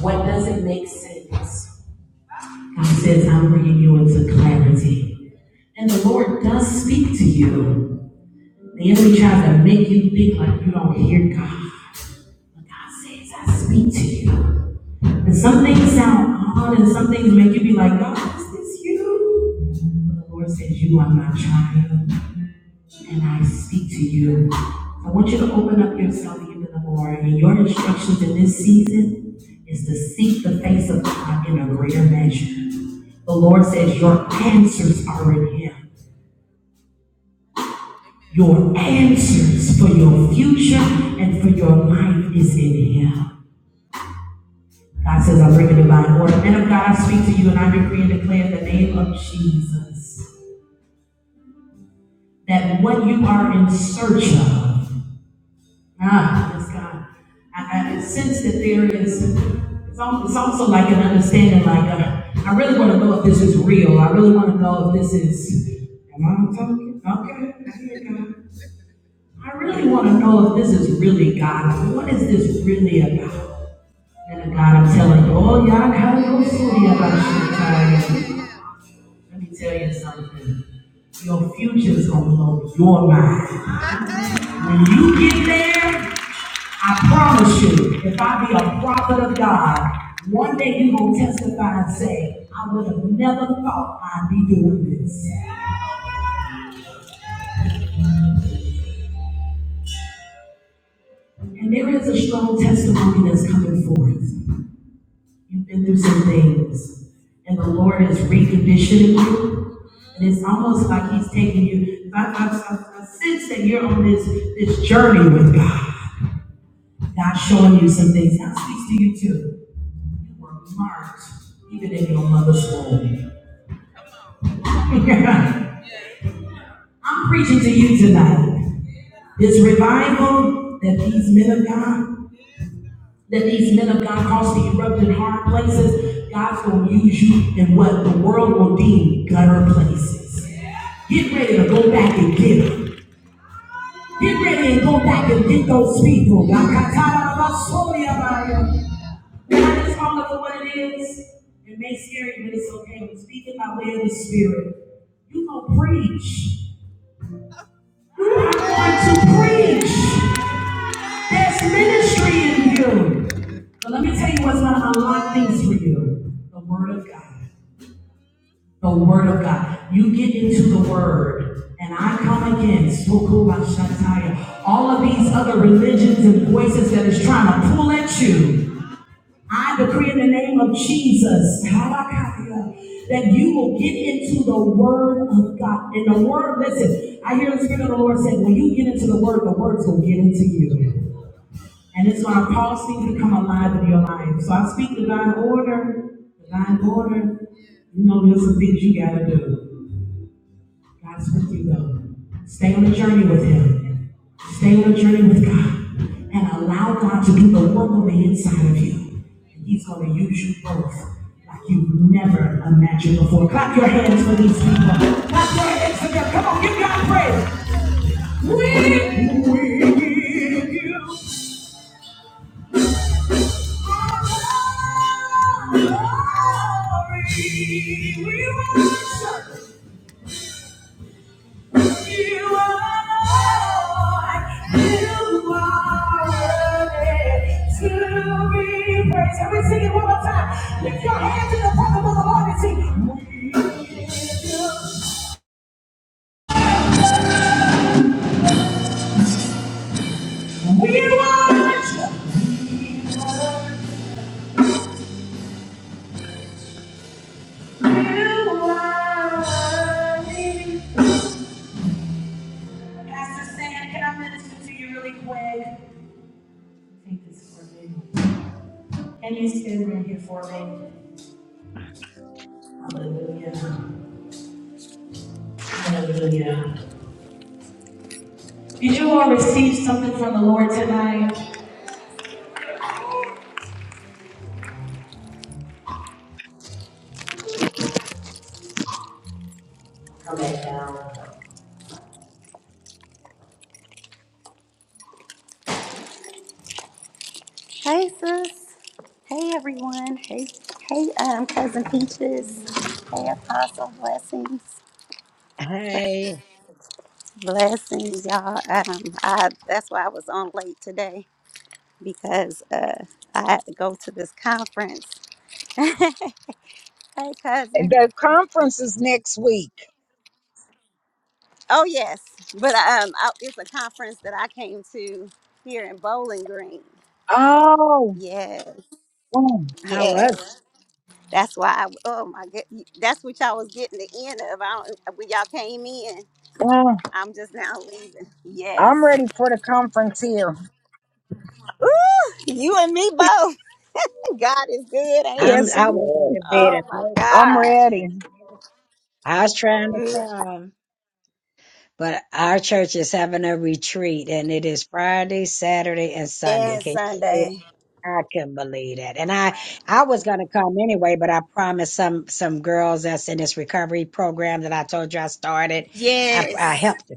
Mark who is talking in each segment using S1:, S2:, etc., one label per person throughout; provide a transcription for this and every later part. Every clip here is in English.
S1: What doesn't make sense? God says, I'm bringing you into clarity. And the Lord does speak to you. The enemy tries to make you think like you don't hear God. But God says, I speak to you. And some things sound odd and some things make you be like, God, is this you? But the Lord says, You are my child. and I speak to you. I want you to open up yourself even the more. And your instructions in this season is to seek the face of God in a greater measure. The Lord says your answers are in Him. Your answers for your future and for your life is in Him. God says, I bring a divine order. Men of God, I speak to you and I decree and declare in the name of Jesus that what you are in search of. Ah, yes, God. I, I sense that there is, it's, al- it's also like an understanding, like, uh, I really want to know if this is real. I really want to know if this is, am I talking? Okay, I hear God. I really want to know if this is really God. What is this really about? And God, I'm telling you, oh, yeah, I have no idea about you. Let me tell you something. Your future is going to blow your mind. When you get there, I promise you, if I be a prophet of God, one day you gonna testify and say, I would have never thought I'd be doing this. And there is a strong testimony that's coming forth. You've been through some things, and the Lord is reconditioning you. And it's almost like He's taking you. I, I, I, I sense that you're on this this journey with God. God's showing you some things. God speaks to you too. You were marked even in your mother's womb. I'm preaching to you tonight. This revival that these men of God, that these men of God cause to erupt in hard places, God's going to use you in what the world will deem gutter places. Get ready to go back and get them. Get ready and go back and get those people. God Can I just call it for what it is? It may scare you, but it's okay. I'm speaking by way of the Spirit. You gonna preach. You are going to preach. There's ministry in you. But let me tell you what's going to unlock things for you the Word of God. The Word of God. You get into the Word, and I come against Sukubashataya, all of these other religions and voices that is trying to pull at you. I decree in the name of Jesus Harakaya, that you will get into the Word of God. And the Word, listen, I hear the Spirit of the Lord say, when you get into the Word, the Word's going to get into you. And it's our policy to come alive in your life. So I speak divine order, divine order. You know, there's some things you gotta do. God's with you though. Stay on the journey with Him. Stay on the journey with God. And allow God to do the work on the inside of you. And He's gonna use you both like you've never imagined before. Clap your hands for these people. Clap your hands for them. Come on, give God praise. We, we give you We worship you are worthy. Pastor Sam, can I minister to you really quick? Take this for me. and He's right here for me. Hallelujah. Hallelujah. Did you all receive something from the Lord tonight? Come back down. Hey, sis. Hey, everyone. Hey, hey, um, cousin Peaches. Hey, Apostle. Blessings,
S2: Hey,
S1: blessings, y'all. Um, I that's why I was on late today because uh, I had to go to this conference. hey, cousin.
S3: The conference is next week.
S1: Oh yes, but um, I, it's a conference that I came to here in Bowling Green.
S3: Oh,
S1: Yes,
S3: mm,
S2: how was it?
S1: yes. That's why. I, oh my god, that's what y'all was getting the end of. I don't, uh, when y'all came in,
S3: mm.
S1: I'm just now leaving. Yes.
S3: I'm ready for the conference here.
S1: Ooh, you and me both. God is good, ain't he?
S2: I'm
S3: Yes, it
S2: I went with
S3: is.
S2: a bit
S1: Oh
S2: of
S1: my
S2: naked
S3: I'm
S1: God.
S3: ready.
S2: peaches. I was trying to
S1: Mm,
S2: come, but our church is having a retreat and it is Friday, Saturday, and Sunday.
S1: And
S2: Can you believe it?
S1: Sunday.
S2: I couldn't believe that. And I I was gonna come anyway, but I promised some some girls that's in this recovery program that I told you I started. I
S1: Yes.
S2: I helped to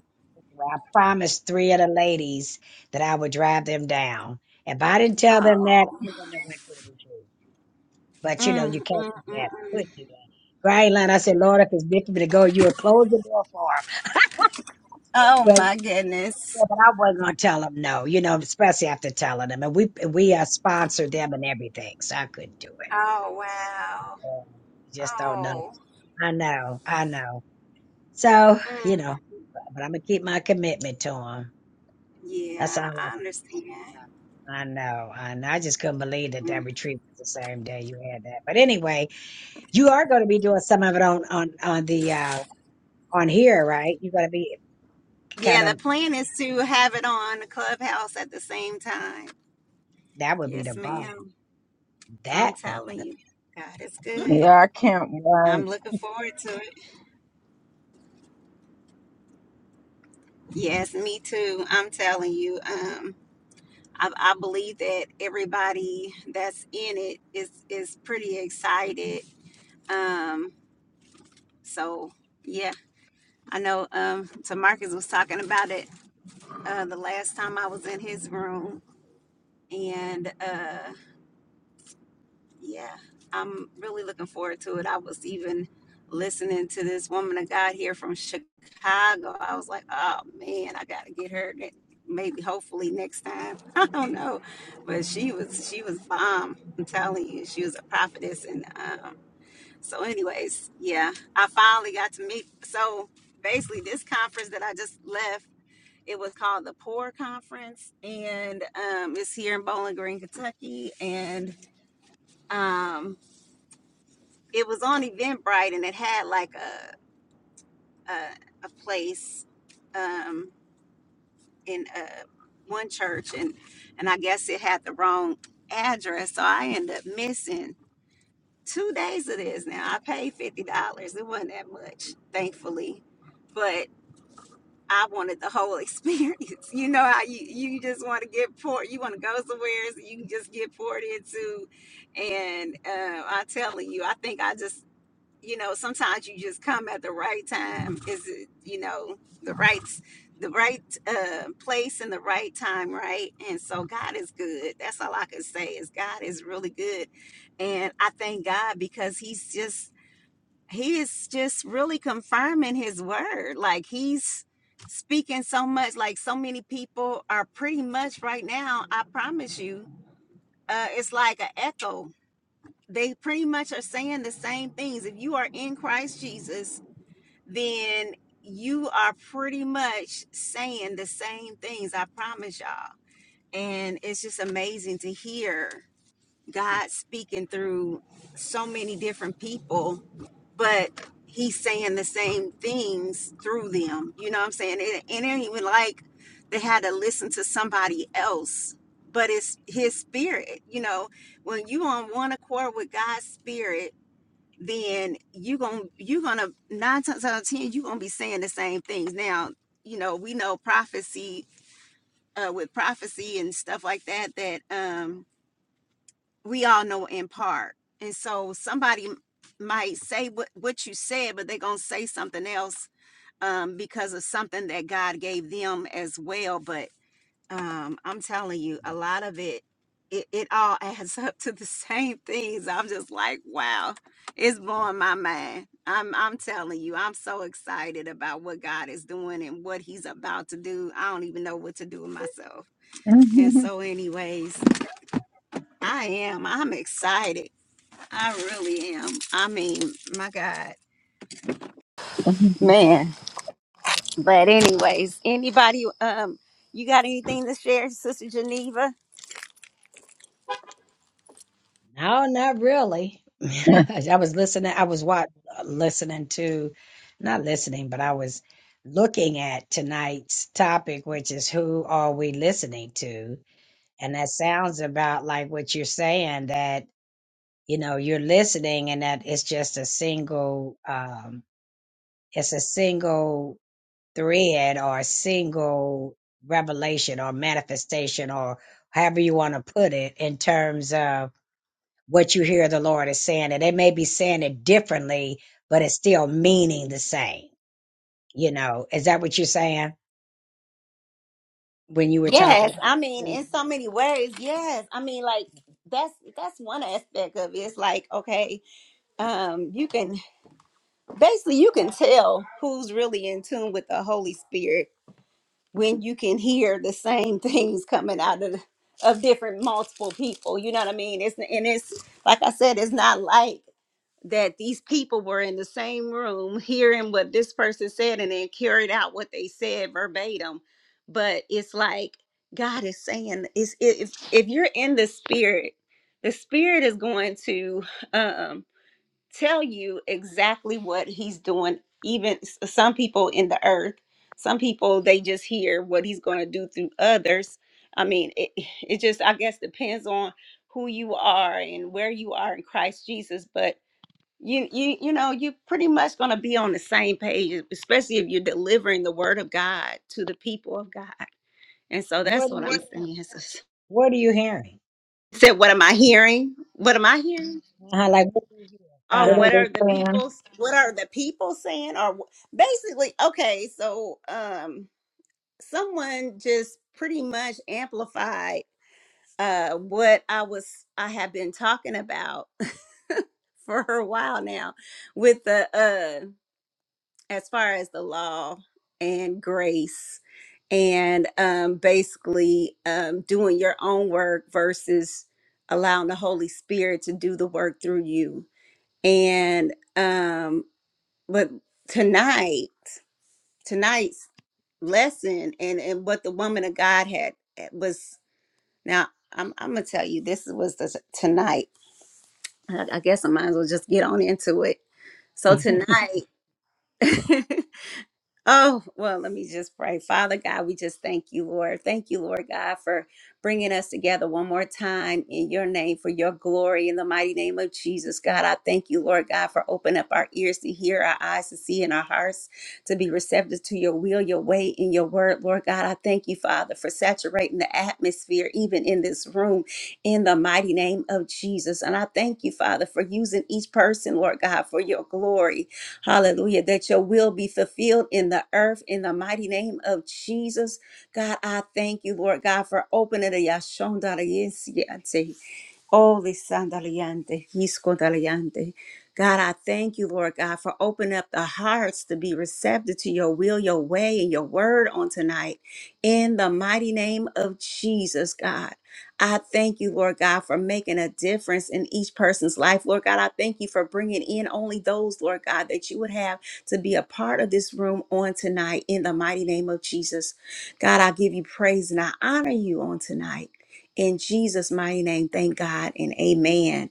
S2: well, I promised three of the ladies that I would drive them down. If I didn't tell them that,
S1: Oh.
S2: they wouldn't have went to the retreat. But you know,
S1: Mm,
S2: you
S1: mm,
S2: can't
S1: mm,
S2: do that.
S1: mm.
S2: Could do that. right, line, I said, Lord, if it's meant for me to go, you would close the door for him.
S1: Oh
S2: But
S1: my
S2: yeah,
S1: goodness.
S2: but I wasn't gonna tell him no, you know, especially after telling him. And we we uh, sponsored them and everything, so I couldn't do it.
S1: Oh wow.
S2: Yeah, You just don't know.
S1: Oh,
S2: I know, I know. So
S1: mm,
S2: you know, but, but I'm gonna keep my commitment to him. That's all I
S1: yeah,
S2: can
S1: I understand.
S2: I know, I know. I just couldn't believe that
S1: Mm.
S2: that retreat was the same day you had that. But anyway, you are going to be doing some of it on on on the uh, on here, right? You gotta be
S1: Yeah,
S2: kind
S1: the
S2: of
S1: plan is to have it on the clubhouse at the same time.
S2: that would be the
S1: Yes,
S2: bomb.
S1: ma'am. I'm
S2: That would be
S1: telling
S2: the
S1: you, God is good.
S3: Yeah, I can't wait.
S1: I'm looking forward to it. Yes, me too. I'm telling you, um, I, I believe that everybody that's in it is is pretty excited. Um, so yeah, I know. Um, Tamarcus was talking about it uh, the last time I was in his room and uh yeah i'm really looking forward to it i was even listening to this woman of god here from chicago i was like oh man i gotta get her ne- maybe hopefully next time i don't know but she was she was bomb i'm telling you she was a prophetess and um so anyways yeah i finally got to meet so basically this conference that i just left it was called the poor conference and um it's here in bowling green kentucky and um it was on eventbrite and it had like a a, a place um in uh one church and and i guess it had the wrong address so i ended up missing two days of this now i paid fifty dollars it wasn't that much thankfully but i wanted the whole experience you know how you you just want to get poured you want to go somewhere so you can just get poured into and uh, i'm telling you i think i just you know, sometimes you just come at the right time. Is it, you know, the right the right uh place and the right time, right? And so God is good. That's all I can say is God is really good. And I thank God because he's just he is just really confirming his word. Like he's speaking so much like so many people are pretty much right now, I promise you, uh it's like an echo. They pretty much are saying the same things. If you are in Christ Jesus, then you are pretty much saying the same things, I promise y'all. And it's just amazing to hear God speaking through so many different people, but He's saying the same things through them. You know what I'm saying? It, it ain't even like they had to listen to somebody else, but it's His Spirit. You know, when you on one accord with God's Spirit, then you gonna you gonna nine times out of ten you gonna be saying the same things. Now you know we know prophecy uh, with prophecy and stuff like that that um, we all know in part, and so somebody m- might say what what you said, but they're gonna say something else um, because of something that God gave them as well. But um i'm telling you a lot of it it, it all adds up to the same things i'm just like wow it's blowing my mind i'm i'm telling you i'm so excited about what god is doing and what he's about to do i don't even know what to do with myself and so anyways i am i'm excited i really am i mean my god man but anyways anybody um you got anything to share sister geneva
S2: no, not really. I was listening. I was what listening to, not listening, but I was looking at tonight's topic, which is who are we listening to? And that sounds about like what you're saying that you know you're listening, and that it's just a single. um It's a single thread or a single revelation or manifestation or however you want to put it in terms of what you hear the Lord is saying. And they may be saying it differently, but it's still meaning the same. You know, is that what you're saying when you were talking?
S1: Yes, I mean,
S2: About,
S1: in so many ways, yes. I mean, like that's that's one aspect of it. It's like, okay, um, you can basically you can tell who's really in tune with the Holy Spirit when you can hear the same things coming out of of different multiple people. You know what I mean? It's and it's like I said, it's not like that these people were in the same room hearing what this person said and then carried out what they said verbatim but it's like god is saying is if if you're in the spirit the spirit is going to um tell you exactly what he's doing even s- some people in the earth some people they just hear what he's going to do through others i mean it, it just i guess depends on who you are and where you are in christ jesus but you you you know you're pretty much going to be on the same page e, especially if you're delivering the word of god to the people of god and so that's
S2: what are
S1: what
S2: you
S1: i'm What?
S2: hearing?
S1: saying sis.
S2: What are you hearing?
S1: said what am i hearing what am i hearing
S2: Uh-huh, like, what do you hear?
S1: oh
S3: what
S2: Uh
S3: are
S1: what are the
S3: they saying?
S1: people's? what are the people saying or wh- basically okay so um someone just pretty much amplified uh what i was i have been talking about for a while now with the uh, as far as the law and grace and um, basically um, doing your own work versus allowing the holy spirit to do the work through you and um, but tonight tonight's lesson and and what the woman of god had eh, was now i'm, I'm gonna tell you this was the tonight i I guess i might as well just get on into it so
S2: huh.
S1: tonight Oh, well, let me just pray. Father God, we just thank you, Lord. Thank you, Lord God, for bringing us together one more time in your name for your glory in the mighty name of Jesus. God, I thank you, Lord God, for opening up our ears to hear, our eyes to see, and our hearts to be receptive to your will, your way, and your word. Lord God, I thank you, Father, for saturating the atmosphere, even in this room, in the mighty name of Jesus. And I thank you, Father, for using each person, Lord God, for your glory. Hallelujah. That your will be fulfilled in the earth in the mighty name of Jesus. God, I thank you, Lord God, for opening the yashonda Oh, Lisanda Liante, Daliante. God, I thank you, Lord God, for opening up the hearts to be receptive to your will, your way, and your word on tonight. In the mighty name of Jesus, God. I thank you, Lord God, for making a difference in each person's life. Lord God, I thank you for bringing in only those, Lord God, that you would have to be a part of this room on tonight. In the mighty name of Jesus, God, I give you praise and I honor you on tonight. In Jesus' mighty name, thank God and amen.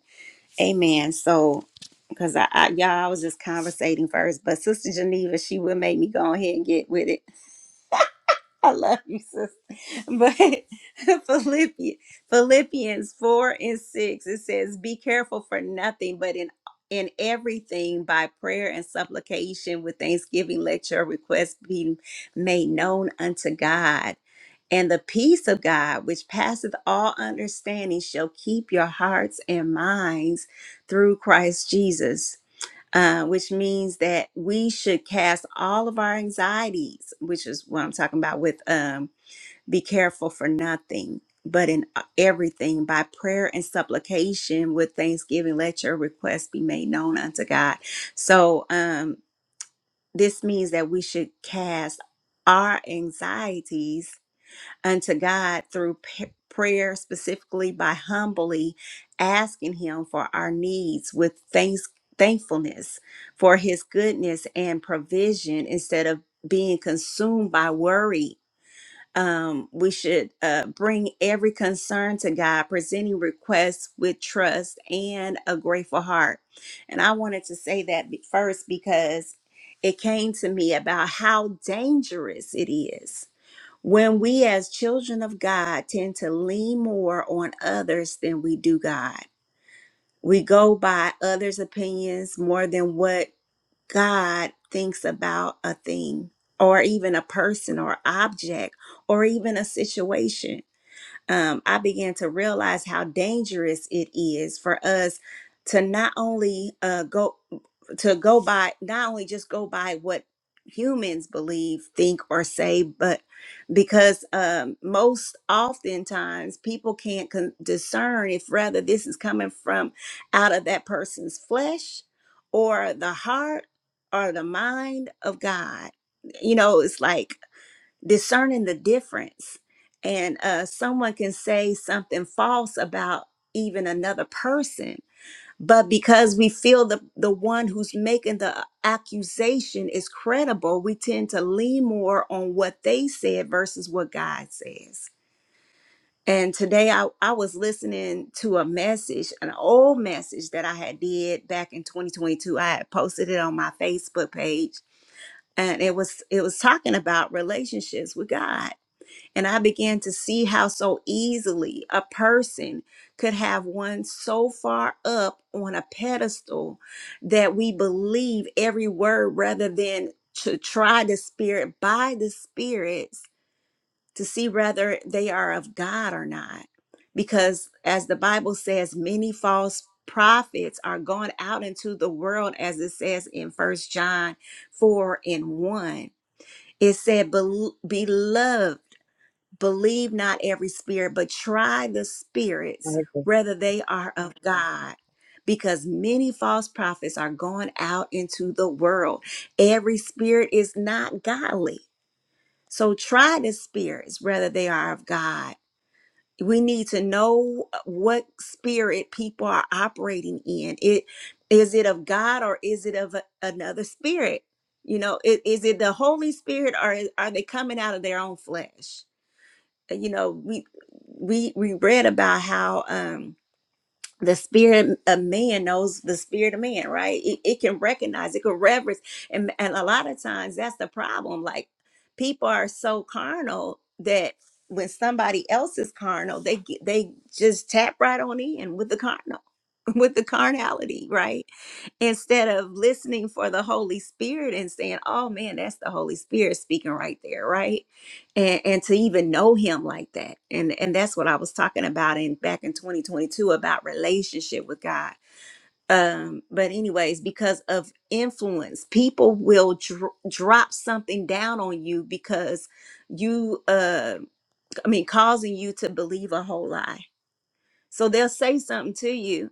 S1: Amen. So, because I, I, y'all, I was just conversating first, but Sister Geneva, she will make me go ahead and get with it. I love you, sis. But Philippians, Philippians 4 and 6, it says, Be careful for nothing, but in in everything by prayer and supplication with thanksgiving let your requests be made known unto god and the peace of God, which passeth all understanding, shall keep your hearts and minds through Christ Jesus. Uh, which means that we should cast all of our anxieties, which is what I'm talking about with um, be careful for nothing, but in uh, everything by prayer and supplication with thanksgiving, let your requests be made known unto God. So um, this means that we should cast our anxieties unto God through p- prayer, specifically by humbly asking Him for our needs with thanks, thankfulness for His goodness and provision instead of being consumed by worry. Um, we should uh, bring every concern to God, presenting requests with trust and a grateful heart. And I wanted to say that be- first because it came to me about how dangerous it is when we, as children of God, tend to lean more on others than we do God, we go by others' opinions more than what God thinks about a thing or even a person or object or even a situation um, I began to realize how dangerous it is for us to not only uh, go to go by not only just go by what humans believe, think, or say, but because um, most oftentimes people can't con- discern if rather this is coming from out of that person's flesh or the heart or the mind of God. You know, it's like discerning the difference and uh someone can say something false about even another person but because we feel the the one who's making the uh, accusation is credible we tend to lean more on what they said versus what god says and today i, I was listening to a message an old message that i had did back in 2022 i had posted it on my facebook page and it was it was talking about relationships with god and I began to see how so easily a person could have one so far up on a pedestal that we believe every word rather than to try the spirit by the spirits to see whether they are of God or not. Because as the Bible says, many false prophets are gone out into the world, as it says in First John 4 and 1. It said, "Bel- Beloved, Believe not every spirit, but try the spirits
S3: Like, the-
S1: whether they are of God. Because many false prophets are going out into the world. Every spirit is not godly. So try the spirits whether they are of God. We need to know what spirit people are operating in. It is it of God or is it of a- another spirit? You know, i- is it the Holy Spirit or is- are they coming out of their own flesh? you know we we we read about how um the spirit of man knows the spirit of man right it, it can recognize it can reverence and and a lot of times that's the problem like people are so carnal that when somebody else is carnal they get- they just tap right on in with the carnal with the carnality right instead of listening for the holy spirit and saying oh man that's the holy spirit speaking right there right and and to even know him like that and and that's what i was talking about in back in 2022 about relationship with god um but anyways because of influence people will dro- drop something down on you because you uh i mean causing you to believe a whole lie so they'll say something to you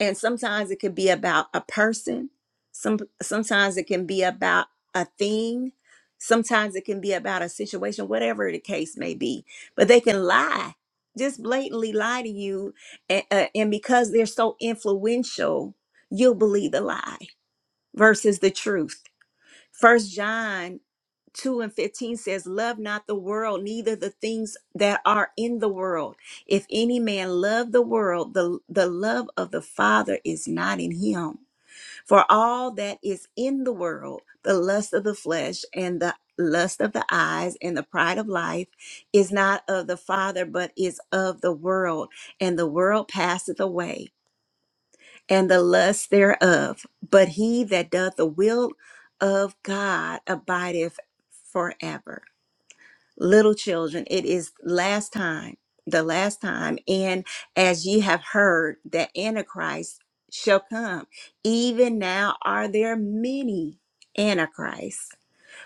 S1: and sometimes it could be about a person some sometimes it can be about a thing sometimes it can be about a situation whatever the case may be but they can lie just blatantly lie to you and, uh, and because they're so influential you'll believe the lie versus the truth first john 2 and 15 says, Love not the world, neither the things that are in the world. If any man love the world, the, the love of the Father is not in him. For all that is in the world, the lust of the flesh and the lust of the eyes and the pride of life is not of the Father, but is of the world. And the world passeth away, and the lust thereof. But he that doth the will of God abideth forever little children, it is last time, the last time. And as ye have heard that Antichrist shall come, even now are there many Antichrists,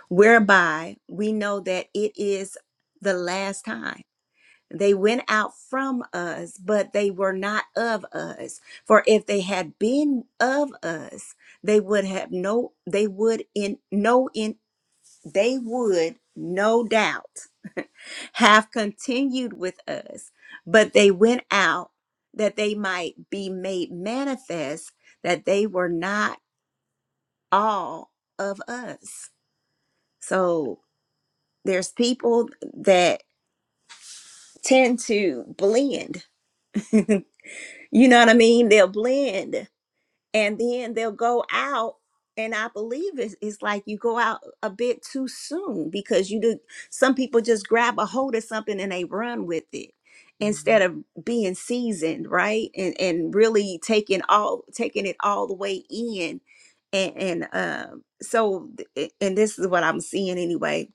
S1: whereby we know that it is the last time. They went out from us, but they were not of us. For if they had been of us, they would have no, they would in no in, they would no doubt have continued with us, but they went out that they might be made manifest that they were not all of us. So there's people that tend to blend. you know what I mean? They'll blend and then they'll go out and i believe it's, it's like you go out a bit too soon because you do some people just grab a hold of something and they run with it instead of being seasoned right and and really taking all taking it all the way in and and um so th- and this is what i'm seeing anyway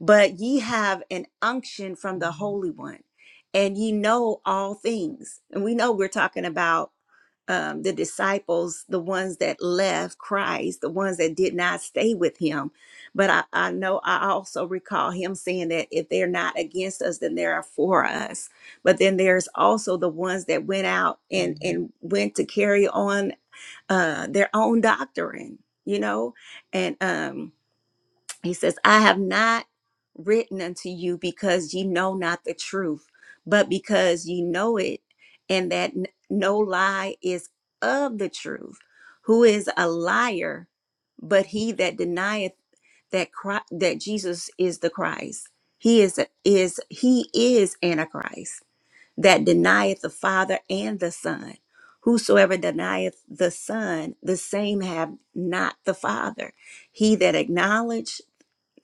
S1: but ye have an unction from the holy one and ye know all things and we know we're talking about um, the disciples, the ones that left Christ, the ones that did not stay with him. But I, I know I also recall him saying that if they're not against us, then they are for us. But then there's also the ones that went out and, and went to carry on uh, their own doctrine, you know, and um, he says, I have not written unto you because ye know not the truth, but because ye know it, and that n- no lie is of the truth. Who is a liar but he that denieth that Christ, that Jesus is the Christ? He is a- is he is Antichrist that denieth the Father and the Son. Whosoever denieth the Son, the same have not the Father. He that acknowledge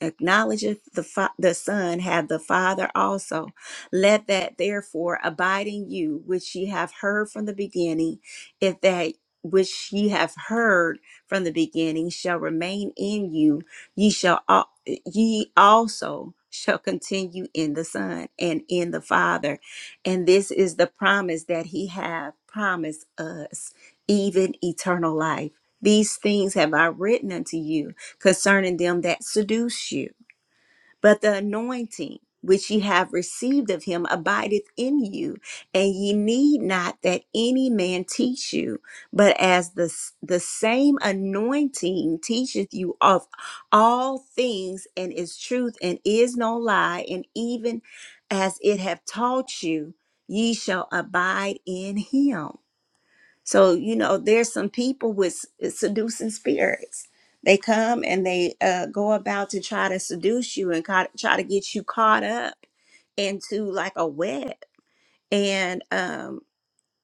S1: acknowledgeth the, fa- the Son have the Father also. Let that therefore abide in you, which ye have heard from the beginning, if that which ye have heard from the beginning shall remain in you, ye shall al- ye also shall continue in the Son and in the Father. And this is the promise that he hath promised us, even eternal life. These things have I written unto you concerning them that seduce you. But the anointing which ye have received of him abideth in you, and ye need not that any man teach you, but as the, the same anointing teacheth you of all things, and is truth, and is no lie, and even as it have taught you, ye shall abide in him. So, you know, there's some people with s- eh, seducing spirits. They come and they uh, go about to try to seduce you and ca- try to get you caught up into like a web. And um,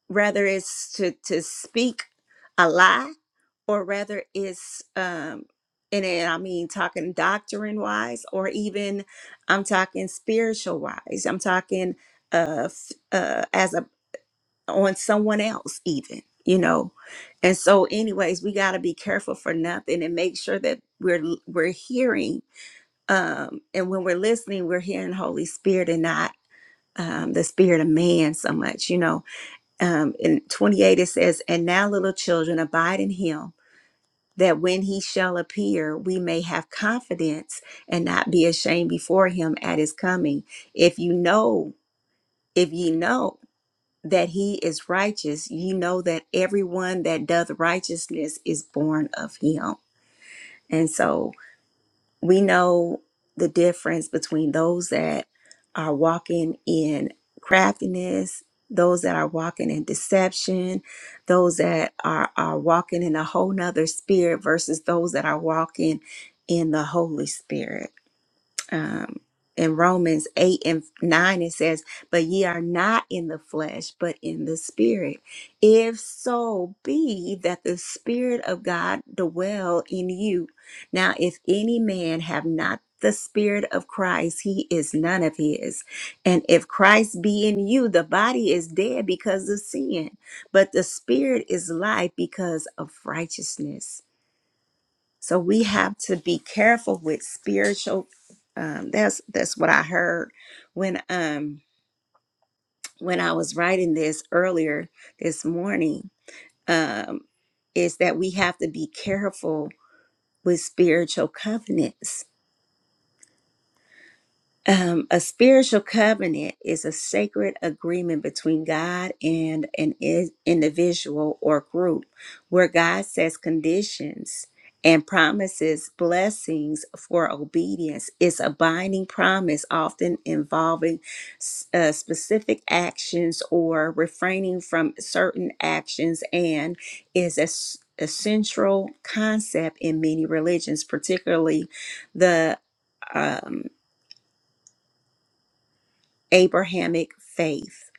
S1: whether it's to, to speak a lie or whether it's, um, and then I mean, talking doctrine wise, or even I'm talking spiritual wise, I'm talking uh, f- uh, as a on someone else even you know and so anyways we got to be careful for nothing and make sure that we're we're hearing um and when we're listening we're hearing holy spirit and not um, the spirit of man so much you know um in 28 it says and now little children abide in him that when he shall appear we may have confidence and not be ashamed before him at his coming if you know if ye know that he is righteous, ye know that everyone that doth righteousness is born of him. And so we know the difference between those that are walking in craftiness, those that are walking in deception, those that are, are walking in a whole nother spirit versus those that are walking in the Holy Spirit um, in Romans 8 and 9, it says, But ye are not in the flesh, but in the spirit. If so be that the spirit of God dwell in you. Now, if any man have not the spirit of Christ, he is none of his. And if Christ be in you, the body is dead because of sin, but the spirit is life because of righteousness. So we have to be careful with spiritual. Um, that's that's what I heard when um when I was writing this earlier this morning. Um, is that we have to be careful with spiritual covenants Um, a spiritual covenant is a sacred agreement between God and an i- individual or group where God sets conditions and promises blessings for obedience. It's a binding promise, often involving s- uh, specific actions or refraining from certain actions, and is a, s- a central concept in many religions, particularly the. um, Abrahamic faith.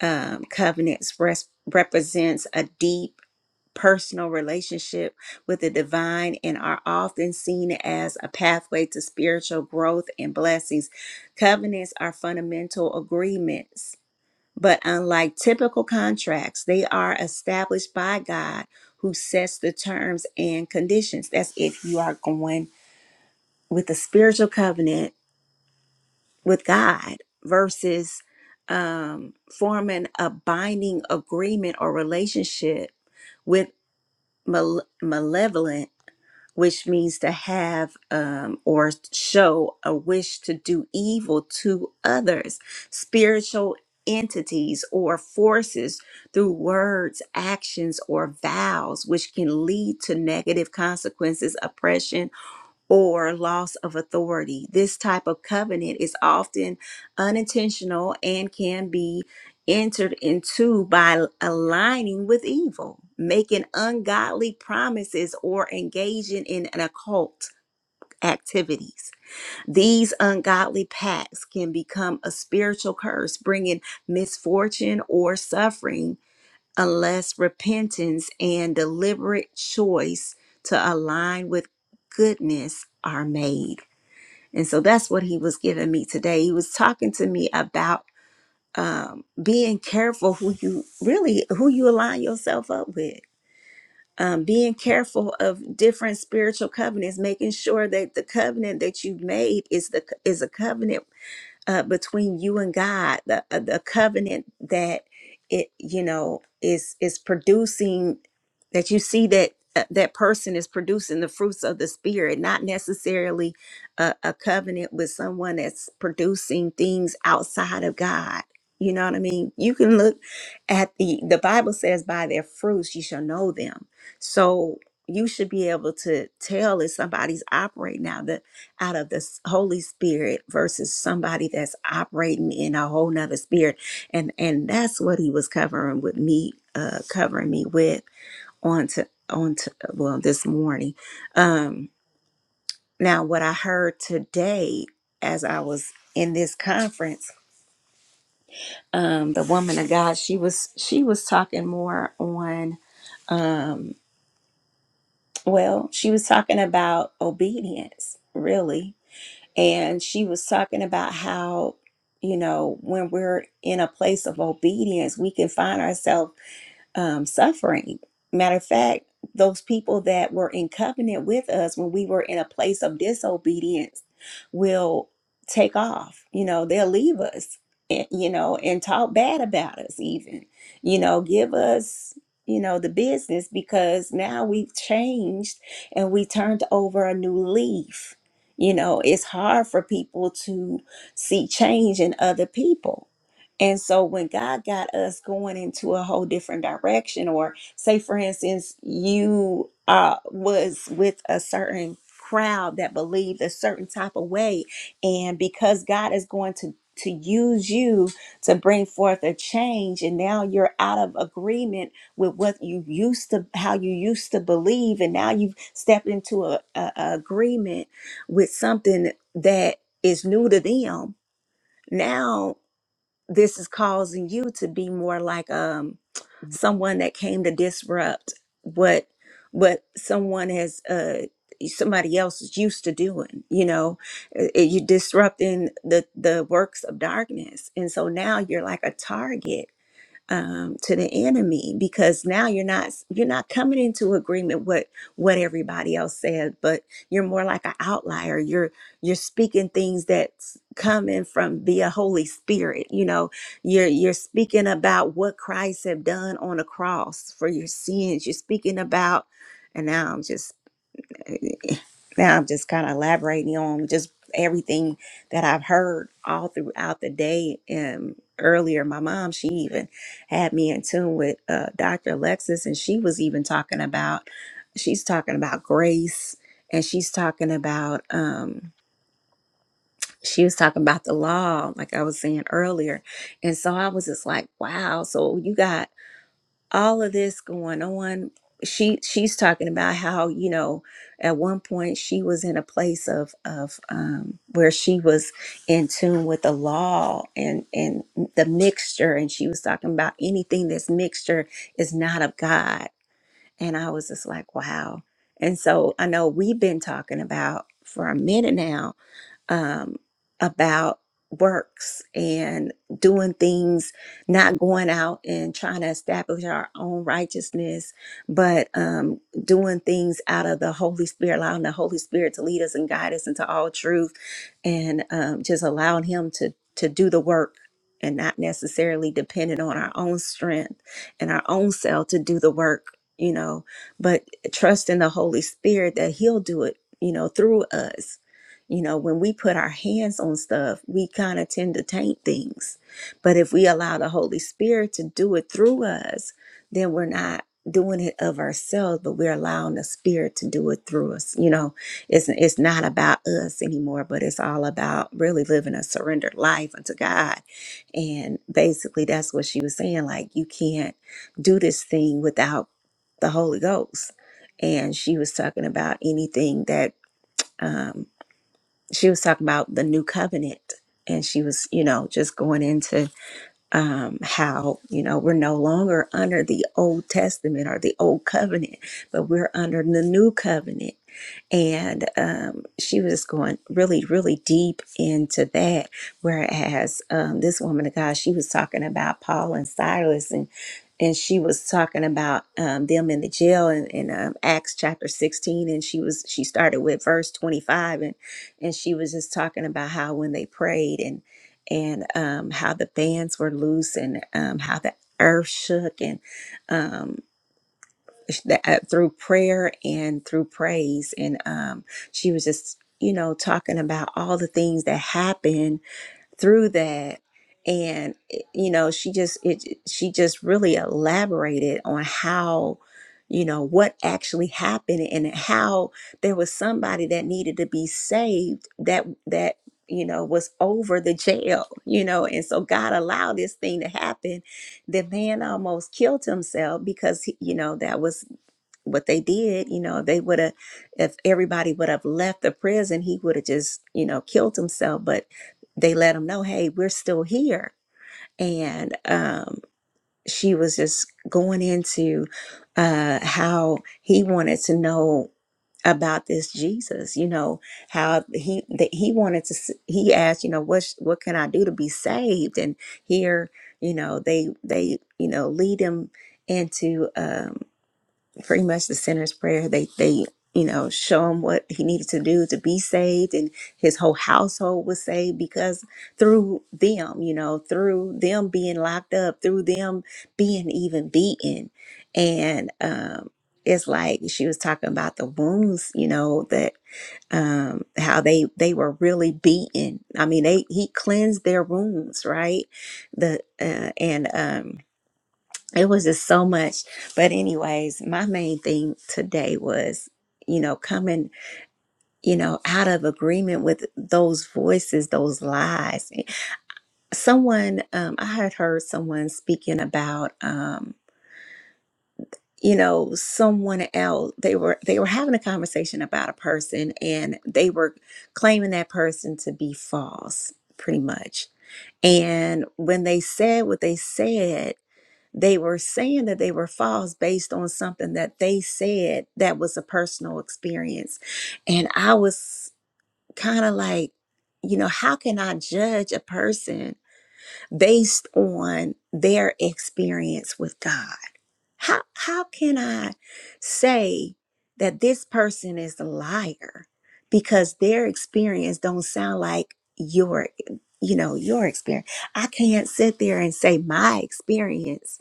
S1: Um, covenants res- represents a deep personal relationship with the divine and are often seen as a pathway to spiritual growth and blessings. Covenants are fundamental agreements, but unlike typical contracts, they are established by God who sets the terms and conditions. That's if you are going with a spiritual covenant with God versus um, forming a binding agreement or relationship with mal- malevolent, which means to have um, or show a wish to do evil to others, spiritual entities or forces through words, actions, or vows, which can lead to negative consequences, oppression, or loss of authority. This type of covenant is often unintentional and can be entered into by aligning with evil, making ungodly promises, or engaging in an occult activities. These ungodly pacts can become a spiritual curse, bringing misfortune or suffering unless repentance and deliberate choice to align with goodness are made. And so that's what he was giving me today. He was talking to me about um, being careful who you really who you align yourself up with. Um, being careful of different spiritual covenants, making sure that the covenant that you've made is the is a covenant uh, between you and God, the uh, the covenant that it you know is is producing that you see that uh, that person is producing the fruits of the spirit, not necessarily a, a covenant with someone that's producing things outside of God. You know what I mean? You can look at the the Bible says by their fruits you shall know them. So you should be able to tell if somebody's operating now out of this Holy Spirit versus somebody that's operating in a whole nother spirit. And and that's what he was covering with me, uh covering me with on to on to well this morning. Um now what I heard today as I was in this conference, um the woman of God, she was she was talking more on um well, she was talking about obedience, really and she was talking about how you know when we're in a place of obedience we can find ourselves um, suffering. Matter of fact, those people that were in covenant with us when we were in a place of disobedience will take off. You know, they'll leave us, and, you know, and talk bad about us, even, you know, give us, you know, the business because now we've changed and we turned over a new leaf. You know, it's hard for people to see change in other people and so when God got us going into a whole different direction, or say for instance, you uh was with a certain crowd that believed a certain type of way, and because God is going to to use you to bring forth a change and now you're out of agreement with what you used to how you used to believe and now you've stepped into a, a, a agreement with something that is new to them now this is causing you to be more like um someone that came to disrupt what what someone has uh somebody else is used to doing you know Uh, uh, you disrupting the the works of darkness and so now you're like a target um, to the enemy because now you're not you're not coming into agreement with what everybody else said, but you're more like an outlier. You're you're speaking things that's coming from via Holy Spirit. You know, you're you're speaking about what Christ have done on the cross for your sins. You're speaking about, and now I'm just now I'm just kind of elaborating on just everything that I've heard all throughout the day. And earlier, my mom, she even had me in tune with uh, Dr. Alexis, and she was even talking about, she's talking about grace, and she's talking about, um, she was talking about the law, like I was saying earlier. And so I was just like, wow. So you got all of this going on she she's talking about how you know at one point she was in a place of of um where she was in tune with the law and and the mixture and she was talking about anything that's mixture is not of god and i was just like wow and so i know we've been talking about for a minute now um, about works and doing things, not going out and trying to establish our own righteousness, but um, doing things out of the Holy Spirit, allowing the Holy Spirit to lead us and guide us into all truth, and um, just allowing Him to to do the work. And not necessarily dependent on our own strength and our own self to do the work, you know, but trust in the Holy Spirit that He'll do it, you know, through us you know, when we put our hands on stuff, we kind of tend to taint things. But if we allow the Holy Spirit to do it through us, then we're not doing it of ourselves, but we're allowing the Spirit to do it through us. You know, it's it's not about us anymore, but it's all about really living a surrendered life unto God. And basically that's what she was saying. Like you can't do this thing without the Holy Ghost. And she was talking about anything that um she was talking about the new covenant and she was you know just going into um, how you know we're no longer under the Old Testament or the Old Covenant, but we're under the New Covenant. And um, she was going really, really deep into that. Whereas um, this woman of God, she was talking about Paul and Silas, and and she was talking about um, them in the jail in, in um, Acts chapter sixteen. And she was she started with verse twenty five, and and she was just talking about how when they prayed and and um, how the fans were loose and um, how the earth shook and um, sh- that, uh, through prayer and through praise and um, she was just you know talking about all the things that happened through that and it- you know she just it eh, she just really elaborated on how you know what actually happened and how there was somebody that needed to be saved that that you know was over the jail you know and so god allowed this thing to happen the man almost killed himself because he- you know that was what they did, you know, if they would have, if everybody would have left the prison, he would have just, you know, killed himself. But they let him know, hey, we're still here. And um, she was just going into uh, how he wanted to know about this Jesus, you know, how he that he wanted to, s- he asked, you know, what sh- what can I do to be saved? And here, you know, they they you know lead him into. Um, pretty much the sinner's prayer. They they you know show him what he needed to do to be saved, and his whole household was saved because through them, you know, through them being locked up, through them being even beaten, and um, it's like she was talking about the wounds, you know that um how they they were really beaten i mean they he cleansed their wounds right the uh, and um it was just so much but anyways my main thing today was you know coming you know out of agreement with those voices those lies someone um i had heard someone speaking about um you know someone else they were they were having a conversation about a person and they were claiming that person to be false pretty much and when they said what they said They were saying that they were false based on something that they said that was a personal experience. And I was kind of like, you know, how can I judge a person based on their experience with God? How how can I say that this person is a liar because their experience don't sound like your you know, your experience. I can't sit there and say my experience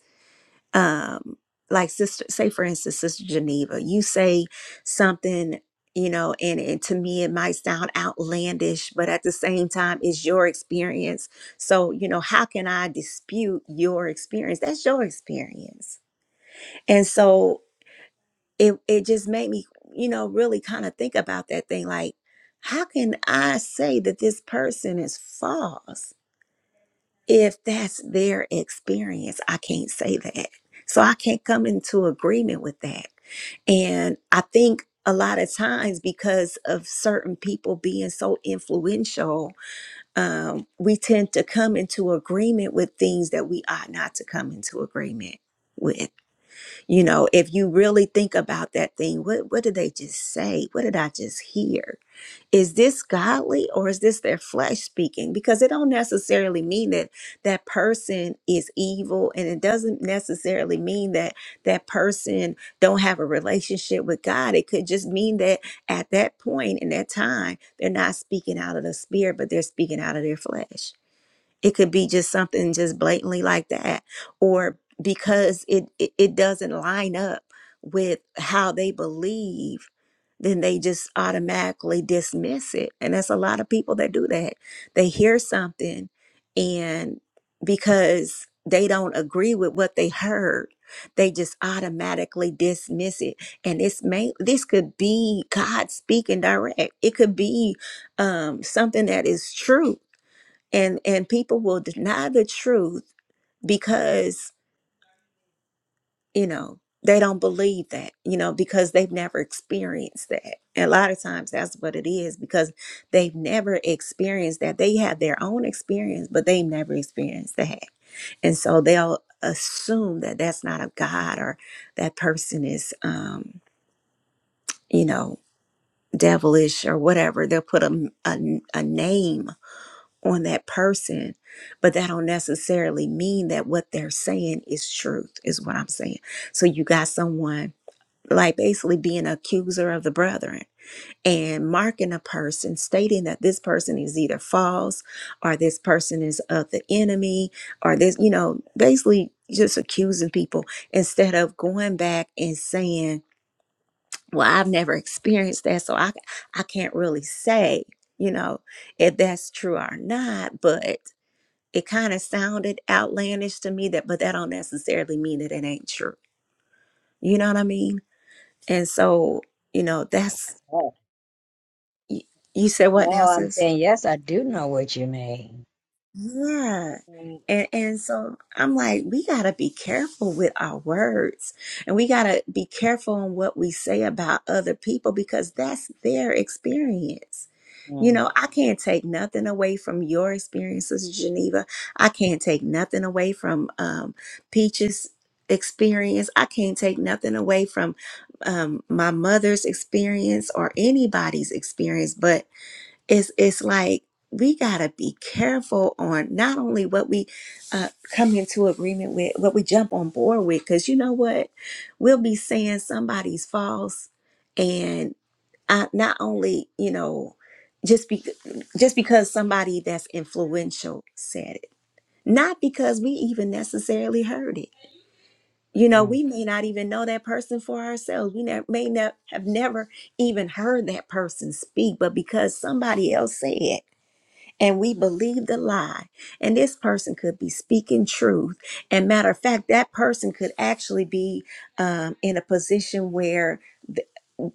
S1: um like sister say for instance sister geneva you say something you know and, and to me it might sound outlandish but at the same time it's your experience so you know how can i dispute your experience that's your experience and so it it just made me you know really kind of think about that thing like how can i say that this person is false if that's their experience, I can't say that. So I can't come into agreement with that. And I think a lot of times because of certain people being so influential, um, we tend to come into agreement with things that we ought not to come into agreement with. You know, if you really think about that thing, what what did they just say? What did I just hear? Is this godly or is this their flesh speaking? Because it don't necessarily mean that that person is evil and it doesn't necessarily mean that that person don't have a relationship with God. It could just mean that at that point in that time, they're not speaking out of the spirit, but they're speaking out of their flesh. It could be just something just blatantly like that, or because it it, it doesn't line up with how they believe, then they just automatically dismiss it. And that's a lot of people that do that. They hear something, and because they don't agree with what they heard, they just automatically dismiss it. And this may this could be God speaking direct. It could be um, something that is true and and people will deny the truth because you know they don't believe that you know because they've never experienced that and a lot of times that's what it is because they've never experienced that they have their own experience but they've never experienced that and so they'll assume that that's not of god or that person is um you know devilish or whatever they'll put a, a, a name on that person, but that don't necessarily mean that what they're saying is truth, is what I'm saying. So you got someone like basically being an accuser of the brethren and marking a person, stating that this person is either false or this person is of the enemy or this, you know, basically just accusing people instead of going back and saying, well, I've never experienced that, so I I can't really say, you know, if that's true or not, but it kind of sounded outlandish to me that but that don't necessarily mean that it ain't true. You know what I mean? And so, you know, that's
S2: oh,
S1: you, you said
S2: no,
S1: what now,
S2: I'm
S1: sis?
S2: saying, yes, I do know what you mean.
S1: Yeah. And and so I'm like, we gotta be careful with our words and we gotta be careful on what we say about other people because that's their experience You
S2: Mm,
S1: know, I can't take nothing away from your experiences, Geneva. I can't take nothing away from um, Peach's experience. I can't take nothing away from um, my mother's experience or anybody's experience. But it's it's like we gotta be careful on not only what we uh, come into agreement with, what we jump on board with, because you know what, we'll be saying somebody's false and. I not only you know just be just because somebody that's influential said it not because we even necessarily heard it you know
S2: mm,
S1: we may not even know that person for ourselves we ne- may not have never even heard that person speak but because somebody else said it and we believe the lie and this person could be speaking truth and matter of fact that person could actually be um, in a position where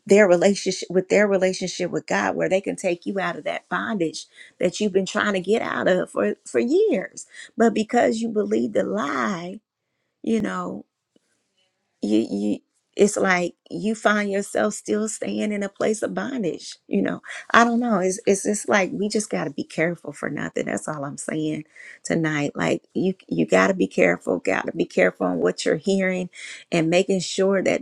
S1: their relationship with their relationship with God where they can take you out of that bondage that you've been trying to get out of for for years but because you believe the lie you know you you it's like you find yourself still staying in a place of bondage you know i don't know it's it's just like we just got to be careful for nothing that's all i'm saying tonight like you you got to be careful got to be careful on what you're hearing and making sure that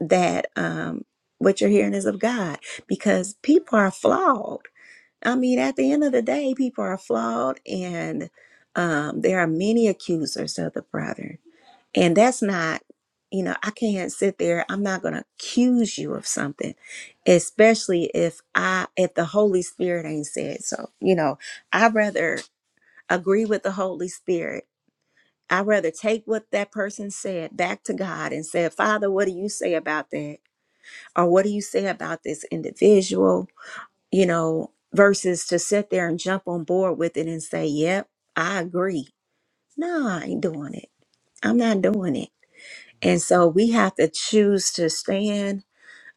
S1: that um, what you're hearing is of God because people are flawed. I mean, at the end of the day, people are flawed, and um, there are many accusers of the brother. And that's not, you know, I can't sit there. I'm not going to accuse you of something, especially if I, if the Holy Spirit ain't said so. You know, I'd rather agree with the Holy Spirit. I'd rather take what that person said back to God and say, Father, what do you say about that? or what do you say about this individual you know versus to sit there and jump on board with it and say yep i agree no i ain't doing it i'm not doing it and so we have to choose to stand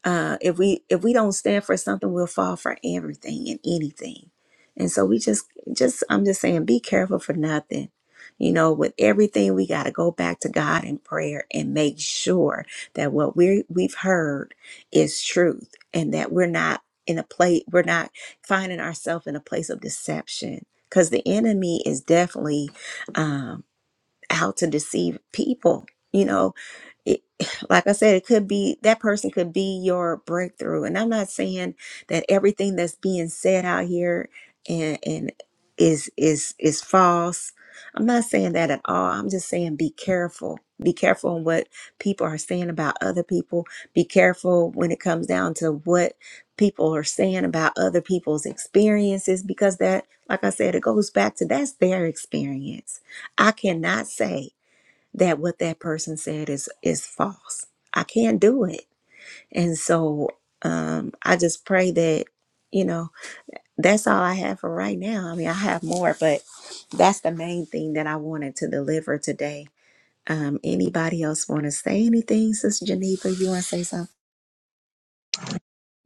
S1: uh, if we if we don't stand for something, we'll fall for everything and anything. And so we just just I'm just saying, be careful for nothing. You know, with everything, we got to go back to God in prayer and make sure that what we we've heard is truth, and that we're not in a place we're not finding ourselves in a place of deception because the enemy is definitely um, out to deceive people. You know, it, like I said, it could be that person could be your breakthrough. And I'm not saying that everything that's being said out here and and is is is false. I'm not saying that at all. I'm just saying be careful. Be careful on what people are saying about other people. Be careful when it comes down to what people are saying about other people's experiences because that like I said it goes back to that's their experience. I cannot say that what that person said is is false. I can't do it. And so um I just pray that you know that's all I have for right now. I mean, I have more, but that's the main thing that I wanted to deliver today. Um anybody else want to say anything, Sister Geneva? You want to say something?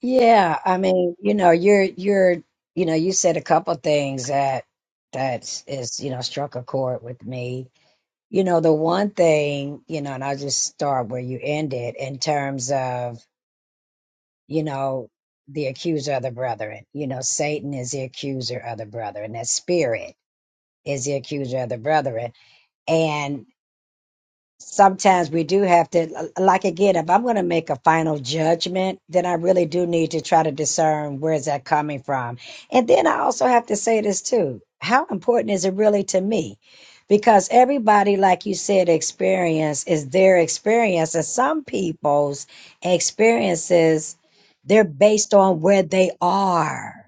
S2: Yeah, I mean, you know, you're you're you know, you said a couple things that that's you know, struck a chord with me. You know, the one thing, you know, and I'll just start where you ended in terms of, you know, the accuser of the brethren. You know, Satan is the accuser of the brethren. That spirit is the accuser of the brethren sometimes we do have to like again if i'm going to make a final judgment then i really do need to try to discern where is that coming from and then i also have to say this too how important is it really to me because everybody like you said experience is their experience and some people's experiences they're based on where they are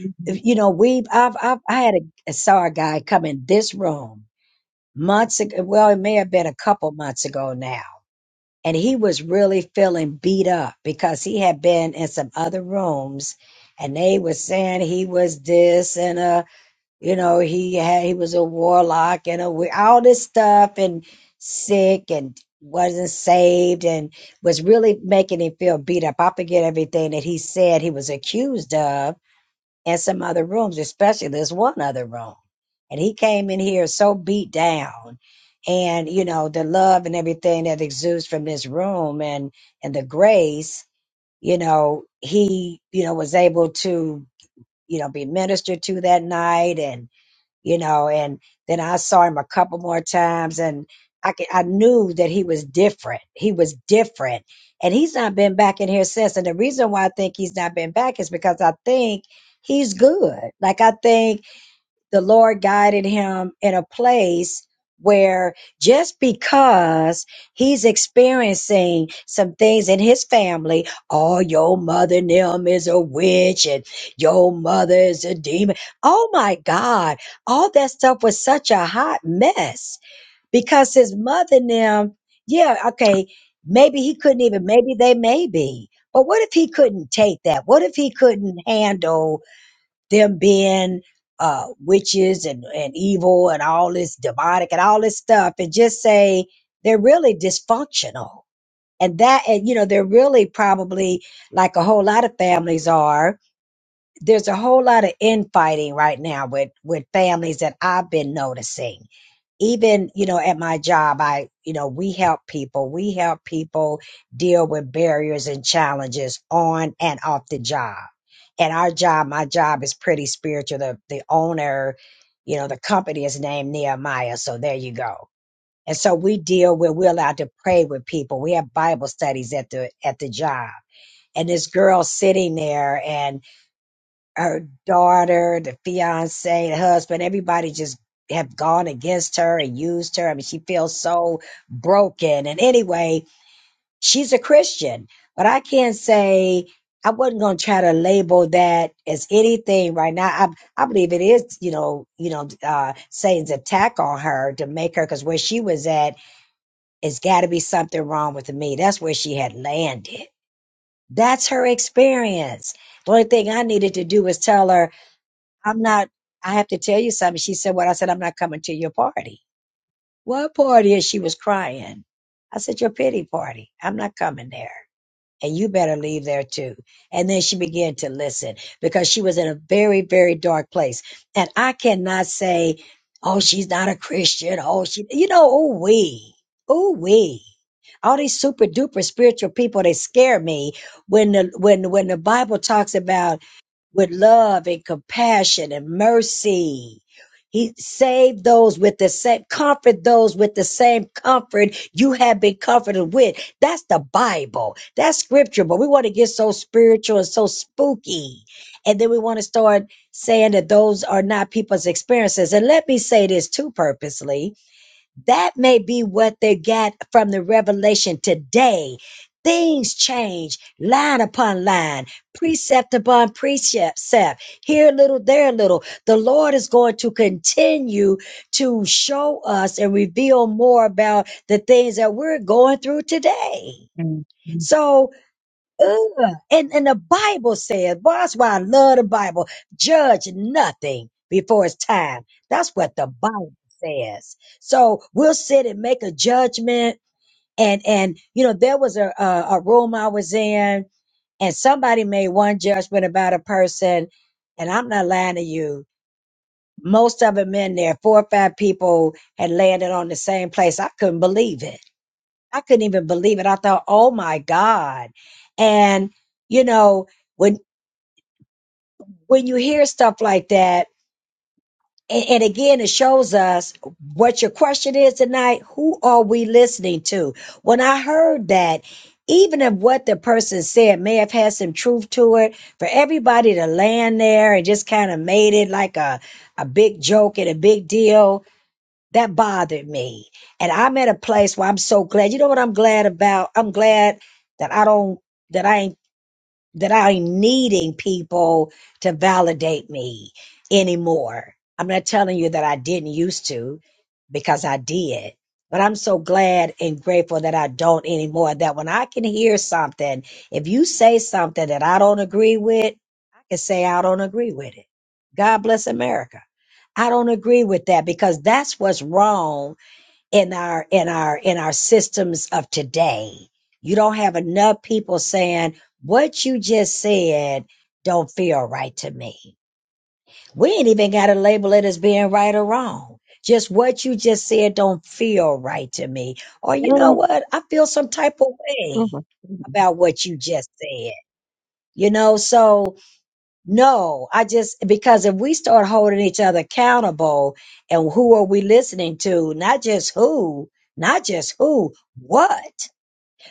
S3: mm,
S2: If- you know we've i've, I've i had a I saw a guy come in this room months ago. Well, it may have been a couple months ago now. And he was really feeling beat up because he had been in some other rooms and they were saying he was this and uh you know he had he was a warlock and a we- all this stuff and sick and wasn't saved and was really making him feel beat up. I forget everything that he said he was accused of in some other rooms, especially this one other room. And he came in here so beat down. And, you know, the love and everything that exudes from this room and, and the grace, you know, he, you know, was able to, you know, be ministered to that night. and you know, and then I saw him a couple more times and I c- I knew that he was different. He was different. And he's not been back in here since. And the reason why I think he's not been back is because I think he's good. Like I think the Lord guided him in a place where just because he's experiencing some things in his family, oh, your mother and them is a witch and your mother is a demon. Oh my God. All that stuff was such a hot mess because his mother and them, yeah, okay, maybe he couldn't even, maybe they may be. But what if he couldn't take that? What if he couldn't handle them being uh, witches and, and evil and all this demonic and all this stuff and just say they're really dysfunctional. And that, and you know, they're really probably like a whole lot of families are. There's a whole lot of infighting right now with, with families that I've been noticing even you know at my job i you know we help people we help people deal with barriers and challenges on and off the job and our job my job is pretty spiritual the the owner you know the company is named nehemiah so there you go and so we deal with we're allowed to pray with people we have bible studies at the at the job and this girl sitting there and her daughter, the fiance, the husband, everybody just have gone against her and used her. I mean, she feels so broken. And anyway, she's a Christian, but I can't say I wasn't going to try to label that as anything right now. I, I believe it is, you know, you know, uh, Satan's attack on her to make her, because where she was at, it's got to be something wrong with me. That's where she had landed. That's her experience. The only thing I needed to do was tell her, I'm not, I have to tell you something. She said, What? I said, I'm not coming to your party. What party? And she was crying. I said, Your pity party. I'm not coming there. And you better leave there too. And then she began to listen because she was in a very, very dark place. And I cannot say, Oh, she's not a Christian. Oh, she, you know, oh, we, oh, we. All these super duper spiritual people, they scare me when the when when the Bible talks about with love and compassion and mercy. He saved those with the same comfort, those with the same comfort you have been comforted with. That's the Bible. That's scripture. But we want to get so spiritual and so spooky. And then we want to start saying that those are not people's experiences. And let me say this too purposely that may be what they got from the revelation today. Things change line upon line, precept upon precept, here a little, there a little. The Lord is going to continue to show us and reveal more about the things that we're going through today.
S3: mm,
S2: So, Ugh. And, and the Bible says, boy, that's why I love the Bible. Judge nothing before it's time. That's what the Bible says. So we'll sit and make a judgment. And, and, you know, there was a, a, a room I was in and somebody made one judgment about a person. And I'm not lying to you. Most of them in there, four or five people had landed on the same place. I couldn't believe it. I couldn't even believe it. I thought, oh my God. And you know, when when you hear stuff like that, and, and again, it shows us what your question is tonight. Who are we listening to? When I heard that, even if what the person said may have had some truth to it, for everybody to land there and just kind of made it like a, a big joke and a big deal, that bothered me. And I'm at a place where I'm so glad. You know what I'm glad about? I'm glad that I don't that I ain't that I'm needing people to validate me anymore. I'm not telling you that I didn't used to because I did, but I'm so glad and grateful that I don't anymore. That when I can hear something, if you say something that I don't agree with, I can say I don't agree with it. God bless America. I don't agree with that because that's what's wrong in our in our in our systems of today. You don't have enough people saying what you just said don't feel right to me. We ain't even got to label it as being right or wrong. Just what you just said don't feel right to me. Or you know
S3: mm.
S2: what? I feel some type of way
S3: Mm,
S2: about what you just said. You know, so no, I just because if we start holding each other accountable and who are we listening to? Not just who, not just who, what?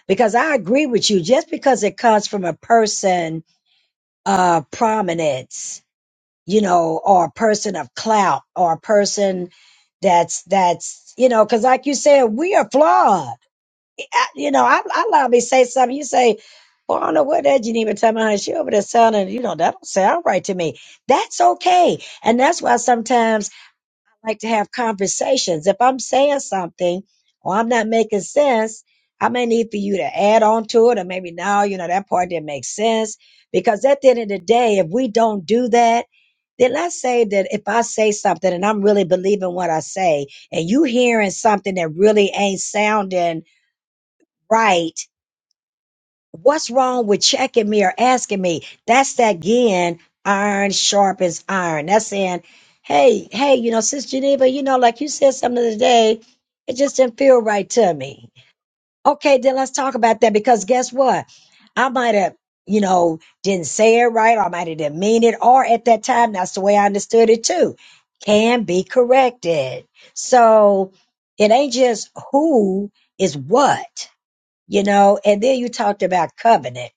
S2: Because I agree with you, just because it comes from a person of prominence, you know, or a person of clout or a person that's that's you know, because like you said, we are flawed I, you know, I, I love me to say something. You say, well, I don't know what that Geneva tell me. honey. She over there sounding, you know, that don't sound right to me. That's okay. And that's why sometimes I like to have conversations. If I'm saying something or I'm not making sense, I may need for you to add on to it or maybe now, you know, that part didn't make sense. Because at the end of the day, if we don't do that, then let's say that if I say something and I'm really believing what I say and you hearing something that really ain't sounding right What's wrong with checking me or asking me? That's that again, iron sharpens iron. That's saying, hey, hey, you know, Sis Geneva, you know, like you said something the other day, it just didn't feel right to me. Okay, then let's talk about that because guess what? I might have, you know, didn't say it right, or I might have didn't mean it, or at that time, that's the way I understood it too. Can be corrected. So it ain't just who is what, you know, and then you talked about covenant.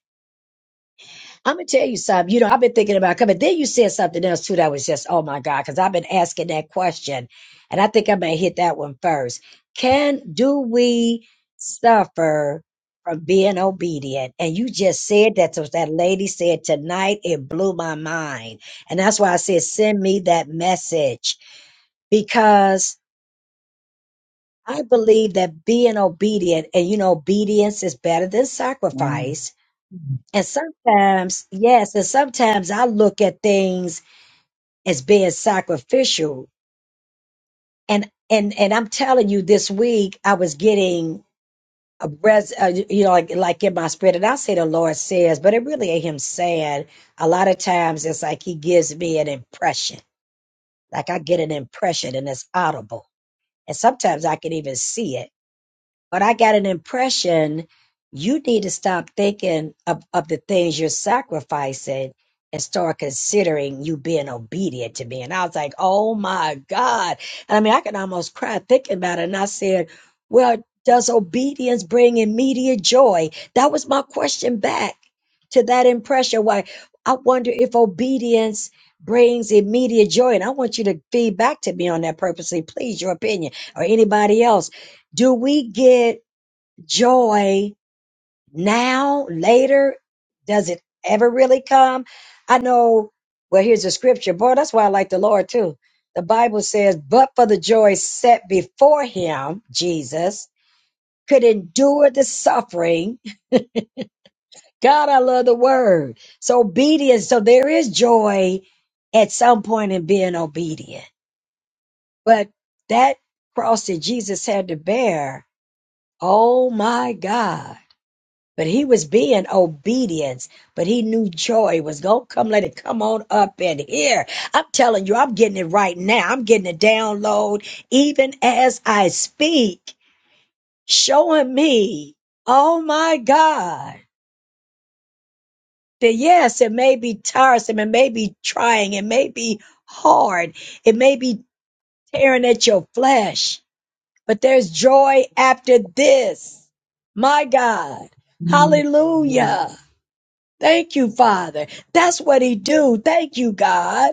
S2: I'm gonna tell you something. You know, I've been thinking about coming. Then you said something else too that was just, oh my God, because I've been asking that question, and I think I'm gonna hit that one first. Can do we suffer from being obedient? And you just said that to that lady said tonight. It blew my mind, and that's why I said, send me that message because I believe that being obedient, and you know, obedience is better than sacrifice and sometimes, yes, and sometimes I look at things as being sacrificial. And and and I'm telling you, this week I was getting a res, uh, you know, like like in my spirit, and I say the Lord says, but it really ain't Him saying. A lot of times it's like He gives me an impression, like I get an impression, and it's audible, and sometimes I can even see it. But I got an impression you need to stop thinking of, of the things you're sacrificing and start considering you being obedient to me. And I was like, oh my God. And I mean, I can almost cry thinking about it. And I said, well, does obedience bring immediate joy? That was my question back to that impression. Why I wonder if obedience brings immediate joy. And I want you to feed back to me on that purposely, please, your opinion or anybody else do we get joy now, later? Does it ever really come? I know, well, here's a scripture. Boy, that's why I like the Lord too. The Bible says, but for the joy set before him, Jesus could endure the suffering. God, I love the word. So obedience. So there is joy at some point in being obedient, but that cross that Jesus had to bear. Oh my God But he was being obedience, but he knew joy was gonna come. Let it come on up in here. I'm telling you, I'm getting it right now. I'm getting a download even as I speak, showing me, oh my God, that yes, it may be tiresome, it may be trying, it may be hard, it may be tearing at your flesh, but there's joy after this. My God.
S3: mm,
S2: Hallelujah. Thank you, Father. That's what he do. Thank you, God.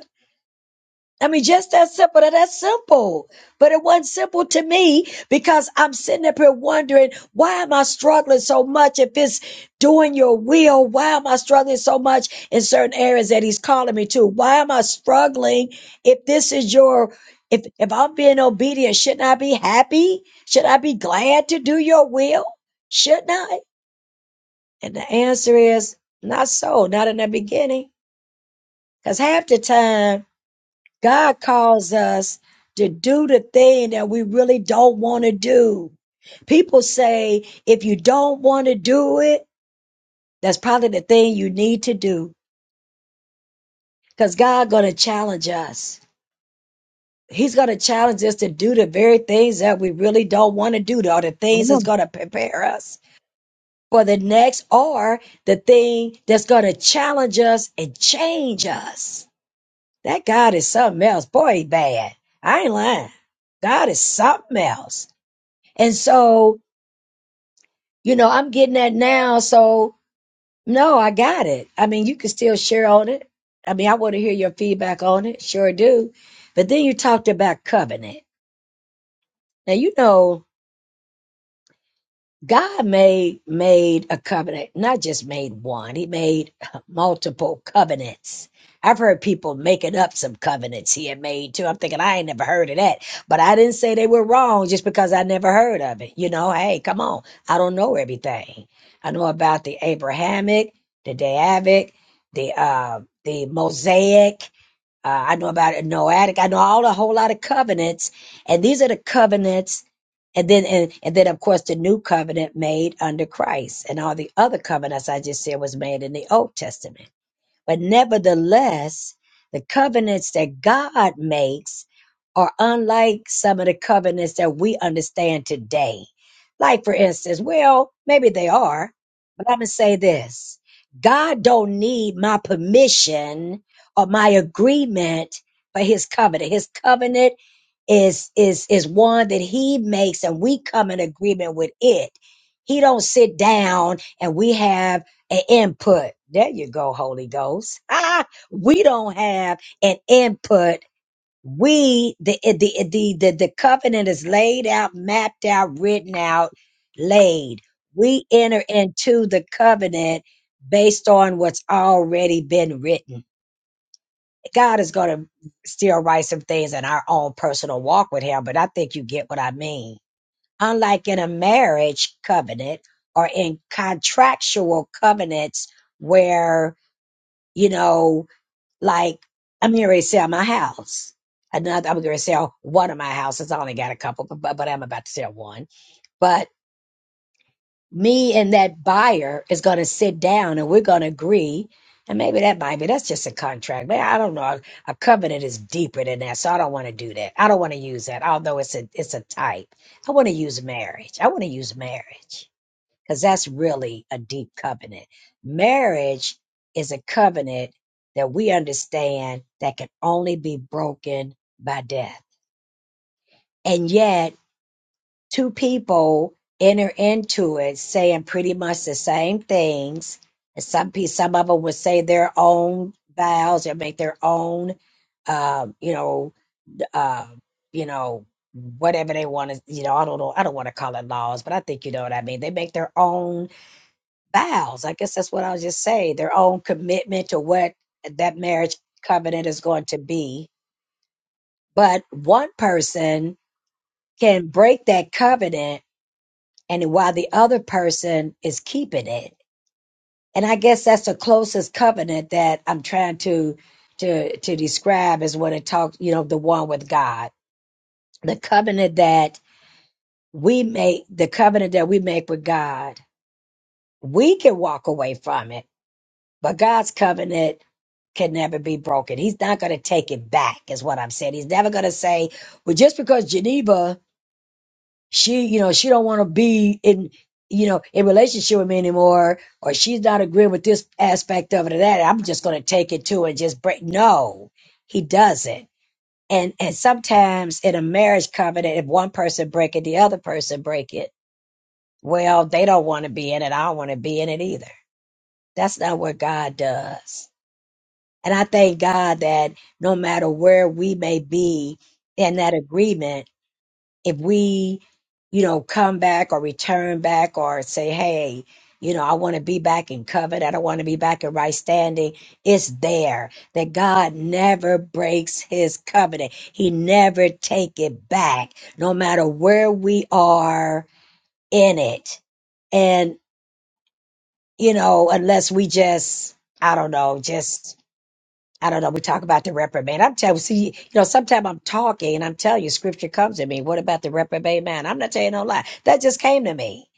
S2: I mean, just that simple. Now, That's simple. But it wasn't simple to me because I'm sitting up here wondering, why am I struggling so much? If it's doing your will, why am I struggling so much in certain areas that he's calling me to? Why am I struggling if this is your, if, if I'm being obedient, shouldn't I be happy? Should I be glad to do your will? Shouldn't I? And the answer is not so, not in the beginning. Because half the time, God calls us to do the thing that we really don't want to do. People say, if you don't want to do it, that's probably the thing you need to do. Because God's going to challenge us. He's going to challenge us to do the very things that we really don't want to do, or the things that's
S3: mm.
S2: going to prepare us for the next, or the thing that's going to challenge us and change us. That God is something else. Boy, he bad. I ain't lying. God is something else. And so, you know, I'm getting that now. So, no, I got it. I mean, you can still share on it. I mean, I want to hear your feedback on it. Sure do. But then you talked about covenant. Now, you know, God made made a covenant, not just made one. He made multiple covenants. I've heard people making up some covenants he had made too. I'm thinking I ain't never heard of that, but I didn't say they were wrong just because I never heard of it. You know, hey, come on, I don't know everything. I know about the Abrahamic, the Davidic, the uh, the Mosaic. Uh, I know about a Noatic. I know all a whole lot of covenants, and these are the covenants, and then and, and then of course the new covenant made under Christ, and all the other covenants I just said was made in the Old Testament. But nevertheless, the covenants that God makes are unlike some of the covenants that we understand today. Like, for instance, well, maybe they are, but I'm going to say this God don't need my permission or my agreement for his covenant. His covenant is is is one that he makes and we come in agreement with it he don't sit down and we have an input. There you go, Holy Ghost. Ah, we don't have an input. We the the the the, the covenant is laid out, mapped out, written out, laid. We enter into the covenant based on what's already been written. God is going to still write some things in our own personal walk with Him, but I think you get what I mean. Unlike in a marriage covenant or in contractual covenants where you know, like I'm here to sell my house. Another, I'm going to sell one of my houses. I only got a couple, but, but I'm about to sell one. But me and that buyer is going to sit down and we're going to agree. And maybe that might be, that's just a contract. Man, I don't know. A covenant is deeper than that. So I don't want to do that. I don't want to use that. Although it's a, it's a type. I want to use marriage. I want to use marriage because that's really a deep covenant. Marriage is a covenant that we understand that can only be broken by death. And yet, two people enter into it saying pretty much the same things. And some people, some of them would say their own vows or make their own, um, you know, uh, you know, whatever they want to, you know, I don't know, I don't want to call it laws, but I think you know what I mean. They make their own vows. I guess that's what I'll just say their own commitment to what that marriage covenant is going to be. But one person can break that covenant, and while the other person is keeping it. And I guess that's the closest covenant that I'm trying to to to describe is when it talks, you know, the one with God. The covenant that we make, the covenant that we make with God, we can walk away from it, but God's covenant can never be broken. He's not going to take it back, is what I'm saying. He's never going to say, well, just because Geneva, she, you know, she don't want to be in, you know, in relationship with me anymore, or she's not agreeing with this aspect of it or that. I'm just going to take it to and just break. No, he doesn't. And and sometimes in a marriage covenant, if one person break it, the other person break it. Well, they don't want to be in it. I don't want to be in it either. That's not what God does. And I thank God that no matter where we may be in that agreement, if we, you know, come back or return back or say, hey, you know, I want to be back in covenant. I don't want to be back in right standing. It's there that God never breaks his covenant. He never take it back, no matter where we are in it. And, you know, unless we just, I don't know, just I don't know. We talk about the reprobate. I'm telling you, see, you know, sometimes I'm talking and I'm telling you, scripture comes to me. What about the reprobate man? I'm not telling you no lie. That just came to me.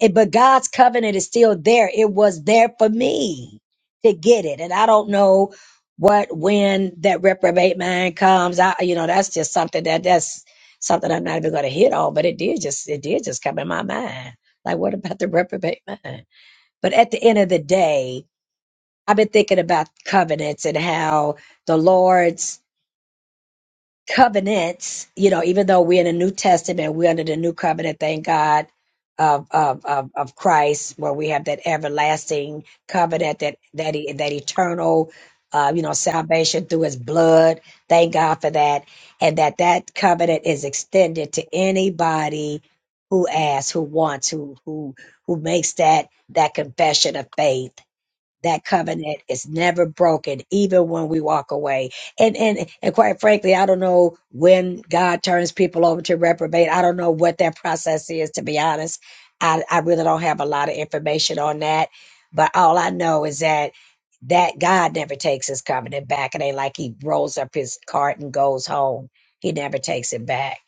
S2: It- but God's covenant is still there. It was there for me to get it. And I don't know what, when that reprobate man comes. I, you know, that's just something that that's something I'm not even going to hit on, but it did just, it did just come in my mind. Like, what about the reprobate man? But at the end of the day, I've been thinking about covenants and how the Lord's covenants, you know, even though we're in the New Testament, we're under the new covenant, thank God, of of of, of Christ, where we have that everlasting covenant, that that e- that eternal, uh, you know, salvation through His blood. Thank God for that, and that that covenant is extended to anybody who asks, who wants, who who who makes that that confession of faith that covenant is never broken, even when we walk away. And and and quite frankly, I don't know when God turns people over to reprobate. I don't know what that process is, to be honest. I, I really don't have a lot of information on that. But all I know is that that God never takes his covenant back. It ain't like he rolls up his cart and goes home. He never takes it back.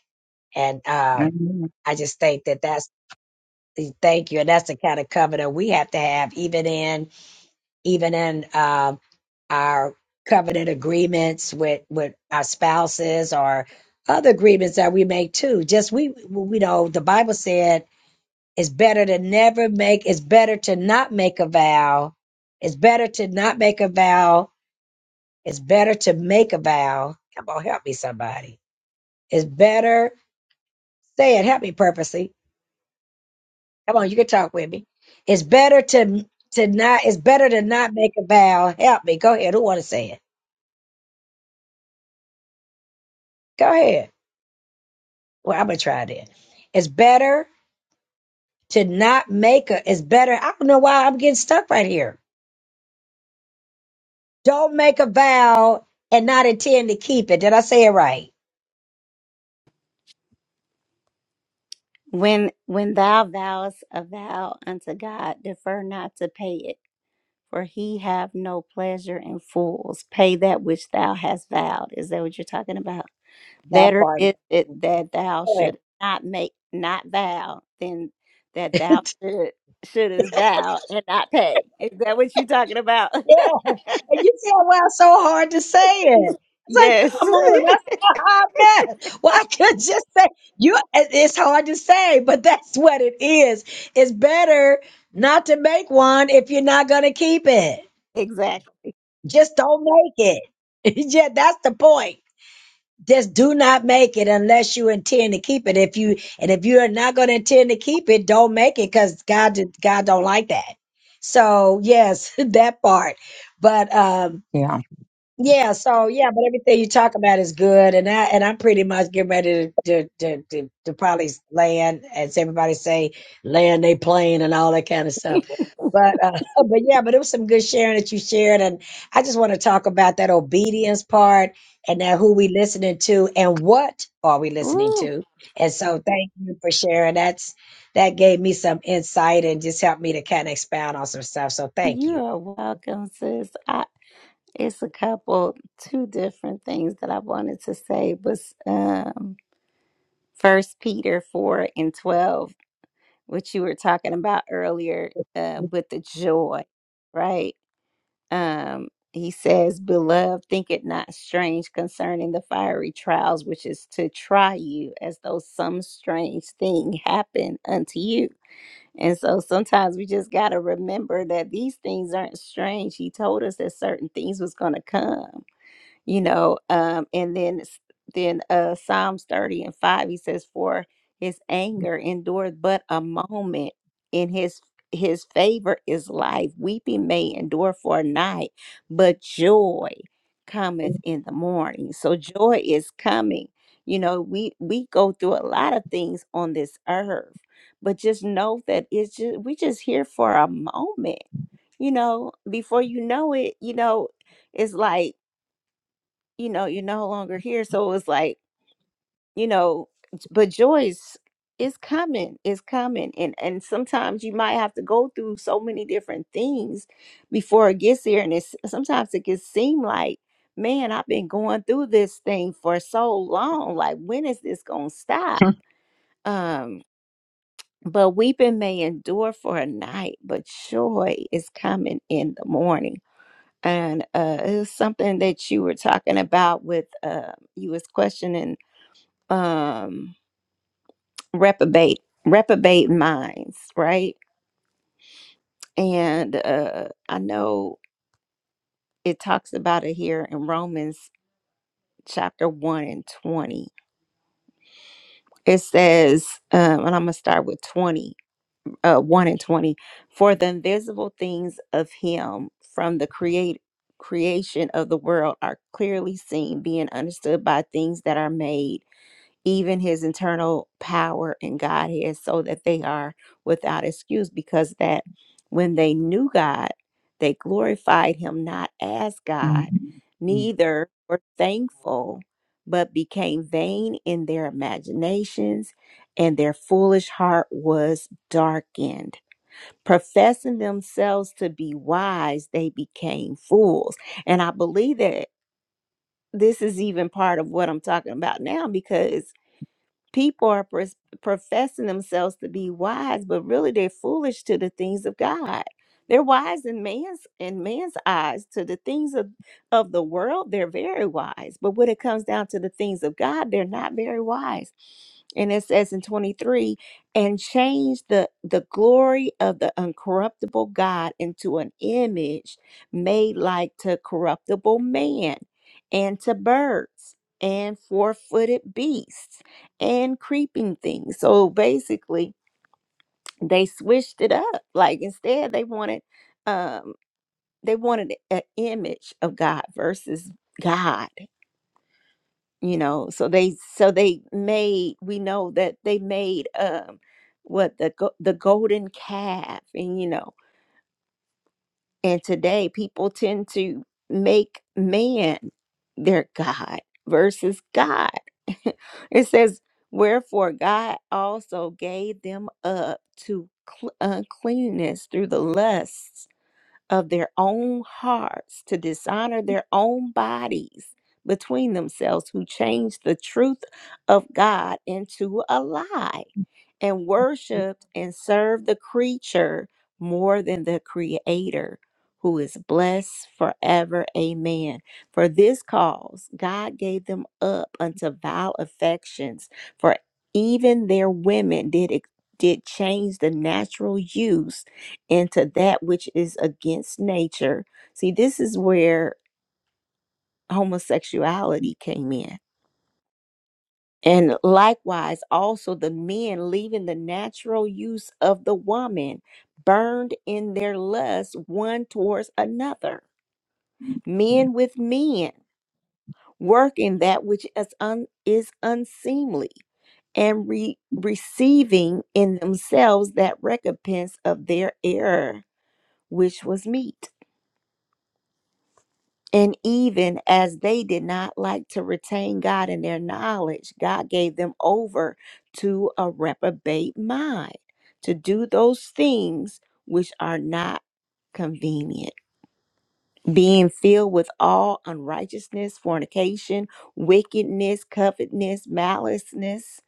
S2: And um,
S3: mm.
S2: I just think that that's thank you. And that's the kind of covenant we have to have, even in even in um our covenant agreements with with our spouses or other agreements that we make too just we we know the bible said it's better to never make it's better to not make a vow it's better to not make a vow it's better to make a vow come on help me somebody it's better say it help me purposely come on you can talk with me it's better to to not it's better to not make a vow help me go ahead who want to say it go ahead Well, I'm gonna try it. It's better to not make a. It's better. I don't know why I'm getting stuck right here. Don't make a vow and not intend to keep it. Did I say it right?
S1: When when thou vowest a vow unto God, defer not to pay it, for he have no pleasure in fools. Pay that which thou hast vowed. Is that what you're talking about?
S2: That
S1: Better
S2: part.
S1: is it that thou
S2: Good.
S1: should not make not vow than that thou should shouldest vow and not pay. Is that what you're talking about?
S2: yeah, and you said well it's so hard to say it. It's
S1: yes.
S2: like, come on, that's a hot mess. Well, I could just say you. it- It's hard to say, but that's what it is. It's better not to make one if you're not gonna keep it.
S1: exactly.
S2: Just don't make it. yeah, that's the point. Just do not make it unless you intend to keep it. If you and if you are not going to intend to keep it, don't make it because God did- God don't like that. So yes, that part. But um
S3: Yeah.
S2: yeah, so yeah, but everything you talk about is good, and I and I'm pretty much getting ready to to to, to, to probably land, as everybody say, land they plane and all that kind of stuff. But uh, but yeah, but it was some good sharing that you shared, and I just want to talk about that obedience part and that who we listening to and what are we listening
S1: Ooh.
S2: to. And so thank you for sharing. That's that gave me some insight and just helped me to kind of expound on some stuff. So thank
S1: You
S2: you.
S1: are welcome, sis. I, it's a couple, two different things that I wanted to say was um First Peter four and twelve, which you were talking about earlier, uh, with the joy, right? Um, he says, "Beloved, think it not strange concerning the fiery trials which is to try you, as though some strange thing happened unto you." And so sometimes we just got to remember that these things aren't strange. He told us that certain things was going to come you know um and then s- then uh psalms 30 and 5 he says for his anger endureth but a moment in his his favor is life weeping may endure for a night but joy cometh in the morning so joy is coming you know we we go through a lot of things on this earth but just know that it's just we just here for a moment you know before you know it you know it's like you know, you're no longer here. So it was like, you know, but Joyce is coming, is coming. And and sometimes you might have to go through so many different things before it gets here. And it's sometimes it can seem like, man, I've been going through this thing for so long. Like, when is this gonna stop?
S3: Mm,
S1: Um, but weeping may endure for a night, but joy is coming in the morning and uh it was something that you were talking about with uh you was questioning um reprobate reprobate minds right and uh i know it talks about it here in romans chapter 1 and 20 it says um and i'm gonna start with 20 uh 1 and 20 for the invisible things of him from the create creation of the world are clearly seen being understood by things that are made even his internal power and Godhead so that they are without excuse because that when they knew God, they glorified him not as God,
S3: mm,
S1: neither were thankful, but became vain in their imaginations, and their foolish heart was darkened. Professing themselves to be wise, they became fools. And I believe that this is even part of what I'm talking about now because People are pres- professing themselves to be wise, but really they're foolish to the things of God. They're wise in man's in man's eyes to the things of, of the world. They're very wise, but when it comes down to the things of God, they're not very wise. And it says in 23, and change the the glory of the uncorruptible God into an image made like to corruptible man and to birds and four-footed beasts and creeping things. So basically, they switched it up. Like instead, they wanted um they wanted an image of God versus God, you know. So they so they made we know that they made um what the go- the golden calf and you know And today, people tend to make man their God versus God. it says, Wherefore God also gave them up to cl- uncleanness through the lusts of their own hearts to dishonor their own bodies between themselves, who changed the truth of God into a lie and worshiped and served the creature more than the creator who is blessed forever amen for this cause god gave them up unto vile affections for even their women did ex- did change the natural use into that which is against nature see this is where homosexuality came in and likewise, also the men leaving the natural use of the woman, burned in their lust one towards another. Men with men, working that which is, un- is unseemly, and re- receiving in themselves that recompense of their error, which was meet. And even as they did not like to retain God in their knowledge, God gave them over to a reprobate mind to do those things which are not convenient, being filled with all unrighteousness, fornication, wickedness, covetousness, maliceness,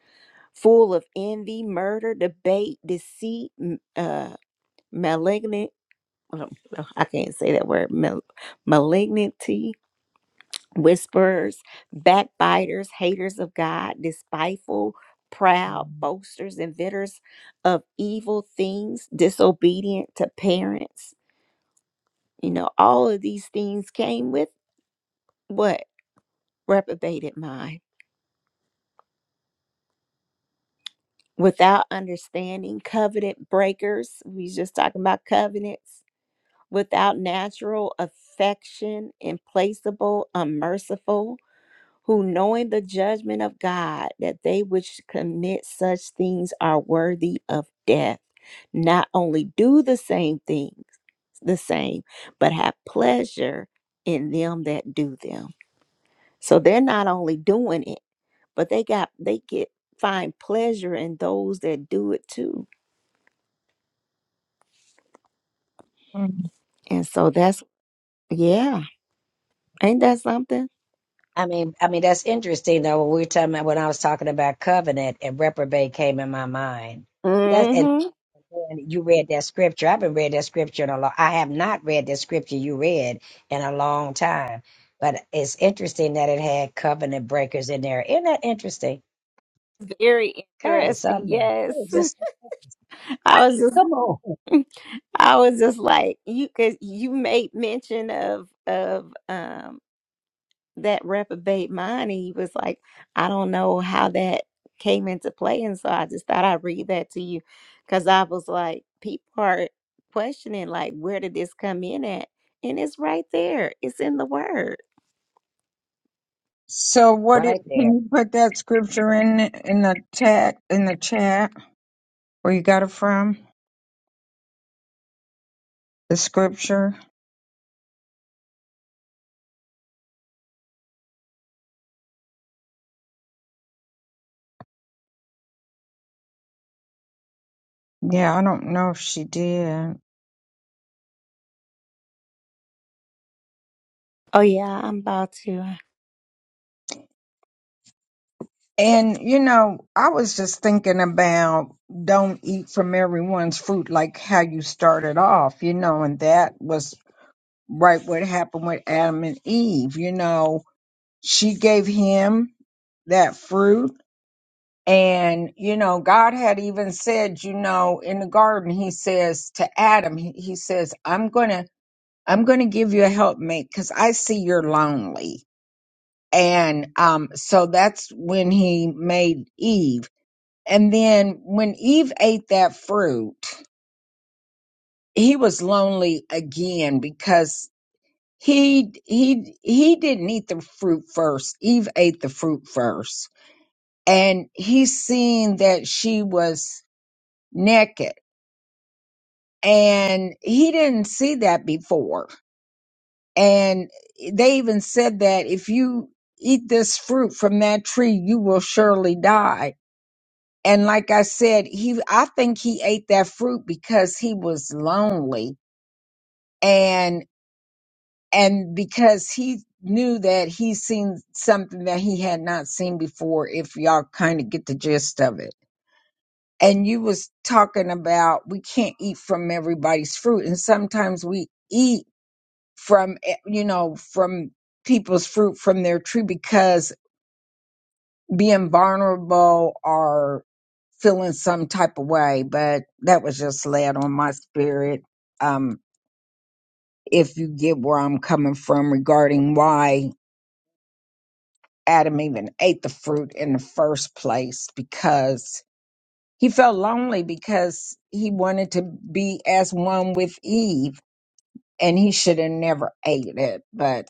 S1: full of envy, murder, debate, deceit, m- uh, malignant. I can't say that word. mal- malignity whisperers, backbiters, haters of God, despiteful, proud, boasters, inventors of evil things, disobedient to parents. You know, all of these things came with what? Reprobated mind. Without understanding, covenant breakers. We just talking about covenants. Without natural affection, implacable, unmerciful who knowing the judgment of God that they which commit such things are worthy of death, not only do the same things, the same, but have pleasure in them that do them. So they're not only doing it, but they got they get find pleasure in those that do it too.
S3: mm.
S1: And so that's yeah, ain't that something?
S2: I mean, I mean that's interesting though. When we were talking about when I was talking about covenant and reprobate came in my mind. That's and
S1: Mm-hmm.
S2: and you read that scripture. I haven't read that scripture in a long. I have not read that scripture you read in a long time. But it's interesting that it had covenant breakers in there. Isn't that interesting?
S1: Very
S2: God, it's
S1: interesting.
S2: something there.
S1: Yes.
S2: It was Just
S1: I was just
S2: come on,
S1: I was just like you cuz you made mention of of um that reprobate mind and he was like i don't know how that came into play and so i just thought i'd read that to you because i was like people are questioning like where did this come in at and it's right there it's in the word
S3: So what it,
S2: right there,
S3: can you put that scripture in in the chat in the chat? where you got it from, the scripture. Yeah, I don't know if she did.
S1: Oh yeah, I'm about to. uh,
S3: And, you know, I was just thinking about don't eat from everyone's fruit, like how you started off, you know, and that was right what happened with Adam and Eve. You know, she gave him that fruit. And, you know, God had even said, you know, in the garden, he says to Adam, he, he says, I'm going to, I'm going to give you a helpmate because I see you're lonely and um, so that's when he made Eve. And then when Eve ate that fruit, he was lonely again because he he he didn't eat the fruit first. Eve ate the fruit first, and he seen that she was naked, and he didn't see that before. And they even said that if you eat this fruit from that tree, you will surely die And like I said, he I think he ate that fruit because he was lonely and and because he knew that he seen something that he had not seen before if y'all kind of get the gist of it. And you was talking about we can't eat from everybody's fruit and sometimes we eat from eh, you know from people's fruit from their tree because being vulnerable or feeling some type of way, but that was just laid on my spirit. Um, if you get where I'm coming from regarding why Adam even ate the fruit in the first place, because he felt lonely because he wanted to be as one with Eve and he should have never ate it, but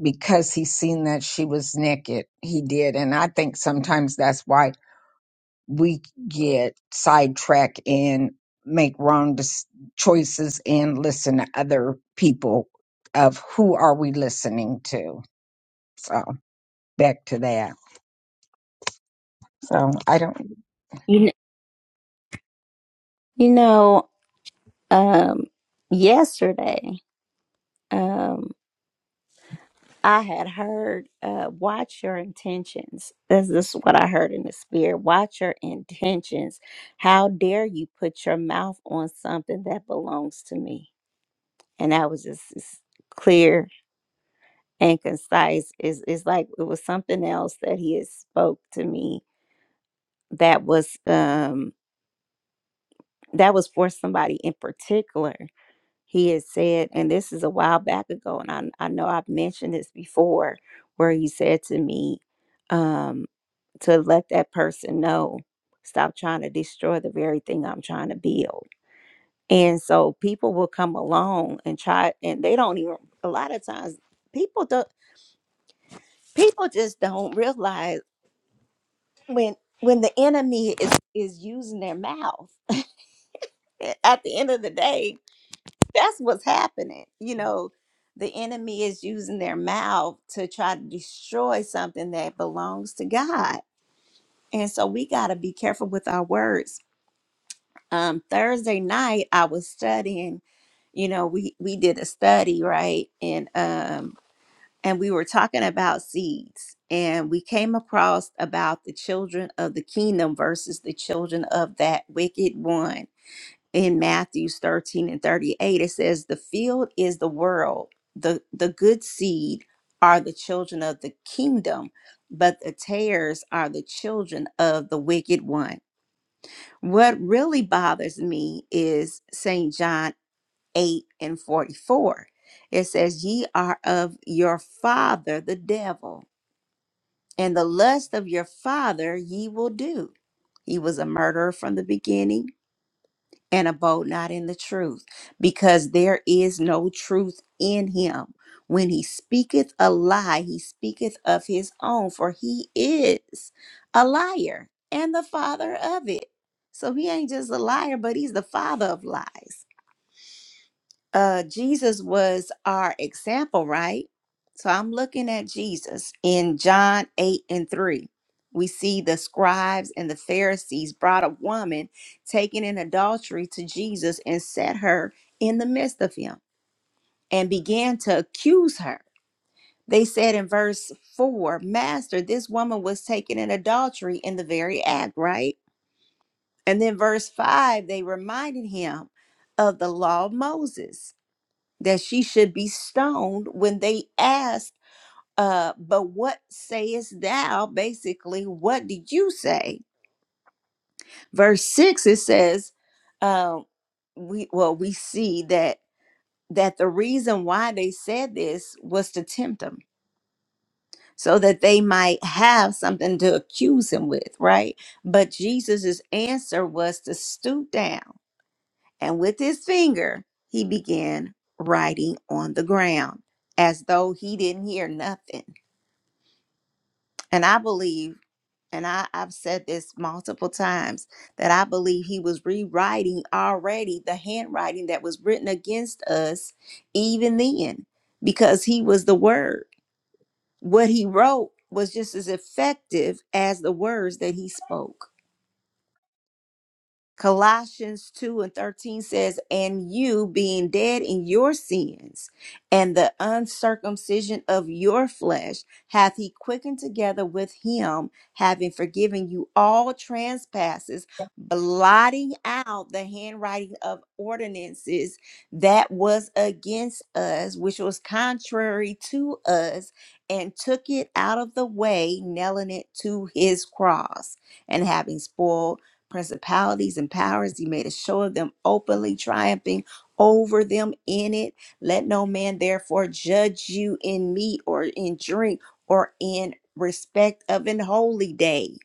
S3: because he seen that she was naked, he did. And I think sometimes that's why we get sidetracked and make wrong dis- choices and listen to other people of who are we listening to so back to that so i don't
S1: You know, you know, um, yesterday, um, I had heard, uh, watch your intentions. This, this is what I heard in the spirit. Watch your intentions. How dare you put your mouth on something that belongs to me? And that was just as clear and concise. Is is like it was something else that he had spoke to me that was um that was for somebody in particular He had said, and this is a while back ago, and I, I know I've mentioned this before, where he said to me, um, to let that person know, stop trying to destroy the very thing I'm trying to build. And so people will come along and try, and they don't even, a lot of times, people don't, people just don't realize when when the enemy is is using their mouth a- at the end of the day that's what's happening. You know, the enemy is using their mouth to try to destroy something that belongs to God. And so we got to be careful with our words. Um, Thursday night, I was studying, you know, we, we did a study, right? And, um, and we were talking about seeds and we came across about the children of the kingdom versus the children of that wicked one in Matthews 13 and 38, it says, The field is the world, the, the good seed are the children of the kingdom, but the tares are the children of the wicked one. What really bothers me is St. John 8 and 44. It says, Ye are of your father, the devil, and the lust of your father ye will do. He was a murderer from the beginning and abode not in the truth, because there is no truth in him. When he speaketh a lie, he speaketh of his own, for he is a liar and the father of it. So he ain't just a liar, but he's the father of lies uh Jesus was our example, right? So I'm looking at Jesus in John 8 and 3. We see the scribes and the Pharisees brought a woman taken in adultery to Jesus and set her in the midst of him and began to accuse her. They said in verse 4, Master, this woman was taken in adultery in the very act, right? And then verse 5, they reminded him of the law of Moses that she should be stoned when they asked, uh, but what sayest thou? Basically, what did you say? Verse six, it says, uh, we well, we see that that the reason why they said this was to tempt him so that they might have something to accuse him with, right? But Jesus's answer was to stoop down and with his finger he began writing on the ground as though he didn't hear nothing. And I believe, and I, I've said this multiple times, that I believe he was rewriting already the handwriting that was written against us even then, because he was the word. What he wrote was just as effective as the words that he spoke. Colossians 2 and 13 says, And you being dead in your sins and the uncircumcision of your flesh, hath he quickened together with him, having forgiven you all trespasses, blotting out the handwriting of ordinances that was against us, which was contrary to us, and took it out of the way, nailing it to his cross, and having spoiled principalities and powers. He made a show of them openly, triumphing over them in it. Let no man therefore judge you in meat or in drink or in respect of an holy day.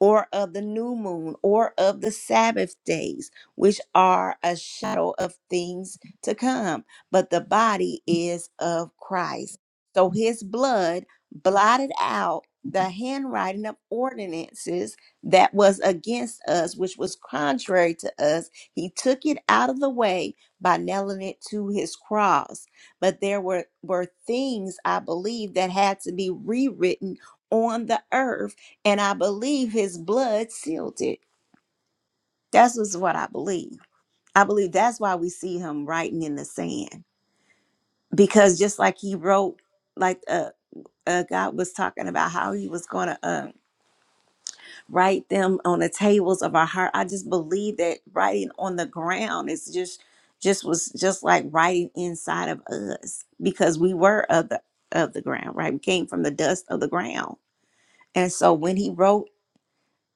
S1: Or of the new moon, or of the Sabbath days, which are a shadow of things to come, but the body is of Christ. So his blood blotted out the handwriting of ordinances that was against us, which was contrary to us. He took it out of the way by nailing it to his cross. But there were, were things, I believe, that had to be rewritten on the earth. And I believe his blood sealed it. That's just what I believe. I believe that's why we see him writing in the sand. Because just like he wrote, like uh, uh, God was talking about how he was going to. um, write them on the tables of our heart. I just believe that writing on the ground is just just was just like writing inside of us because we were of the of the ground, right? We came from the dust of the ground. And so when he wrote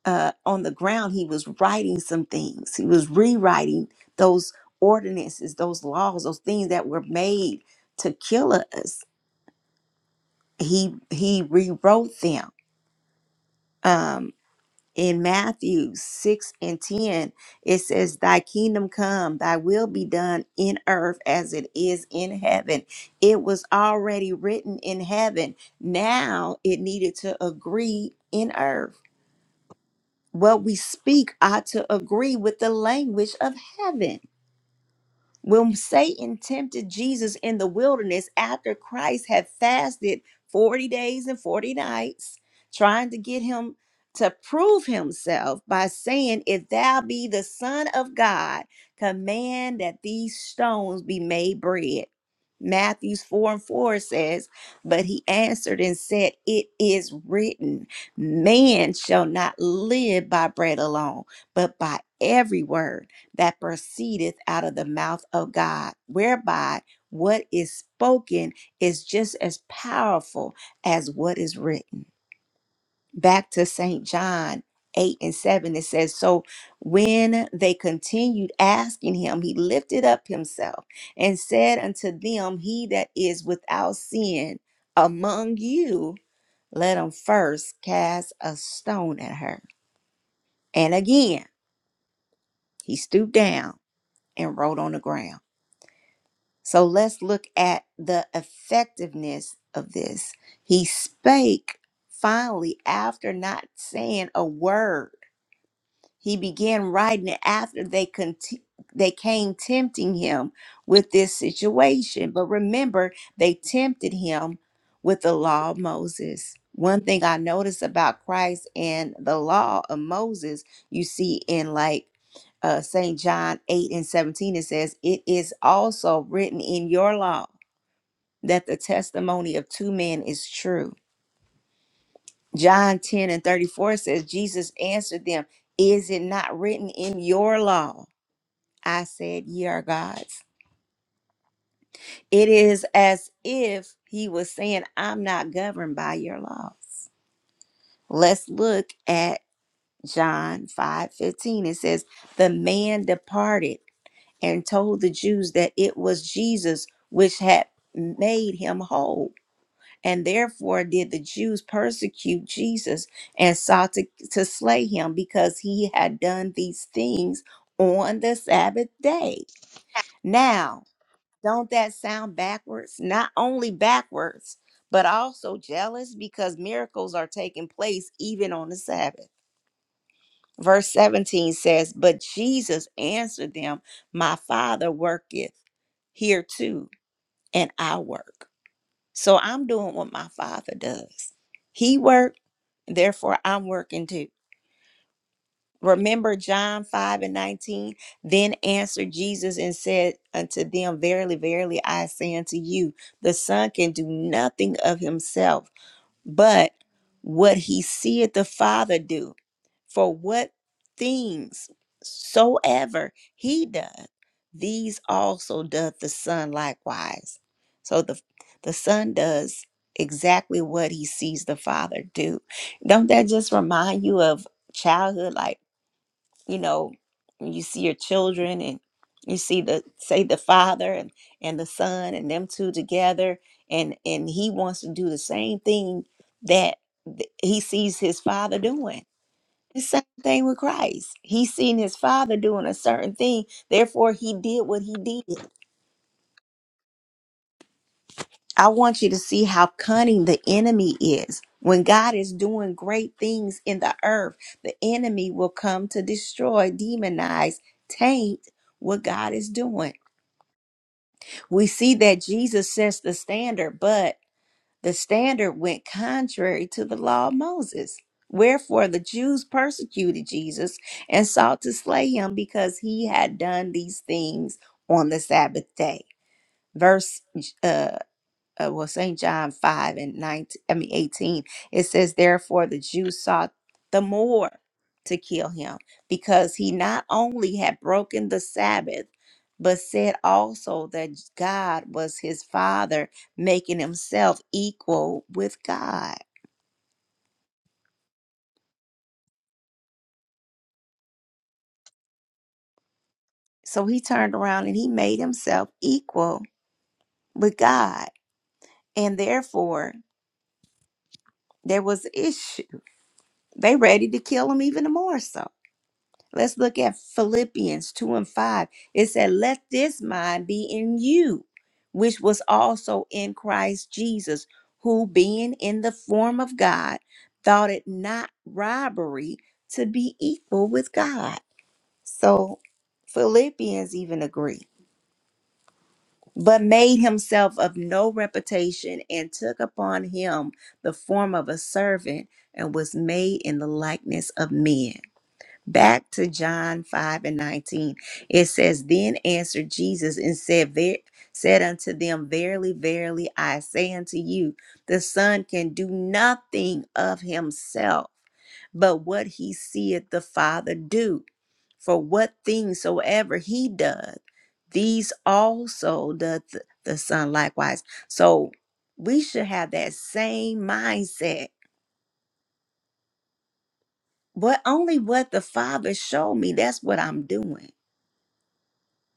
S1: uh on the ground, he was writing some things. He was rewriting those ordinances, those laws, those things that were made to kill us. He he rewrote them. um, in Matthew 6 and 10, it says, Thy kingdom come, thy will be done in earth as it is in heaven. It was already written in heaven. Now it needed to agree in earth. What we speak ought to agree with the language of heaven. When Satan tempted Jesus in the wilderness after Christ had fasted 40 days and 40 nights, trying to get him to prove himself by saying, If thou be the Son of God, command that these stones be made bread. Matthew 4 and 4 says, But he answered and said, It is written, Man shall not live by bread alone, but by every word that proceedeth out of the mouth of God, whereby what is spoken is just as powerful as what is written. Back to St. John 8 and 7, it says, So when they continued asking him, he lifted up himself and said unto them, He that is without sin among you, let him first cast a stone at her. And again, he stooped down and wrote on the ground. So let's look at the effectiveness of this. He spake finally after not saying a word. He began writing it after they conti- they came tempting him with this situation. But remember, they tempted him with the law of Moses. One thing I noticed about Christ and the law of Moses, you see in like uh, St. John 8 and 17, it says, It is also written in your law that the testimony of two men is true. John 10 and 34 says, Jesus answered them, Is it not written in your law? I said, Ye are gods. It is as if he was saying, I'm not governed by your laws. Let's look at John 5 15. It says, The man departed and told the Jews that it was Jesus which had made him whole And therefore did the Jews persecute Jesus and sought to, to slay him because he had done these things on the Sabbath day. Now, don't that sound backwards? Not only backwards, but also jealous because miracles are taking place even on the Sabbath. Verse 17 says, But Jesus answered them, My Father worketh here too, and I work. So I'm doing what my father does. He worked, therefore I'm working too. Remember John 5 and 19? Then answered Jesus and said unto them, Verily, verily, I say unto you, the Son can do nothing of himself but what he seeth the Father do, for what things soever he doth, these also doth the Son likewise. So the the Son does exactly what he sees the Father do. Don't that just remind you of childhood? Like you know when you see your children and you see the say the father and, and the son and them two together and and he wants to do the same thing that th- he sees his father doing the same thing with christ he's seen his father doing a certain thing therefore he did what he did I want you to see how cunning the enemy is. When God is doing great things in the earth, the enemy will come to destroy, demonize, taint what God is doing. We see that Jesus sets the standard, but the standard went contrary to the law of Moses. Wherefore the Jews persecuted Jesus and sought to slay him because he had done these things on the Sabbath day. Verse uh, uh, well, St. John 5 and 19, I mean 18, it says, Therefore the Jews sought the more to kill him because he not only had broken the Sabbath, but said also that God was his father, making himself equal with God. So he turned around and he made himself equal with God. And therefore, there was issue. They ready to kill him even more so Let's look at Philippians 2 and 5. It said, Let this mind be in you, which was also in Christ Jesus, who being in the form of God, thought it not robbery to be equal with God. So Philippians even agree. But made himself of no reputation and took upon him the form of a servant and was made in the likeness of men. Back to John 5 and 19. It says, Then answered Jesus and said, Ver- said unto them, Verily, verily, I say unto you, the Son can do nothing of himself, but what he seeth the Father do. For what things soever he doth, these also doth th- the Son likewise. So we should have that same mindset. What only what the Father showed me, that's what I'm doing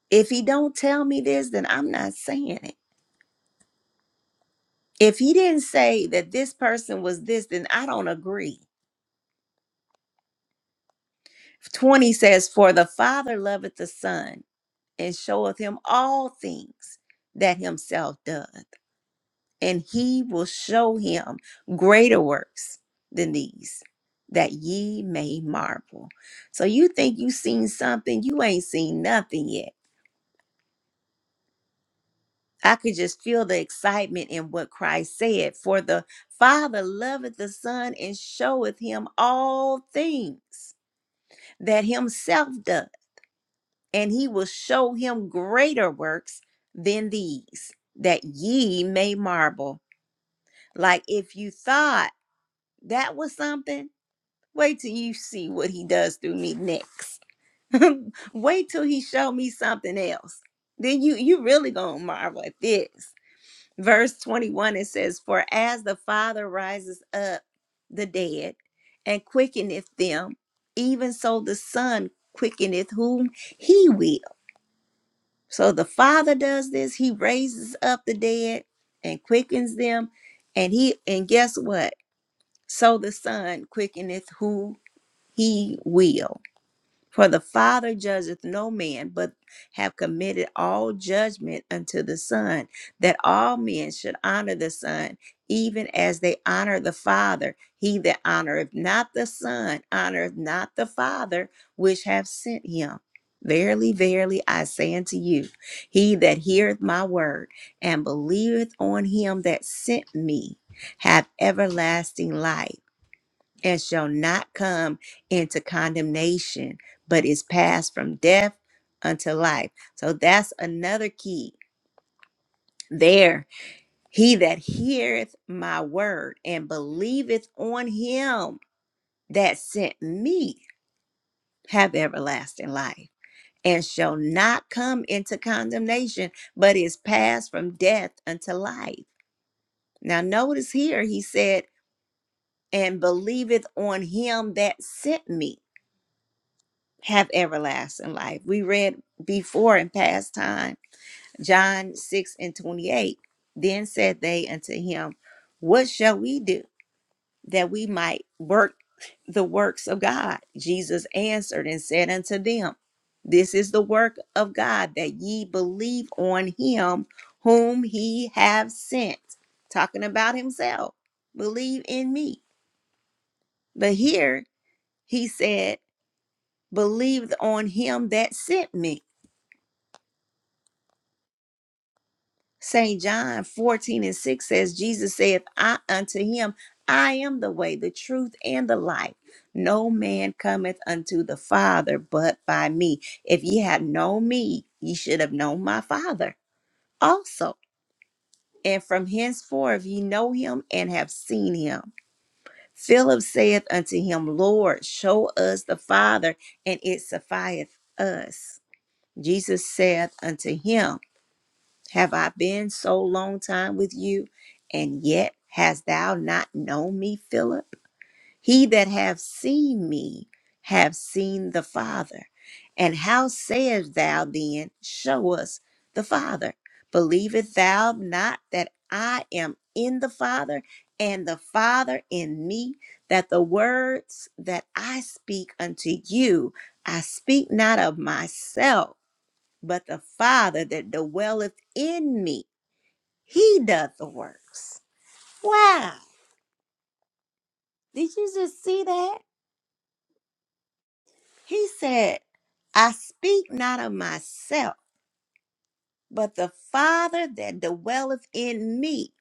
S1: If he don't tell me this, then I'm not saying it. If he didn't say that this person was this, then I don't agree. 20 says, For the Father loveth the Son and showeth him all things that himself doth, and he will show him greater works than these, that ye may marvel. So you think you seen something, you ain't seen nothing yet I could just feel the excitement in what Christ said. For the Father loveth the Son and showeth him all things that himself doth, and he will show him greater works than these, that ye may marvel. Like if you thought that was something, wait till you see what he does through me next. wait till he show me something else. Then you you really gonna marvel at this. Verse 21 it says, For as the Father rises up the dead and quickeneth them, even so the Son quickeneth whom he will. So the Father does this, he raises up the dead and quickens them. And he and guess what? So the Son quickeneth who he will. For the Father judgeth no man, but have committed all judgment unto the Son, that all men should honor the Son, even as they honor the Father. He that honoreth not the Son honoreth not the Father which hath sent him. Verily, verily, I say unto you, he that heareth my word and believeth on him that sent me hath everlasting life and shall not come into condemnation, but is passed from death unto life. So that's another key there. He that heareth my word and believeth on him that sent me have everlasting life and shall not come into condemnation, but is passed from death unto life. Now, notice here, he said, and believeth on him that sent me have everlasting life. We read before in past time, John 6 and 28. Then said they unto him, What shall we do that we might work the works of God? Jesus answered and said unto them, This is the work of God, that ye believe on him whom he have sent. Talking about himself, believe in me. But here he said, Believe on him that sent me. St. John 14 and 6 says, Jesus saith I unto him, I am the way, the truth, and the life. No man cometh unto the Father but by me. If ye had known me, ye should have known my Father also. And from henceforth ye know him and have seen him. Philip saith unto him, Lord, show us the Father, and it sufficeth us. Jesus saith unto him, have I been so long time with you, and yet hast thou not known me, Philip? He that hath seen me have seen the Father. And how sayest thou then, Show us the Father? Believest thou not that I am in the Father, and the Father in me, that the words that I speak unto you, I speak not of myself, but the Father that dwelleth in me he doth the works. Wow. Did you just see that? He said, I speak not of myself, but the Father that dwelleth in me,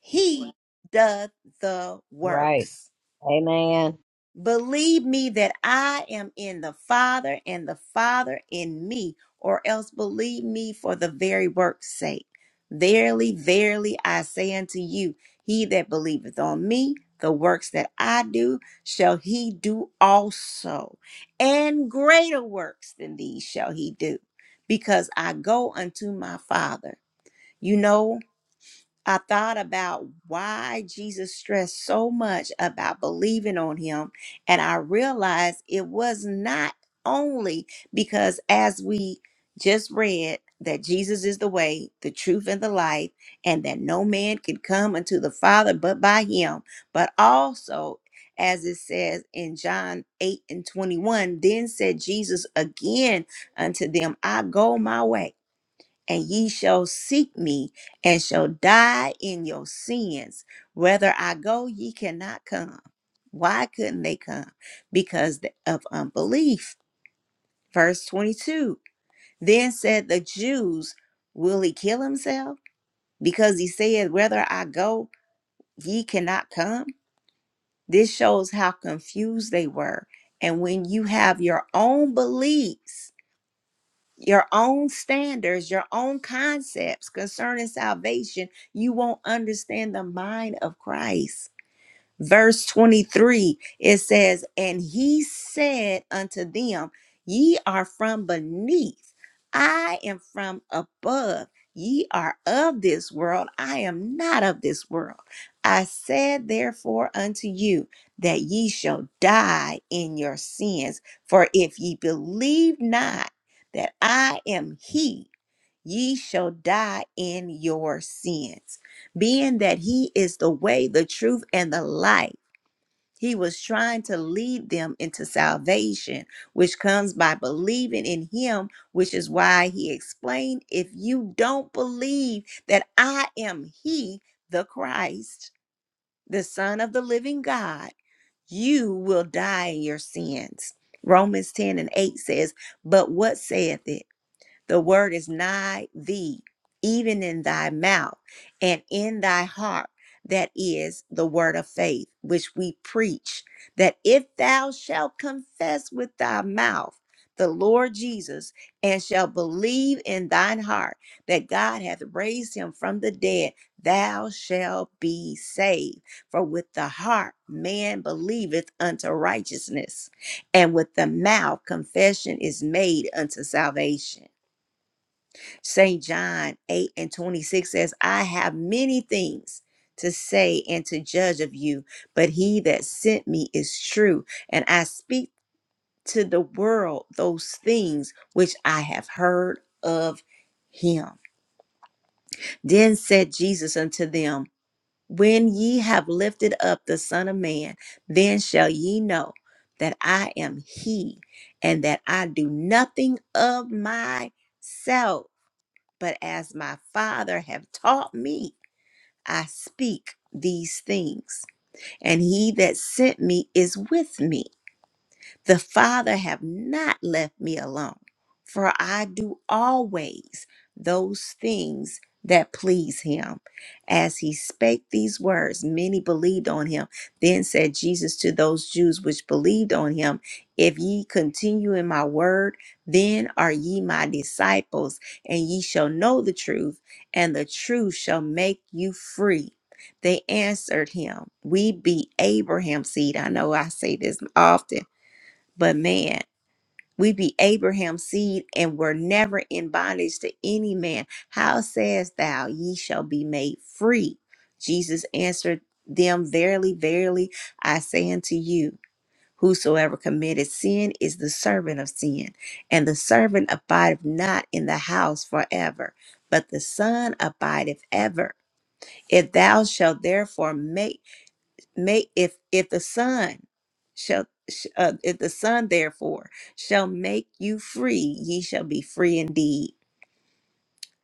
S1: he doth the
S2: right.
S1: works.
S2: Amen.
S1: Believe me that I am in the Father and the Father in me, or else believe me for the very work's sake. Verily, verily, I say unto you, he that believeth on me, the works that I do, shall he do also. And greater works than these shall he do, because I go unto my Father. You know, I thought about why Jesus stressed so much about believing on him. And I realized it was not only because, as we just read, that Jesus is the way, the truth, and the life, and that no man can come unto the Father but by him, but also. As it says in John 8 and 21, then said Jesus again unto them, I go my way and ye shall seek me and shall die in your sins. Whether I go, ye cannot come. Why couldn't they come? Because of unbelief. Verse 22 Then said the Jews, Will he kill himself? Because he said, Whether I go, ye cannot come. This shows how confused they were. And when you have your own beliefs, your own standards, your own concepts concerning salvation, you won't understand the mind of Christ verse 23 it says and he said unto them ye are from beneath i am from above ye are of this world i am not of this world i said therefore unto you that ye shall die in your sins for if ye believe not that i am he ye shall die in your sins being that he is the way the truth and the life he was trying to lead them into salvation, which comes by believing in him, which is why he explained if you don't believe that I am he, the Christ, the Son of the living God, you will die in your sins. Romans 10 and 8 says, But what saith it? The word is nigh thee, even in thy mouth and in thy heart. That is the word of faith, which we preach, that if thou shalt confess with thy mouth the Lord Jesus and shalt believe in thine heart that God hath raised him from the dead, thou shalt be saved. For with the heart man believeth unto righteousness, and with the mouth confession is made unto salvation. St. John 8 and 26 says, I have many things to say and to judge of you, but he that sent me is true, and I speak to the world those things which I have heard of him. Then said Jesus unto them, When ye have lifted up the Son of Man, then shall ye know that I am he, and that I do nothing of myself but as my Father have taught me, I speak these things, and he that sent me is with me. The Father have not left me alone, for I do always those things that please him. As he spake these words, many believed on him. Then said Jesus to those Jews which believed on him, If ye continue in my word, then are ye my disciples, and ye shall know the truth, and the truth shall make you free. They answered him, We be Abraham's seed. I know I say this often but man, we be Abraham's seed and were never in bondage to any man. How sayest thou, ye shall be made free? Jesus answered them, Verily, verily, I say unto you, Whosoever committed sin is the servant of sin, and the servant abideth not in the house forever, but the Son abideth ever. If thou shalt therefore make make if if the son shall sh- uh, if the son therefore shall make you free ye shall be free indeed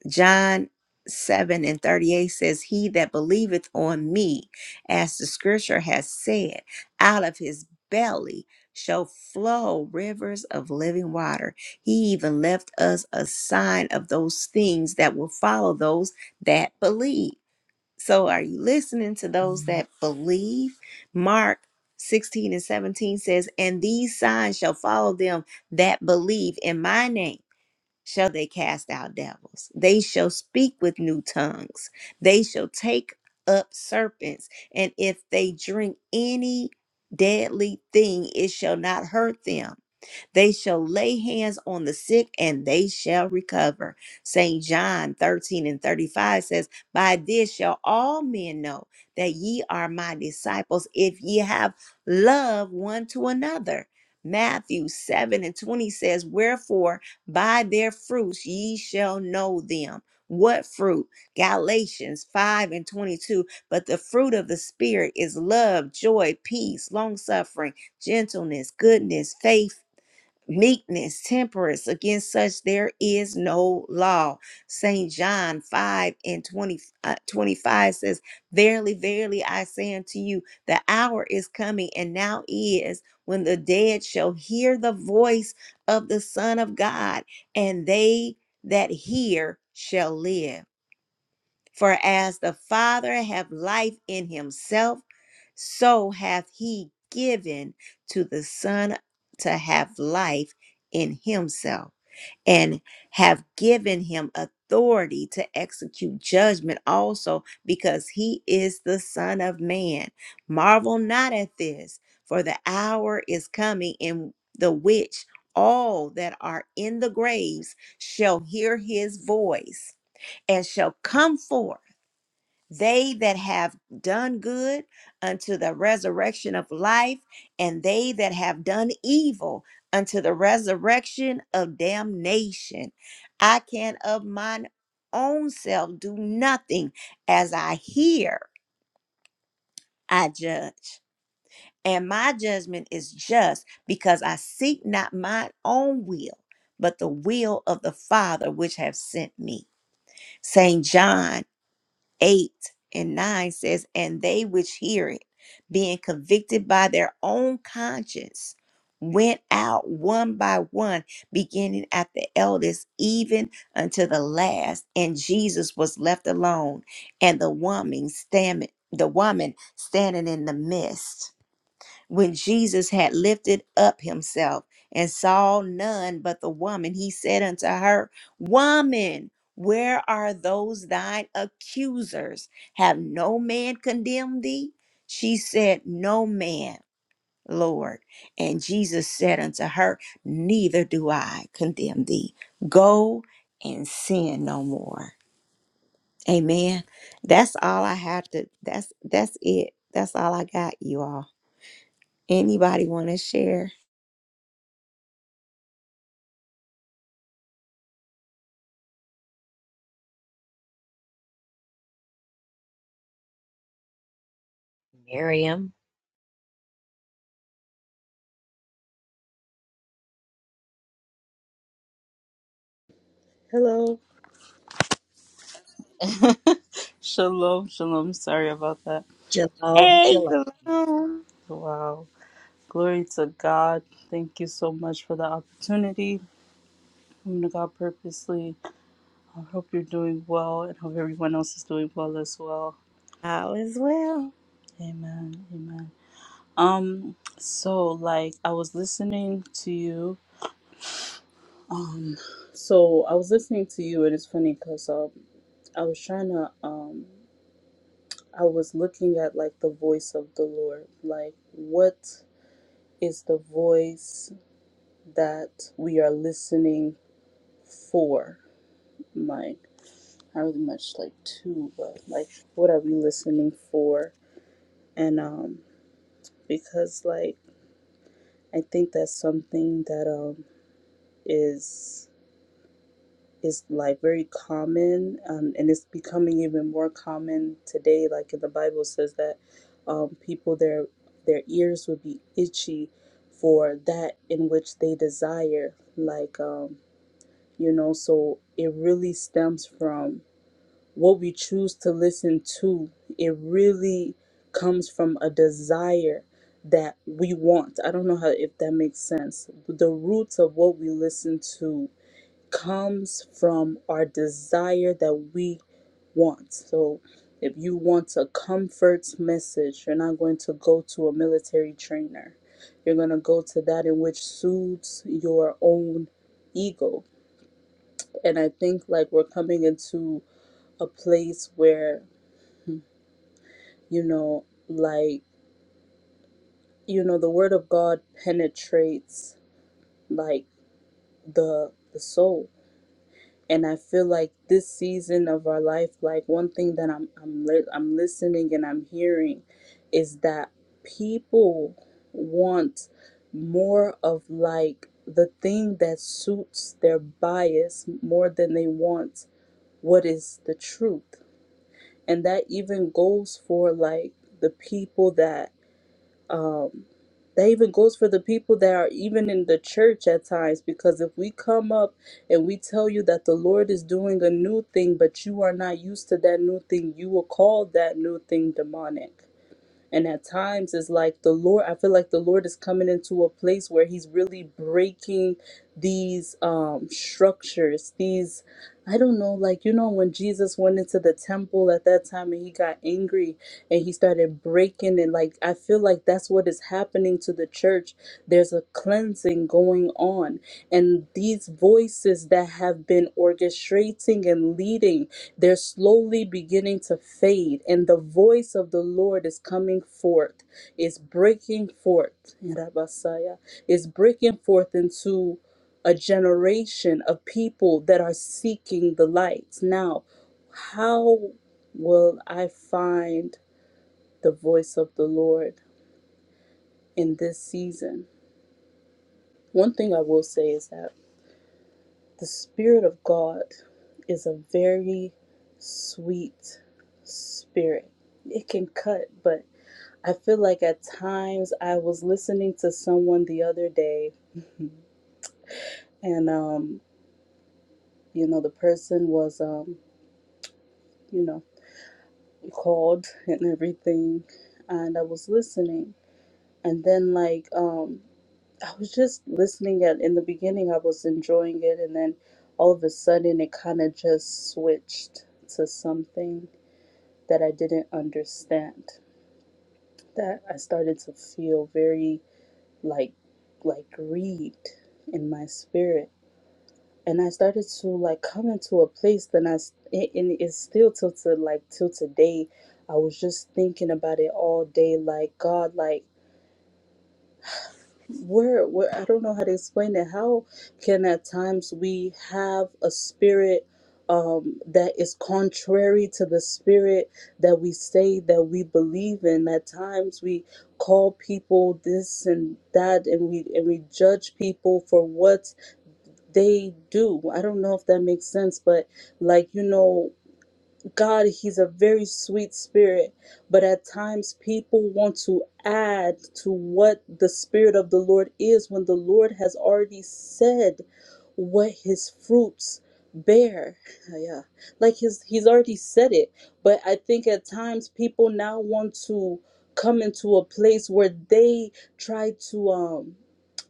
S1: john 7 and 38 says he that believeth on me as the scripture has said out of his belly shall flow rivers of living water he even left us a sign of those things that will follow those that believe so are you listening to those that believe? Mark 16 and 17 says, And these signs shall follow them that believe in my name. Shall they cast out devils? They shall speak with new tongues. They shall take up serpents. And if they drink any deadly thing, it shall not hurt them they shall lay hands on the sick and they shall recover. St. John 13 and 35 says, By this shall all men know that ye are my disciples if ye have love one to another. Matthew 7 and 20 says, Wherefore by their fruits ye shall know them. What fruit? Galatians 5 and 22. But the fruit of the Spirit is love, joy, peace, long suffering, gentleness, goodness, faith meekness, temperance. Against such there is no law. St. John 5 and 20, uh, 25 says, Verily, verily, I say unto you, the hour is coming, and now is, when the dead shall hear the voice of the Son of God, and they that hear shall live. For as the Father hath life in himself, so hath he given to the Son to have life in himself, and have given him authority to execute judgment also, because he is the Son of Man. Marvel not at this, for the hour is coming in the which all that are in the graves shall hear his voice and shall come forth they that have done good unto the resurrection of life, and they that have done evil unto the resurrection of damnation. I can of mine own self do nothing as I hear, I judge. And my judgment is just because I seek not my own will, but the will of the Father which have sent me. St. John 8 and 9 says, And they which hear it, being convicted by their own conscience, went out one by one, beginning at the eldest, even unto the last. And Jesus was left alone, and the woman standing, the woman standing in the midst. When Jesus had lifted up himself and saw none but the woman, he said unto her, Woman, where are those thine accusers? Have no man condemned thee? She said, No man, Lord. And Jesus said unto her, Neither do I condemn thee. Go and sin no more. Amen. That's all I have to that's that's it. That's all I got, you all. Anybody want to share?
S2: Miriam,
S4: Hello. Shalom, shalom. Sorry about that. Oh,
S2: shalom,
S1: Hey,
S2: shalom.
S1: Salome.
S4: wow. Glory to God. Thank you so much for the opportunity. Woman of God purposely. I hope you're doing well and hope everyone else is doing well as well.
S1: All is well.
S4: Amen. Amen. Um, so like I was listening to you. Um, so I was listening to you and it's funny because um I was trying to um I was looking at like the voice of the Lord. Like what is the voice that we are listening for. Like not really much like to, but like what are we listening for? And um because like I think that's something that um is is like very common um, and it's becoming even more common today like in the bible says that um, people their their ears would be itchy for that in which they desire like um. you know so it really stems from what we choose to listen to it really comes from a desire that we want i don't know how if that makes sense the roots of what we listen to comes from our desire that we want so if you want a comfort message you're not going to go to a military trainer you're going to go to that in which soothes your own ego and I think like we're coming into a place where, you know, like, you know, the word of God penetrates like the the soul. And I feel like this season of our life, like one thing that I'm I'm li- I'm listening and I'm hearing is that people want more of like the thing that suits their bias more than they want what is the truth and that even goes for like the people that um that even goes for the people that are even in the church at times because if we come up and we tell you that the lord is doing a new thing but you are not used to that new thing you will call that new thing demonic and at times it's like the Lord, I feel like the Lord is coming into a place where he's really breaking these um structures, these I don't know, like you know when Jesus went into the temple at that time and he got angry and he started breaking and like I feel like that's what is happening to the church there's a cleansing going on. And these voices that have been orchestrating and leading, they're slowly beginning to fade. And the voice of the Lord is coming forth, is breaking forth, Rabasaya, is breaking forth into a generation of people that are seeking the light. Now, how will I find the voice of the Lord in this season? One thing I will say is that The Spirit of God is a very sweet spirit. It can cut, but I feel like at times I was listening to someone the other day, and um, you know, the person was um, you know, called and everything, and I was listening, and then like um, I was just listening at in the beginning I was enjoying it and then all of a sudden it kind of just switched to something that I didn't understand. That I started to feel very like like grieved in my spirit, and I started to like come into a place. that I s- a- and it's still till to like till today. I was just thinking about it all day, like God, like we're, we're I don't know how to explain it. How can at times we have a spirit um, that is contrary to the spirit that we say that we believe in? At times we call people this and that, and we and we judge people for what they do. I don't know if that makes sense, but like you know. God, He's a very sweet spirit, but at times people want to add to what the Spirit of the Lord is when the Lord has already said what His fruits bear. Yeah, like His He's already said it, but I think at times people now want to come into a place where they try to um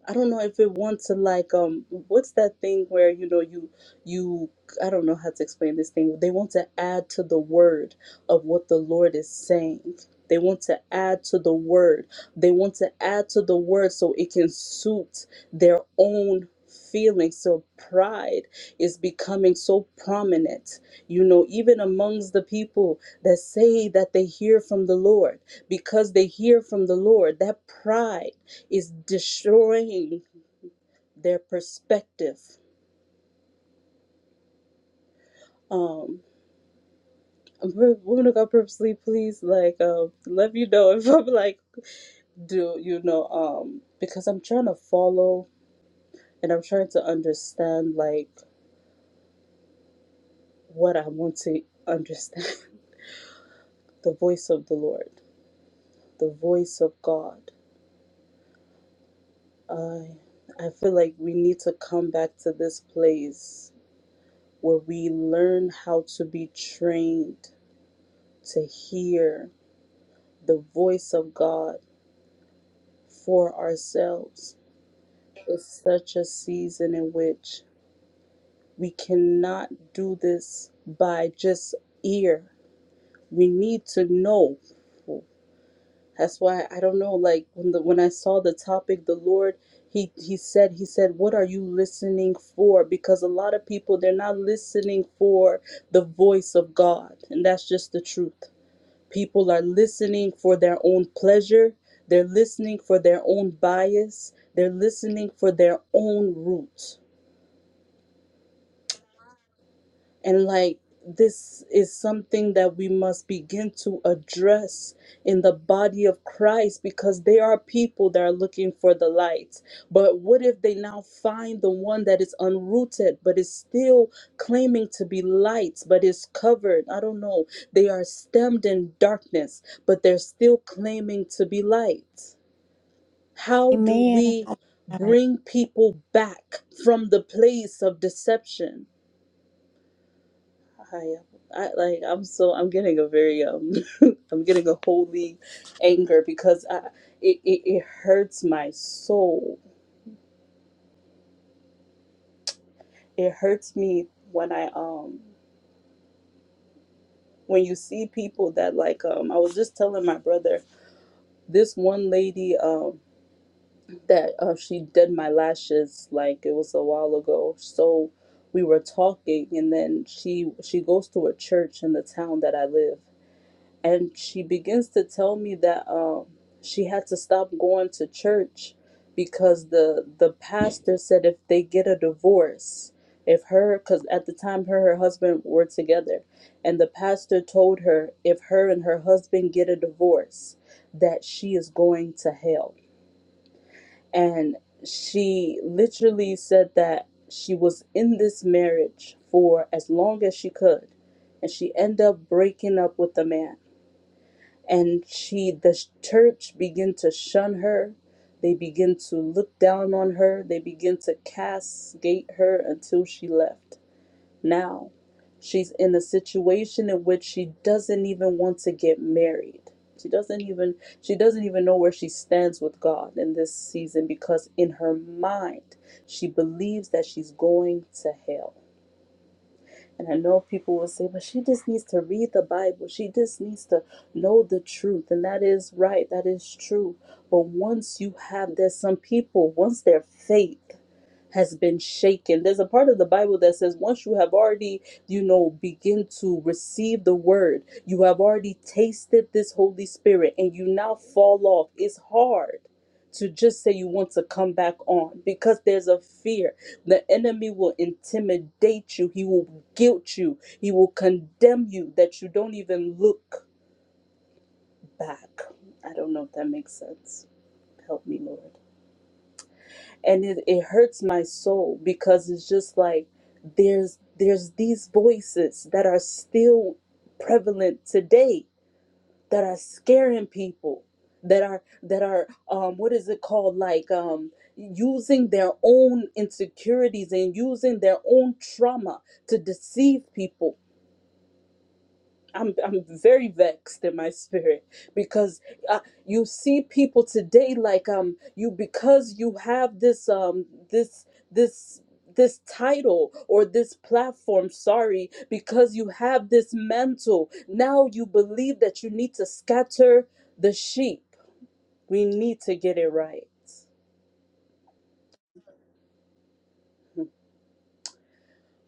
S4: I don't know if it wants to like um what's that thing where you know you you I don't know how to explain this thing. They want to add to the word of what the Lord is saying. They want to add to the word. They want to add to the word so it can suit their own feelings. So pride is becoming so prominent, you know, even amongst the people that say that they hear from the Lord. Because they hear from the Lord, that pride is destroying their perspective. Um. We're we're gonna go purposely, please. Like, um, let me know if I'm like, do you know? Um, because I'm trying to follow and I'm trying to understand like what I want to understand. the voice of the Lord, the voice of God. I I feel like we need to come back to this place where we learn how to be trained to hear the voice of God for ourselves. It's such a season in which We cannot do this by just ear. We need to know. That's why I don't know. Like when the when I saw the topic, the Lord he he said he said, "What are you listening for?" Because a lot of people they're not listening for the voice of God, and that's just the truth. People are listening for their own pleasure. They're listening for their own bias. They're listening for their own root. And like this is something that we must begin to address in the body of Christ because there are people that are looking for the light. But what if they now find the one that is unrooted but is still claiming to be light but is covered? I don't know. They are stemmed in darkness but they're still claiming to be light. How do
S1: Amen.
S4: we
S1: Alright.
S4: bring people back from the place of deception? I, I like I'm so I'm getting a very um I'm getting a holy anger because I it, it, it hurts my soul. It hurts me when I um when you see people that like um I was just telling my brother this one lady um that uh, she did my lashes like it was a while ago so we were talking and then she she goes to a church in the town that I live and she begins to tell me that um, she had to stop going to church because the the pastor said if they get a divorce if her because at the time her and her husband were together and the pastor told her if her and her husband get a divorce that she is going to hell and she literally said that she was in this marriage for as long as she could and she ended up breaking up with the man and she the church begin to shun her they begin to look down on her they begin to castigate her until she left now she's in a situation in which she doesn't even want to get married she doesn't even she doesn't even know where she stands with god in this season because in her mind she believes that she's going to hell and I know people will say, but she just needs to read the Bible. She just needs to know the truth. And that is right. That is true. But once you have, there's some people, once their faith has been shaken. There's a part of the Bible that says once you have already, you know, begin to receive the word, you have already tasted this Holy Spirit and you now fall off. It's hard to just say you want to come back on because there's a fear. The enemy will intimidate you, he will guilt you, he will condemn you that you don't even look back. I don't know if that makes sense. Help me, Lord and it, it hurts my soul because it's just like there's there's these voices that are still prevalent today that are scaring people that are that are um what is it called like um using their own insecurities and using their own trauma to deceive people I'm I'm very vexed in my spirit because uh, you see people today like um you because you have this um this this this title or this platform sorry because you have this mantle now you believe that you need to scatter the sheep we need to get it right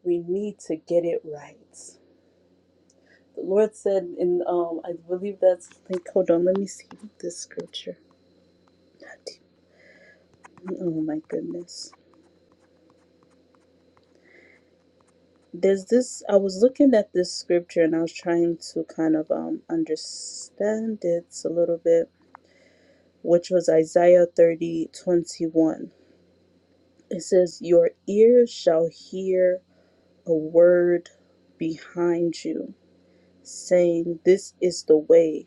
S4: we need to get it right the lord said in um i believe that's like hold on let me see this scripture Oh my goodness. There's this I was looking at this scripture and I was trying to kind of um understand it a little bit, which was Isaiah 30 21. It says, Your ears shall hear a word behind you, saying, 'This is the way,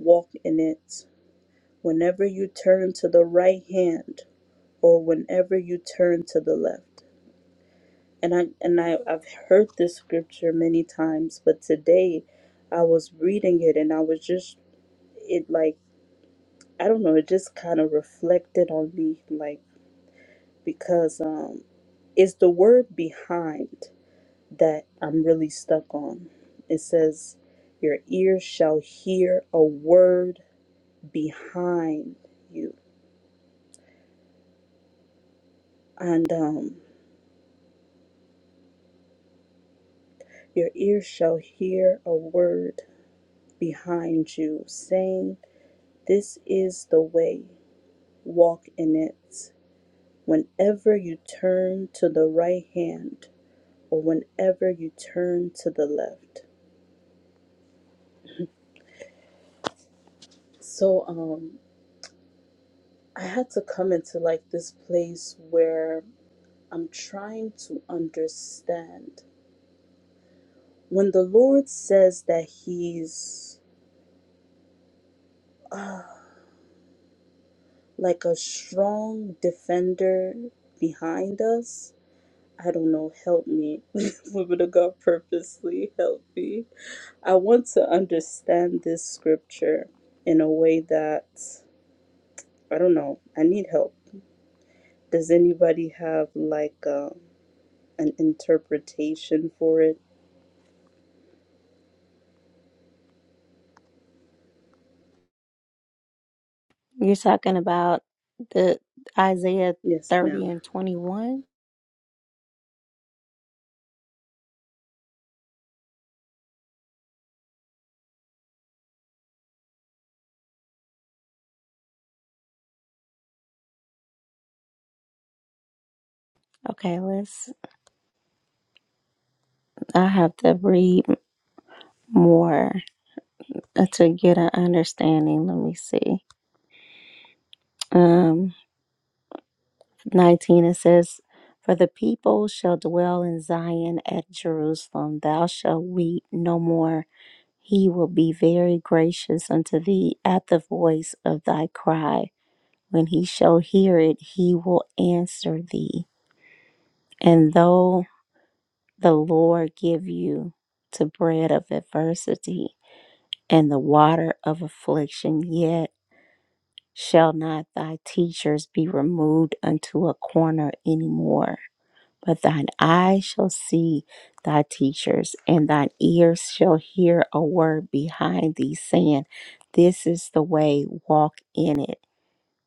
S4: walk in it. Whenever you turn to the right hand, or whenever you turn to the left. and I and I, I've heard this scripture many times, but today I was reading it and I was just it like I don't know, it just kind of reflected on me like because um it's the word behind that I'm really stuck on. It says your ears shall hear a word behind you. And um your ears shall hear a word behind you saying this is the way walk in it. Whenever you turn to the right hand or whenever you turn to the left. So um I had to come into like this place where I'm trying to understand. When the Lord says that he's uh, like a strong defender behind us, I don't know, help me. Women of God, purposely help me. I want to understand this scripture in a way that, I don't know, I need help. Does anybody have like uh, an interpretation for it?
S1: You're talking about the Isaiah
S4: Yes,
S1: 30
S4: ma'am.
S1: and 21. Okay, let's. I have to read more uh, to get an understanding. Let me see. Um, 19 it says, "For the people shall dwell in Zion at Jerusalem. Thou shalt weep no more." He will be very gracious unto thee at the voice of thy cry When he shall hear it, he will answer thee. And though the Lord give you to bread of adversity and the water of affliction, yet shall not thy teachers be removed unto a corner any more. But thine eye shall see thy teachers, and thine ears shall hear a word behind thee saying, This is the way, walk in it.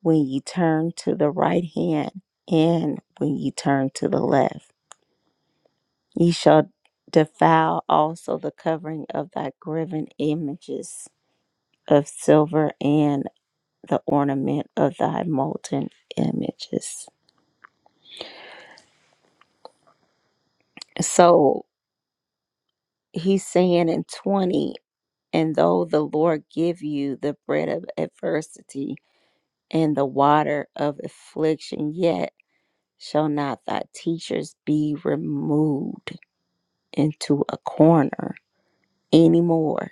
S1: when ye turn to the right hand and when ye turn to the left. Ye shall defile also the covering of thy graven images of silver and the ornament of thy molten images. So he's saying in 20, and though the Lord give you the bread of adversity and the water of affliction, yet shall not thy teachers be removed into a corner anymore,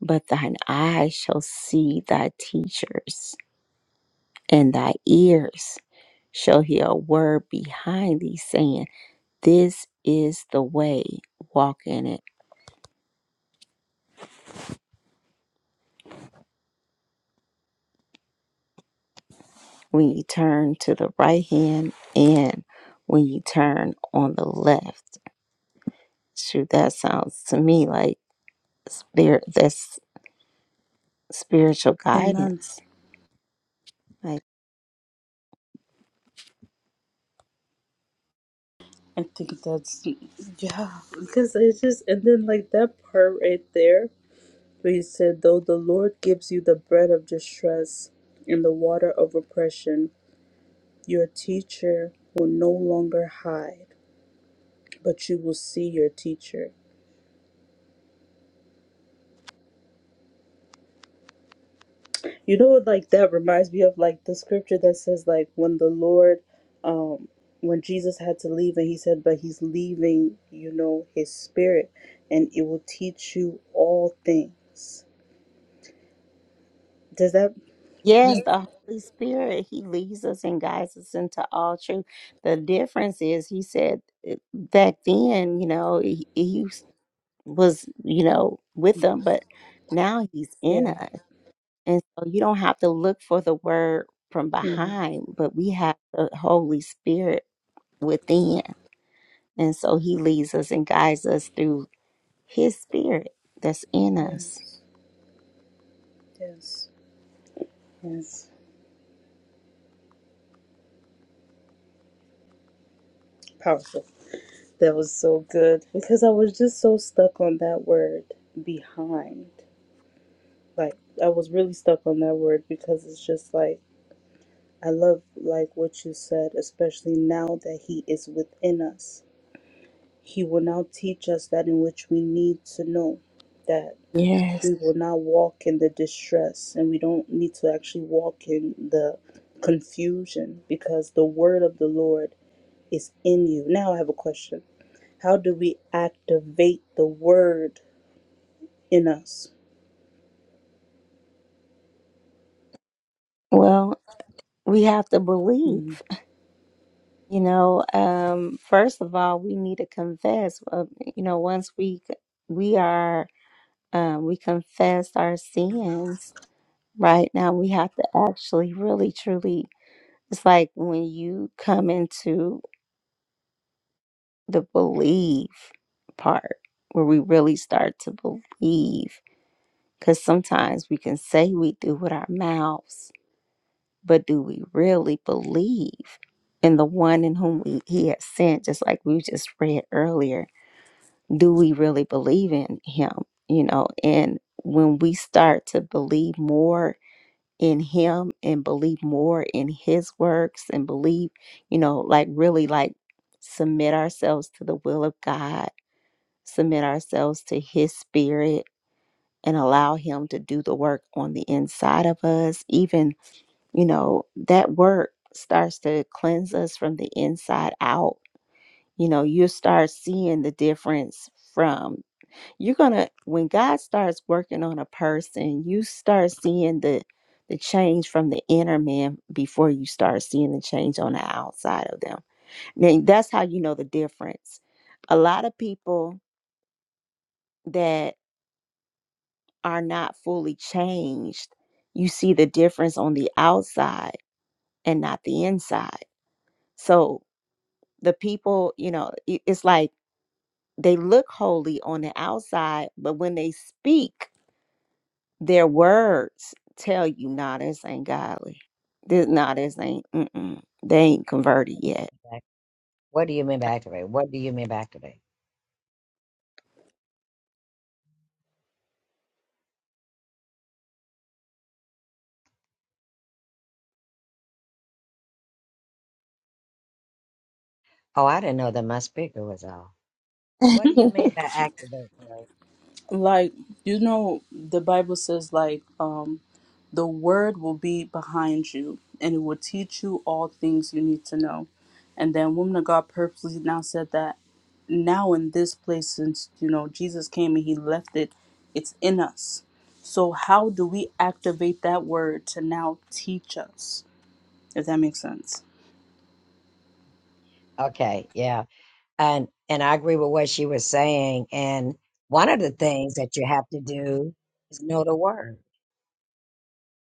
S1: but thine eyes shall see thy teachers, and thy ears shall hear a word behind thee saying, This is the way, walk in it. When you turn to the right hand and when you turn on the left. Shoot, that sounds to me like spirit that's spiritual
S4: Amen.
S1: guidance. like.
S4: I think that's, yeah, because it's just, and then like that part right there. But he said, Though the Lord gives you the bread of distress and the water of oppression, your teacher will no longer hide, but you will see your teacher. You know, like that reminds me of like the scripture that says, like, when the Lord, um, when Jesus had to leave and he said, But he's leaving, you know, his spirit and it will teach you all things. Does that,
S1: Yes, the Holy Spirit, He leads us and guides us into all truth. The difference is, He said uh, back then, you know, He, he s- was, you know, with them, but now He's in
S4: yeah.
S1: us. And so you don't have to look for the word from
S4: Mhm.
S1: behind, but we have the Holy Spirit within. And so He leads us and guides us through His Spirit that's in us.
S4: Yes. Yes. Yes. Powerful. That was so good because I was just so stuck on that word behind. Like I was really stuck on that word because it's just like I love like what you said, especially now that he is within us. He will now teach us that in which we need to know that
S1: Yes.
S4: we will not walk in the distress and we don't need to actually walk in the confusion because the word of the Lord is in you. Now I have a question. How do we activate the word in us.
S1: Well, we have to believe.
S4: Mm.
S1: You know, um, first of all, we need to confess. Uh, you know, once we we are um, we confess our sins, right now we have to actually, really, truly. It's like when you come into the believe part, where we really start to believe. Because sometimes we can say we do with our mouths, but do we really believe in the one in whom we, He has sent? Just like we just read earlier do we really believe in him you know and when we start to believe more in him and believe more in his works and believe you know like really like submit ourselves to the will of god submit ourselves to his spirit and allow him to do the work on the inside of us even you know that work starts to cleanse us from the inside out you know you start seeing the difference from you're gonna when god starts working on a person you start seeing the the change from the inner man before you start seeing the change on the outside of them now that's how you know the difference a lot of people that are not fully changed you see the difference on the outside and not the inside so the people you know it- it's like they look holy on the outside but when they speak Their words tell you, nah, this ain't godly. This, nah, this ain't, mm-mm. They ain't converted yet.
S2: What do you mean by activate? What do you mean by activate? Oh, I didn't know that my speaker was off. What do you mean by activate mode?
S4: Like you know, the Bible says like um, the word will be behind you, and it will teach you all things you need to know. And then woman of God purposely now said that now in this place, since you know Jesus came and He left it, it's in us. So how do we activate that word to now teach us? If that makes sense.
S2: Okay, yeah. And and I agree with what she was saying. And one of the things that you have to do is know the word.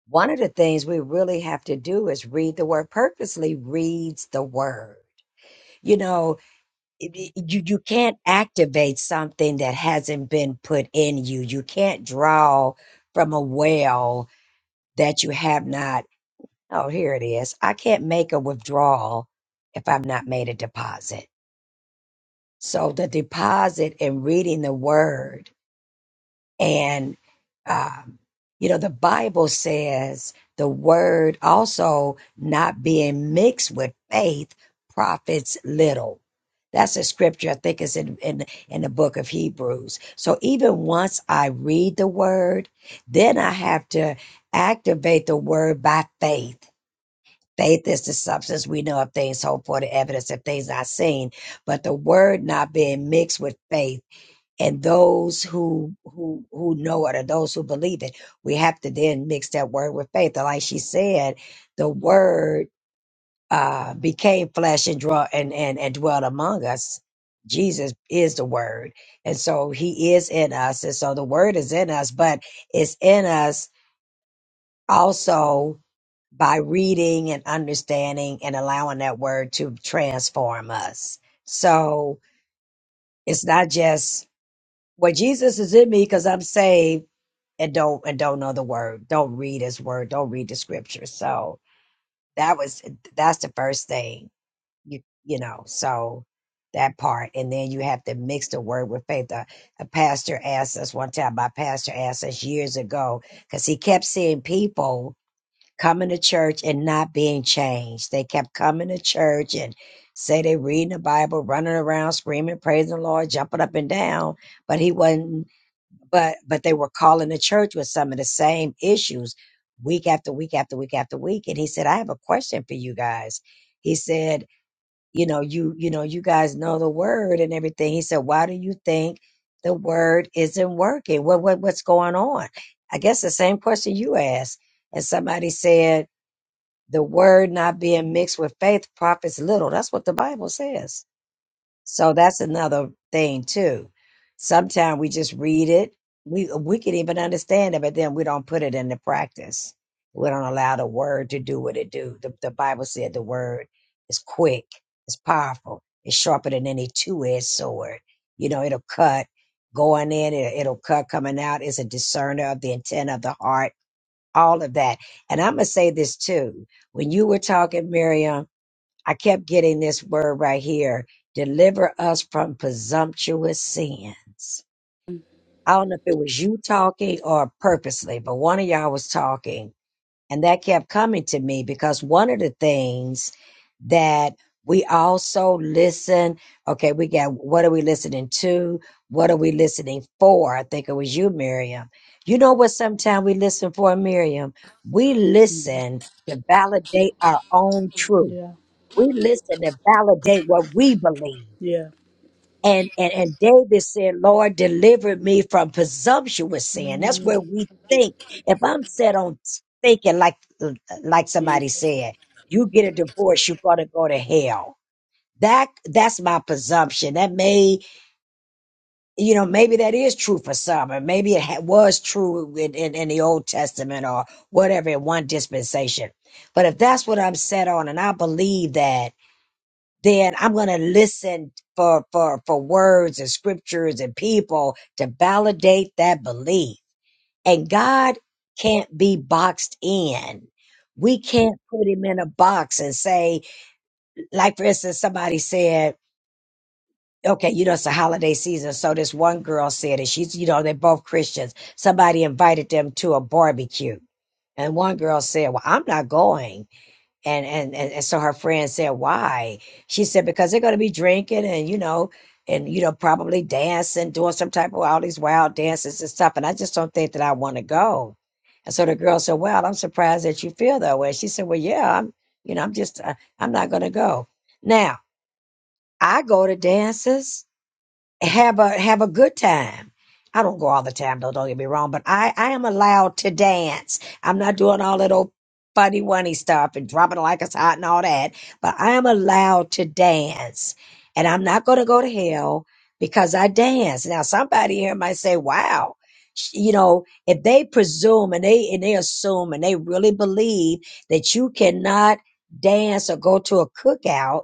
S2: One of the things we really have to do is read the word. Purposely reads the word. You know, it- it- you you can't activate something that hasn't been put in you. You can't draw from a well that you have not. Oh, here it is. I can't make a withdrawal if I've not made a deposit So the deposit and reading the word and, um, you know, the Bible says the word also not being mixed with faith profits little. That's a scripture I think is in, in in the book of Hebrews. So even once I read the word, then I have to activate the word by faith Faith is the substance we know of things hoped for, the evidence of things not seen. But the word not being mixed with faith, and those who who who know it or those who believe it, we have to then mix that word with faith. And like she said, the word uh, became flesh and draw and, and and dwelt among us. Jesus is the word, and so He is in us, and so the word is in us, but it's in us also by reading and understanding and allowing that word to transform us. So it's not just well, Jesus is in me because I'm saved and don't and don't know the word. Don't read his word. Don't read the scripture. So that was that's the first thing. You you know, so that part. And then you have to mix the word with faith. A, a pastor asked us one time, my pastor asked us years ago, because he kept seeing people coming to church and not being changed. They kept coming to church and say they reading the Bible, running around, screaming, praising the Lord, jumping up and down, but he wasn't but but they were calling the church with some of the same issues week after week after week after week. And he said, I have a question for you guys. He said, you know, you you know, you guys know the word and everything. He said, Why do you think the word isn't working? What what what's going on? I guess the same question you asked. And somebody said, the word not being mixed with faith profits little. That's what the Bible says. So that's another thing too. Sometimes we just read it. We we can even understand it, but then we don't put it into practice. We don't allow the word to do what it do. The, the Bible said the word is quick, it's powerful, it's sharper than any two-edged sword. You know, it'll cut going in, it, it'll cut coming out. It's a discerner of the intent of the heart all of that. And I'm going to say this too. When you were talking, Miriam, I kept getting this word right here deliver us from presumptuous sins. I don't know if it was you talking or purposely, but one of y'all was talking and that kept coming to me because one of the things that we also listen, okay, we got what are we listening to? What are we listening for? I think it was you, Miriam. You know what sometimes we listen for, Miriam? We
S4: Mhm.
S2: listen to validate our own truth.
S4: Yeah.
S2: We listen to validate what we believe.
S4: Yeah.
S2: And, and and David said, Lord, deliver me from presumptuous sin. That's
S4: Mm,
S2: where we think. If I'm set on thinking like like somebody
S4: Jesus.
S2: said, you get a divorce, you're gonna go to hell. That that's my presumption. That may, you know, maybe that is true for some, or maybe it ha- was true in, in, in the Old Testament or whatever in one dispensation. But if that's what I'm set on, and I believe that then I'm going to listen for, for, for words and scriptures and people to validate that belief. And God can't be boxed in. We can't put him in a box and say, like, for instance, somebody said, okay, you know, it's a holiday season. So this one girl said it. She's, you know, they're both Christians. Somebody invited them to a barbecue. And one girl said, well, I'm not going and and and, and so her friend said why she said because they're going to be drinking and you know and you know probably dancing doing some type of all these wild dances and stuff and i just don't think that i want to go and so the girl said well i'm surprised that you feel that way she said well yeah i'm you know i'm just uh, i'm not going to go now i go to dances have a have a good time. I don't go all the time though, don't get me wrong, but I, I am allowed to dance. I'm not doing all that old funny wunny stuff and dropping like it's hot and all that, but I am allowed to dance. And I'm not gonna go to hell because I dance. Now somebody here might say, Wow, sh- you know, if they presume and they and they assume and they really believe that you cannot dance or go to a cookout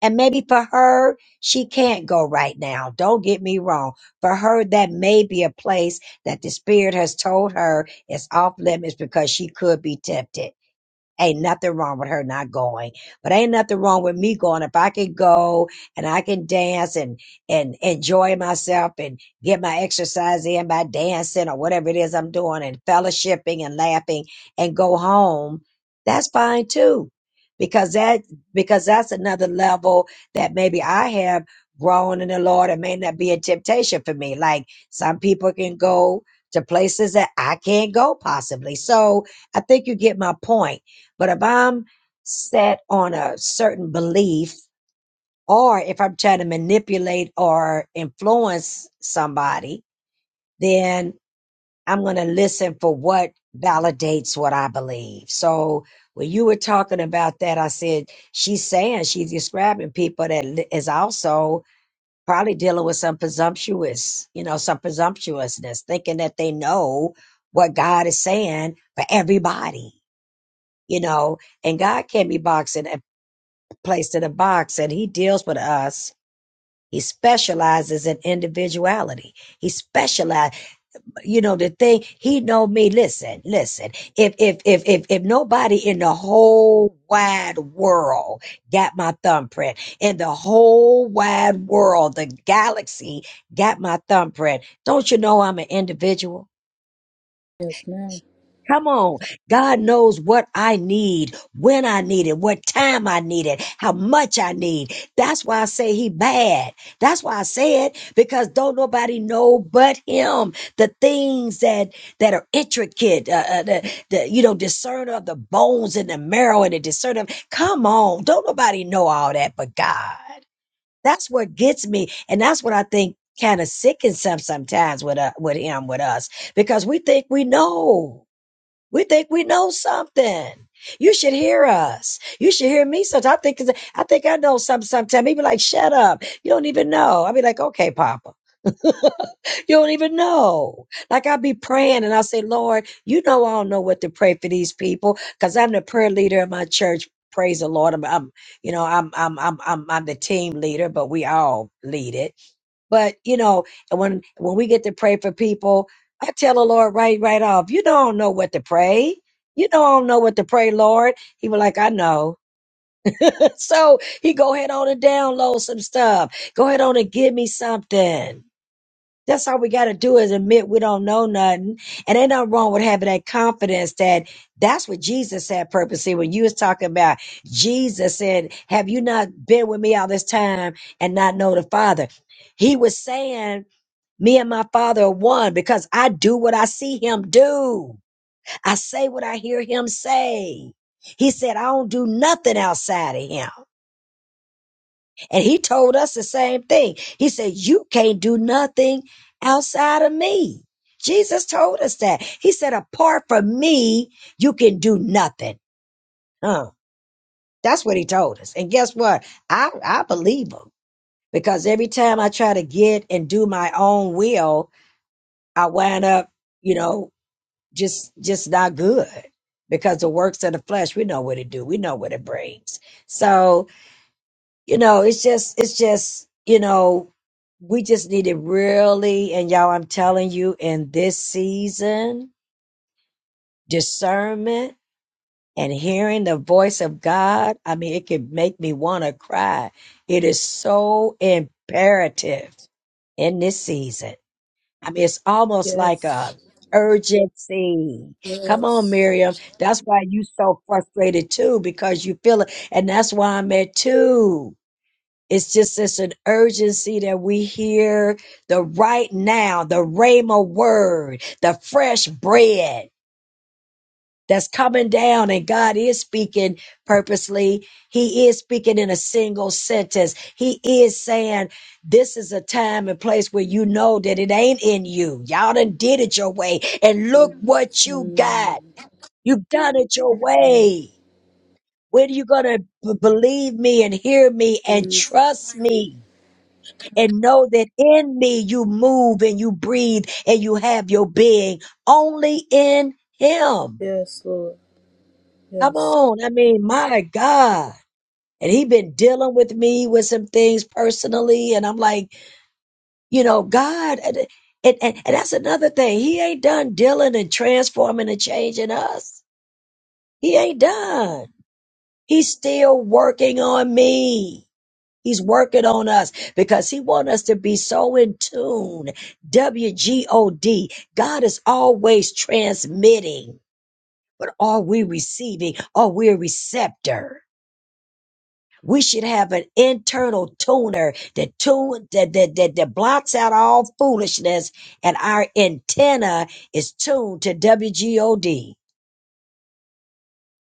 S2: and maybe for her, she can't go right now. Don't get me wrong. For her, that may be a place that the Spirit has told her is off limits because she could be tempted. Ain't nothing wrong with her not going, but ain't nothing wrong with me going. If I can go and I can dance and and enjoy myself and get my exercise in by dancing or whatever it is I'm doing and fellowshipping and laughing and go home, that's fine too, because that because that's another level that maybe I have grown in the Lord. It may not be a temptation for me. Like some people can go to places that I can't go possibly. So I think you get my point but if I'm set on a certain belief, or if I'm trying to manipulate or influence somebody, then I'm going to listen for what validates what I believe. So when you were talking about that, I said, she's saying she's describing people that li- is also probably dealing with some presumptuous, you know, some presumptuousness, thinking that they know what God is saying for everybody, you know, and God can't be boxing. placed in a box and he deals with us. He specializes in individuality. He specializes, you know, the thing, he know me. Listen, listen, if, if, if, if, if nobody in the whole wide world got my thumbprint in the whole wide world, the galaxy got my thumbprint, don't you know I'm an individual?
S4: Yes, ma'am.
S2: Come on. God knows what I need, when I need it, what time I need it, how much I need. That's why I say he bad. That's why I say it because don't nobody know but him the things that that are intricate, uh, uh, the, the you know discern of the bones and the marrow and the discern of. Come on, don't nobody know all that but God. That's what gets me, and that's what I think kind of sickens some sometimes with uh, with him with us because we think we know. We think we know something. You should hear us. You should hear me. Sometimes I think, 'cause I think I know something. Sometimes he be like, "Shut up! You don't even know." I be like, "Okay, Papa, you don't even know." Like I be praying and I say, "Lord, you know I don't know what to pray for these people because I'm the prayer leader in my church." Praise the Lord. I'm, I'm you know, I'm, I'm, I'm, I'm, I'm the team leader, but we all lead it but you know, and when when we get to pray for people, I tell the Lord right right off, you don't know what to pray. You don't know what to pray, Lord. He was like, I know. so he go ahead on and download some stuff. Go ahead on and give me something. That's all we got to do is admit we don't know nothing. And ain't nothing wrong with having that confidence that that's what Jesus had purposely when you was talking about Jesus said, have you not been with me all this time and not know the Father? He was saying me and my Father are one because I do what I see Him do. I say what I hear Him say. He said, I don't do nothing outside of Him. And He told us the same thing. He said, You can't do nothing outside of me. Jesus told us that. He said, Apart from me, you can do nothing. Huh. That's what He told us. And guess what? I, I believe Him because every time I try to get and do my own will, I wind up, you know, just just not good because the works of the flesh we know what it do we know what it brings so you know it's just it's just you know we just need it really and y'all i'm telling you in this season discernment and hearing the voice of god i mean it could make me want to cry it is so imperative in this season I mean, it's almost like
S4: Yes.
S2: a urgency. Come on,
S4: Yes.
S2: Miriam. That's why you so frustrated too, because you feel it. And that's why I'm at two. It's just it's an urgency that we hear the right now, the Rhema word, the fresh bread that's coming down and God is speaking purposely. He is speaking in a single sentence. He is saying, this is a time and place where you know that it ain't in you. Y'all done did it your way and look
S4: Mm,
S2: what you got. You've done it your
S4: mm,
S2: way. When are you going to b- believe me and hear me and
S4: Jesus.
S2: trust me and know that in me you move and you breathe and you have your being only in him?
S4: Yes, Lord.
S2: Come
S4: Yes.
S2: on. I mean, my God. And he been dealing with me with some things personally. And I'm like, you know, God, and, and, and and that's another thing. He ain't done dealing and transforming and changing us. He ain't done. He's still working on me. He's working on us because he want us to be so in tune. W-G-O-D. God is always transmitting, but are we receiving? Are we a receptor? We should have an internal tuner that tune that, that that that blocks out all foolishness, and our antenna is tuned to WGOD.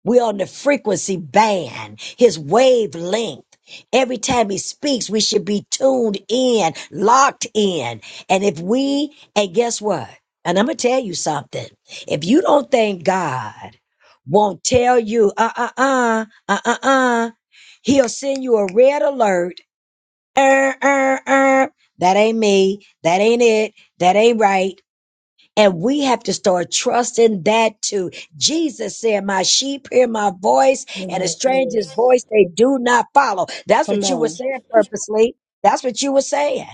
S2: We're on the frequency band, his wavelength. Every time he speaks, we should be tuned in, locked in. And if we, and guess what? And I'm gonna tell you something. If you don't think God won't tell you, uh uh uh, uh uh uh, he'll send you a red alert er, er, er. That ain't me. That ain't it. That ain't right. And we have to start trusting that too. Jesus said, My sheep hear my voice,
S4: In
S2: and a
S4: my
S2: stranger's
S4: place.
S2: voice they do not follow. That's
S4: Come
S2: what you were
S4: on.
S2: saying purposely. That's what you were saying.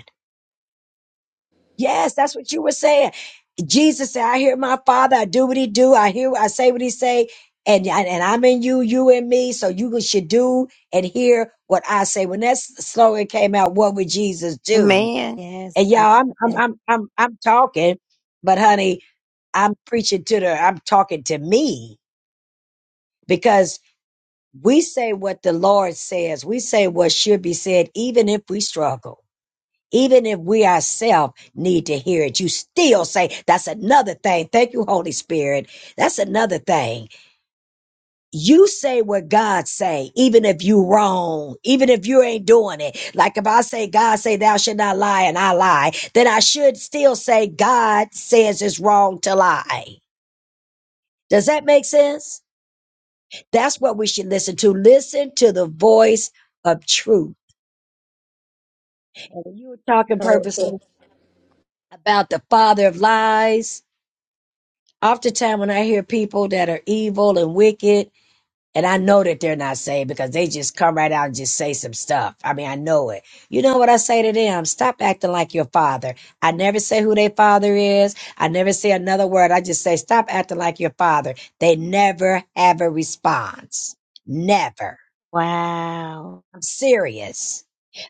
S2: Yes, that's what you were saying. Jesus said, I hear my father, I do what he do, I hear I say what he say, and, and, and I'm in you, you in me, so you should do and hear what I say. When that slogan came out, what would Jesus do?
S1: Yes,
S2: And
S1: I
S2: y'all, I'm
S1: love
S2: I'm
S1: that.
S2: I'm I'm I'm talking, but honey, I'm preaching to the I'm talking to me because we say what the Lord says. We say what should be said even if we struggle. Even if we ourselves need to hear it, you still say that's another thing. Thank you, Holy Spirit. That's another thing. you say what God say, even if you wrong, even if you ain't doing it. Like if I say God say thou should not lie and I lie, then I should still say God says it's wrong to lie. Does that make sense? That's what we should listen to. Listen to the voice of truth. And when you were talking purposely
S4: Powerful.
S2: about the father of lies, oftentimes when I hear people that are evil and wicked, And I know that they're not saved because they just come right out and just say some stuff. I mean, I know it. You know what I say to them? Stop acting like your father. I never say who their father is. I never say another word. I just say, stop acting like your father. They never have a response. Never.
S1: Wow.
S2: I'm serious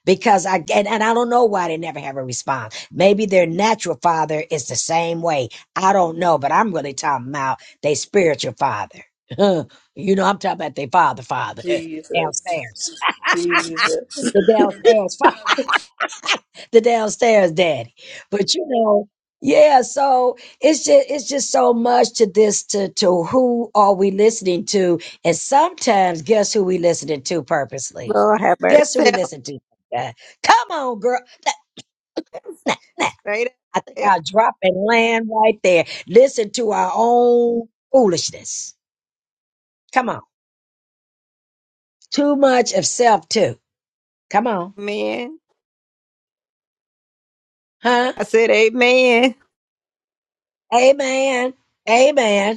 S2: because I and, and I don't know why they never have a response. Maybe their natural father is the same way. I don't know, but I'm really talking about their spiritual father. you know, I'm talking about their father, father
S4: Jesus.
S2: downstairs,
S4: Jesus.
S2: the downstairs the downstairs daddy. But you know, yeah, so it's just it's just so much to this to to who are we listening to? And sometimes guess who we listening to purposely?
S1: Lord have mercy.
S2: Guess who we
S1: Tell.
S2: listen to? Uh, Come on, girl. Nah, nah, nah.
S1: Straight
S2: I
S1: up.
S2: think
S1: tell.
S2: I'll drop and land right there. Listen to our own foolishness. Come on. Too much of self too. Come on.
S1: Amen.
S2: Huh?
S1: I said amen.
S2: Amen. Amen.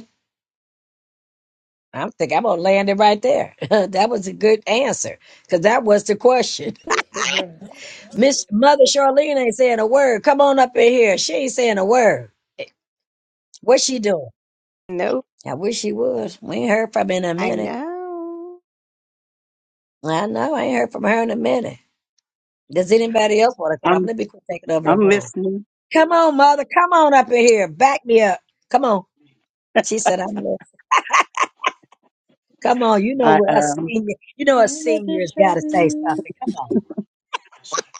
S2: I'm thinking I'm gonna land it right there. that was a good answer because that was the question.
S4: Yeah.
S2: Miss Mother Charlene ain't saying a word. Come on up in here. She ain't saying a word. What's she doing?
S1: Nope.
S2: I wish she would. We ain't heard from her in a
S1: I
S2: minute.
S1: know.
S2: I know. I ain't heard from her in a minute. Does anybody else want to come up?
S5: I'm
S2: Let me quit taking over the
S5: I'm
S2: room.
S5: listening.
S2: Come on, Mother. Come on up in here. Back me up. Come on. She said, I'm listening. Come on. You know
S5: I
S2: what a
S5: um
S2: senior, you know
S4: I
S2: a
S4: love this,
S2: senior's got to say
S4: Charlene.
S2: something. Come on.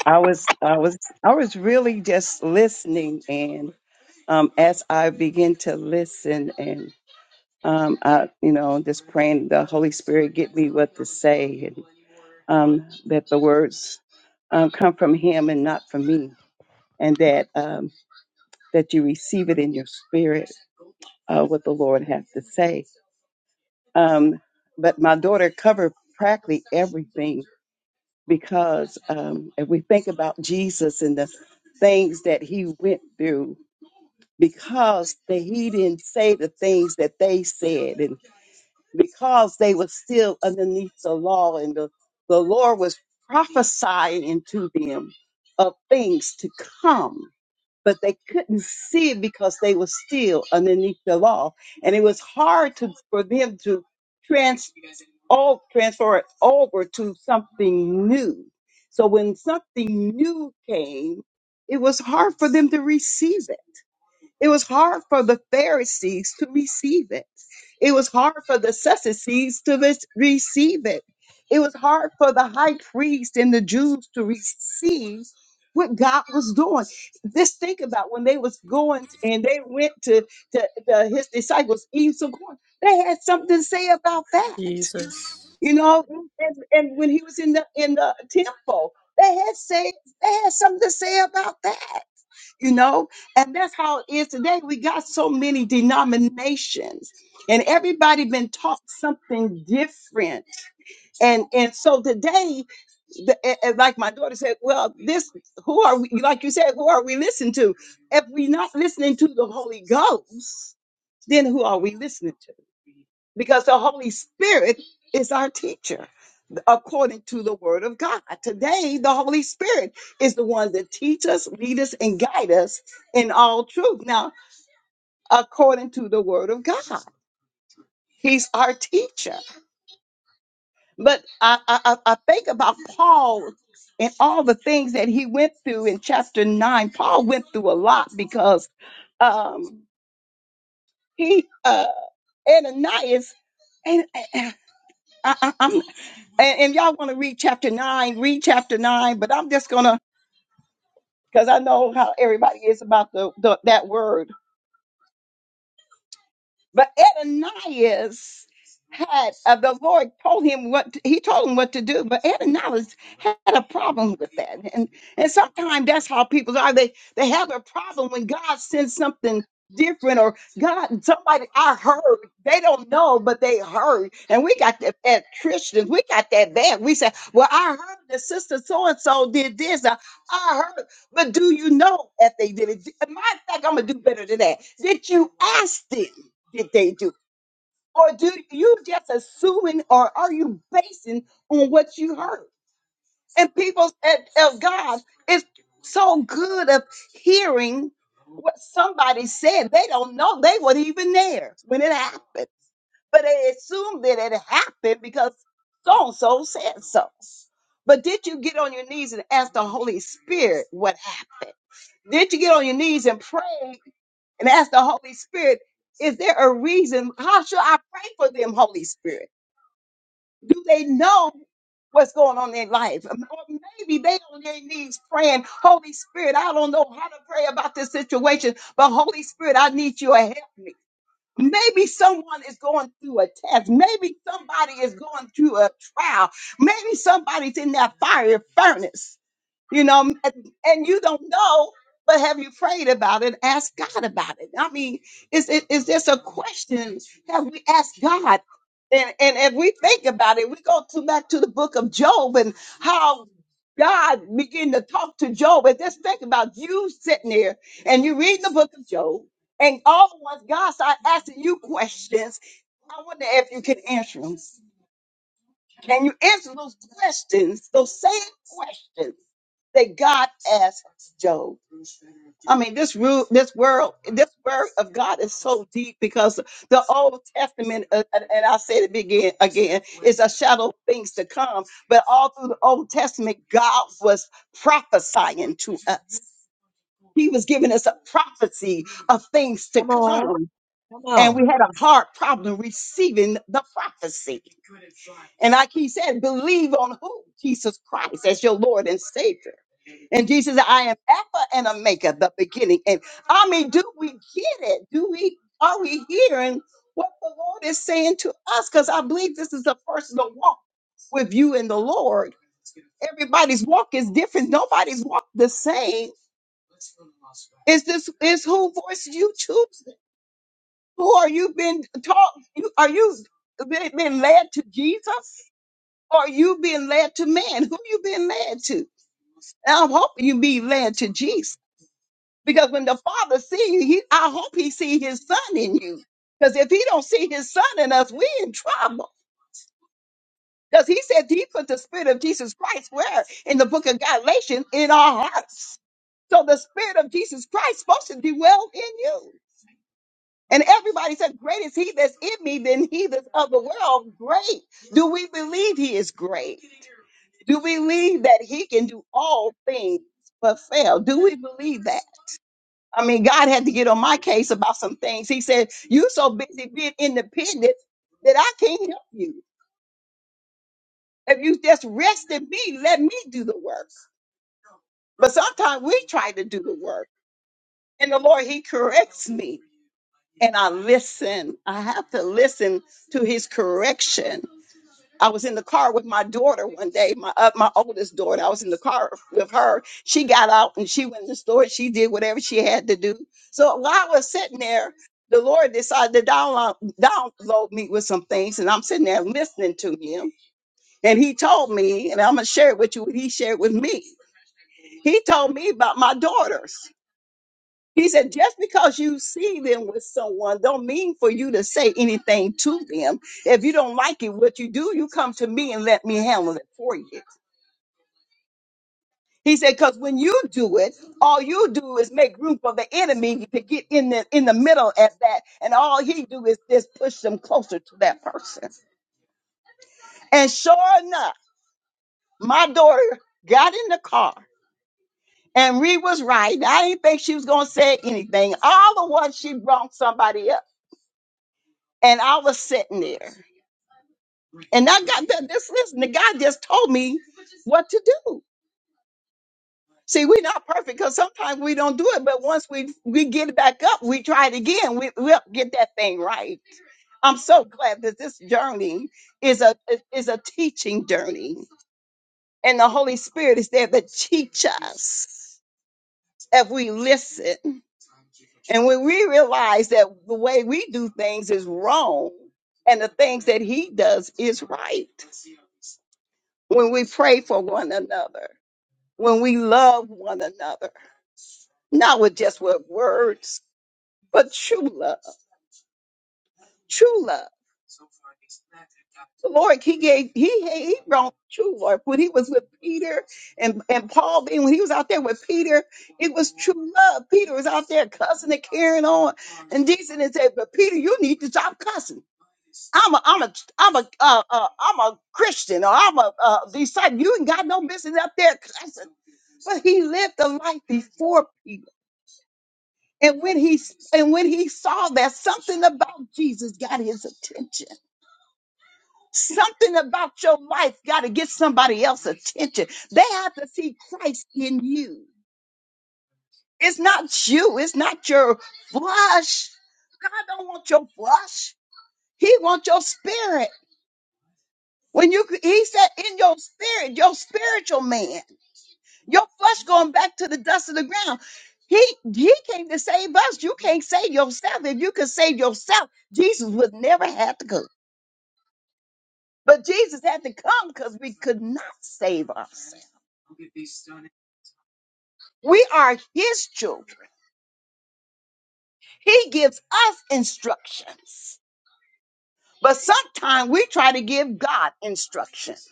S5: I was I was I was really just listening and um as I begin to listen and um I you know just praying the Holy Spirit get me what to say and um that the words um come from him and not from me and that um that you receive it in your spirit uh what the Lord has to say. Um but my daughter covered practically everything because um, if we think about Jesus and the things that he went through, because that he didn't say the things that they said, and because they were still underneath the law, and the, the Lord was prophesying to them of things to come but they couldn't see it because they were still underneath the law. And it was hard to for them to trans all transfer it over to something new. So when something new came, it was hard for them to receive it. It was hard for the Pharisees to receive it. It was hard for the Sadducees to re- receive it. It was hard for the high priest and the Jews to receive what God was doing. Just think about when they was going t- and they went to, to, to his disciples, Eve's going, they had something to say about that.
S4: Jesus.
S5: You know, and, and when he was in the in the temple, they had say they had something to say about that you know and that's how it is today we got so many denominations and everybody been taught something different and and so today the, a- a- like my daughter said well this who are we like you said who are we listening to if we're not listening to the holy ghost then who are we listening to because the holy spirit is our teacher according to the word of God. Today, the Holy Spirit is the one that teach us, lead us, and guide us in all truth. Now, according to the word of God, He's our teacher. But I, I, I I think about Paul and all the things that he went through in chapter nine. Paul went through a lot because um, he uh, Ananias and. and I, I- I'm and, and y'all want to read chapter nine, read chapter nine, but I'm just gonna because I know how everybody is about the, the that word. But Ananias had uh, the Lord told him what to- he told him what to do, but Ananias had a problem with that, and and sometimes that's how people are. They they have a problem when God sends something different or God somebody I heard they don't know but they heard and we got that as Christians we got that bad we say well I heard that sister so and so did this I, I heard but do you know if they did it matter of fact I'm gonna do better than that did you ask them did they do? Or do you just assuming or are you basing on what you heard? And people at, of God is so good of hearing what somebody said. They don't know they weren't even there when it happened. But they assume that it happened because so and so said so. But did you get on your knees and ask the Holy Spirit what happened? Did you get on your knees and pray and ask the Holy Spirit, is there a reason? How should I pray for them, Holy Spirit? Do they know what's going on in their life? Or maybe they on their knees praying, Holy Spirit, I don't know how to pray about this situation, but Holy Spirit, I need you to help me. Maybe someone is going through a test. Maybe somebody is going through a trial. Maybe somebody's in that fiery furnace you know, m- and you don't know, but have you prayed about it? Ask God about it. I mean, is it is this a question? Have we asked God? And and if we think about it, we go to back to the book of Job and how God began to talk to Job. And just think about you sitting there and you read the book of Job, and all at once God started asking you questions. I wonder if you can answer them. Can you answer those questions, those same questions that God asked Job? I mean, this root, this world, this word of God is so deep because the Old Testament, uh, and and I said it again, again, is a shadow of things to come. But all through the Old Testament, God was prophesying to us. He was giving us a prophecy of things to
S2: Come on.
S5: come,
S2: Come
S5: and
S2: on.
S5: we had a hard problem receiving the prophecy. And like he said, believe on who? Jesus Christ as your Lord and Savior. And Jesus said, I am Alpha and Omega, the beginning. And I mean, do we get it? Do we are we hearing what the Lord is saying to us? Because I believe this is a personal walk with you and the Lord. Everybody's walk is different. Nobody's walk the same. Is this is who voice you choose? Who are you been taught? you- Are you been been led to Jesus? Or are you being led to man? Who you being led to? And I'm hoping you be led to Jesus. Because when the Father see you, he, I hope he see his son in you. Because if he don't see his son in us, we in trouble. Because he said he put the spirit of Jesus Christ where? In the book of Galatians, in our hearts. So the spirit of Jesus Christ supposed to dwell in you. And everybody said, Great is he that's in me than he that's of the world. Great. Do we believe he is great? Do we believe that he can do all things but fail? Do we believe that? I mean, God had to get on my case about some things. He said, You so busy being independent that I can't help you. If you just rest in me, let me do the work. But sometimes we try to do the work. And the Lord, He corrects me. And I listen. I have to listen to His correction I was in the car with my daughter one day, my uh, my oldest daughter. I was in the car with her. She got out and she went to the store. She did whatever she had to do. So while I was sitting there, the Lord decided to download, download me with some things, and I'm sitting there listening to Him. And He told me, and I'm gonna share it with you. What he shared with me. He told me about my daughters. He said, just because you see them with someone don't mean for you to say anything to them. If you don't like it, what you do, you come to me and let me handle it for you. He said, because when you do it, all you do is make room for the enemy to get in the in the middle at that, and all he do is just push them closer to that person. And sure enough, my daughter got in the car. And Reed was right. I didn't think she was gonna say anything. All the while she brought somebody up. And I was sitting there. And I got that. This listen, the guy just told me what to do. See, we're not perfect because sometimes we don't do it, but once we we get back up, we try it again. We, we'll get that thing right. I'm so glad that this journey is a is a teaching journey, and the Holy Spirit is there to teach us if we listen. And when we realize that the way we do things is wrong, and the things that He does is right, when we pray for one another. when we love one another, not with just with words, but true love, true love. The Lord, He gave, He He brought true love when He was with Peter and and Paul. Being when He was out there with Peter, it was true love. Peter was out there cussing and carrying on, and Jesus didn't say, "But Peter, you need to stop cussing. I'm a I'm a I'm a uh, uh, I'm a Christian or I'm a uh, disciple. You ain't got no business up there cussing." But He lived a life before people. And when he and when he saw that something about Jesus got his attention. Something about your life got to get somebody else's attention. They have to see Christ in you. It's not you, it's not your flesh. God don't want your flesh. He wants your spirit. When you he said in your spirit, your spiritual man. Your flesh going back to the dust of the ground. He he came to save us. You can't save yourself. If you could save yourself, Jesus would never have to come. But Jesus had to come because we could not save ourselves. We are his children. He gives us instructions. But sometimes we try to give God instructions.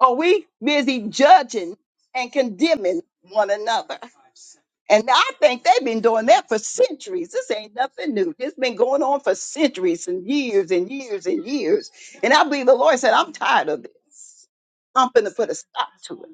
S5: Are we busy judging and condemning one another? And I think they've been doing that for centuries. This ain't nothing new. It's been going on for centuries and years and years and years. And I believe the Lord said, I'm tired of this. I'm going to put a stop to it.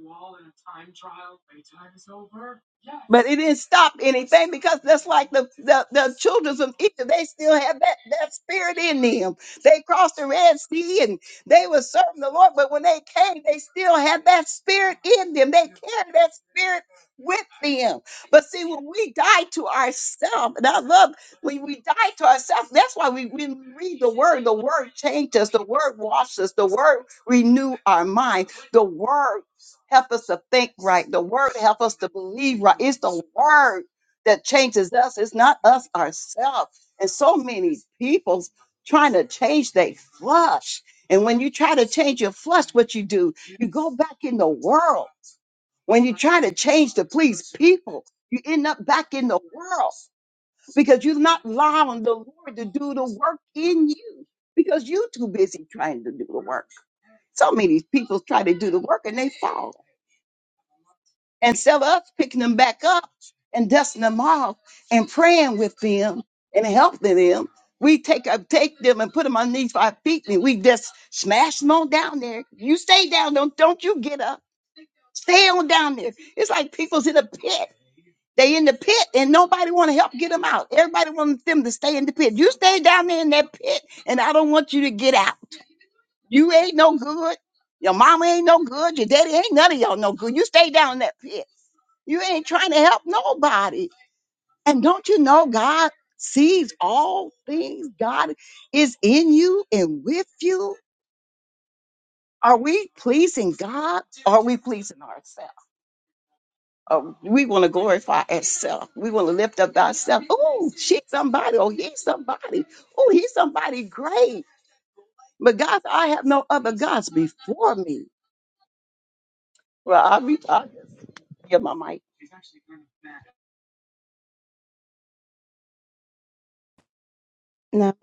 S5: But it didn't stop anything because that's like the, the, the children of Egypt. They still have that, that spirit in them. They crossed the Red Sea they were serving the Lord, but when they came, they still had that spirit in them. They carried that spirit with them. But see, when we die to ourselves, and I love when we die to ourselves, that's why we, when we read the word, the word changes us, the word washes us, the word renew our mind, the word Help us to think right. The word help us to believe right. It's the word that changes us. It's not us ourselves. And so many people's trying to change their flush. And when you try to change your flush, what you do, you go back in the world. When you try to change to please people, you end up back in the world because you're not allowing the Lord to do the work in you because you're too busy trying to do the work. So many people try to do the work and they fall and some of us picking them back up and dusting them off and praying with them and helping them. We take up, take them and put them underneath our feet and we just smash them on down there. You stay down, don't don't you get up. Stay on down there. It's like people's in a pit. They in the pit and nobody want to help get them out. Everybody wants them to stay in the pit. You stay down there in that pit and I don't want you to get out. You ain't no good. Your mama ain't no good. Your daddy ain't none of y'all no good. You stay down in that pit. You ain't trying to help nobody. And don't you know God sees all things? God is in you and with you. Are we pleasing God? Are we pleasing ourselves? Uh, we want to glorify ourselves. We want to lift up ourselves. Oh, she's somebody. Oh, he's somebody. Oh, he's somebody great. But God, I have no other gods before me. Well, I'll be talking. Yeah, my mic.
S1: No.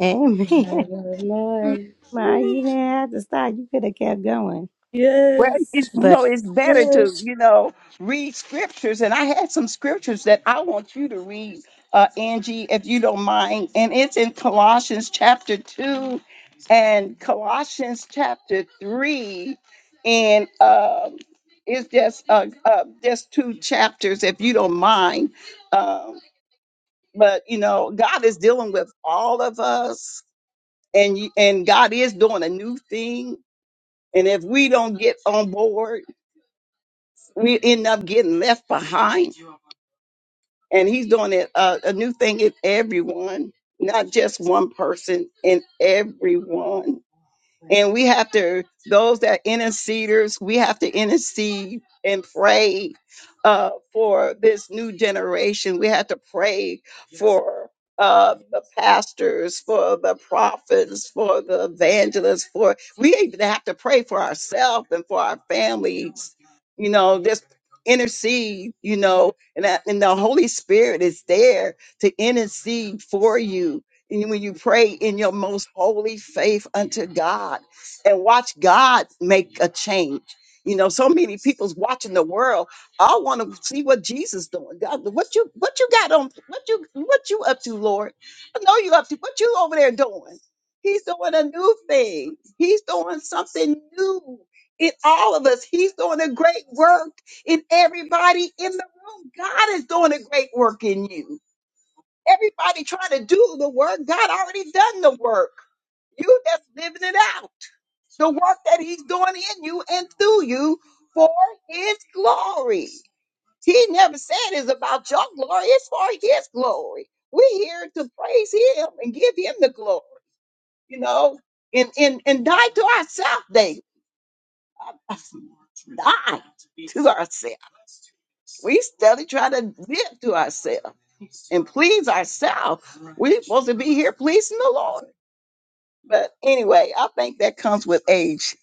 S1: Amen.
S4: I will lie.
S1: My, you didn't have to stop. You could have kept going.
S5: Well, it's,
S4: Yes,
S1: But
S5: no, it's better to,
S4: yes.
S5: you know, read scriptures. And I had some scriptures that I want you to read, uh, Angie, if you don't mind. And it's in Colossians chapter 2 and Colossians chapter 3. And um it's just uh, uh, just two chapters, if you don't mind. Um, but, you know, God is dealing with all of us. And, you, and God is doing a new thing. And if we don't get on board, we end up getting left behind. And he's doing it uh, a new thing in everyone, not just one person, in everyone. And we have to, those that interceders, we have to intercede and pray uh, for this new generation. We have to pray for uh, the pastors, for the prophets, for the evangelists, for we even have to pray for ourselves and for our families. You know, just intercede, you know, and that and the Holy Spirit is there to intercede for you and when you pray in your most holy faith unto God and watch God make a change. You know, so many people's watching the world. I want to see what Jesus doing. God, what you what you got on what you what you up to, Lord? I know you up to what you over there doing. He's doing a new thing. He's doing something new in all of us. He's doing a great work in everybody in the room. God is doing a great work in you. Everybody trying to do the work. God already done the work. You just living it out. The work that he's doing in you and through you for his glory. He never said it's about your glory. It's for his glory. We're here to praise him and give him the glory, you know, and, and, and die to ourselves, David. Die to ourselves. We study trying to live to ourselves and please ourselves. We're supposed to be here pleasing the Lord. But anyway, I think that comes with age.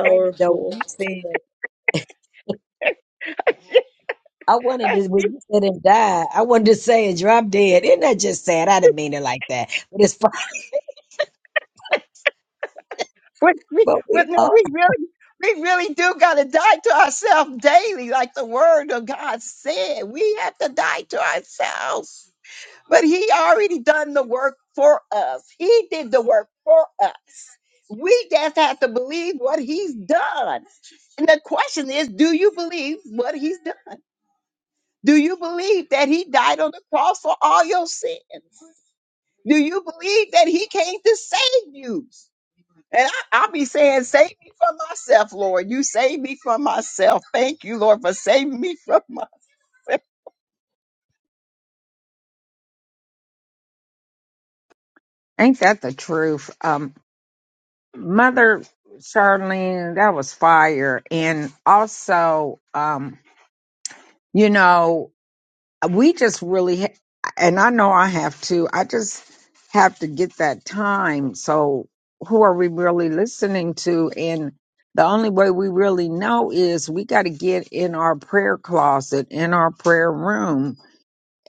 S2: Wait a minute though. When You said I wanted
S5: Hey,
S2: to when you said and die. I wanted to say and drop dead. Isn't that just sad? I didn't mean it like that. But it's fine.
S5: we, we,
S2: But
S5: with,
S2: we
S5: no,
S2: are.
S5: we really, we really do got to die to ourselves daily, like the Word of God said. We have to die to ourselves. But He already done the work for us. He did the work for us. We just have to believe what He's done. And the question is, do you believe what He's done? Do you believe that He died on the cross for all your sins? Do you believe that he came to save you? And I, I'll be saying, save me from myself, Lord. You save me from myself. Thank you, Lord, for saving me from myself.
S3: ain't that the truth um mother charlene that was fire and also um you know we just really ha- and i know i have to i just have to get that time so who are we really listening to and the only way we really know is we got to get in our prayer closet in our prayer room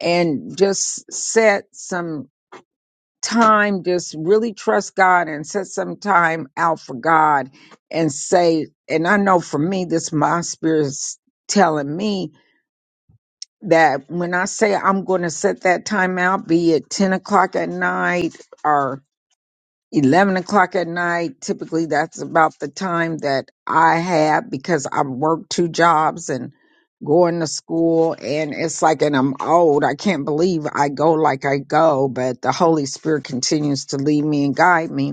S3: and just set some time just really trust god and set some time out for god and say and i know for me this my spirit's telling me that when I say I'm going to set that time out, be it 10 o'clock at night or 11 o'clock at night, typically that's about the time that I have because I work two jobs and going to school. And it's like, and I'm old. I can't believe I go like I go, but the Holy Spirit continues to lead me and guide me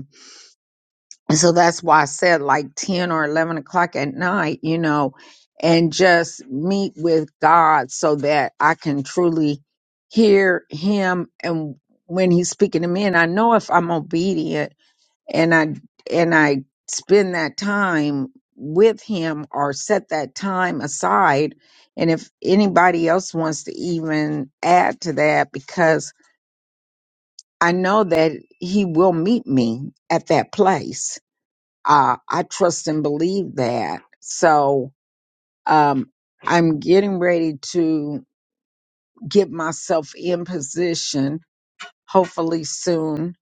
S3: and so that's why I said like 10 or 11 o'clock at night, you know, and just meet with God so that I can truly hear Him and when He's speaking to me. And I know if I'm obedient and I, and I spend that time with Him or set that time aside. And if anybody else wants to even add to that, because I know that He will meet me at that place uh, I trust and believe that. So um, I'm getting ready to get myself in position, hopefully soon,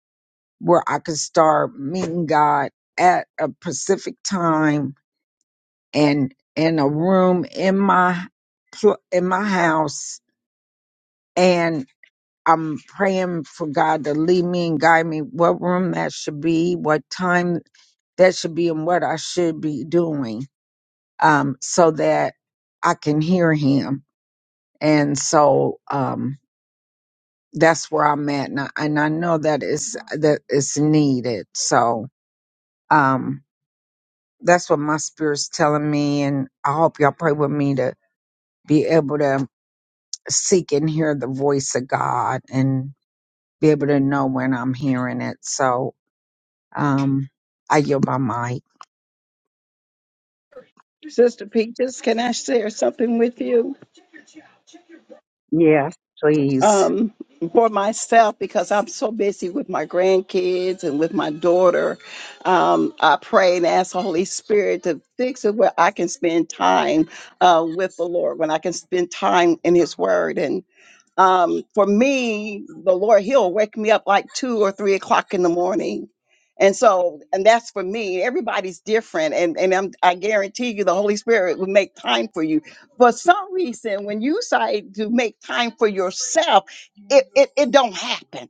S3: where I can start meeting God at a specific time and in a room in my pl- in my house, and I'm praying for God to lead me and guide me what room that should be, what time that should be, and what I should be doing um, so that I can hear him. And so um, that's where I'm at, and I, and I know that is that is needed. So um, that's what my spirit's telling me, and I hope y'all pray with me to be able to seek and hear the voice of God and be able to know when I'm hearing it. So um, I yield my mic.
S5: Sister Peaches, can I share something with you?
S3: Yes, please.
S5: Um, for myself, because I'm so busy with my grandkids and with my daughter, um, I pray and ask the Holy Spirit to fix it where I can spend time uh, with the Lord, when I can spend time in His Word. and. um, for me, the Lord, He'll wake me up like two or three o'clock in the morning. And so, and that's for me. Everybody's different. And, and I'm, I guarantee you, the Holy Spirit will make time for you. For some reason, when you decide to make time for yourself, it, it, it don't happen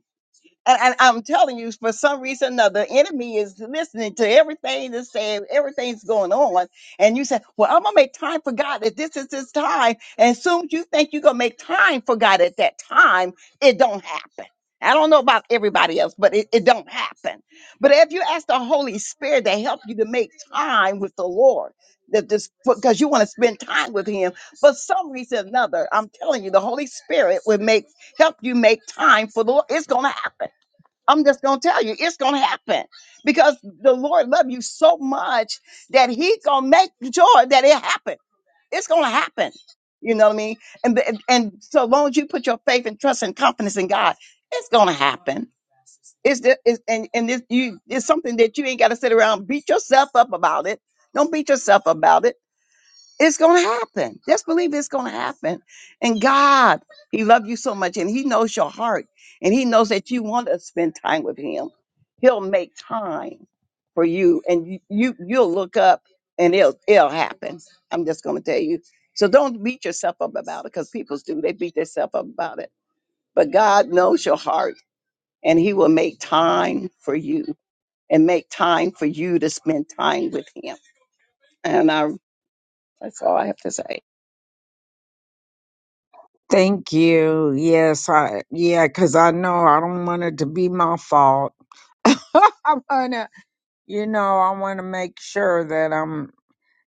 S5: and, and I'm telling you, for some reason or another, the enemy is listening to everything that's saying, everything's going on. And you say, Well, I'm gonna make time for God that this is his time. And as soon as you think you're gonna make time for God at that time, it don't happen. I don't know about everybody else, but it, it don't happen. But if you ask the Holy Spirit to help you to make time with the Lord, that this because you want to spend time with him for some reason or another, I'm telling you, the Holy Spirit will make help you make time for the Lord. It's gonna happen. I'm just gonna tell you, it's gonna happen because the Lord loves you so much that He gonna make sure that it happen. It's gonna happen. You know what I mean? And the- and so long as you put your faith and trust and confidence in God, it's gonna happen. It's, the, it's and and this you it's something that you ain't gotta sit around and beat yourself up about it. Don't beat yourself about it it's going to happen. Just believe it's going to happen. And God, He loves you so much and He knows your heart and He knows that you want to spend time with Him. He'll make time for you and you, you you'll look up and it'll it'll happen. I'm just going to tell you. So don't beat yourself up about it because people do. They beat themselves up about it. But God knows your heart and He will make time for you and make time for you to spend time with Him. And I, that's all I have to say.
S3: Thank you. Yes, I yeah, because I know I don't want it to be my fault I wanna, you know, I wanna make sure that I'm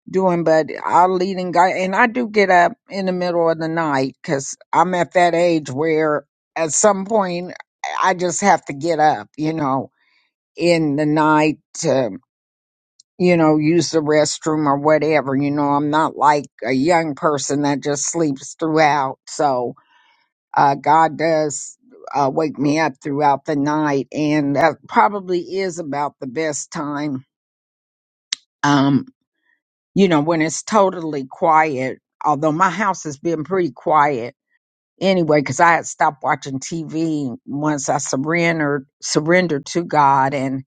S3: doing, but I lead and guide, and I do get up in the middle of the night because I'm at that age where at some point I just have to get up, you know, in the night to, you know, use the restroom or whatever. You know, I'm not like a young person that just sleeps throughout. So, uh, God does uh, wake me up throughout the night, and that probably is about the best time um, you know, when it's totally quiet, although my house has been pretty quiet anyway, because I had stopped watching TV once I surrendered, surrendered to God. And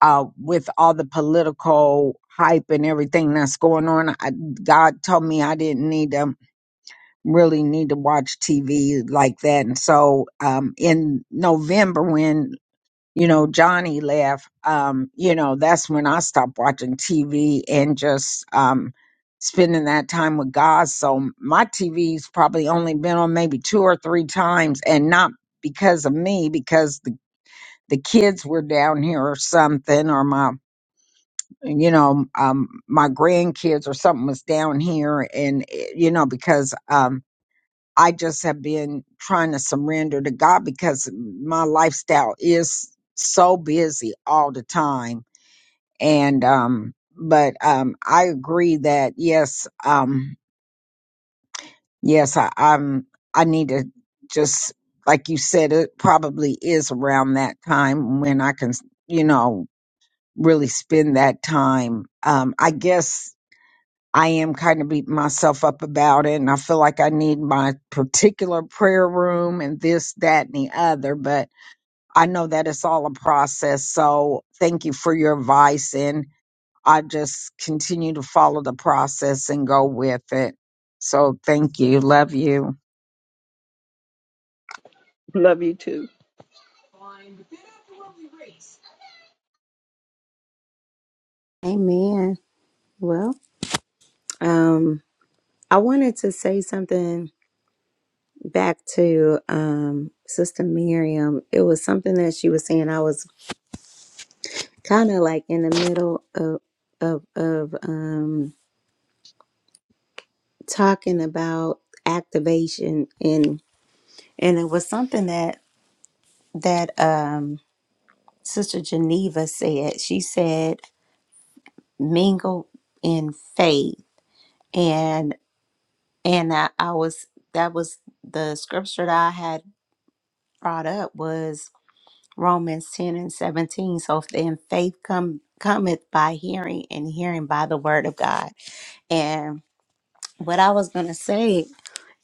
S3: uh, with all the political hype and everything that's going on, I, God told me I didn't need to really need to watch TV like that. And so um, in November, when you know, Johnny left, um, you know, that's when I stopped watching TV and just um, spending that time with God. So my TV's probably only been on maybe two or three times and not because of me, because the, the kids were down here or something, or my, you know, um, my grandkids or something was down here. And, eh, you know, because, um, I just have been trying to surrender to God because my lifestyle is so busy all the time. And um but um I agree that yes, um yes, I, I'm I need to just like you said, it probably is around that time when I can, you know, really spend that time. Um I guess I am kind of beating myself up about it. And I feel like I need my particular prayer room and this, that, and the other. But I know that it's all a process. So thank you for your advice. And I just continue to follow the process and go with it. So thank you. Love you.
S5: Love you too.
S1: amen. Well, um, I wanted to say something back to um, Sister Miriam, it was something that she was saying. I was kind of like in the middle of of of um, talking about activation, and and it was something that that um, Sister Geneva said. She said, "Mingle in faith," and and I, I was that was the scripture that I had brought up was Romans 10 and 17. So then faith come, cometh by hearing, and hearing by the word of God. And what I was going to say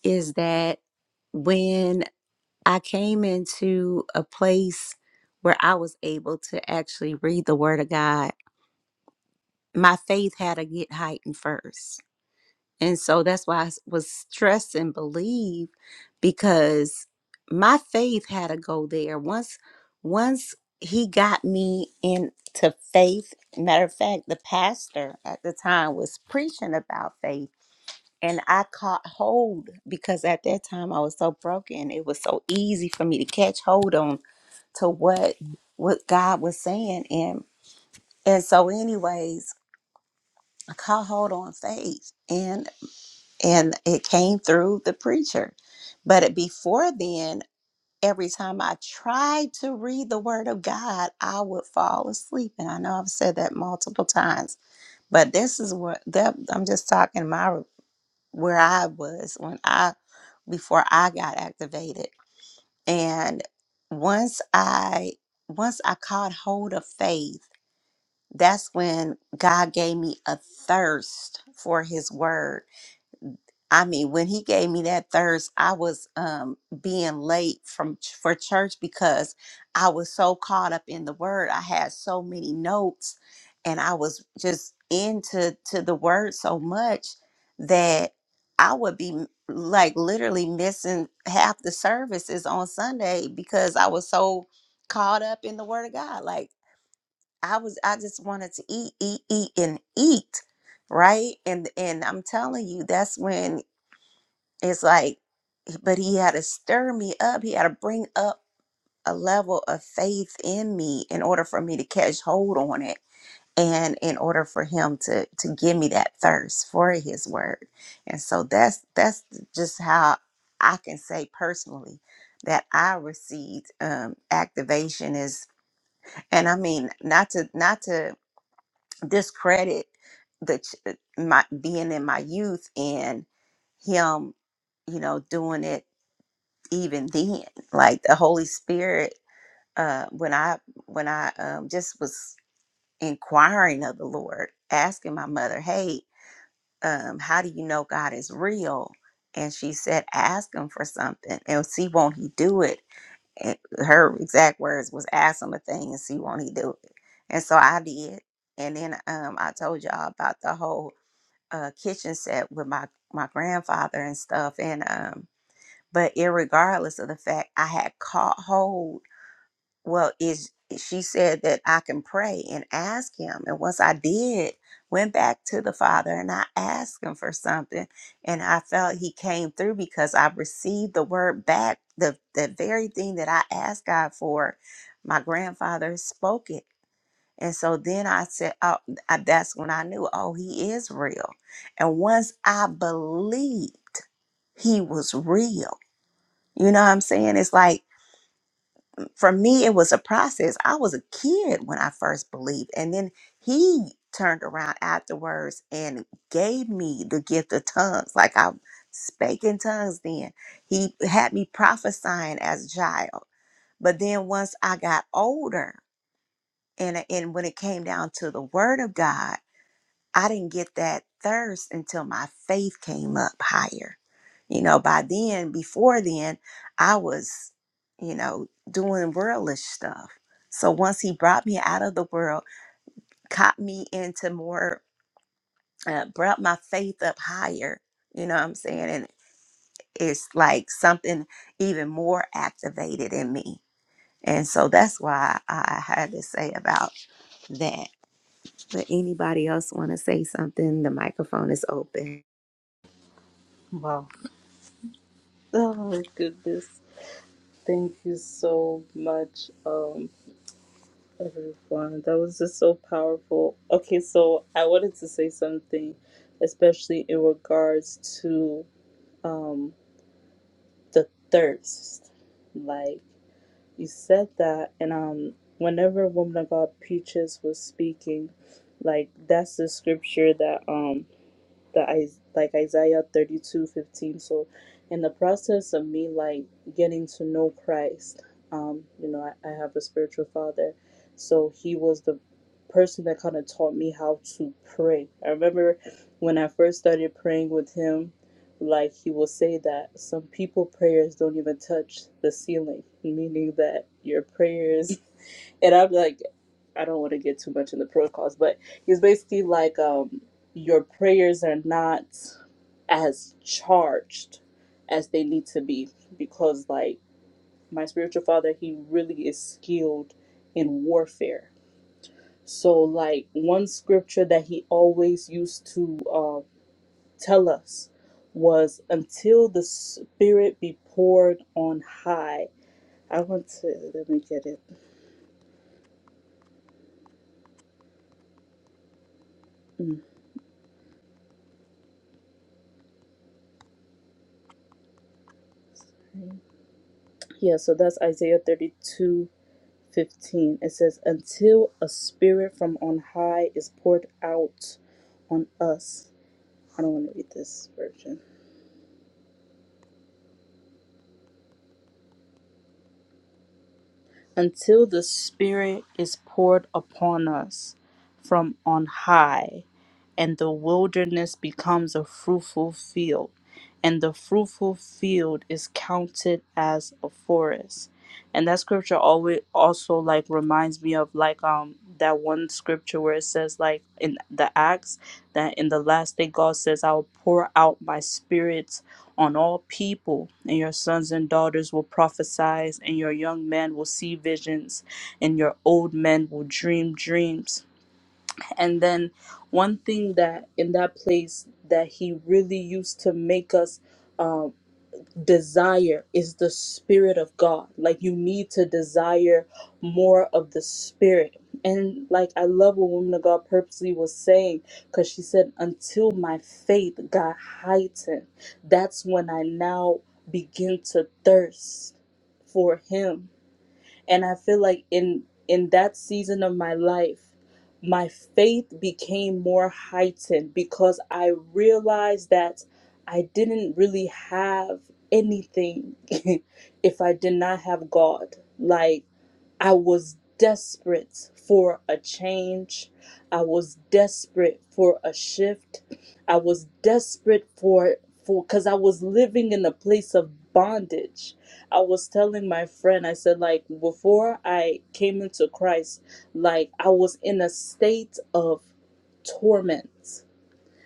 S1: is that when I came into a place where I was able to actually read the word of God, my faith had to get heightened first And so that's why I s- was stressing believe because my faith had to go there. Once once he got me into faith, matter of fact, the pastor at the time was preaching about faith and I caught hold because at that time I was so broken. It was so easy for me to catch hold on to what what God was saying and and so anyways, I caught hold on faith and and it came through the preacher. But it- before then, every time I tried to read the Word of God, I would fall asleep, and I know I've said that multiple times. But this is what that I'm just talking my where I was when I before I got activated, and once I once I caught hold of faith, that's when God gave me a thirst for His Word I mean, when he gave me that thirst, I was um, being late from ch- for church because I was so caught up in the word. I had so many notes, and I was just into to the word so much that I would be m- like literally missing half the services on Sunday because I was so caught up in the word of God. Like I was, I just wanted to eat, eat, eat, and eat right and and i'm telling you that's when it's like, but he had to stir me up. He had to bring up a level of faith in me in order for me to catch hold on it and in order for him to to give me that thirst for his word. And so that's that's just how I can say personally that I received um activation is and I mean not to not to discredit the ch- my being in my youth and him you know doing it even then like the holy spirit uh when i when i um just was inquiring of the lord asking my mother hey um how do you know god is real and she said ask him for something and see won't he do it and her exact words was ask him a thing and see won't he do it and so i did and then um i told y'all about the whole uh kitchen set with my my grandfather and stuff and um but irregardless of the fact I had caught hold, well, is she said that I can pray and ask him. And once I did, went back to the Father and I asked him for something. And I felt he came through because I received the word back, the, the very thing that I asked God for. My grandfather spoke it. And so then I said, oh, I- that's when I knew, oh, he is real. And once I believed he was real, you know what I'm saying? It's like for me, it was a process. I was a kid when I first believed, and then he turned around afterwards and gave me the gift of tongues. Like I spake in tongues then. He had me prophesying as a child. But then once I got older, and, and when it came down to the word of God, I didn't get that thirst until my faith came up higher. You know, by then, before then, I was, you know, doing worldlish stuff. So once he brought me out of the world, caught me into more, uh, brought my faith up higher, you know what I'm saying? And it's like something even more activated in me. And so that's why I had to say about that. But anybody else want to say something? The microphone is open.
S4: Wow. Oh my goodness. Thank you so much, um, everyone. That was just so powerful. Okay, so I wanted to say something, especially in regards to um the thirst. Like you said that and um whenever woman of God Peaches was speaking, like that's the scripture that um the Is- like Isaiah 32 15. So, in the process of me like getting to know Christ, um, you know, I, I have a spiritual father, so he was the person that kind of taught me how to pray. I remember when I first started praying with him, like he will say that some people prayers don't even touch the ceiling, meaning that your prayers, and I'm like, I don't want to get too much in the protocols, but he's basically like, um your prayers are not as charged as they need to be because like my spiritual father he really is skilled in warfare so like one scripture that he always used to uh, tell us was until the spirit be poured on high i want to let me get it Mm. yeah so that's isaiah 32 15 it says until a spirit from on high is poured out on us i don't want to read this version until the Spirit is poured upon us from on high, and the wilderness becomes a fruitful field, and the fruitful field is counted as a forest. And that scripture always also like reminds me of like um that one scripture where it says like in the Acts that in the last day God says I will pour out my spirit on all people, and your sons and daughters will prophesy, and your young men will see visions, and your old men will dream dreams. And then, one thing that in that place that he really used to make us. uh, desire is the spirit of God. Like you need to desire more of the spirit. And like I love what woman of God purposely was saying, because she said, until my faith got heightened, that's when I now begin to thirst for him and i feel like in in that season of my life my faith became more heightened because i realized that i didn't really have anything if i did not have god like I was desperate for a change. I was desperate for a shift. I was desperate for for cuz I was living in a place of bondage I was telling my friend, I said, like, before I came into Christ, like, I was in a state of torment.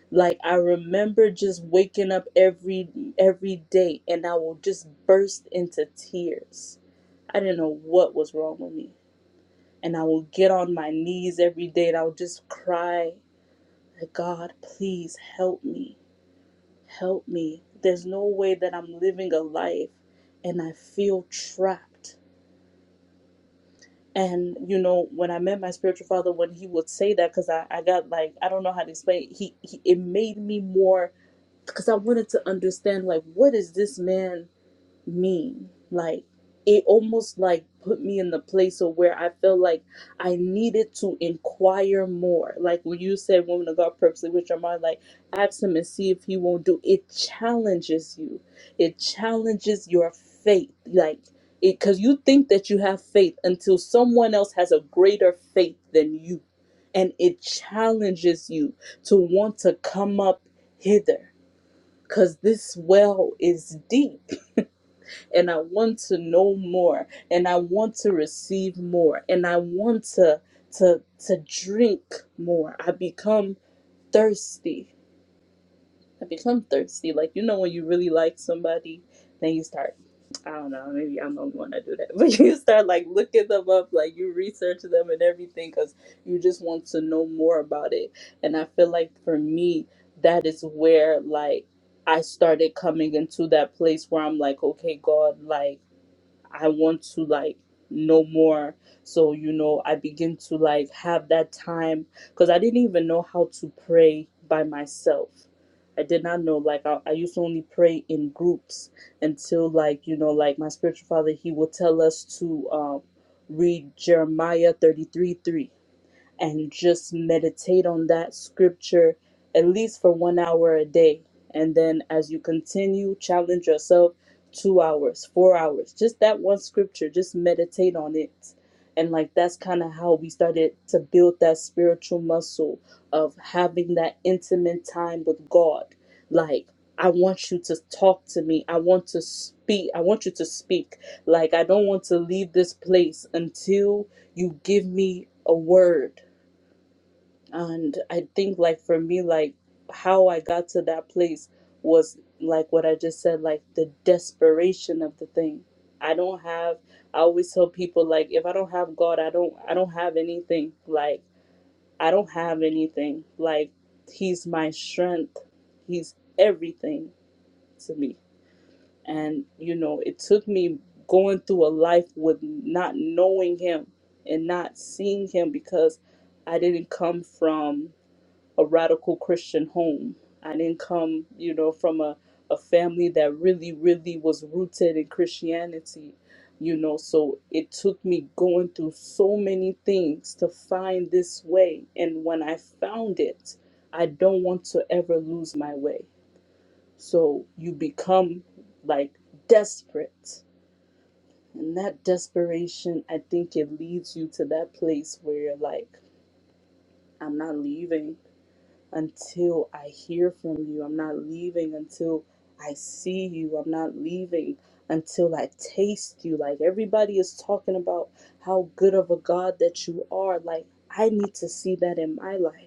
S4: Like, I remember just waking up every every day and I will just burst into tears. I didn't know what was wrong with me. And I will get on my knees every day and I will just cry, like, God, please help me. Help me. There's no way that I'm living a life and I feel trapped And you know, when I met my spiritual father, when he would say that, because I, I got like I don't know how to explain. it. He, he it made me more because I wanted to understand like what is this man me. Like it almost like put me in the place of where I felt like I needed to inquire more. Like when you said woman of God purposely with your mind, like ask him and see if he won't do it challenges you. It challenges your faith. Like it because you think that you have faith until someone else has a greater faith than you. And it challenges you to want to come up hither. Cause this well is deep and I want to know more and I want to receive more and I want to to to drink more. I become thirsty. I become thirsty. Like you know when you really like somebody, then you start I don't know, maybe I'm the only one that do that. But you start like looking them up, like you research them and everything cuz you just want to know more about it. And I feel like for me that is where like I started coming into that place where I'm like, okay, God, like I want to like know more. So, you know, I begin to like have that time because I didn't even know how to pray by myself. I did not know, like, I, I used to only pray in groups until, like, you know, like my spiritual father, he would tell us to um, read Jeremiah 33 3 and just meditate on that scripture at least for one hour a day. And then as you continue, challenge yourself two hours, four hours, just that one scripture, just meditate on it. And like that's kind of how we started to build that spiritual muscle of having that intimate time with God. Like, I want you to talk to me. I want to speak. I want you to speak. Like, I don't want to leave this place until you give me a word and i think like for me like how i got to that place was like what i just said like the desperation of the thing i don't have i always tell people like if i don't have god i don't i don't have anything like i don't have anything like he's my strength he's everything to me and you know it took me going through a life with not knowing him and not seeing him because i didn't come from a radical Christian home. I didn't come, you know, from a, a family that really, really was rooted in Christianity, you know. So it took me going through so many things to find this way. And when I found it, I don't want to ever lose my way. So you become like desperate. And that desperation, I think it leads you to that place where you're like, I'm not leaving. until I hear from you. I'm not leaving until I see you. I'm not leaving until I taste you. Like everybody is talking about how good of a God that you are. Like I need to see that in my life.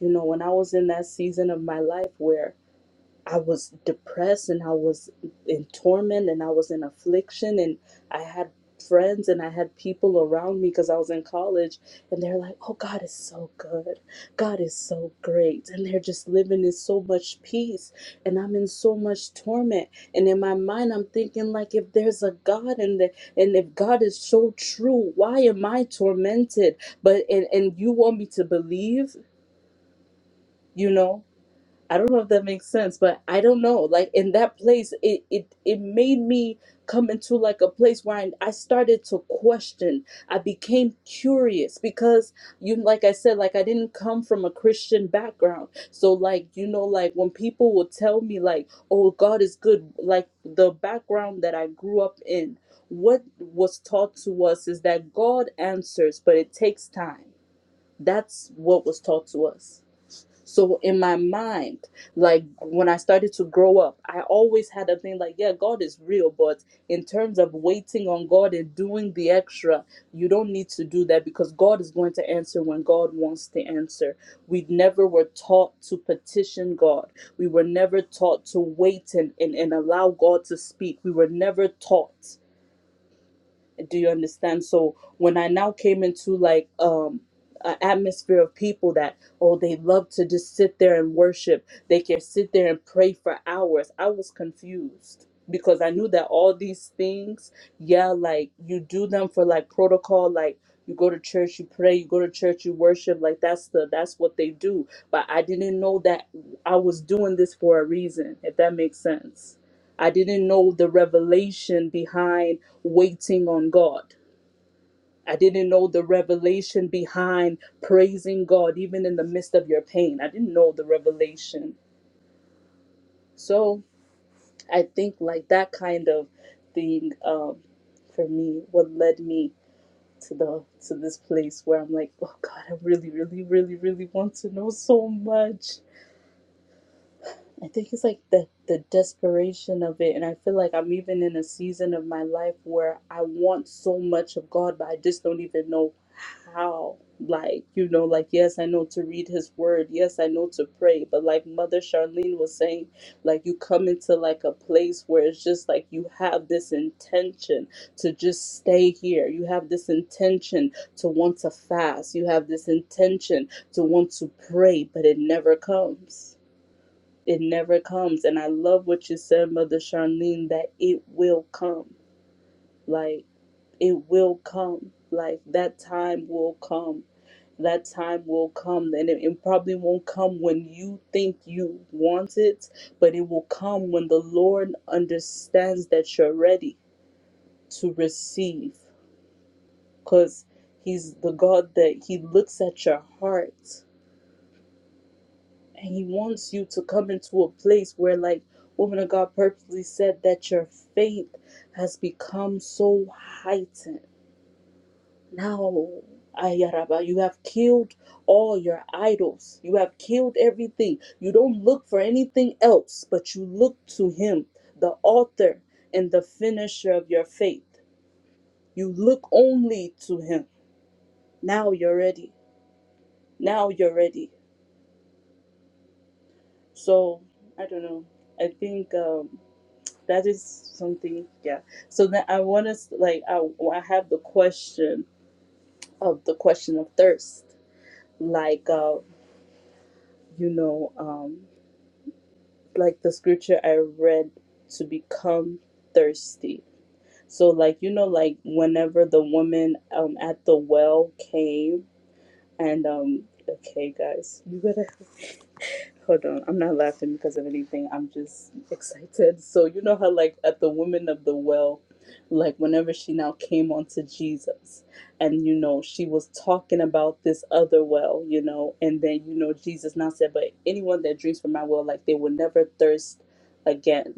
S4: You know, when I was in that season of my life where I was depressed and I was in torment and I was in affliction and I had friends and I had people around me because I was in college and they're like, "Oh God is so good. God is so great." And they're just living in so much peace and I'm in so much torment. And in my mind I'm thinking like if there's a God and the, and if God is so true, why am I tormented? But and and you want me to believe, you know? I don't know if that makes sense, but I don't know. Like in that place, it it it made me come into like a place where I, I started to question. I became curious because you like I said, like I didn't come from a Christian background. So like, you know, like when people will tell me like, oh God is good, like the background that I grew up in, what was taught to us is that God answers, but it takes time. That's what was taught to us. So in my mind, like when I started to grow up, I always had a thing like, yeah, God is real, but in terms of waiting on God and doing the extra, you don't need to do that because God is going to answer when God wants to answer. We never were taught to petition God. We were never taught to wait and, and, and allow God to speak. We were never taught do you understand so when i now came into like um an atmosphere of people that oh they love to just sit there and worship they can sit there and pray for hours i was confused because i knew that all these things yeah like you do them for like protocol like you go to church you pray you go to church you worship like that's the that's what they do but i didn't know that i was doing this for a reason if that makes sense i didn't know the revelation behind waiting on God. I didn't know the revelation behind praising God, even in the midst of your pain. I didn't know the revelation. So I think like that kind of thing um, for me, what led me to the to this place where I'm like, oh God, I really, really, really, really want to know so much. I think it's like the the desperation of it, and I feel like I'm even in a season of my life where I want so much of God, but I just don't even know how. Like you know, like yes, I know to read His Word, yes, I know to pray, but like Mother Charlene was saying, like you come into like a place where it's just like you have this intention to just stay here, you have this intention to want to fast, you have this intention to want to pray, but it never comes it never comes. And I love what you said, Mother Charlene, that it will come. Like, it will come. Like, that time will come. That time will come. And it, it probably won't come when you think you want it, but it will come when the Lord understands that you're ready to receive. Because He's the God that He looks at your heart And he wants you to come into a place where, like woman of God purposely said, that your faith has become so heightened. Now, Ayaraba, you have killed all your idols. You have killed everything. You don't look for anything else, but you look to him, the author and the finisher of your faith. You look only to him. Now you're ready. Now you're ready. So, I don't know. I think. Um, that is something yeah so then i want us like I, I have the question of the question of thirst like uh you know um like the scripture i read to become thirsty so like you know like whenever the woman um at the well came and um okay guys you gotta. Hold on, I'm not laughing because of anything. I'm just excited. So you know how like at the woman of the well, like whenever she now came onto Jesus, and you know she was talking about this other well, you know, and then you know Jesus now said, but anyone that drinks from my well, like they will never thirst again.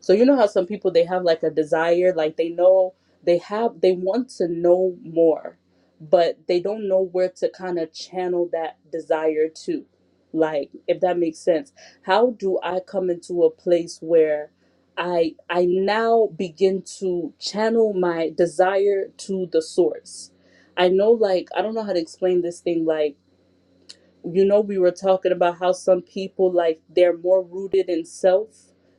S4: So you know how some people they have like a desire, like they know they have they want to know more, but they don't know where to kind of channel that desire to like if that makes sense how do i come into a place where i i now begin to channel my desire to the source i know like i don't know how to explain this thing like you know we were talking about how some people like they're more rooted in self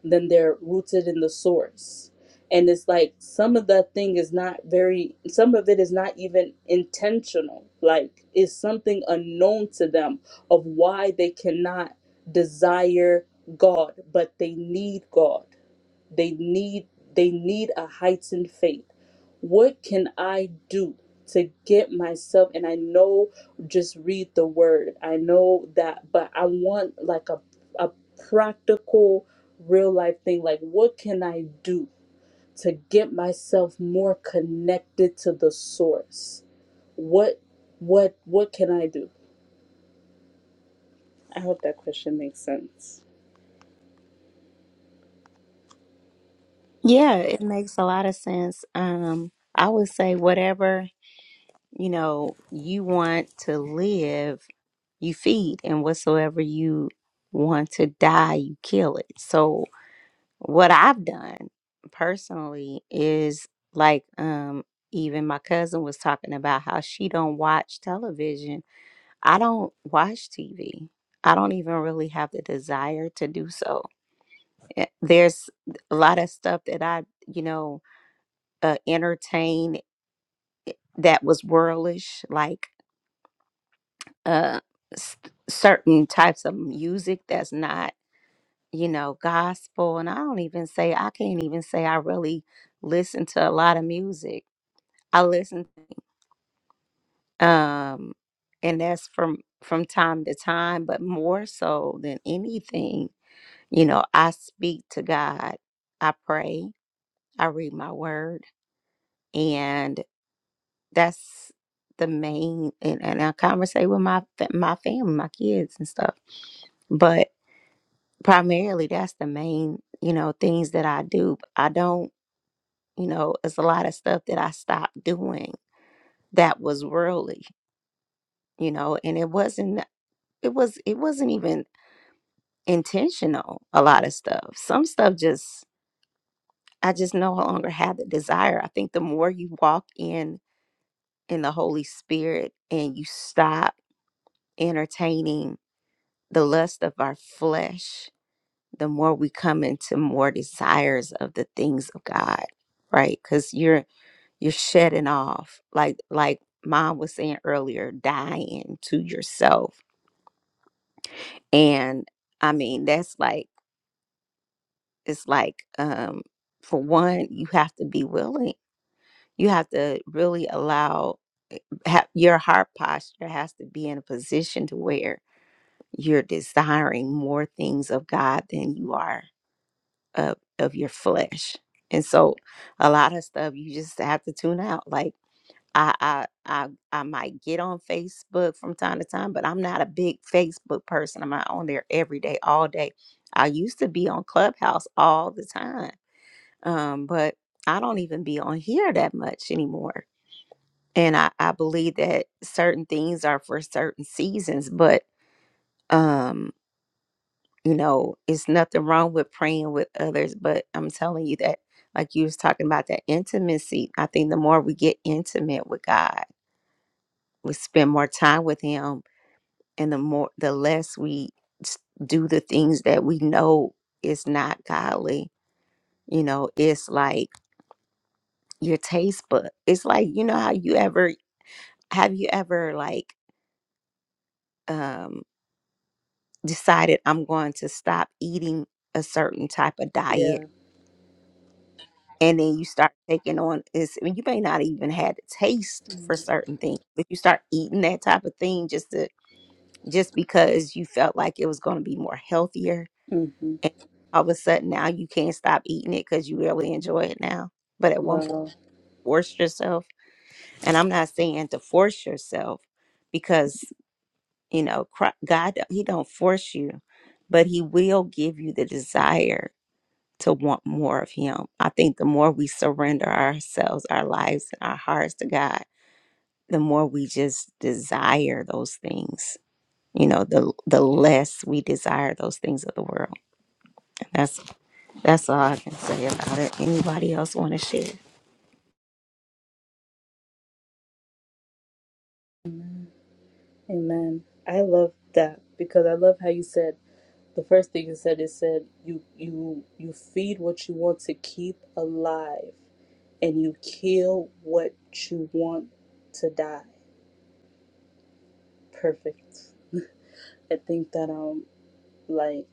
S4: than they're rooted in the source and it's like some of that thing is not very some of it is not even intentional like it's something unknown to them of why they cannot desire god but they need god they need they need a heightened faith. What can I do to get myself and I know just read the word. I know that but I want like a a practical real life thing like what can I do to get myself more connected to the source? What what what can I do? I hope that question makes sense.
S1: Yeah, it makes a lot of sense. Um, I would say whatever, you know, you want to live, you feed, and whatsoever you want to die, you kill it. So, What I've done personally is like um even my cousin was talking about how she don't watch television. I don't watch TV. I don't even really have the desire to do so. Eh, There's a lot of stuff that I, you know, uh, entertain that was worldish, like uh, s- certain types of music that's not, you know, gospel. And I don't even say, I can't even say I really listen to a lot of music I listen, um, and that's from from time to time, but more so than anything, you know, I speak to God, I pray, I read my word, and that's the main. And, and I conversate with my fa- my family, my kids, and stuff. But primarily, that's the main, you know, things that I do. I don't, you know, it's a lot of stuff that I stopped doing that was worldly you know and it wasn't it was it wasn't even intentional a lot of stuff some stuff just i just no longer have the desire i think the more you walk in in the holy spirit and you stop entertaining the lust of our flesh the more we come into more desires of the things of god right because you're you're shedding off like like mom was saying earlier dying to yourself and i mean that's like it's like um for one you have to be willing you have to really allow have, your heart posture has to be in a position to where you're desiring more things of god than you are of of your flesh and so a lot of stuff you just have to tune out like I, I I I might get on Facebook from time to time, but I'm not a big Facebook person. I'm not on there every day, all day. I used to be on Clubhouse all the time um, but I don't even be on here that much anymore. And I, I believe that certain things are for certain seasons, but um, you know, it's nothing wrong with praying with others. But I'm telling you that, like you was talking about that intimacy, I think the more we get intimate with God, we spend more time with Him, and the more the less we s- do the things that we know is not godly. You know, it's like your taste bud. It's like you know how you ever have you ever like um decided i'm going to stop eating a certain type of diet
S4: Yeah.
S1: and then you start taking on is I mean, you may not even had a taste for certain things but you start eating that type of thing just to just because you felt like it was going to be more healthier
S4: Mhm.
S1: and all of a sudden now you can't stop eating it because you really enjoy it now but at one point
S4: Wow.
S1: forced yourself and i'm not saying to force yourself because. You know, Cri- God, He don't force you, but He will give you the desire to want more of Him. I think the more we surrender ourselves, our lives, and our hearts to God, the more we just desire those things. You know, the the less we desire those things of the world. And that's that's all I can say about it. Anybody else want to share?
S4: Amen. I love that because I love how you said the first thing you said is said you you you feed what you want to keep alive and you kill what you want to die. Perfect. I think that um like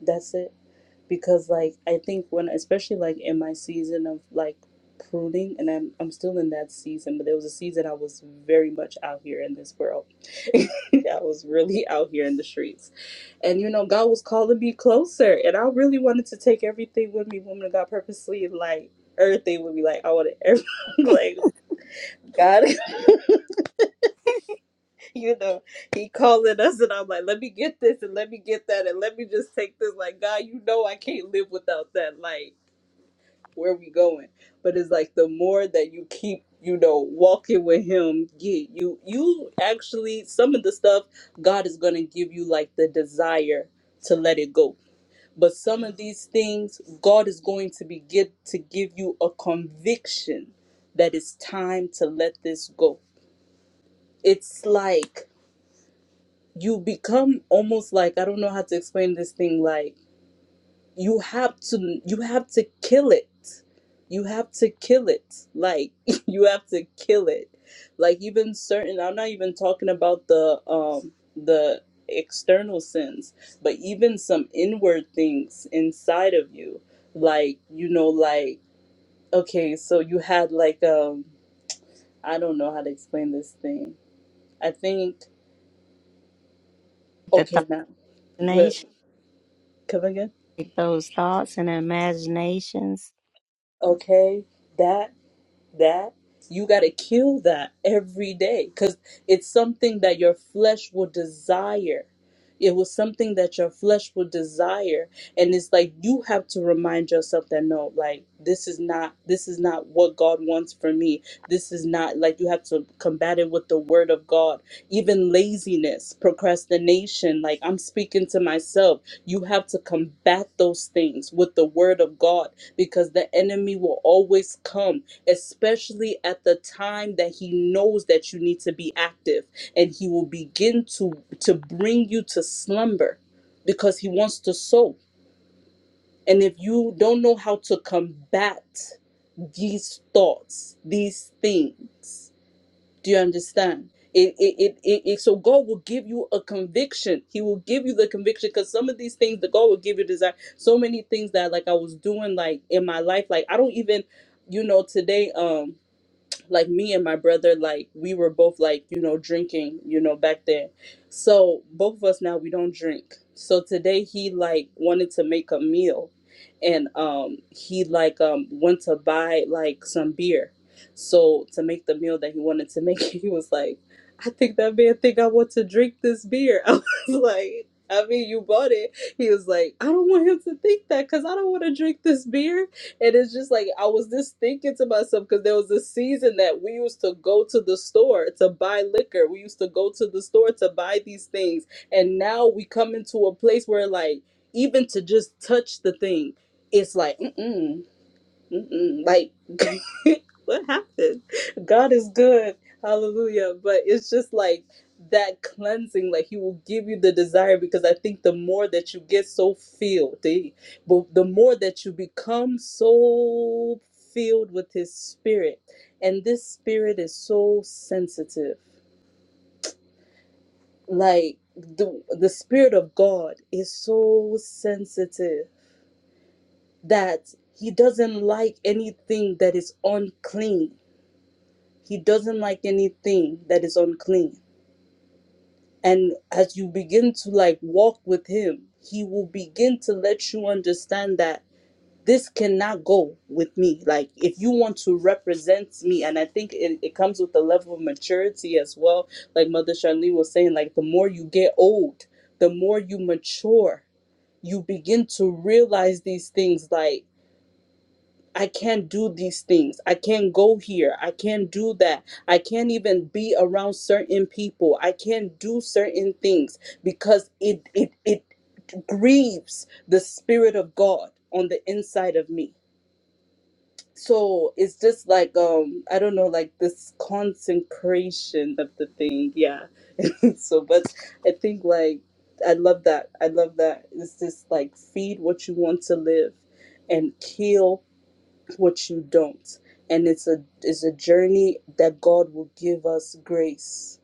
S4: that's it because like I think when especially like in my season of like pruning and I'm I'm still in that season but there was a season I was very much out here in this world. I was really out here in the streets And you know, God was calling me closer, and I really wanted to take everything with me. Woman of God purposely, like everything would be like I wanted, every, like God, you know, He calling us, and I'm like, let me get this, and let me get that, and let me just take this. Like God, you know, I can't live without that. Like where we going? But it's like the more that you keep, you know, walking with Him, yeah, you you actually some of the stuff God is gonna give you like the desire to let it go But some of these things, God is going to be get to give you a conviction that it's time to let this go. It's like you become almost like I don't know how to explain this thing. Like you have to you have to kill it you have to kill it like you have to kill it like even certain i'm not even talking about the um the external sins but even some inward things inside of you like you know like okay so you had like um i don't know how to explain this thing i think
S1: The
S4: okay
S1: thought
S4: now what
S1: nation,
S4: come again
S1: like those thoughts and imaginations.
S4: okay that that you got to kill that every day because it's something that your flesh will desire it was something that your flesh will desire and it's like you have to remind yourself that no like this is not this is not what god wants for me this is not like you have to combat it with the word of god even laziness procrastination like i'm speaking to myself you have to combat those things with the word of god because the enemy will always come especially at the time that he knows that you need to be active and he will begin to to bring you to slumber because he wants to sow and if you don't know how to combat these thoughts these things do you understand it, it, it, it, it so god will give you a conviction he will give you the conviction because some of these things that god will give you desire so many things that like i was doing like in my life like i don't even you know today um, like me and my brother like we were both like you know drinking you know back then so both of us now we don't drink so today he like wanted to make a meal and um he like um went to buy like some beer so to make the meal that he wanted to make he was like i think that man think i want to drink this beer i was like i mean you bought it he was like i don't want him to think that because i don't want to drink this beer and it's just like I was just thinking to myself because there was a season that we used to go to the store to buy liquor. We used to go to the store to buy these things, and now we come into a place where like even to just touch the thing, it's like mm-mm. Mm-mm, like what happened god is good hallelujah but it's just like that cleansing like he will give you the desire because i think the more that you get so filled eh, the, but the more that you become so filled with his spirit and this spirit is so sensitive like the, the spirit of god is so sensitive that he doesn't like anything that is unclean He doesn't like anything that is unclean. And as you begin to like walk with him, he will begin to let you understand that this cannot go with me. Like if you want to represent me, and I think it, it comes with a level of maturity as well. Like Mother Shanley was saying, like the more you get old, the more you mature, you begin to realize these things like I can't do these things. I can't go here. I can't do that. I can't even be around certain people. I can't do certain things because it it it grieves the spirit of God on the inside of me. So it's just like um I don't know like this consecration of the thing. Yeah. so but I think like I love that. I love that. It's just like feed what you want to live and kill what you don't and it's a it's a journey that god will give us grace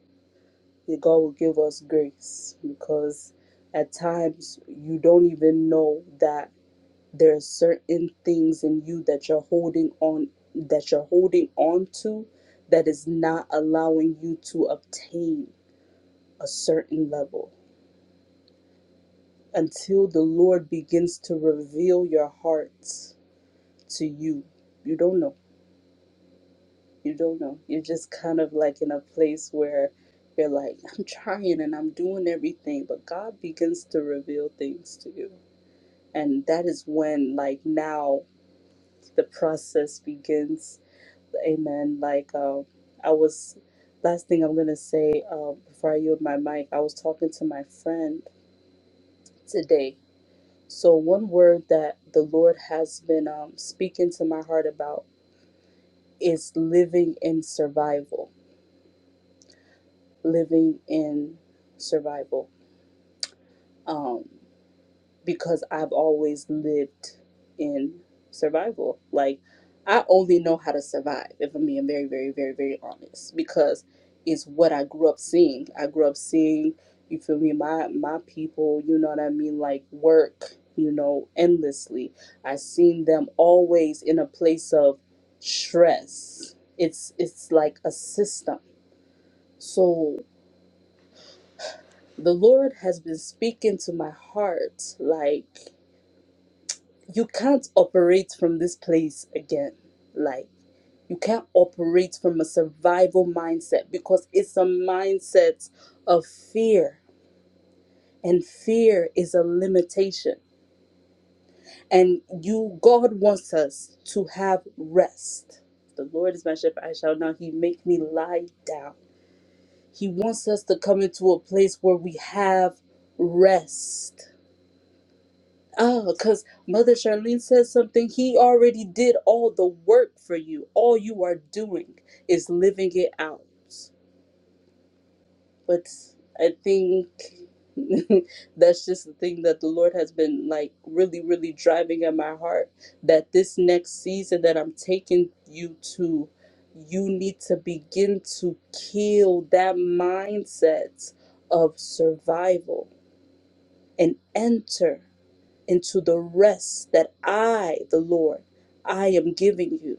S4: That god will give us grace because at times you don't even know that there are certain things in you that you're holding on that you're holding on to that is not allowing you to obtain a certain level until the lord begins to reveal your heart to you you don't know you don't know. You're just kind of like in a place where you're like, I'm trying and I'm doing everything, but God begins to reveal things to you. And that is when, like, now the process begins. Amen. Like, um, I was, last thing I'm going to say uh, before I yield my mic, I was talking to my friend today. So, one word that the Lord has been um, speaking to my heart about is living in survival living in survival um, because I've always lived in survival. Like, I only know how to survive, if I'm being very, very, very, very honest, because it's what I grew up seeing. I grew up seeing, you feel me, my, my people, you know what I mean, like work, you know, endlessly. I seen them always in a place of stress. It's it's like a system. So. the Lord has been speaking to my heart like, you can't operate from this place again. Like, you can't operate from a survival mindset because it's a mindset of fear, and fear is a limitation. And you, God wants us to have rest. The Lord is my shepherd, I shall not. He make me lie down. He wants us to come into a place where we have rest Oh, because Mother Charlene says something. He already did all the work for you. All you are doing is living it out. But I think that's just the thing that the Lord has been like really, really driving at my heart that this next season that I'm taking you to, you need to begin to kill that mindset of survival and enter into the rest that I, the Lord, I am giving you.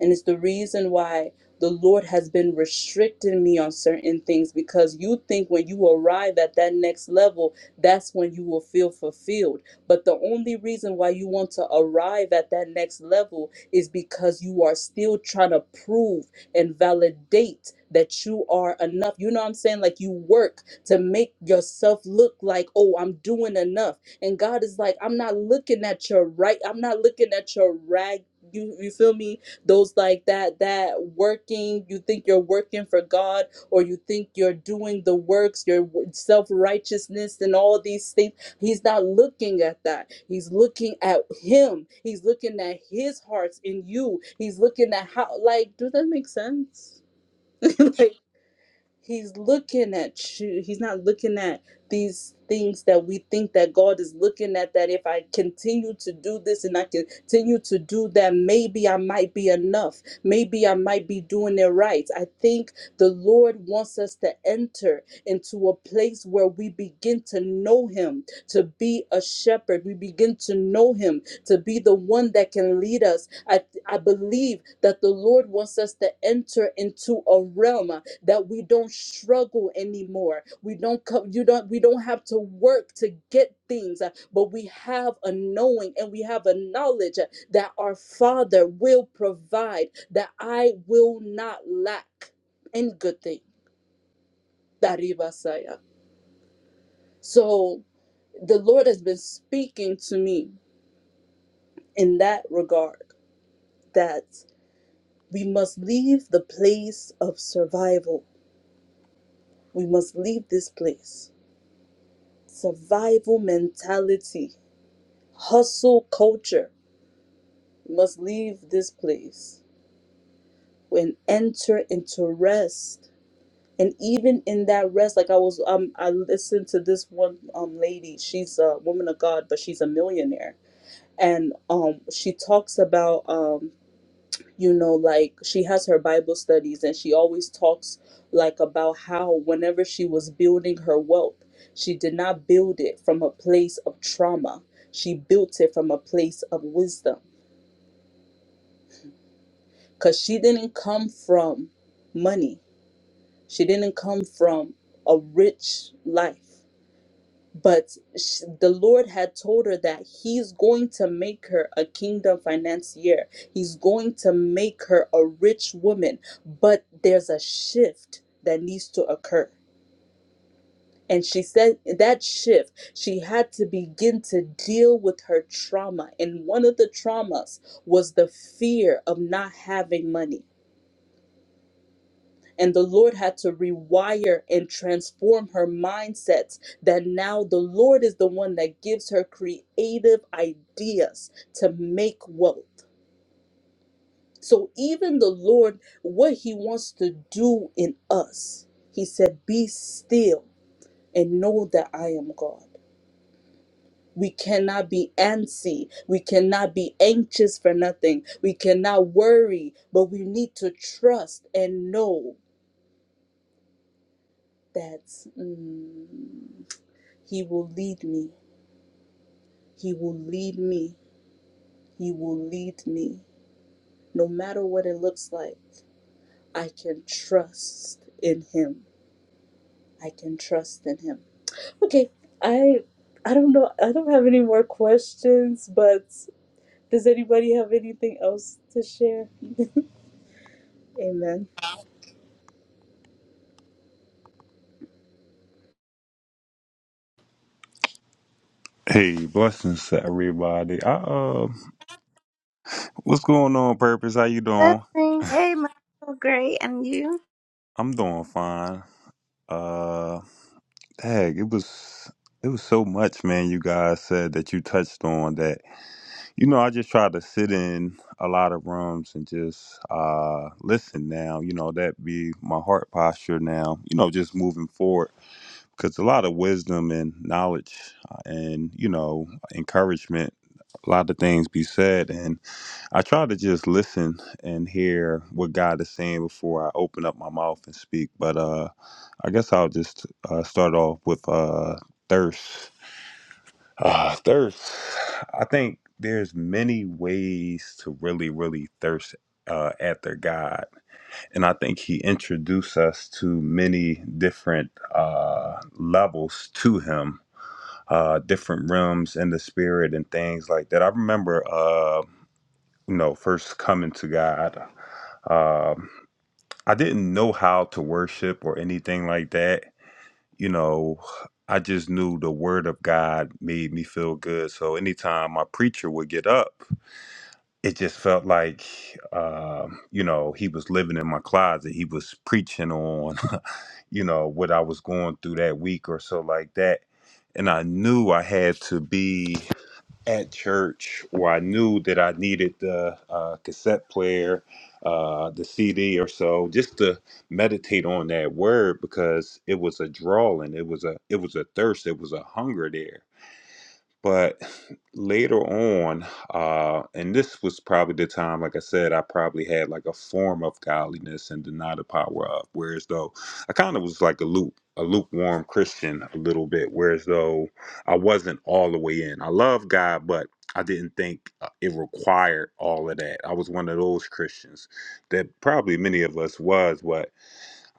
S4: And it's the reason why the Lord has been restricting me on certain things because you think when you arrive at that next level, that's when you will feel fulfilled. But the only reason why you want to arrive at that next level is because you are still trying to prove and validate that you are enough. You know what I'm saying? Like you work to make yourself look like, oh, I'm doing enough. And God is like, I'm not looking at your right, I'm not looking at your rag. You, you feel me? those like that that working you think you're working for god or you think you're doing the works your self-righteousness and all these things he's not looking at that he's looking at him he's looking at his hearts in you he's looking at how like does that make sense Like, He's looking at you. He's not looking at these things that we think that God is looking at. That if I continue to do this and I continue to do that, maybe I might be enough. Maybe I might be doing it right. I think the Lord wants us to enter into a place where we begin to know Him, to be a shepherd. We begin to know Him, to be the one that can lead us. I, I believe that the Lord wants us to enter into a realm that we don't struggle anymore we don't come you don't we don't have to work to get things uh, but we have a knowing and we have a knowledge uh, that our father will provide that i will not lack in good thing daribasaya so the lord has been speaking to me in that regard that we must leave the place of survival we must leave this place survival mentality Hustle culture must leave this place and enter into rest. And even in that rest, like I was, um, I listened to this one um lady. She's a woman of God, but she's a millionaire, and um, she talks about um, you know, like she has her Bible studies, and she always talks like about how whenever she was building her wealth, she did not build it from a place of trauma. She built it from a place of wisdom because she didn't come from money. She didn't come from a rich life. But sh the Lord had told her that He's going to make her a kingdom financier. He's going to make her a rich woman. But there's a shift that needs to occur. And she said that shift, she had to begin to deal with her trauma. And one of the traumas was the fear of not having money And the Lord had to rewire and transform her mindsets that now the Lord is the one that gives her creative ideas to make wealth. So, even the Lord, what He wants to do in us, He said, Be still and know that I am God. We cannot be antsy. We cannot be anxious for nothing. We cannot worry, but we need to trust and know that. mm, He will lead me. He will lead me. He will lead me. No matter what it looks like, I can trust in him. I can trust in him. Okay, I I don't know. I don't have any more questions, but does anybody have anything else to share? Amen.
S6: Hey, blessings to everybody. I, uh, what's going on, Purpose? How you doing?
S1: Blessings. Hey, Michael, great, and you?
S6: I'm doing fine. Uh, heck, it was it was so much, man. You guys said that you touched on that. You know, I just try to sit in a lot of rooms and just uh listen. Now, you know, that be my heart posture. Now, you know, just moving forward because a lot of wisdom and knowledge uh, and you know encouragement. A lot of things be said, and. I try to just listen and hear what God is saying before I open up my mouth and speak. But uh, I guess I'll just uh, start off with uh, thirst. Uh, thirst. I think there's many ways to really, really thirst uh, after God, and I think He introduced us to many different uh, levels to Him, uh, different realms in the spirit and things like that. I remember. Uh, you know, first coming to God. Um, I didn't know how to worship or anything like that. You know, I just knew the word of God made me feel good. So anytime my preacher would get up, it just felt like, um, you know, he was living in my closet. He was preaching on, you know, what I was going through that week or so like that. And I knew I had to be at church where I knew that I needed the uh, cassette player, uh, the CD or so, just to meditate on that word because it was a drawing, it was a it was a thirst, it was a hunger there but later on, uh, and this was probably the time, like I said, I probably had like a form of godliness and denied the power of. Whereas though I kind of was like a loop, a lukewarm Christian a little bit. Whereas though I wasn't all the way in. I love God, but I didn't think uh, it required all of that. I was one of those Christians that probably many of us was, but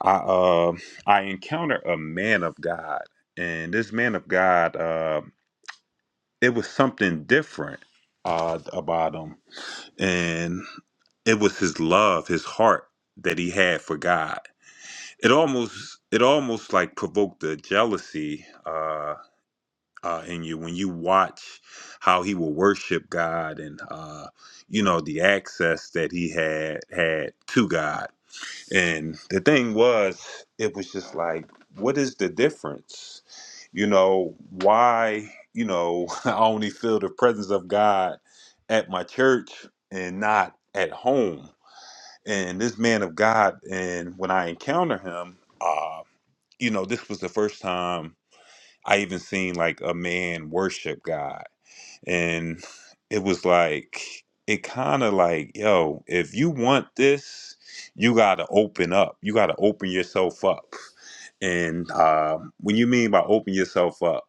S6: I uh, I encountered a man of God, and this man of God. Uh, it was something different uh, about him, and it was his love, his heart that he had for God. It almost it almost like provoked the jealousy uh, uh, in you when you watch how he will worship God and uh, you know the access that he had had to God. And the thing was, it was just like, what is the difference? You know, why, you know, I only feel the presence of God at my church and not at home. And this man of God, and when I encounter him, uh, you know, this was the first time I even seen like a man worship God and it was like it kind of like yo if you want this you gotta open up you gotta open yourself up and uh, when you mean by open yourself up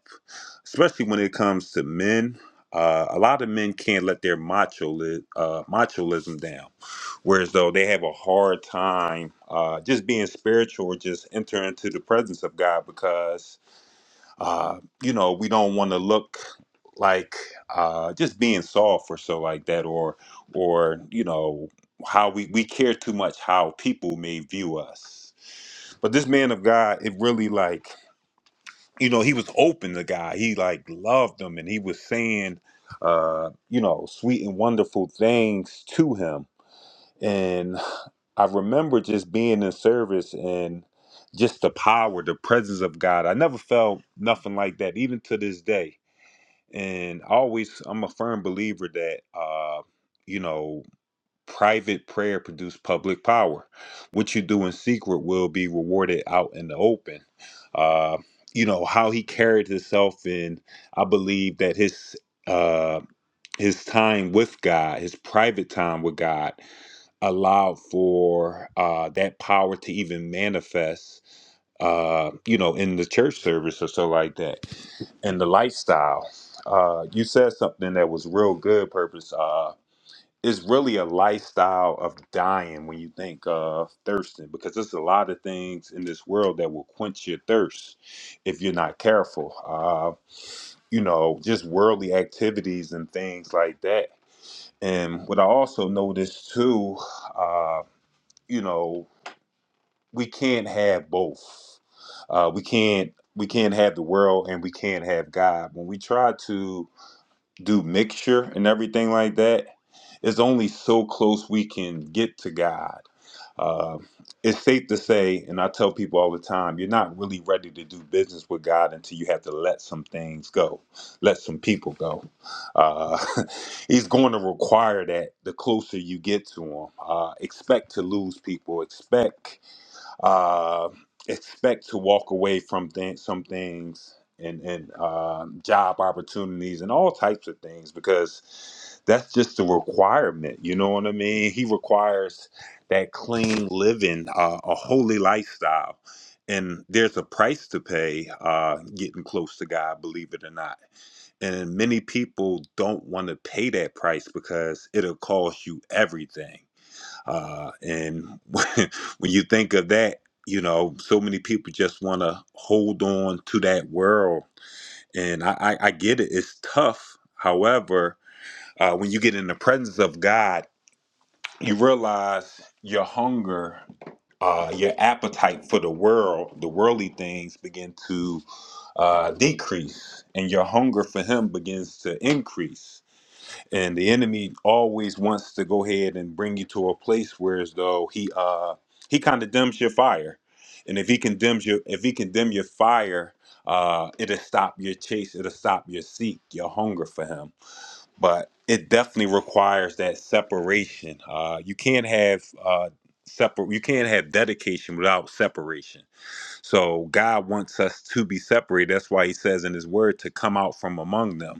S6: especially when it comes to men uh, a lot of men can't let their macho uh, machoism down whereas though they have a hard time uh, just being spiritual or just entering into the presence of god because uh, you know, we don't want to look like uh, just being soft or so like that, or or you know how we we care too much how people may view us. But this man of God, it really like you know he was open to God. He like loved him, and he was saying uh, you know sweet and wonderful things to him. And I remember just being in service and just the power, the presence of God. I never felt nothing like that, even to this day and I always I'm a firm believer that uh, you know private prayer produces public power. What you do in secret will be rewarded out in the open. Uh, you know how he carried himself, and I believe that his uh his time with god his private time with god allowed for uh that power to even manifest uh, you know, in the church service or so like that, and the lifestyle. Uh, you said something that was real good, purpose. Uh, it's really a lifestyle of dying when you think of thirsting, because there's a lot of things in this world that will quench your thirst if you're not careful. Uh, you know, just worldly activities and things like that. And what I also noticed too, uh, you know, we can't have both. Uh, we can't we can't have the world and we can't have God. When we try to do mixture and everything like that, it's only so close we can get to God. Uh, it's safe to say, and I tell people all the time, you're not really ready to do business with God until you have to let some things go, let some people go. Uh, he's going to require that the closer you get to Him. Uh, expect to lose people. Expect uh, expect to walk away from th- some things and and uh, job opportunities and all types of things because that's just a requirement. You know what I mean? He requires that clean living, uh, a holy lifestyle. And there's a price to pay uh, getting close to God, believe it or not. And many people don't want to pay that price because it'll cost you everything uh, and when you think of that, you know, so many people just want to hold on to that world. And I, I, I get it, it's tough. However, uh, when you get in the presence of God, you realize your hunger, uh, your appetite for the world, the worldly things begin to uh, decrease, and your hunger for Him begins to increase and the enemy always wants to go ahead and bring you to a place where as though he uh he condemns your fire and if he condemns your if he condemn your fire uh it'll stop your chase it'll stop your seek your hunger for him but it definitely requires that separation uh you can't have uh separate you can't have dedication without separation so god wants us to be separated that's why he says in his word to come out from among them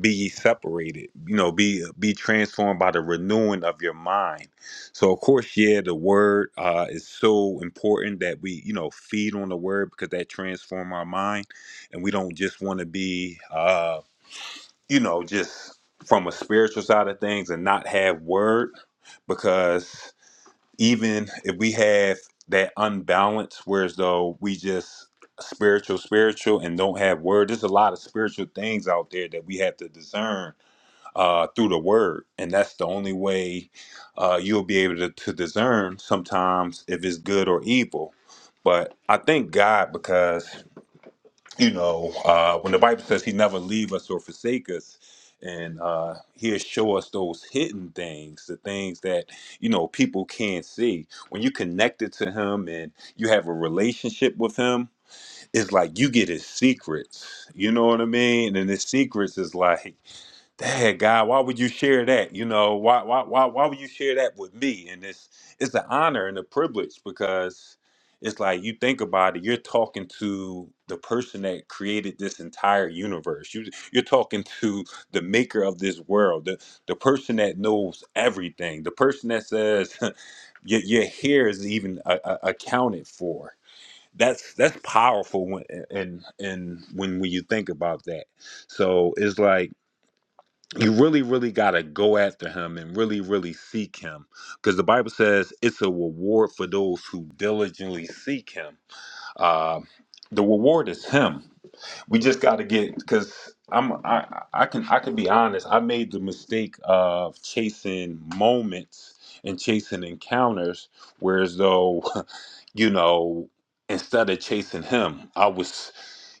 S6: be ye separated you know be be transformed by the renewing of your mind so of course yeah the word uh is so important that we you know feed on the word because that transform our mind and we don't just want to be uh you know just from a spiritual side of things and not have word because even if we have that unbalance whereas though we just spiritual spiritual and don't have word there's a lot of spiritual things out there that we have to discern uh, through the word. And that's the only way uh, you'll be able to, to discern sometimes if it's good or evil. But I thank God because, you know, uh, when the Bible says he never leave us or forsake us, and uh, he'll show us those hidden things, the things that, you know, people can't see. When you connected to him and you have a relationship with him, it's like you get his secrets. You know what I mean? And his secrets is like, Dad, God, why would you share that? You know, why, why, why, why would you share that with me? And it's, it's an honor and a privilege because it's like you think about it, you're talking to the person that created this entire universe. You, you're talking to the maker of this world, the, the person that knows everything, the person that says your, your hair is even uh, uh, accounted for. That's that's powerful when and and when when you think about that. So it's like you really, really got to go after him and really, really seek him because the Bible says it's a reward for those who diligently seek him. Uh, the reward is him. We just got to get because I'm I, I can I can be honest. I made the mistake of chasing moments and chasing encounters, whereas though you know, instead of chasing him, I was,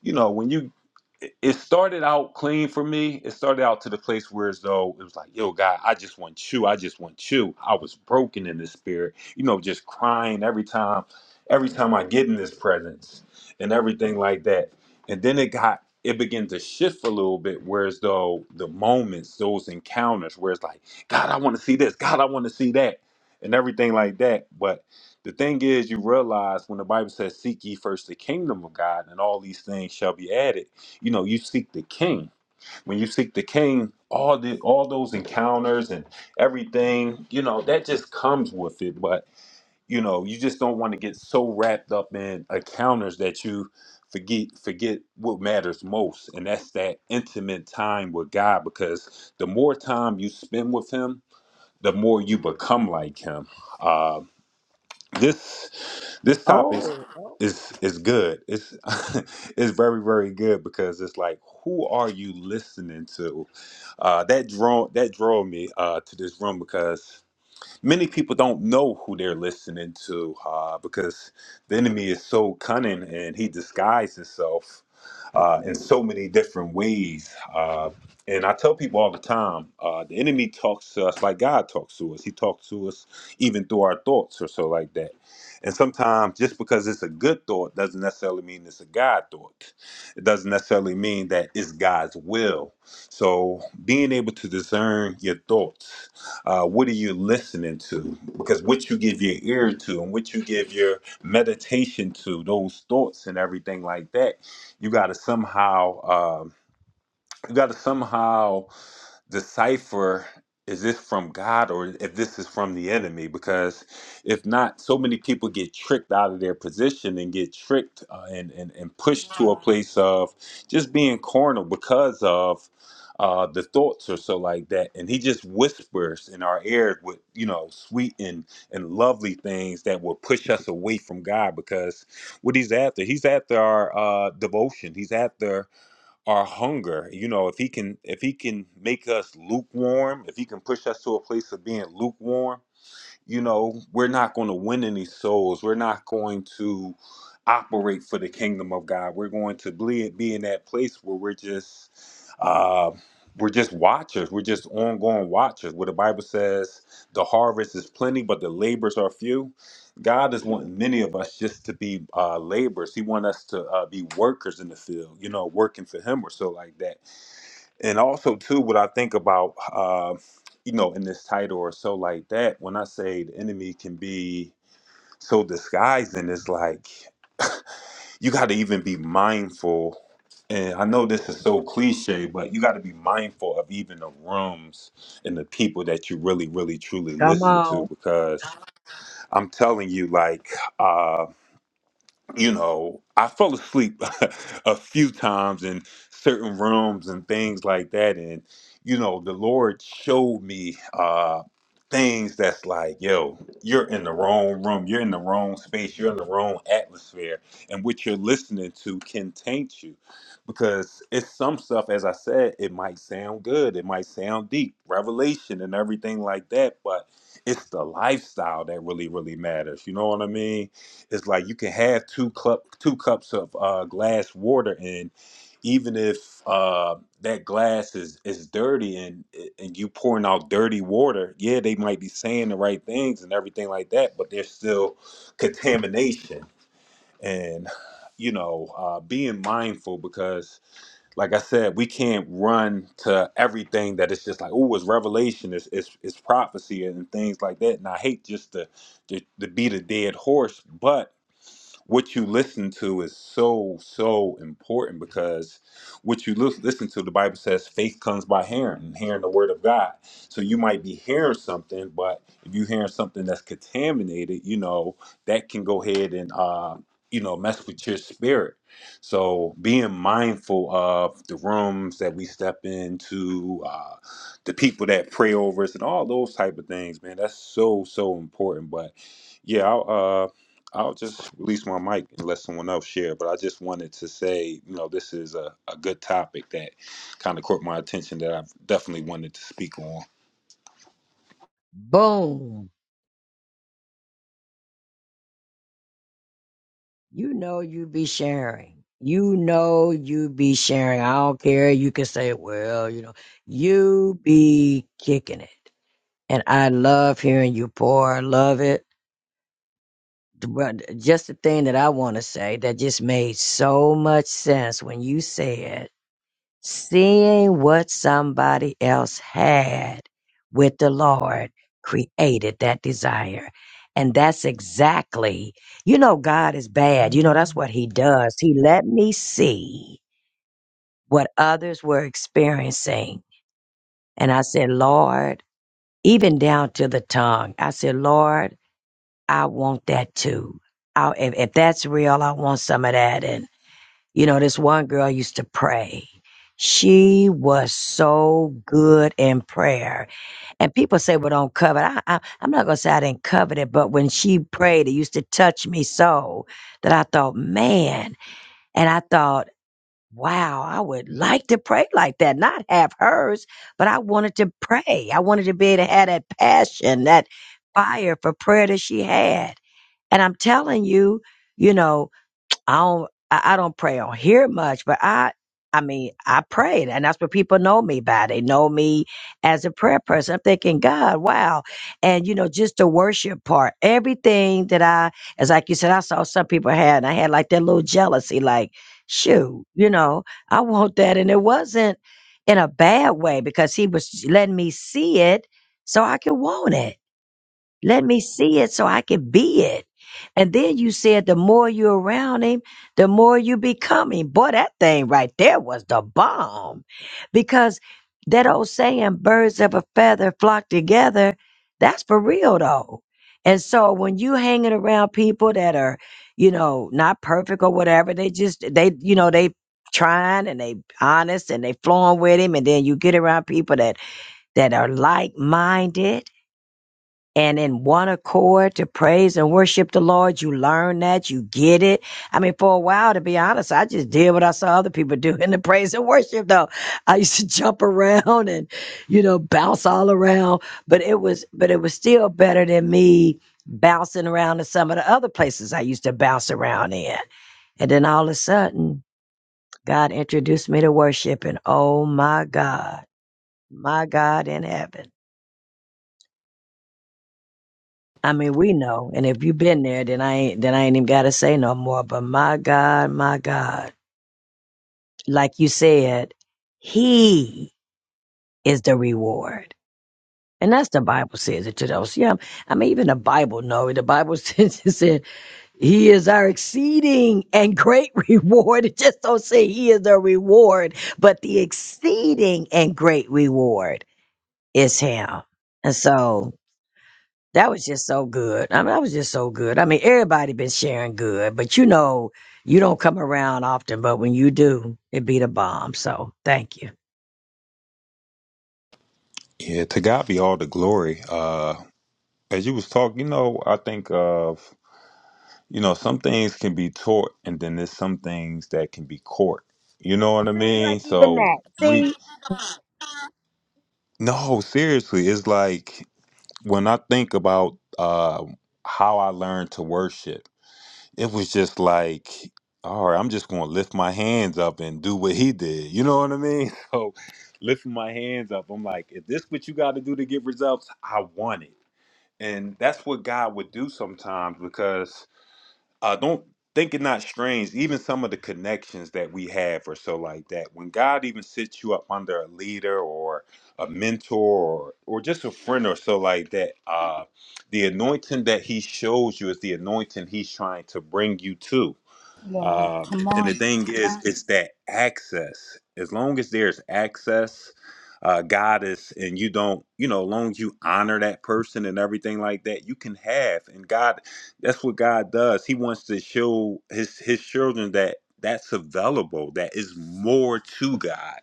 S6: you know, when you, it it started out clean for me. It started out to the place where as though it was like, yo, God, I just want you. I just want you. I was broken in the spirit, you know, just crying every time, every time I get in this presence and everything like that. And then it got, it began to shift a little bit, whereas though the moments, those encounters, where it's like, God, I want to see this. God, I want to see that, and everything like that. But the thing is, you realize when the Bible says, Seek ye first the kingdom of God, and all these things shall be added. You know, you seek the king. When you seek the king, all the all those encounters and everything, you know, that just comes with it. But you know, you just don't want to get so wrapped up in encounters that you forget forget what matters most, and that's that intimate time with God, because the more time you spend with him, the more you become like him. Uh, this this topic
S2: Oh, oh.
S6: is is good. It's it's very very good because it's like who are you listening to? Uh, that draw that drove me uh, to this room because many people don't know who they're listening to uh, because the enemy is so cunning and he disguises himself uh, in so many different ways. Uh, and I tell people all the time uh, the enemy talks to us like God talks to us, he talks to us even through our thoughts or so like that. And sometimes just because it's a good thought doesn't necessarily mean it's a God thought. It doesn't necessarily mean that it's God's will. So being able to discern your thoughts uh, what are you listening to? Because what you give your ear to and what you give your meditation to, those thoughts and everything like that, you got to somehow. Um, you got to somehow decipher is this from God or if this is from the enemy? Because if not, so many people get tricked out of their position and get tricked uh, and, and, and pushed to a place of just being carnal because of uh, the thoughts or so like that. And he just whispers in our ears with, you know, sweet and, and lovely things that will push us away from God because what he's after, he's after our uh, devotion. He's after our hunger you know if he can if he can make us lukewarm if he can push us to a place of being lukewarm you know, we're not going to win any souls. We're not going to operate for the kingdom of God. We're going to be, be in that place where we're just, uh, we're just watchers. We're just ongoing watchers. Where the Bible says the harvest is plenty, but the labors are few. God is wanting many of us just to be uh, laborers. He wants us to uh, be workers in the field, you know, working for Him or so like that and also too what i think about uh, you know in this title or so like that when i say the enemy can be so disguising it's like you got to even be mindful and i know this is so cliche but you got to be mindful of even the rooms and the people that you really really truly
S2: Come
S6: listen to
S2: on.
S6: because i'm telling you like uh, you know, I fell asleep a few times in certain rooms and things like that. And, you know, the Lord showed me uh, things that's like, yo, you're in the wrong room, you're in the wrong space, you're in the wrong atmosphere. And what you're listening to can taint you because it's some stuff, as I said, it might sound good, it might sound deep, revelation and everything like that. But it's the lifestyle that really, really matters. You know what I mean? it's like you can have two cup two cups of uh, glass water and even if uh, that glass is is dirty and and you pouring out dirty water yeah they might be saying the right things and everything like that but there's still contamination and you know uh, being mindful because like i said we can't run to everything that it's just like oh it's revelation it's, it's it's prophecy and things like that and i hate just to to, to beat a dead horse but what you listen to is so so important because what you lis- listen to the bible says faith comes by hearing and hearing the word of god so you might be hearing something but if you're hearing something that's contaminated you know that can go ahead and uh you know mess with your spirit so being mindful of the rooms that we step into uh the people that pray over us and all those type of things man that's so so important but yeah I'll just release my mic and let someone else share. But I just wanted to say, you know, this is a, a good topic that kind of caught my attention that I've definitely wanted to speak on.
S2: Boom. You know you be sharing. You know you be sharing. I don't care. You can say, well, you know, you be kicking it. And I love hearing you pour. I love it. But Just the thing that I want to say that just made so much sense when you said Seeing what somebody else had with the Lord created that desire. And that's exactly, you know, God is bad. You know, that's what He does. He let me see what others were experiencing. And I said, Lord, even down to the tongue, I said, Lord, I want that too. I, if, if that's real, I want some of that. And you know, this one girl used to pray. She was so good in prayer. And people say, well, don't covet. I, I, I'm not going to say I didn't covet it, but when she prayed, it used to touch me so that I thought, man. And I thought, wow, I would like to pray like that, not have hers, but I wanted to pray. I wanted to be able to have that passion, that fire for prayer that she had. And I'm telling you, you know, I don't I, I don't pray on here much, but I I mean I prayed, and that's what people know me by. They know me as a prayer person. I'm thinking, God, wow, and you know, just the worship part, everything that I, as like you said, I saw some people had, and I had like that little jealousy, like, shoot, you know, I want that, and it wasn't in a bad way because He was letting me see it so I could want it let me see it so I can be it. And then you said the more you're around him, the more you become him. Boy, that thing right there was the bomb. Because that old saying, birds of a feather flock together, that's for real though. And so when you hanging around people that are, you know, not perfect or whatever, they just they, you know, they trying and they honest and they flowing with him. And then you get around people that that are like minded and in one accord to praise and worship the Lord. You learn that, you get it. I mean, for a while, to be honest, I just did what I saw other people do in the praise and worship, though. I used to jump around and, you know, bounce all around, but it was, but it was still better than me bouncing around in some of the other places I used to bounce around in. And then all of a sudden, God introduced me to worship, and oh my God, my God in heaven. I mean, we know, and if you've been there, then I ain't then I ain't even gotta say no more. But my God, my God, like you said, He is the reward, and that's the Bible says it to those. Yeah, I mean, even the Bible know it. the Bible says it said He is our exceeding and great reward. It just don't say He is the reward, but the exceeding and great reward is Him, and so. That was just so good. I mean, that was just so good. I mean, everybody been sharing good, but you know, you don't come around often, but when you do, it be the bomb. So thank you.
S6: Yeah, to God be all the glory. Uh, as you was talking, you know, I think of, you know, some things can be taught and then there's some things that can be caught. You know what I
S2: See,
S6: mean?
S2: like even
S6: So
S2: that.
S6: we,
S2: See,
S6: no, seriously, it's like when I think about uh, how I learned to worship it was just like, all right, I'm just going to lift my hands up and do what he did. You know what I mean? So lifting my hands up, I'm like, if this what you got to do to get results, I want it. And that's what God would do sometimes because uh, don't think it not strange. Even some of the connections that we have, or so like that. When God even sets you up under a leader or a mentor or, or just a friend or so like that, uh, the anointing that He shows you is the anointing He's trying to bring you to.
S4: Wow,
S6: Um,
S4: come
S6: and the
S4: on.
S6: thing is, it's that access. As long as there's access, uh, God is, and you don't, you know, as long as you honor that person and everything like that, you can have. And God, that's what God does. He wants to show his his children that that's available. That is more to God.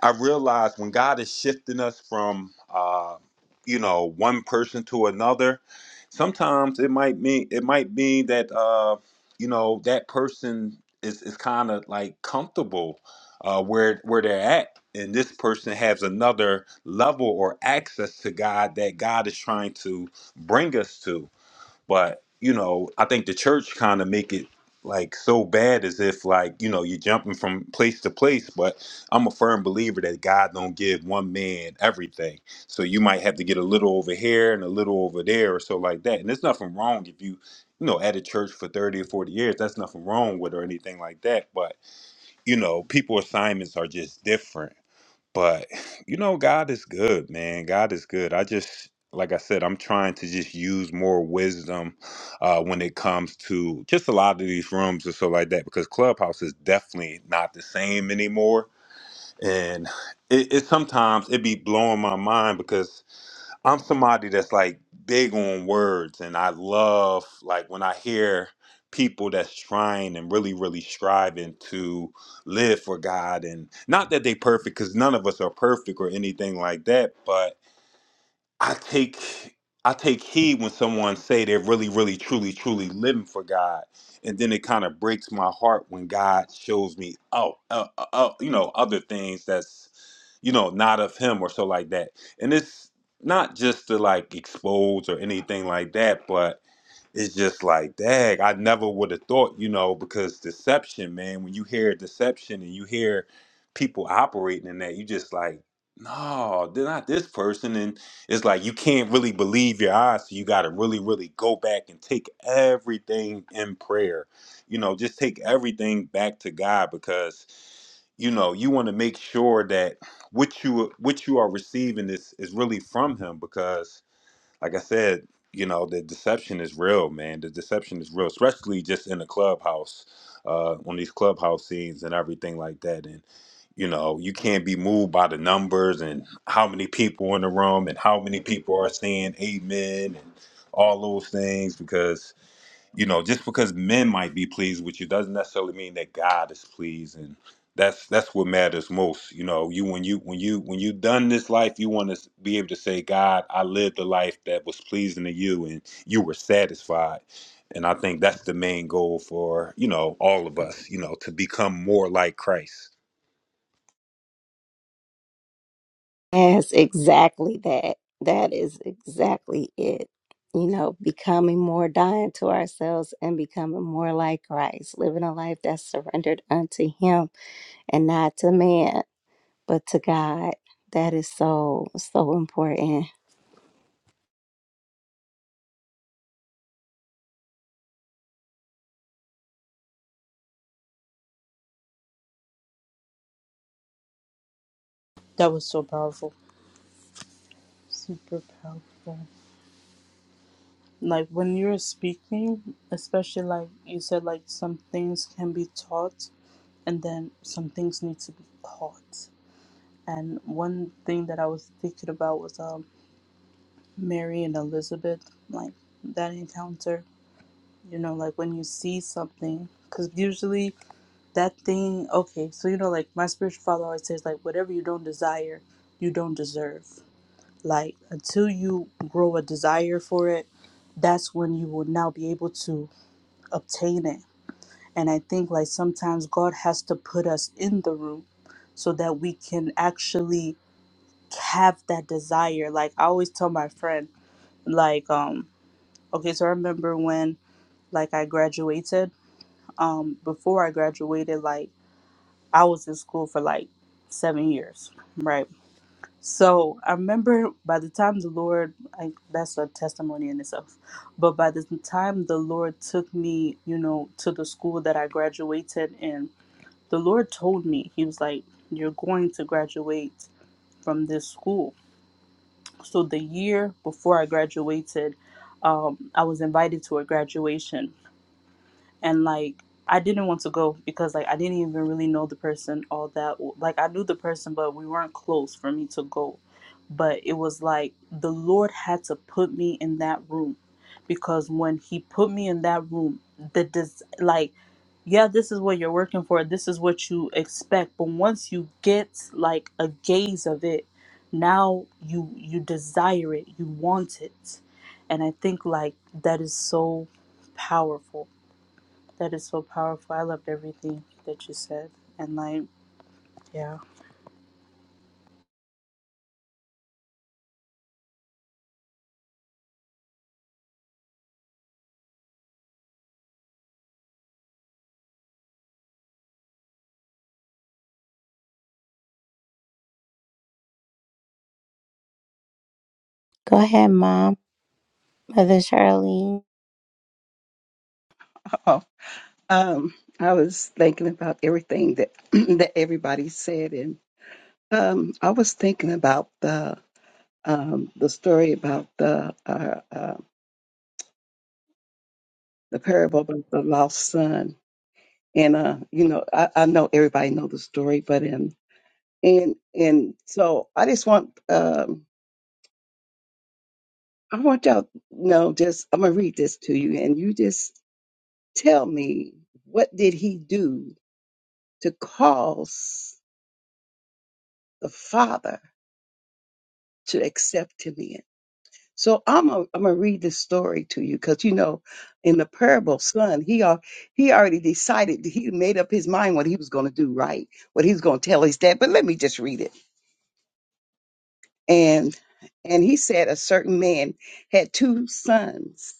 S6: I realized when God is shifting us from, uh, you know, one person to another, sometimes it might mean it might mean that. Um, you know that person is, is kind of like comfortable uh, where where they're at and this person has another level or access to god that god is trying to bring us to but you know i think the church kind of make it like so bad as if like you know you're jumping from place to place but i'm a firm believer that god don't give one man everything so you might have to get a little over here and a little over there or so like that and there's nothing wrong if you you know at a church for 30 or 40 years that's nothing wrong with or anything like that but you know people assignments are just different but you know, God is good, man. God is good. I just, like I said, I'm trying to just use more wisdom uh, when it comes to just a lot of these rooms and so like that, because Clubhouse is definitely not the same anymore. And it, it sometimes it be blowing my mind because I'm somebody that's like big on words, and I love like when I hear people that's trying and really, really striving to live for God, and not that they perfect, because none of us are perfect or anything like that, but I take I take heed when someone say they're really, really, truly, truly living for God, and then it kind of breaks my heart when God shows me, oh, uh, uh, uh, you know, other things that's, you know, not of Him or so like that. And it's not just to like expose or anything like that, but it's just like, dang, I never would have thought, you know, because deception, man. When you hear deception and you hear people operating in that, you just like, no, they're not this person, and it's like you can't really believe your eyes so you got to really really go back and take everything in prayer you know just take everything back to god because you know you want to make sure that what you what you are receiving is is really from him because like I said, you know, the deception is real, man. The deception is real, especially just in the clubhouse, uh, on these clubhouse scenes and everything like that. And, you know, you can't be moved by the numbers and how many people in the room and how many people are saying amen and all those things because you know just because men might be pleased with you doesn't necessarily mean that god is pleased and that's that's what matters most you know you when you when you when you done this life you want to be able to say god i lived a life that was pleasing to you and you were satisfied and i think that's the main goal for you know all of us you know to become more like christ
S1: Yes, exactly that. That is exactly it. You know, becoming more dying to ourselves and becoming more like Christ, living a life that's surrendered unto Him and not to man, but to God. That is so, so important.
S4: That was so powerful. Super powerful. Like when you were speaking, especially like you said, like some things can be taught. and then some things need to be caught. And one thing that I was thinking about was um, Mary and Elizabeth, like that encounter, you know, like when you see something, because usually that thing, okay, so you know, like my spiritual father always says, like, whatever you don't desire, you don't deserve. Like, until you grow a desire for it, that's when you will now be able to obtain it And I think like sometimes God has to put us in the room so that we can actually have that desire. Like I always tell my friend, like, um, okay, so I remember when like I graduated, um, before I graduated, like I was in school for like seven years, right? So I remember by the time the Lord, I, that's a testimony in itself, but by the time the Lord took me, you know, to the school that I graduated in, the Lord told me, He was like, You're going to graduate from this school. So the year before I graduated, um, I was invited to a graduation and like I didn't want to go because like I didn't even really know the person all that like I knew the person but we weren't close for me to go but it was like the Lord had to put me in that room because when he put me in that room the des- like yeah this is what you're working for this is what you expect but once you get like a gaze of it now you you desire it you want it and I think like that is so powerful that is so powerful. I loved everything that you said. And like, yeah.
S1: Go ahead, Mom, Mother Charlene.
S5: Oh, um, I was thinking about everything that that everybody said, and um, I was thinking about the um, the story about the uh, uh, the parable about the lost son, and uh, you know, I, I know everybody know the story, but in and and so I just want um, I want y'all to know just I'm gonna read this to you, and you just tell me what did he do to cause the father to accept him in. So I'm a, I'm gonna read this story to you because you know, in the parable, son, he al- he already decided he made up his mind what he was gonna do, right? What he was gonna tell his dad. But let me just read it. And and he said a certain man had two sons,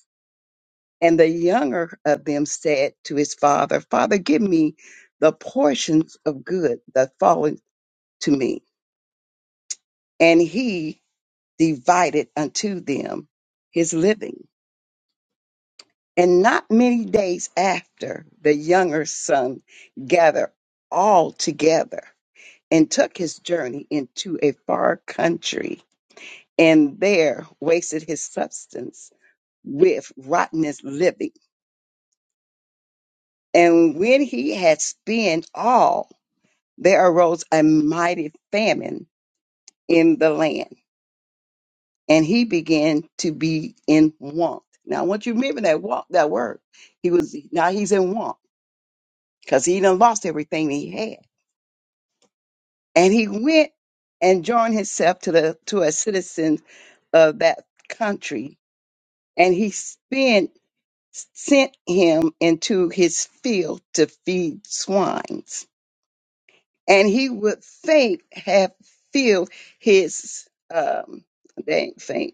S5: and the younger of them said to his father, Father, give me the portions of good that fallen to me. And he divided unto them his living. And not many days after, the younger son gathered all together and took his journey into a far country, and there wasted his substance with rottenness living. And when he had spent all, there arose a mighty famine in the land, and he began to be in want. Now, I want you to remember that want, that word. He was now he's in want because he done lost everything he had and he went and joined himself to the to a citizen of that country, and he spent sent him into his field to feed swines, and he would faint have filled his um they ain't faint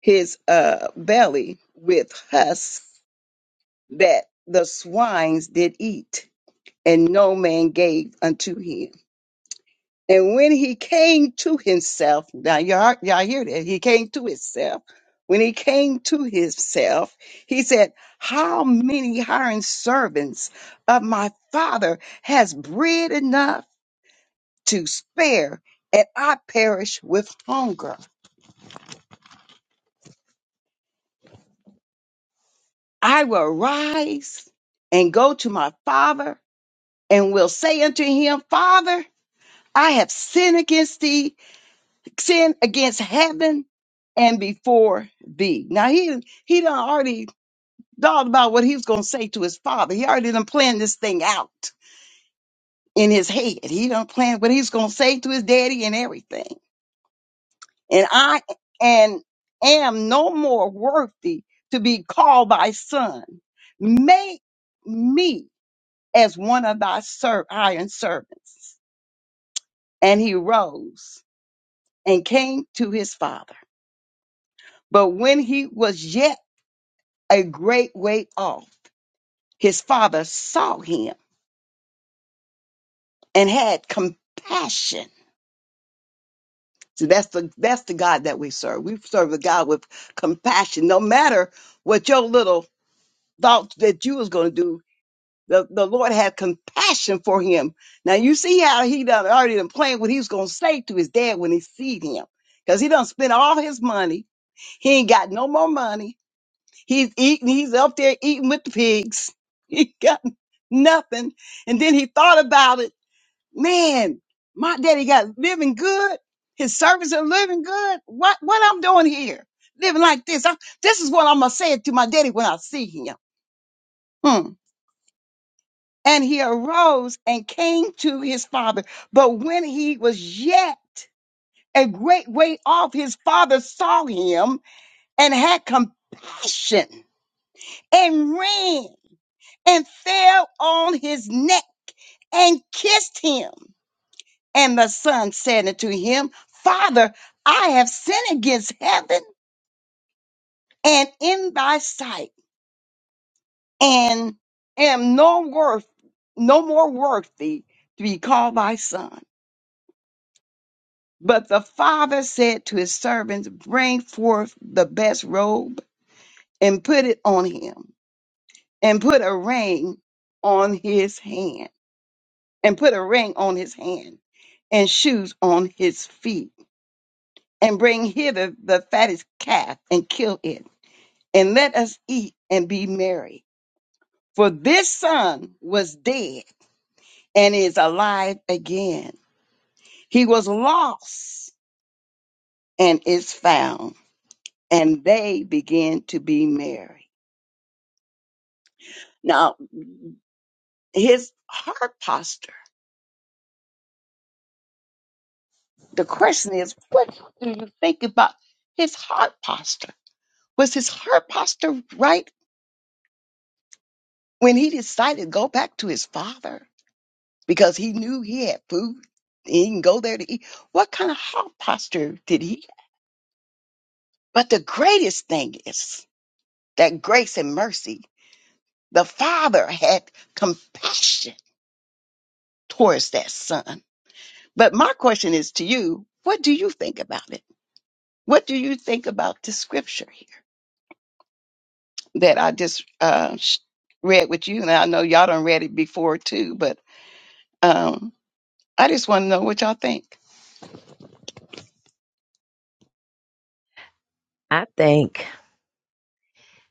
S5: his uh belly with husk that the swines did eat, and no man gave unto him And when he came to himself, now y'all, y'all hear that? He came to himself. When he came to himself, he said, How many hiring servants of my father has bread enough to spare, and I perish with hunger? I will rise and go to my father and will say unto him, Father, I have sinned against thee sin against heaven and before thee. Now he he done already thought about what he was gonna say to his father. He already done planned this thing out in his head. He done planned what he's gonna say to his daddy and everything. And I and am no more worthy to be called thy son. Make me as one of thy ser- iron servants. And he rose and came to his father. But when he was yet a great way off. His father saw him and had compassion. So that's the that's the God that we serve. We serve a God with compassion. No matter what your little thoughts that you was gonna do, the, the Lord had compassion for him. Now you see how he done already done planned what he was gonna say to his dad when he seed him. Because he done spent all his money. He ain't got no more money. He's eating, he's up there eating with the pigs. He got nothing. And then he thought about it. Man, my daddy got living good. His servants are living good. What what I'm doing here? Living like this. I, this is what I'm gonna say to my daddy when I see him. Hmm. And he arose and came to his father. But when he was yet a great way off, his father saw him and had compassion and ran and fell on his neck and kissed him. And the son said unto him, Father, I have sinned against heaven and in thy sight, and am no worth, no more worthy to be called thy son. But the father said to his servants, Bring forth the best robe and put it on him, and put a ring on his hand, and put a ring on his hand, and shoes on his feet and bring hither the fattest calf and kill it, and let us eat and be merry. For this son was dead and is alive again. He was lost and is found. And they began to be merry. Now, his heart posture. The question is, what do you think about his heart posture? Was his heart posture right when he decided to go back to his father? because he knew he had food. He can go there to eat. What kind of heart posture did he have? But the greatest thing is that grace and mercy. The father had compassion towards that son. But my question is to you, what do you think about it? What do you think about the scripture here that I just uh, sh- read with you? And I know y'all done read it before too, but um, I just want to know what y'all think.
S2: I think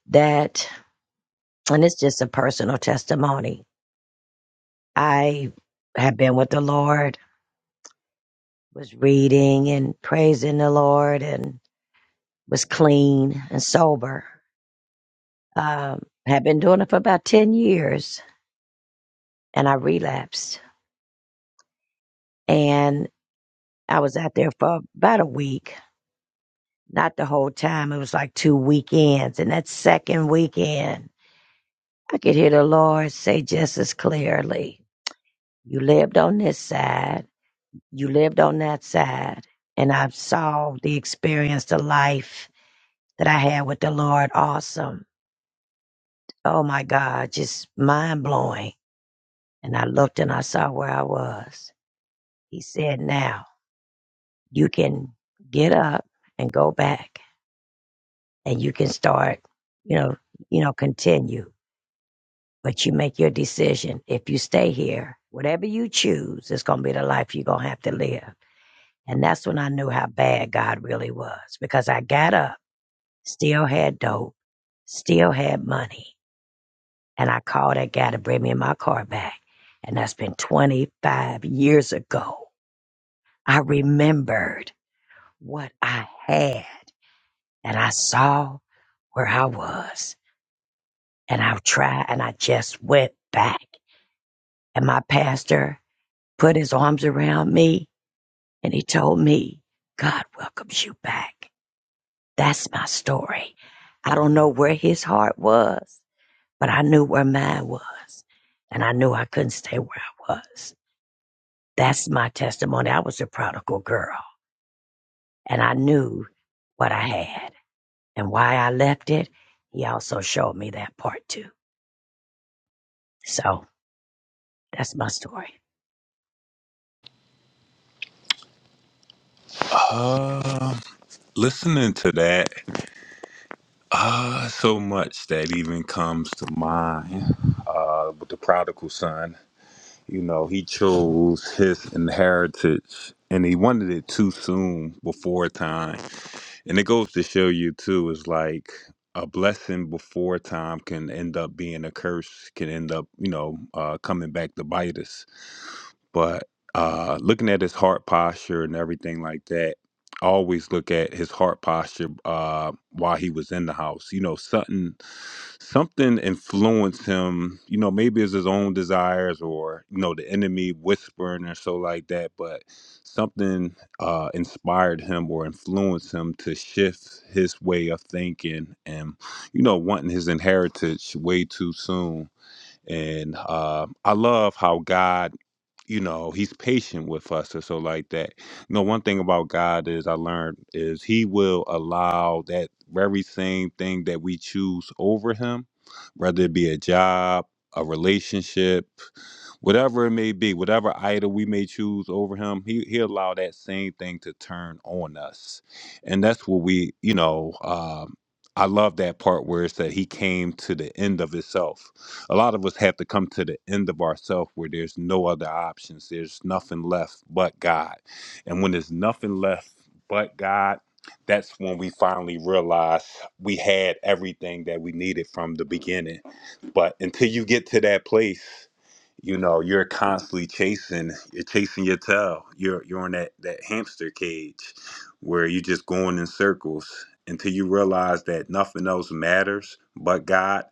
S2: that, and it's just a personal testimony. I have been with the Lord, was reading and praising the Lord, and was clean and sober. Um, had been doing it for about 10 years, and I relapsed. and. I was out there for about a week, not the whole time. It was like two weekends. And that second weekend, I could hear the Lord say just as clearly, You lived on this side, you lived on that side. And I saw the experience, the life that I had with the Lord. Awesome. Oh my God, just mind blowing. And I looked and I saw where I was. He said, Now you can get up and go back and you can start, you know, you know, continue. But you make your decision. If you stay here, whatever you choose, it's gonna be the life you're gonna have to live. And that's when I knew how bad God really was because I got up, still had dope, still had money, and I called that guy to bring me my car back. And that's been 25 years ago. I remembered what I had and I saw where I was and I've tried and I just went back. And my pastor put his arms around me and he told me, God welcomes you back. That's my story. I don't know where his heart was, but I knew where mine was. And I knew I couldn't stay where I was. That's my testimony. I was a prodigal girl and I knew what I had and why I left it. He also showed me that part too. So that's my story.
S6: uh, listening to that uh so much that even comes to mind uh with the prodigal son You know, he chose his inheritance and he wanted it too soon before time. And it goes to show you too, is like a blessing before time can end up being a curse, can end up, you know, uh, coming back to bite us but uh, looking at his heart posture and everything like that, I always look at his heart posture uh, while he was in the house. You know, something something influenced him. You know, maybe it's his own desires or you know the enemy whispering or so like that. But something uh, inspired him or influenced him to shift his way of thinking and you know wanting his inheritance way too soon. And uh, I love how God you know he's patient with us or so like that you know one thing about god is i learned is he will allow that very same thing that we choose over him whether it be a job a relationship whatever it may be, whatever idol we may choose over him, he he allow that same thing to turn on us, and that's what we, you know. Um, I love that part where it said he came to the end of himself. A lot of us have to come to the end of ourself where there's no other options. There's nothing left but God. And when there's nothing left but God, that's when we finally realize we had everything that we needed from the beginning. But until you get to that place, you know you're constantly chasing you're chasing your tail you're you're on that that hamster cage where you're just going in circles until you realize that nothing else matters but god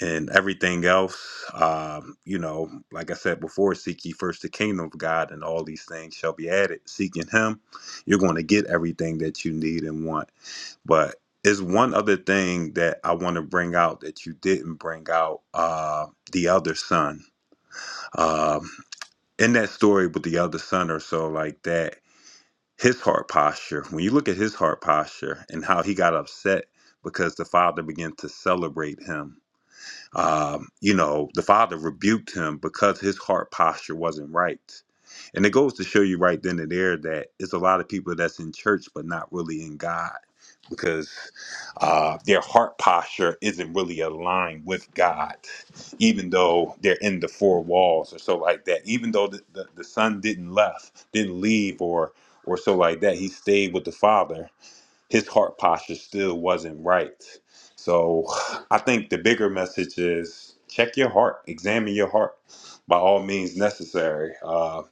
S6: and everything else um you know like i said before seek ye first the kingdom of god and all these things shall be added seeking him you're going to get everything that you need and want but is one other thing that I want to bring out that you didn't bring out uh, the other son. Um, in that story with the other son or so like that his heart posture when you look at his heart posture and how he got upset because the father began to celebrate him um, you know, the father rebuked him because his heart posture wasn't right. And it goes to show you right then and there that it's a lot of people that's in church but not really in God because uh, their heart posture isn't really aligned with God, even though they're in the four walls or so like that. Even though the, the, the son didn't left, didn't leave or or so like that, he stayed with the father his heart posture still wasn't right. So I think the bigger message is check your heart, examine your heart by all means necessary. Uh,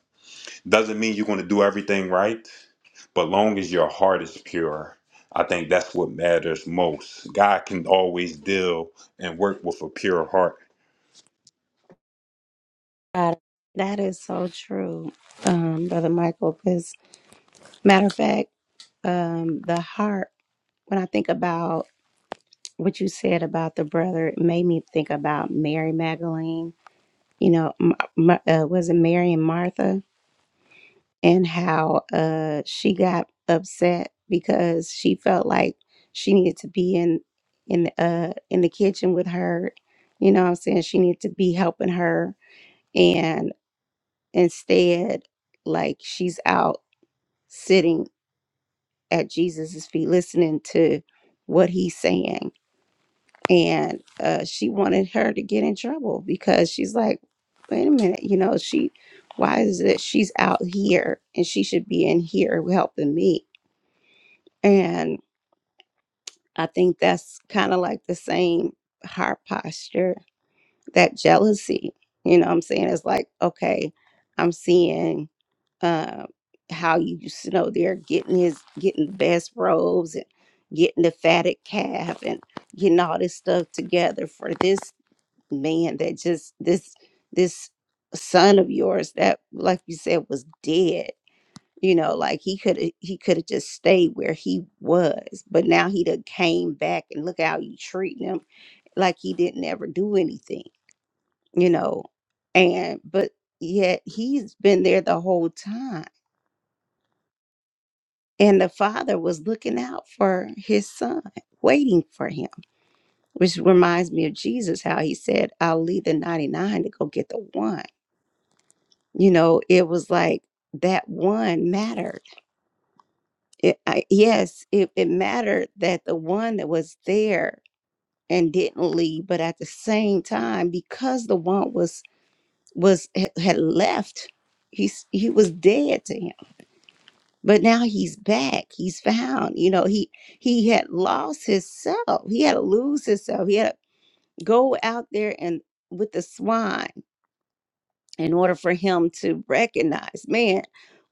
S6: doesn't mean you're going to do everything right, but long as your heart is pure, I think that's what matters most. God can always deal and work with a pure heart.
S1: God, That is so true, um, Brother Michael. Because, matter of fact, um, the heart, when I think about what you said about the brother it made me think about Mary Magdalene. You know, m- m- uh, was it Mary and Martha, and how uh, she got upset because she felt like she needed to be in in the, uh, in the kitchen with her. You know, what I'm saying she needed to be helping her, and instead, like she's out sitting at Jesus's feet, listening to what he's saying and uh, she wanted her to get in trouble because she's like, wait a minute, you know, she, why is it she's out here and she should be in here helping me? And I think that's kind of like the same heart posture, that jealousy. You know what I'm saying? It's like, okay, I'm seeing uh, how you, used to know, they're getting his, getting the best robes and getting the fatted calf and getting all this stuff together for this man that just this this son of yours that like you said was dead you know like he could have he could have just stayed where he was but now he done came back and look how you treating him like he didn't ever do anything you know and but yet he's been there the whole time and the father was looking out for his son waiting for him which reminds me of jesus how he said i'll leave the 99 to go get the one you know it was like that one mattered it, I, yes it, it mattered that the one that was there and didn't leave but at the same time because the one was was ha- had left he's he was dead to him but now he's back he's found you know he he had lost himself he had to lose himself he had to go out there and with the swine in order for him to recognize, man,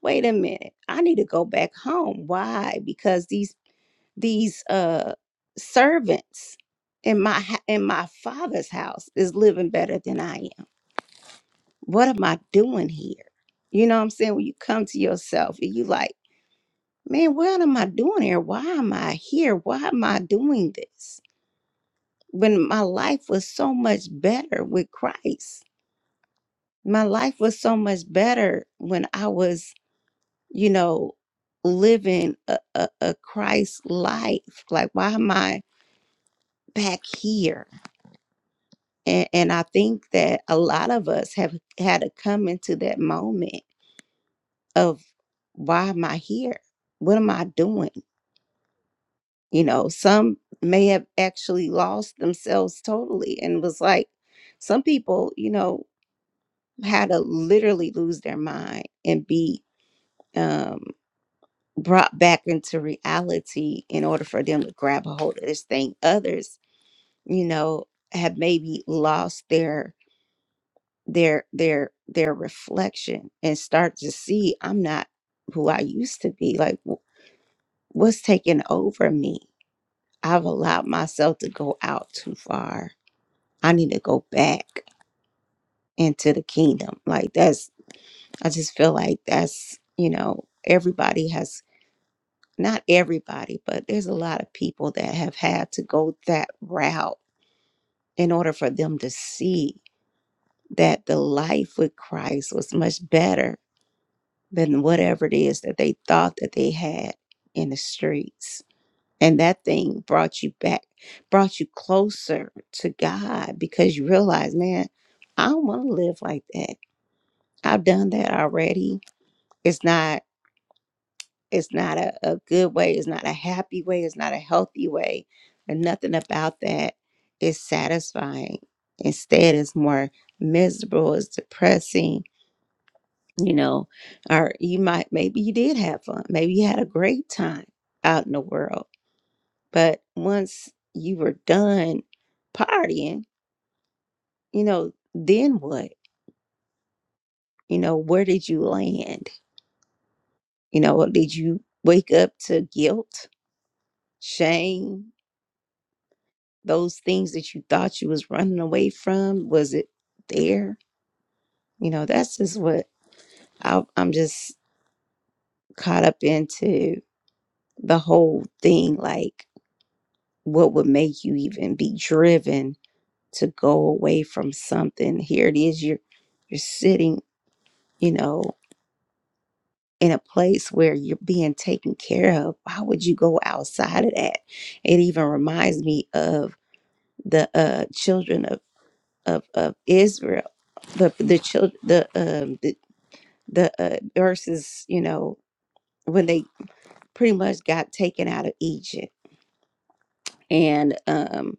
S1: wait a minute, I need to go back home. Why? Because these these uh servants in my ha- in my father's house is living better than I am. What am I doing here? You know what I'm saying? When you come to yourself and you like, man, what am I doing here? Why am I here? Why am I doing this? When my life was so much better with Christ. My life was so much better when I was you know, living a, a, a Christ life. Like, why am I back here? And, and I think that a lot of us have had to come into that moment of why am I here? What am I doing? You know, some may have actually lost themselves totally and was like, some people, you know, had to literally lose their mind and be um, brought back into reality in order for them to grab a hold of this thing others you know have maybe lost their their their their reflection and start to see i'm not who i used to be like wh- what's taking over me i've allowed myself to go out too far i need to go back into the kingdom like that's i just feel like that's you know everybody has not everybody, but there's a lot of people that have had to go that route in order for them to see that the life with Christ was much better than whatever it is that they thought that they had in the streets. And that thing brought you back, brought you closer to God because you realize, man, I don't want to live like that. I've done that already. It's not. It's not a, a good way. It's not a happy way. It's not a healthy way. And nothing about that is satisfying. Instead, it's more miserable. It's depressing. You know, or you might, maybe you did have fun. Maybe you had a great time out in the world. But once you were done partying, you know, then what? You know, where did you land? You know, did you wake up to guilt, shame? those things that you thought you was running away from was it there you know that's just what I, i'm just caught up into the whole thing like what would make you even be driven to go away from something here it is you're you're sitting you know in a place where you're being taken care of why would you go outside of that it even reminds me of the uh children of of, of israel the the children the um the the uh, verses, you know, when they pretty much got taken out of Egypt. And um,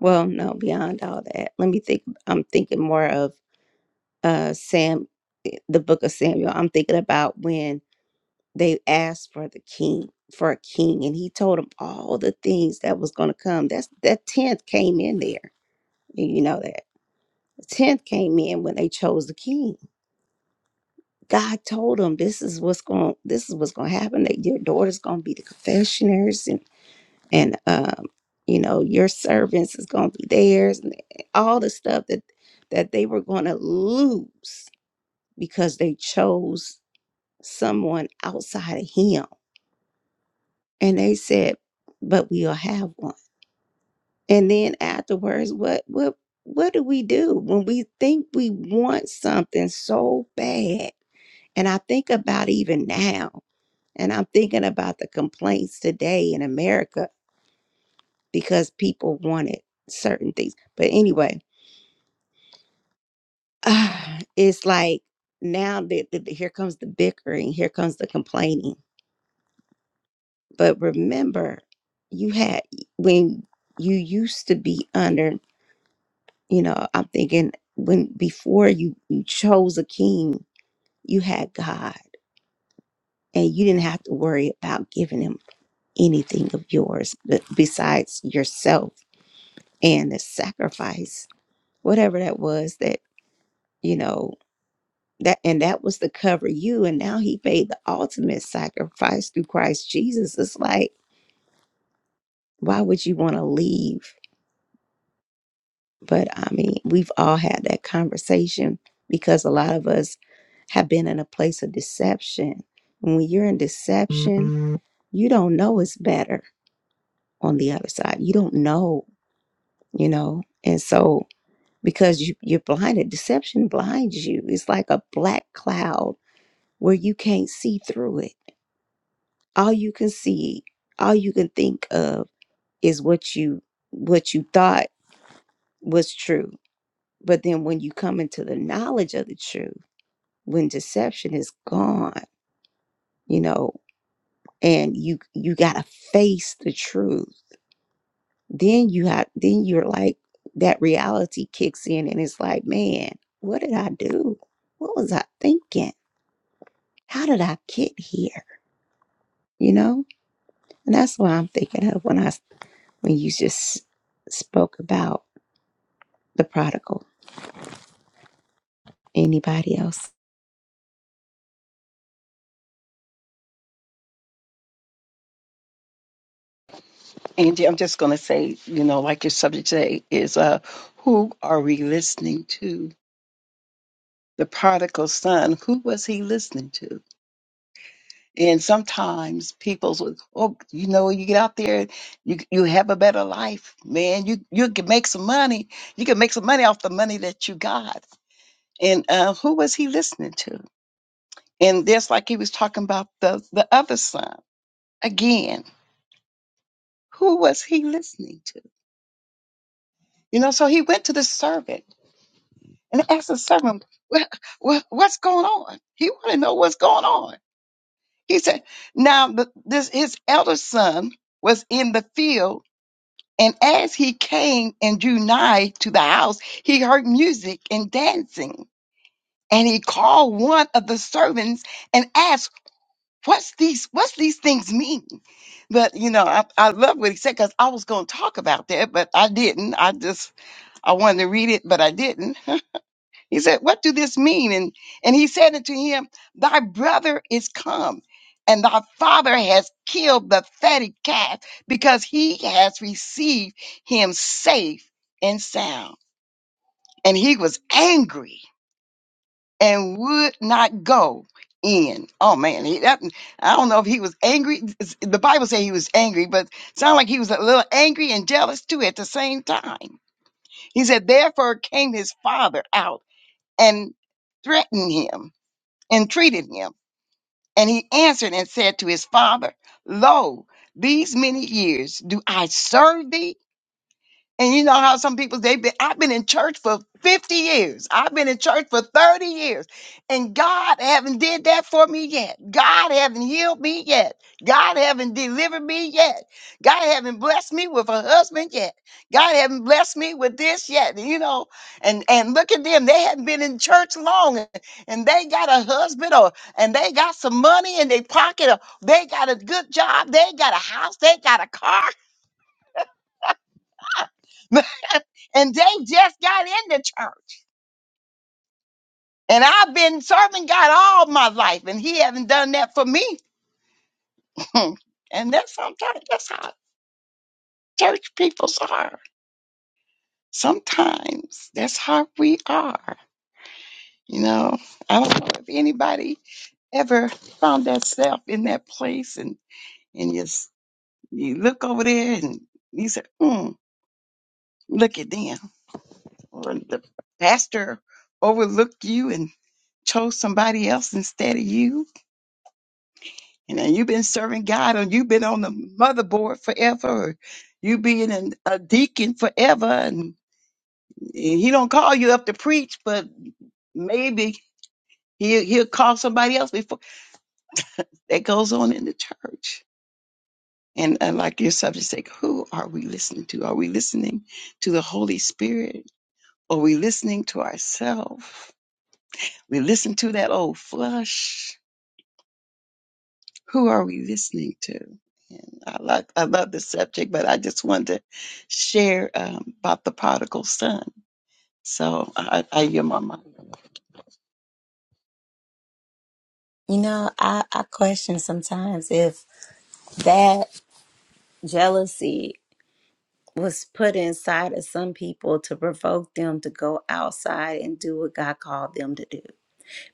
S1: well, no, beyond all that, let me think. I'm thinking more of uh, Sam, eh, the book of Samuel. I'm thinking about when they asked for the king, for a king, and he told them all the things that was going to come. That's that tenth came in there. You know that the tenth came in when they chose the king God told them this is what's going this is what's going to happen that your daughter's going to be the confessioners and and um you know your servants is going to be theirs and all the stuff that that they were going to lose because they chose someone outside of him and they said but we'll have one and then afterwards what what what do we do when we think we want something so bad and I think about even now And I'm thinking about the complaints today in America because people wanted certain things. But anyway, it's like now that that- here comes the bickering, here comes the complaining. But remember, you had when you used to be under, you know, I'm thinking when before you, you chose a king, you had God and you didn't have to worry about giving him anything of yours but besides yourself and the sacrifice whatever that was that you know that and that was to cover you and now he paid the ultimate sacrifice through christ jesus it's like why would you want to leave but i mean we've all had that conversation because a lot of us have been in a place of deception And when you're in deception Mhm. you don't know it's better on the other side you don't know you know and so because you, you're blinded deception blinds you it's like a black cloud where you can't see through it. All you can see, all you can think of is what you what you thought was true. But then when you come into the knowledge of the truth, when deception is gone, you know, and you you got to face the truth, then you have then you're like that reality kicks in and it's like, man, what did I do? What was I thinking? How did I get here? You know? And that's what I'm thinking of when I when you just spoke about the prodigal. Anybody else?
S5: Angie, I'm just going to say, you know, like your subject today is uh, who are we listening to? The prodigal son, who was he listening to? And sometimes people will, oh, you know, you get out there, you you have a better life, man. You you can make some money. You can make some money off the money that you got. And uh, who was he listening to? And just like he was talking about the the other son again, who was he listening to? You know, so he went to the servant and asked the servant, "Wha- wha- What's going on? He wanted to know what's going on. He said, Now, the, this his elder son was in the field, and as he came and drew nigh to the house, he heard music and dancing. And he called one of the servants and asked, What's these what's these things mean? But you know, I, I love what he said because I was gonna talk about that, but I didn't. I just I wanted to read it, but I didn't He said, What do this mean? And, and he said unto him, Thy brother is come, and thy father has killed the fatted calf, because he has received him safe and sound. And he was angry and would not go in. Oh man, he, that, I don't know if he was angry. The Bible says he was angry, but sound like he was a little angry and jealous too at the same time. He said, Therefore came his father out and threatened him entreated him. And he answered and said to his father, Lo, these many years do I serve thee and you know how some people they've been I've been in church for 50 years. I've been in church for 30 years. And God haven't did that for me yet. God haven't healed me yet. God haven't delivered me yet. God haven't blessed me with a husband yet. God haven't blessed me with this yet. You know, and and look at them. They hadn't been in church long and, and they got a husband or and they got some money in their pocket or they got a good job. They got a house. They got a car. and they just got in the church. And I've been serving God all my life, and He has not done that for me. and that's sometimes that's how church peoples are. Sometimes that's how we are. You know, I don't know if anybody ever found themselves in that place, and and you s- you look over there and you say, mm, "Look at them," or the pastor overlooked you and chose somebody else instead of you And then you've been serving God and you've been on the motherboard forever. Or you being an, a deacon forever and he don't call you up to preach, but maybe he'll, he'll call somebody else before that goes on in the church. And, and like your subject said, who are we listening to? Are we listening to the Holy Spirit? Are we listening to ourselves? We listen to that old flesh who are we listening to? And I love I love this subject, but I just wanted to share um, about the prodigal son. So I, I yield my mic.
S1: You know, I, I question sometimes if that jealousy was put inside of some people to provoke them to go outside and do what God called them to do.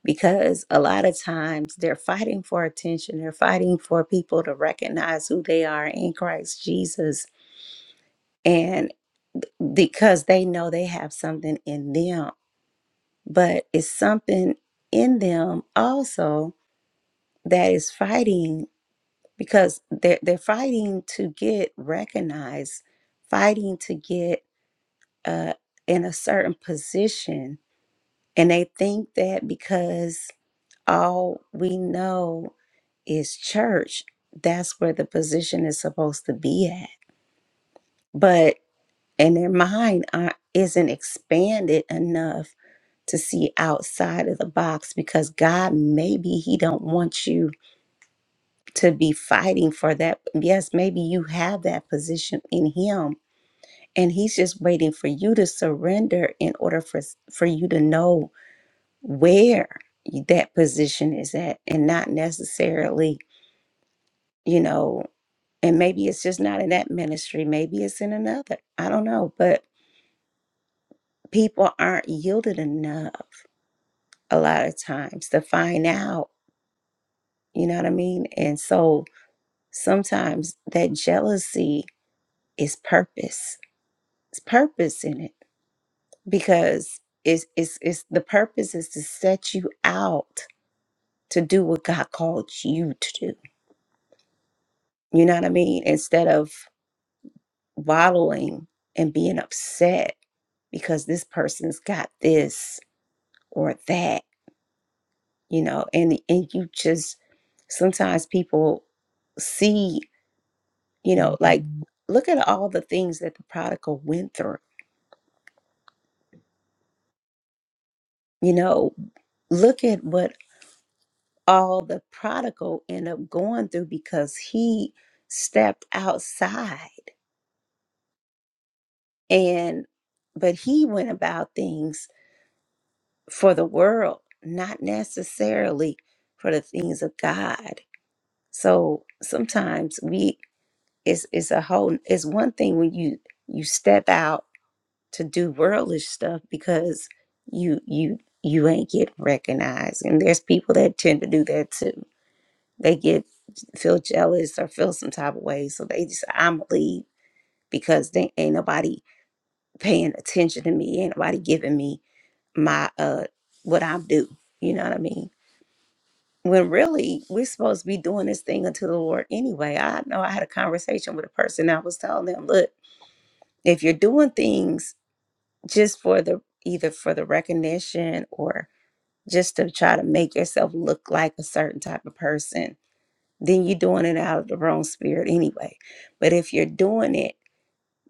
S1: because a lot of times they're fighting for attention. They're fighting for people to recognize who they are in Christ Jesus. And because they know they have something in them, but it's something in them also that is fighting because they're, they're fighting to get recognized, fighting to get uh, in a certain position. And they think that because all we know is church. That's where the position is supposed to be at. But and their mind aren't- isn't expanded enough to see outside of the box because God maybe he don't want you to be fighting for that. Yes, maybe you have that position in him and he's just waiting for you to surrender in order for for you to know where that position is at and not necessarily, you know, And maybe it's just not in that ministry, maybe it's in another. I don't know, but people aren't yielded enough a lot of times to find out, you know what I mean? And so sometimes that jealousy is purpose. It's purpose in it because it's it's, it's the purpose is to set you out to do what God called you to do. You know what I mean? Instead of wallowing and being upset because this person's got this or that, you know, and and you just sometimes people see, you know, like Mhm. look at all the things that the prodigal went through. You know, look at what all the prodigal end up going through because he stepped outside and but he went about things for the world, not necessarily for the things of God. So sometimes we it's it's a whole it's one thing when you you step out to do worldly stuff because you you you ain't getting recognized and there's people that tend to do that too they get feel jealous or feel some type of way so they just i'm going to leave because they ain't nobody paying attention to me ain't nobody giving me my uh what i'm due you know what i mean when really we're supposed to be doing this thing unto the lord anyway i know i had a conversation with a person i was telling them look if you're doing things just for the either for the recognition or just to try to make yourself look like a certain type of person, then you're doing it out of the wrong spirit anyway. But if you're doing it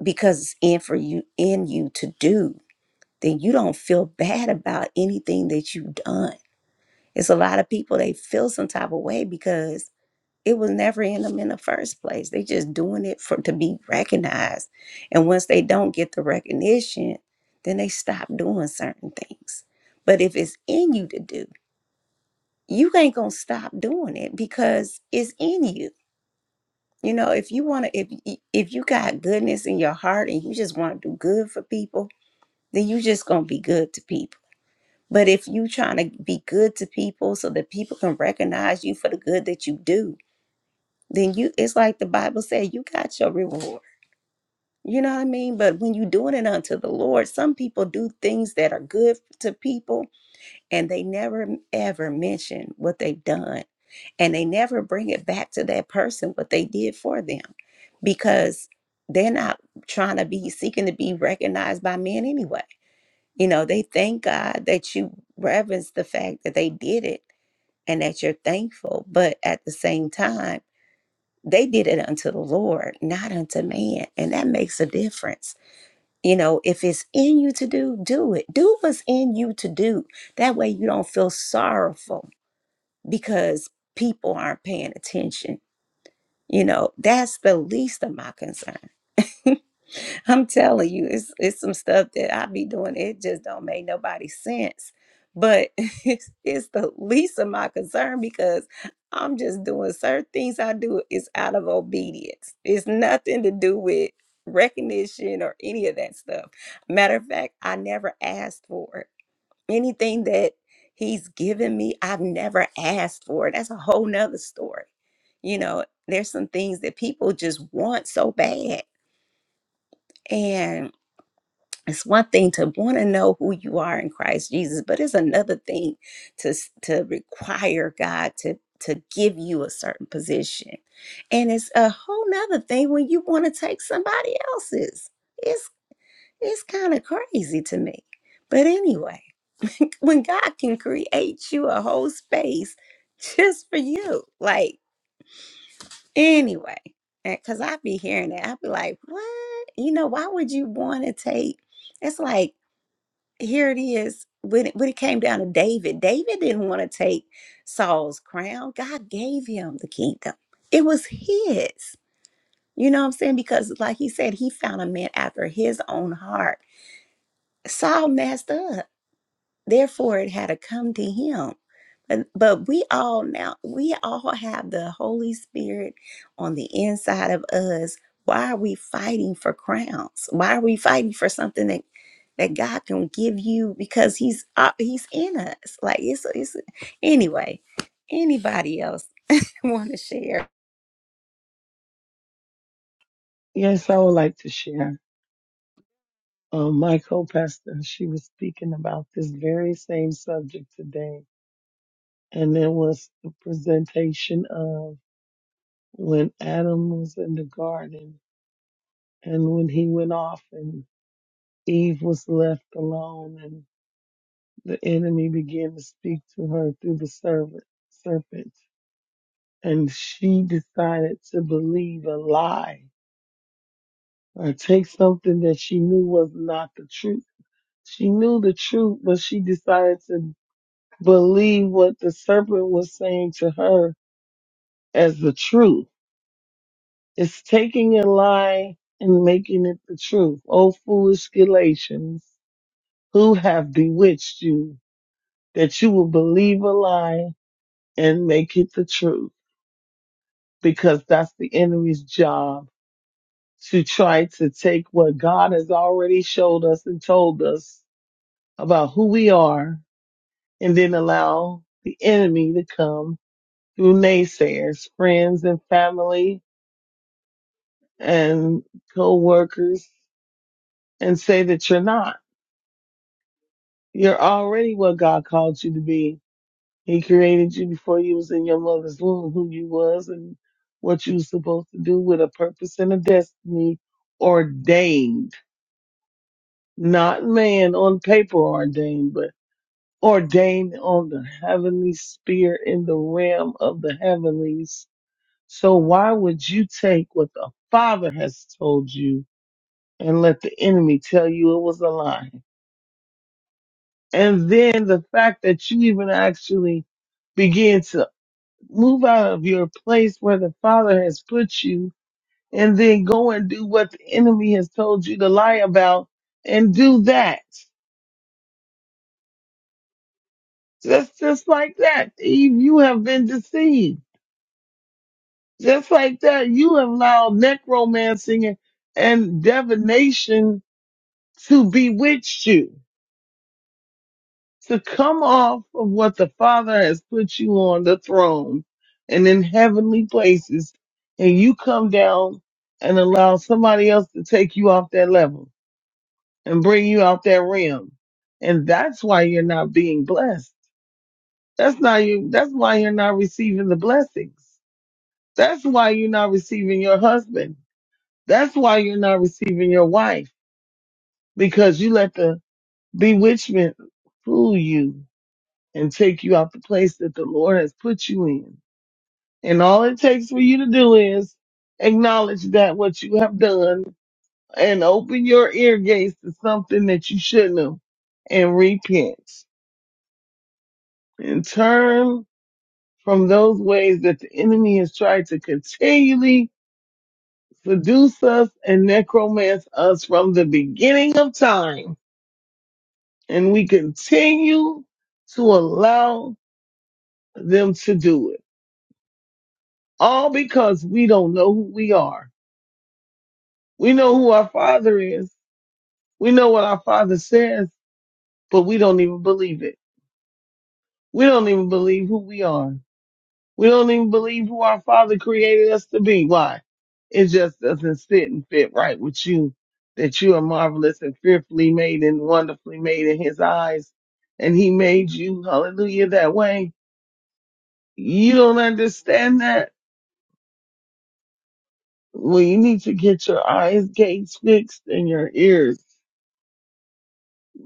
S1: because it's in for you in you to do, then you don't feel bad about anything that you've done. It's a lot of people they feel some type of way because it was never in them in the first place. They just doing it for to be recognized. And once they don't get the recognition, then they stop doing certain things. But if it's in you to do, you ain't gonna stop doing it because it's in you. You know, if you wanna if if you got goodness in your heart and you just wanna do good for people, then you just gonna be good to people. But if you trying to be good to people so that people can recognize you for the good that you do, then you it's like the Bible said, you got your reward. You know what I mean? But when you doing it unto the Lord, some people do things that are good to people and they never ever mention what they've done. And they never bring it back to that person what they did for them. Because they're not trying to be seeking to be recognized by men anyway. You know, they thank God that you reverence the fact that they did it and that you're thankful. But at the same time, they did it unto the Lord, not unto man. And that makes a difference. You know, if it's in you to do, do it. Do what's in you to do. That way you don't feel sorrowful because people aren't paying attention. You know, that's the least of my concern. I'm telling you, it's it's some stuff that I be doing. It just don't make nobody sense. But it's, it's the least of my concern because I'm just doing certain things I do is out of obedience. It's nothing to do with recognition or any of that stuff. Matter of fact, I never asked for it. Anything that he's given me, I've never asked for it. That's a whole nother story. You know, there's some things that people just want so bad it's one thing to want to know who you are in Christ Jesus, but it's another thing to s- to require God to to give you a certain position, and it's a whole nother thing when you want to take somebody else's. It's it's kind of crazy to me, but anyway, when God can create you a whole space just for you, like anyway, because I be hearing that, I be like, what? You know, why would you want to take? It's like here it is when it, when it came down to david david didn't want to take saul's crown god gave him the kingdom it was his you know what i'm saying because like he said he found a man after his own heart saul messed up Therefore, it had to come to him. But, but we all now, we all have the Holy Spirit on the inside of us. Why are we fighting for crowns? Why are we fighting for something that, that God can give you because he's, uh, he's in us. Like it's, it's, anyway, anybody else want to share?
S7: Yes, I would like to share. Um, my co-pastor, she was speaking about this very same subject today, and it was the presentation of when Adam was in the garden and when he went off and Eve was left alone and the enemy began to speak to her through the servant, serpent. And she decided to believe a lie or take something that she knew was not the truth she knew the truth, but she decided to believe what the serpent was saying to her as the truth. It's taking a lie and making it the truth. O foolish Galatians, who have bewitched you that you will believe a lie and make it the truth? Because that's the enemy's job to try to take what God has already showed us and told us about who we are and then allow the enemy to come through naysayers, friends and family and co-workers and say that you're not. You're already what God called you to be. He created you before you was in your mother's womb, who you was and what you was supposed to do with a purpose and a destiny ordained, not man on paper ordained, but ordained on the heavenly sphere in the realm of the heavenlies. So why would you take what the Father has told you and let the enemy tell you it was a lie? And then the fact that you even actually begin to move out of your place where the Father has put you and then go and do what the enemy has told you to lie about and do that. Just, just like that, Eve, you have been deceived. Just like that, you have allowed necromancy and divination to bewitch you. to come off of what the Father has put you on the throne and in heavenly places, and you come down and allow somebody else to take you off that level and bring you out that realm. And that's why you're not being blessed. That's not you. That's why you're not receiving the blessings. That's why you're not receiving your husband. That's why you're not receiving your wife because you let the bewitchment fool you and take you out the place that the Lord has put you in. And all it takes for you to do is acknowledge that what you have done and open your ear gates to something that you shouldn't have and repent and turn from those ways that the enemy has tried to continually seduce us and necromance us from the beginning of time. And we continue to allow them to do it all because we don't know who we are We know who our father is. We know what our father says, but we don't even believe it. We don't even believe who we are. We don't even believe who our father created us to be. Why? It just doesn't sit and fit right with you that you are marvelous and fearfully made and wonderfully made in his eyes. And he made you, hallelujah, that way. You don't understand that. Well, you need to get your eyes gates fixed and your ears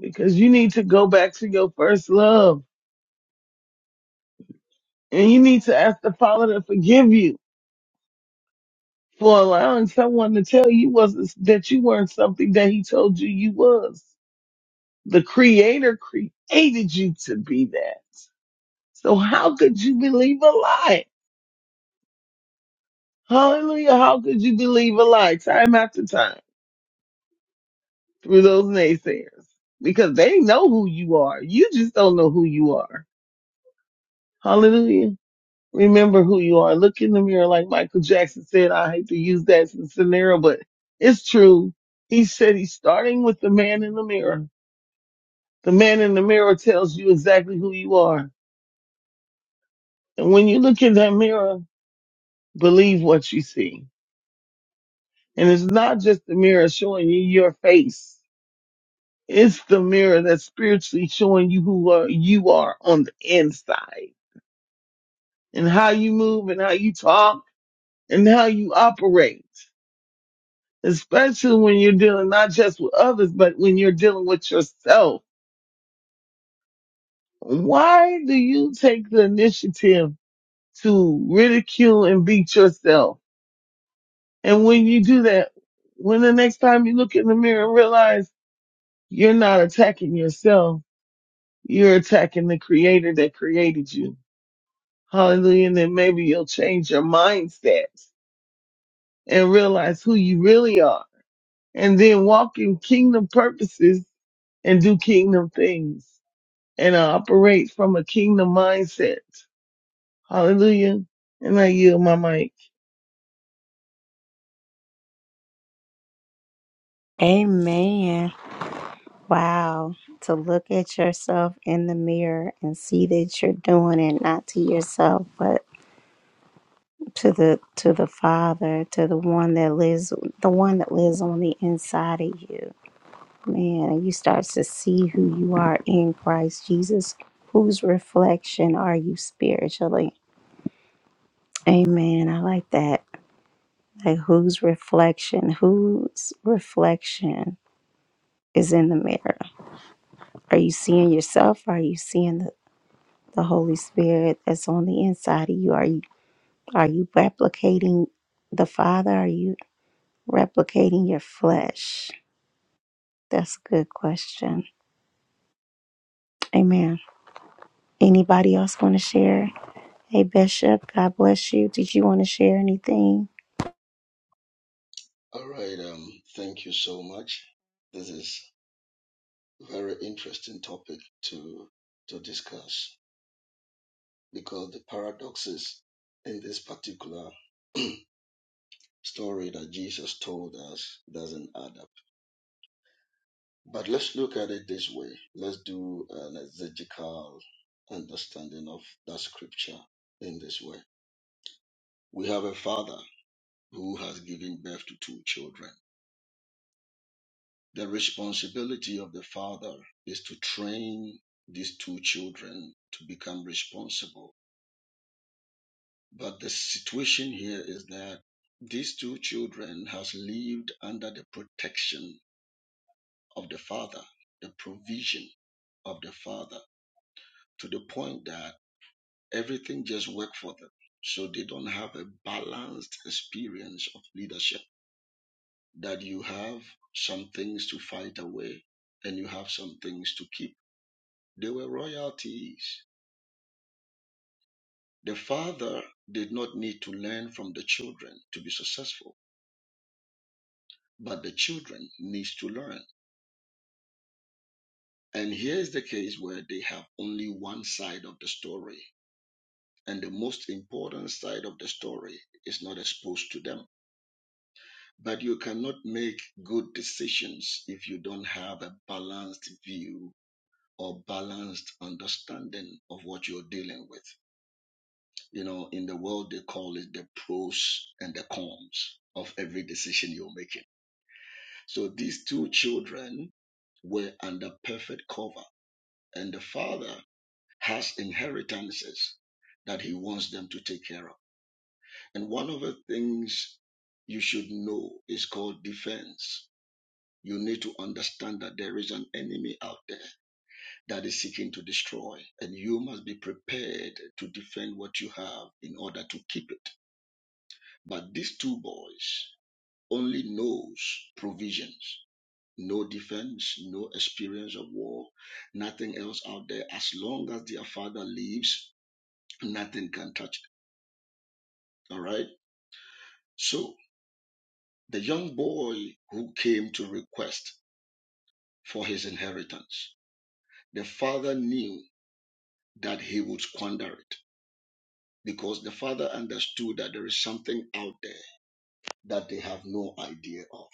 S7: because you need to go back to your first love And you need to ask the Father to forgive you for allowing someone to tell you was that you weren't something that He told you you was. The Creator created you to be that. So how could you believe a lie? Hallelujah! How could you believe a lie time after time through those naysayers? Because they know who you are. You just don't know who you are. Hallelujah. remember who you are. Look in the mirror, like Michael Jackson said. I hate to use that as a scenario, but it's true. He said he's starting with the man in the mirror. The man in the mirror tells you exactly who you are. And when you look in that mirror, believe what you see. And it's not just the mirror showing you your face. It's the mirror that's spiritually showing you who are, you are on the inside and how you move and how you talk and how you operate. especially when you're dealing not just with others, but when you're dealing with yourself. Why do you take the initiative to ridicule and beat yourself? And when you do that, when the next time you look in the mirror and realize you're not attacking yourself, you're attacking the creator that created you. Hallelujah. And then maybe you'll change your mindset and realize who you really are and then walk in kingdom purposes and do kingdom things. and I operate from a kingdom mindset. Hallelujah. And I yield my mic.
S1: Amen. Wow. To look at yourself in the mirror and see that you're doing it not to yourself, but to the to the Father, to the one that lives the one that lives on the inside of you. Man, and you start to see who you are in Christ Jesus. Whose reflection are you spiritually? Amen. I like that. Like whose reflection? Whose reflection is in the mirror? Are you seeing yourself? Are you seeing the, the Holy Spirit that's on the inside of you? Are you are you replicating the Father? Are you replicating your flesh? That's a good question. Amen. Anybody else want to share? Hey, Bishop, God bless you. Did you want to share anything?
S8: All right. Um, thank you so much. This is very interesting topic to to discuss because the paradoxes in this particular story that Jesus told us doesn't add up. But let's look at it this way. Let's do an exegetical understanding of that scripture in this way. We have a father who has given birth to two children. The responsibility of the father is to train these two children to become responsible. But the situation here is that these two children has lived under the protection of the father, the provision of the father, to the point that everything just worked for them. So they don't have a balanced experience of leadership. That you have some things to fight away and you have some things to keep They were royalties. The father did not need to learn from the children to be successful, but the children needs to learn. And here's the case where they have only one side of the story. And the most important side of the story is not exposed to them. But you cannot make good decisions if you don't have a balanced view or balanced understanding of what you're dealing with. You know, in the world, they call it the pros and the cons of every decision you're making. So these two children were under perfect cover, and the father has inheritances that he wants them to take care of. And one of the things you should know is called defense. You need to understand that there is an enemy out there that is seeking to destroy, and you must be prepared to defend what you have in order to keep it. But these two boys only knows provisions, no defense, no experience of war, nothing else out there. As long as their father lives, nothing can touch it. All right. So the young boy who came to request for his inheritance, the father knew that he would squander it because the father understood that there is something out there that they have no idea of.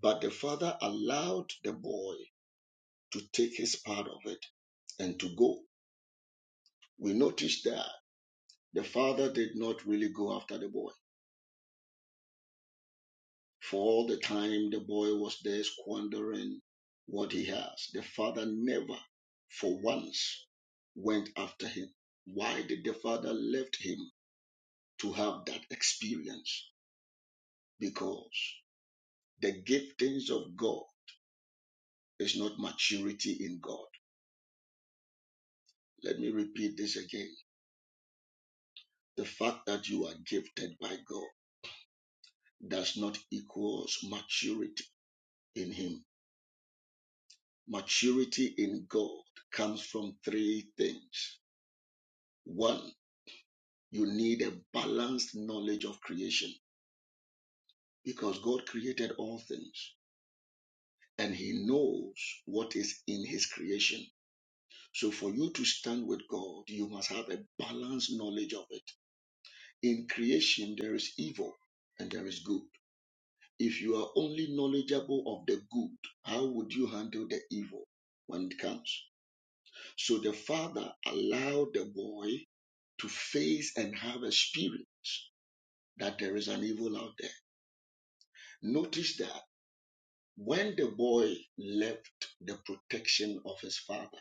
S8: But the father allowed the boy to take his part of it and to go. We noticed that the father did not really go after the boy. For all the time the boy was there squandering what he has, the father never for once went after him. Why did the father left him to have that experience? Because the giftings of God is not maturity in God. Let me repeat this again. The fact that you are gifted by God does not equals maturity in him. Maturity in God comes from three things. One, you need a balanced knowledge of creation because God created all things and he knows what is in his creation. So for you to stand with God, you must have a balanced knowledge of it. In creation, there is evil and there is good. If you are only knowledgeable of the good, how would you handle the evil when it comes? So the father allowed the boy to face and have experience that there is an evil out there. Notice that when the boy left the protection of his father,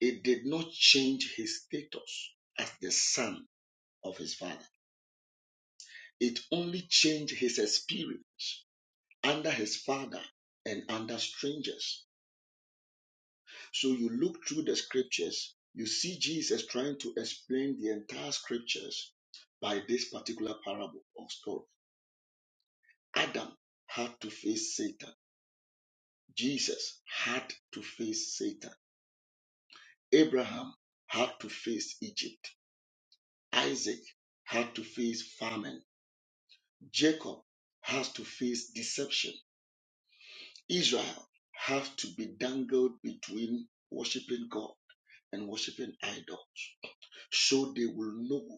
S8: it did not change his status as the son of his father. It only changed his experience under his father and under strangers. So you look through the scriptures, you see Jesus trying to explain the entire scriptures by this particular parable or story. Adam had to face Satan. Jesus had to face Satan. Abraham had to face Egypt. Isaac had to face famine. Jacob has to face deception. Israel has to be dangled between worshiping God and worshiping idols so they will know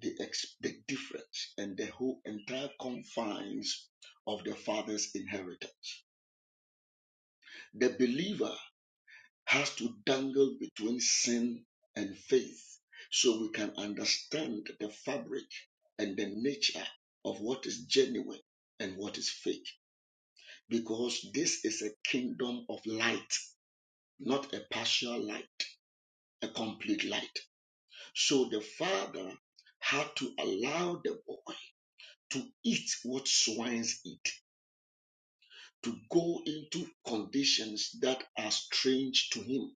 S8: the, ex- the difference and the whole entire confines of the father's inheritance. The believer has to dangle between sin and faith so we can understand the fabric and the nature of what is genuine and what is fake. Because this is a kingdom of light, not a partial light, a complete light. So the father had to allow the boy to eat what swines eat to go into conditions that are strange to him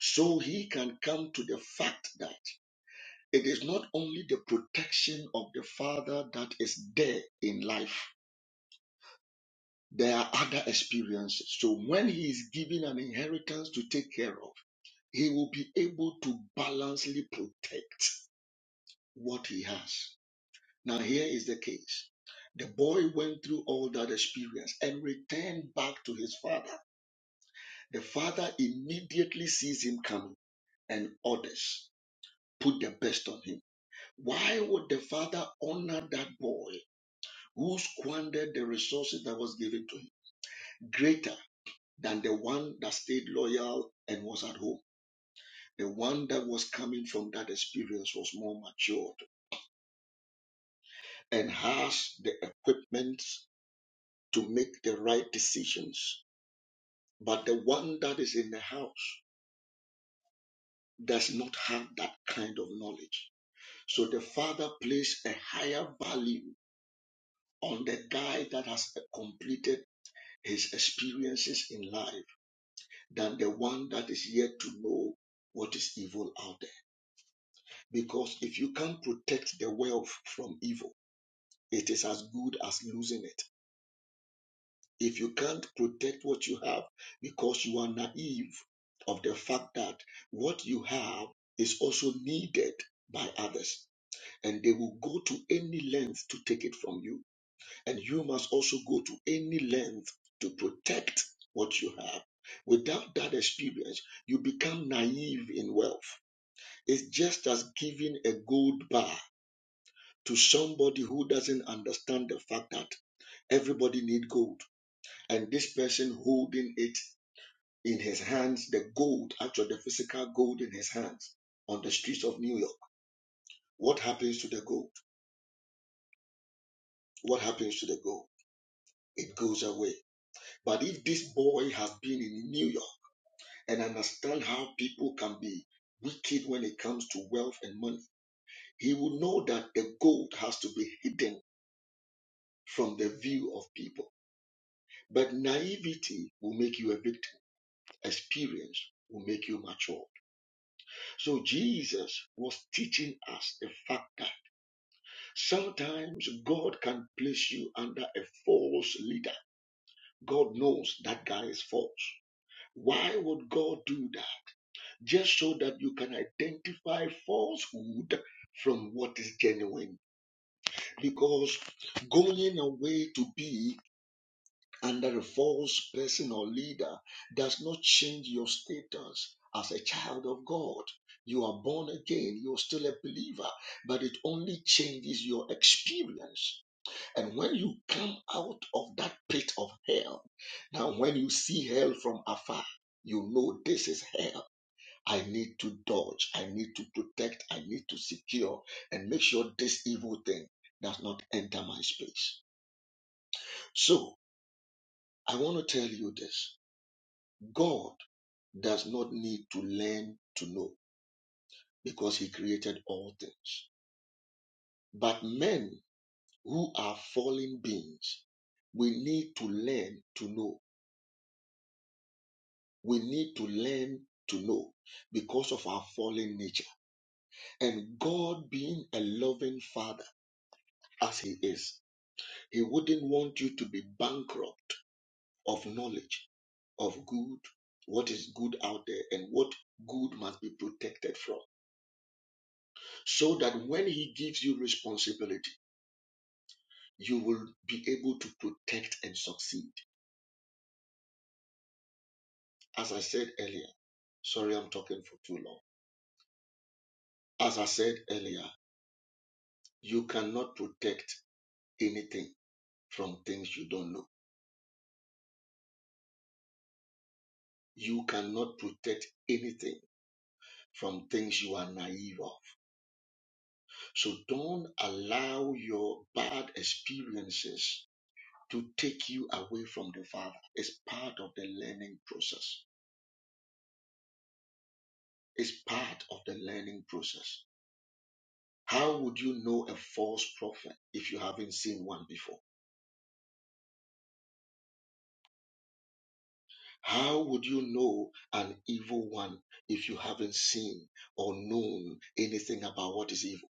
S8: so he can come to the fact that it is not only the protection of the father that is there in life there are other experiences so when he is given an inheritance to take care of he will be able to balancely protect what he has now here is the case the boy went through all that experience and returned back to his father The father immediately sees him coming and orders, put the best on him. Why would the father honor that boy who squandered the resources that was given to him greater than the one that stayed loyal and was at home? The one that was coming from that experience was more matured and has the equipment to make the right decisions. But the one that is in the house does not have that kind of knowledge So the Father placed a higher value on the guy that has completed his experiences in life than the one that is yet to know what is evil out there. Because if you can't protect the wealth from evil, it is as good as losing it. If you can't protect what you have because you are naive of the fact that what you have is also needed by others and they will go to any length to take it from you And you must also go to any length to protect what you have. Without that experience, you become naive in wealth. It's just as giving a gold bar to somebody who doesn't understand the fact that everybody needs gold and this person holding it in his hands the gold actually the physical gold in his hands on the streets of new york what happens to the gold what happens to the gold it goes away but if this boy has been in new york and understand how people can be wicked when it comes to wealth and money, he will know that the gold has to be hidden from the view of people. But naivety will make you a victim, experience will make you mature. So Jesus was teaching us the fact that sometimes God can place you under a false leader. God knows that guy is false. Why would God do that? just so that you can identify falsehood from what is genuine. Because going away to be under a false person or leader does not change your status as a child of God. You are born again, you're still a believer, but it only changes your experience. And when you come out of that pit of hell, now when you see hell from afar, you know this is hell I need to dodge, I need to protect, I need to secure and make sure this evil thing does not enter my space. So I want to tell you this God does not need to learn to know because he created all things. But men who are fallen beings, we need to learn to know. We need to learn to know because of our fallen nature. And God being a loving father as he is, He wouldn't want you to be bankrupt of knowledge of good, what is good out there, and what good must be protected from. So that when He gives you responsibility, you will be able to protect and succeed. As I said earlier, sorry I'm talking for too long. As I said earlier, you cannot protect anything from things you don't know. You cannot protect anything from things you are naive of So don't allow your bad experiences to take you away from the Father. It's part of the learning process. It's part of the learning process. How would you know a false prophet if you haven't seen one before? How would you know an evil one if you haven't seen or known anything about what is evil?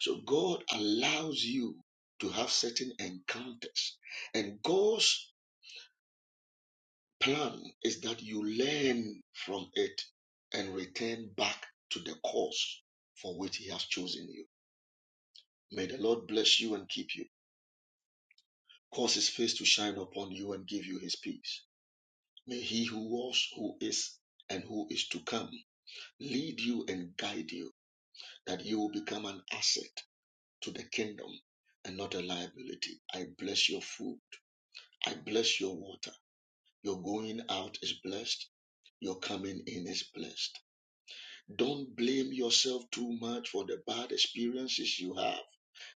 S8: So God allows you to have certain encounters and goes. plan is that you learn from it and return back to the course for which He has chosen you. May the Lord bless you and keep you, cause His face to shine upon you and give you His peace. May He who was, who is, and who is to come lead you and guide you, that you will become an asset to the kingdom and not a liability. I bless your food. I bless your water. Your going out is blessed. Your coming in is blessed Don't blame yourself too much for the bad experiences you have,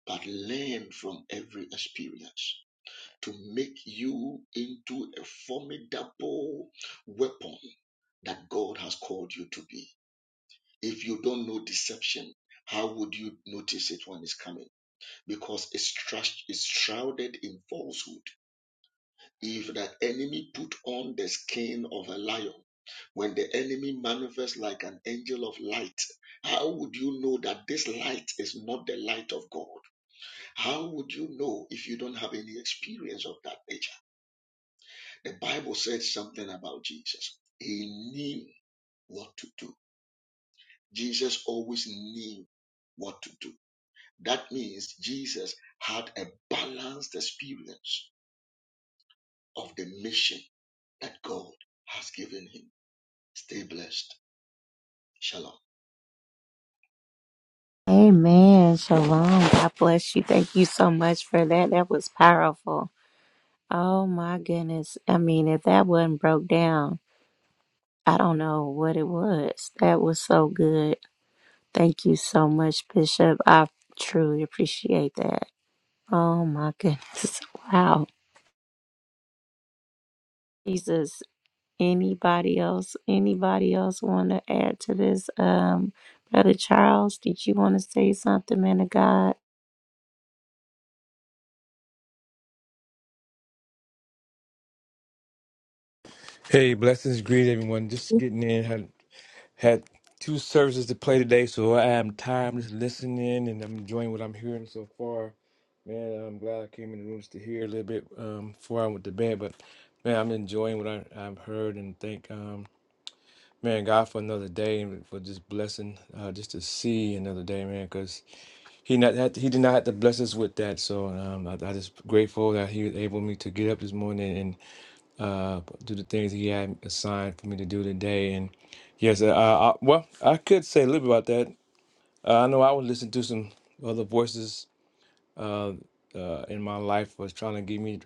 S8: but learn from every experience to make you into a formidable weapon that God has called you to be. If you don't know deception, how would you notice it when it's coming? Because it's, trust, it's shrouded in falsehood. If that enemy put on the skin of a lion, when the enemy manifests like an angel of light, how would you know that this light is not the light of God? How would you know if you don't have any experience of that nature? The Bible says something about Jesus. He knew what to do. Jesus always knew what to do. That means Jesus had a balanced experience of the mission that God has given him. Stay blessed. Shalom.
S1: Amen. Shalom. God bless you. Thank you so much for that. That was powerful. Oh my goodness. I mean, if that wasn't broke down, I don't know what it was. That was so good. Thank you so much, Bishop. I truly appreciate that. Oh my goodness. Wow. Jesus. Anybody else? Anybody else want to add to this? Um, Brother Charles, did you want to say something, man of God?
S9: Hey, blessings, greet everyone. Just getting in. Had had two services to play today, so I am time just listening and I'm enjoying what I'm hearing so far. Man, I'm glad I came in the rooms to hear a little bit um, before I went to bed. But man, I'm enjoying what I, I've heard and thank um, man God for another day and for just blessing, uh, just to see another day, man. Because he not had he did not have to bless us with that. So um, I, I just grateful that he was able me to get up this morning uh, do the things He had assigned for me to do today. And yes, uh, I, well, I could say a little bit about that. Uh, I know I was listening to some other voices uh, uh, in my life was trying to get me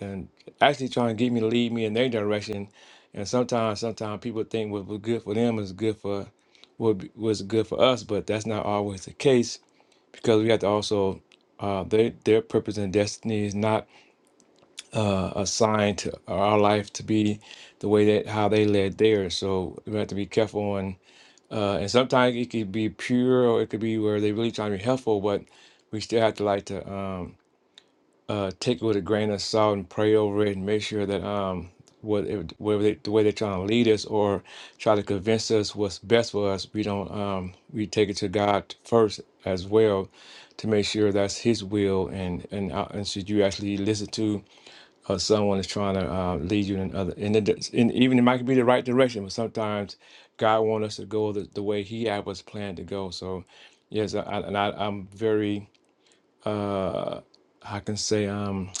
S9: and actually trying to get me to lead me in their direction. And sometimes, sometimes people think what was good for them is good for what be- was good for us, but that's not always the case because we have to also uh, their their purpose and destiny is not assigned to our life to be the way that how they led theirs. So we have to be careful on, uh, and sometimes it could be pure or it could be where they really trying to be helpful, but we still have to like to um, uh, take it with a grain of salt and pray over it and make sure that um, what it, whatever they, the way they're trying to lead us or try to convince us what's best for us, we don't um, we take it to God first as well to make sure that's His will and and uh, and should you actually listen to or someone is trying to uh, lead you in other in, the, di- in even it might be the right direction but sometimes god wants us to go the, the way he had was planned to go so yes I, I- and I, i'm very uh i can say um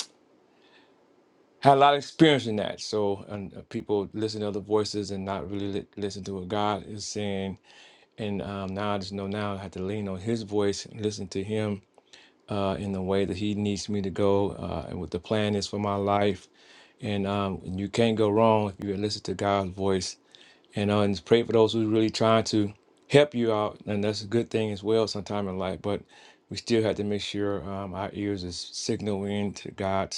S9: had a lot of experience in that so and uh, people listen to other voices and not really li- listen to what god is saying and um now i just know now i have to lean on his voice and listen to him uh, in the way that He needs me to go uh, and what the plan is for my life. And um, you can't go wrong if you listen to God's voice. And, uh, and pray for those who's really trying to help you out. And that's a good thing as well sometime in life. But we still have to make sure um, our ears is signaling to God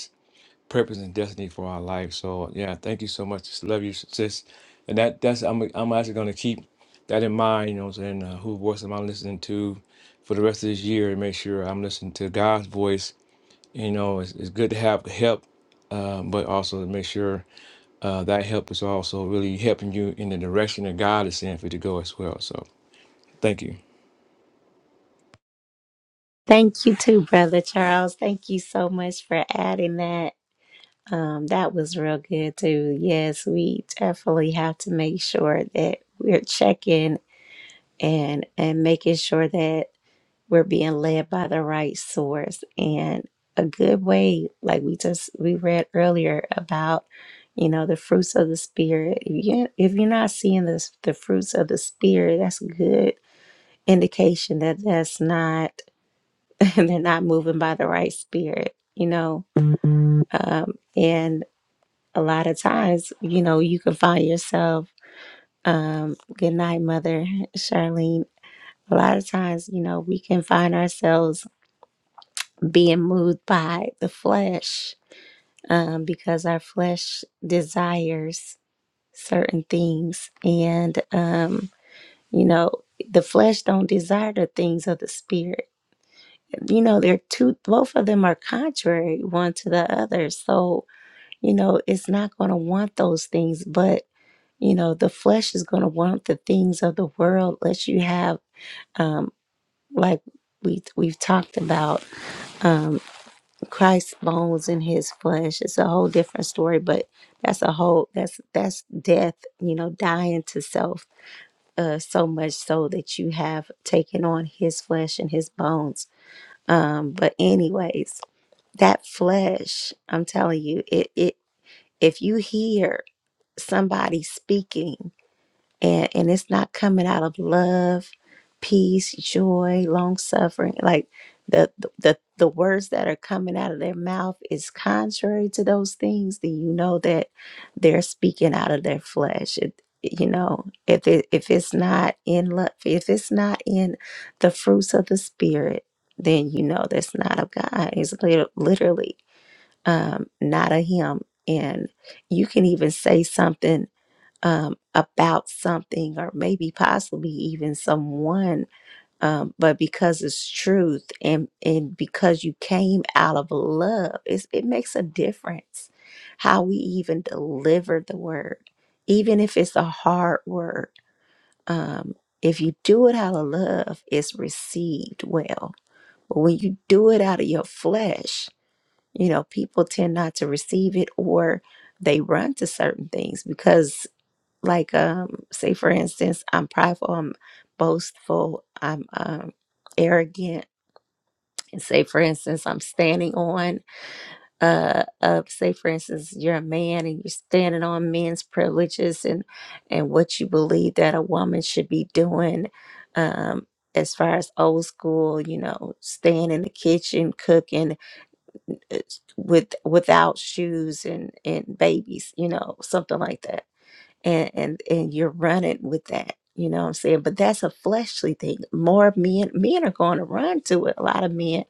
S9: purpose and destiny for our life. So yeah, thank you so much. love you, sis. And that that's I'm I'm actually gonna keep that in mind. You know, what I'm saying uh, who voice am I listening to for the rest of this year, and make sure I'm listening to God's voice. You know, it's, it's good to have help, uh, but also to make sure uh, that help is also really helping you in the direction that God is saying for you to go as well. So thank you.
S1: Thank you too, Brother Charles. Thank you so much for adding that. Um, that was real good too. Yes, we definitely have to make sure that we're checking and and making sure that we're being led by the right source and a good way like we just we read earlier about you know the fruits of the spirit if, you, if you're not seeing this the fruits of the spirit that's a good indication that that's not they're not moving by the right spirit you know um and a lot of times you know you can find yourself um good night mother charlene a lot of times you know we can find ourselves being moved by the flesh um, because our flesh desires certain things and um, you know the flesh don't desire the things of the spirit you know they're two both of them are contrary one to the other so you know it's not going to want those things but you know the flesh is going to want the things of the world let you have um, like we we've talked about um, Christ's bones in his flesh. It's a whole different story, but that's a whole that's that's death, you know, dying to self uh so much so that you have taken on his flesh and his bones. Um but anyways, that flesh, I'm telling you, it it if you hear somebody speaking and and it's not coming out of love peace joy long suffering like the the the words that are coming out of their mouth is contrary to those things then you know that they're speaking out of their flesh it, you know if it if it's not in love if it's not in the fruits of the spirit then you know that's not of god it's lit- literally um not of him and you can even say something um, about something or maybe possibly even someone, um, but because it's truth and and because you came out of love, it's, it makes a difference how we even deliver the word, even if it's a hard word. Um, if you do it out of love, it's received well. But when you do it out of your flesh, you know people tend not to receive it or they run to certain things because like um say for instance i'm prideful i'm boastful i'm um arrogant and say for instance i'm standing on uh of say for instance you're a man and you're standing on men's privileges and and what you believe that a woman should be doing um as far as old school you know staying in the kitchen cooking uh, with without shoes and and babies you know something like that and and and you're running with that you know what i'm saying but that's a fleshly thing more men men are going to run to it a lot of men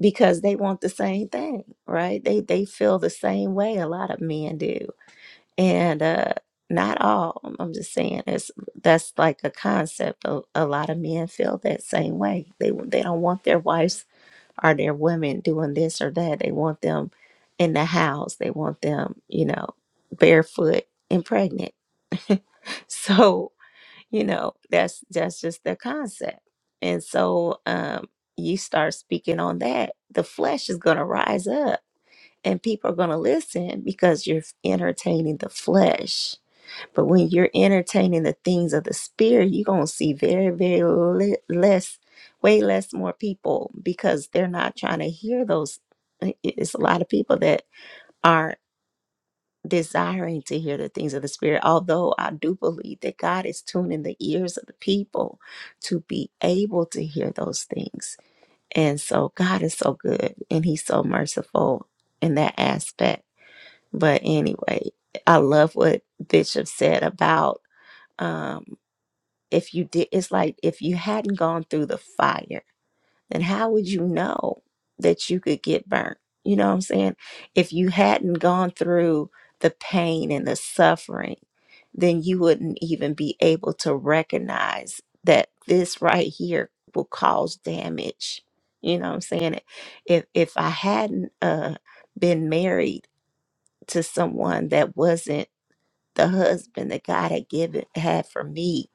S1: because they want the same thing right they they feel the same way a lot of men do and uh not all i'm I'm just saying it's that's like a concept of a lot of men feel that same way they they don't want their wives or their women doing this or that they want them in the house they want them you know barefoot and pregnant so you know that's that's just their concept and so um you start speaking on that the flesh is going to rise up and people are going to listen because you're entertaining the flesh but when you're entertaining the things of the spirit you're going to see very very li- less way less more people because they're not trying to hear those i- i- it's a lot of people that are desiring to hear the things of the Spirit. Although I do believe that God is tuning the ears of the people to be able to hear those things. And so God is so good and He's so merciful in that aspect. But anyway, I love what Bishop said about um, if you did, it's like if you hadn't gone through the fire then how would you know that you could get burnt? You know what I'm saying? If you hadn't gone through the pain and the suffering, then you wouldn't even be able to recognize that this right here will cause damage. You know what I'm saying? If if I hadn't uh been married to someone that wasn't the husband that God had given had for me,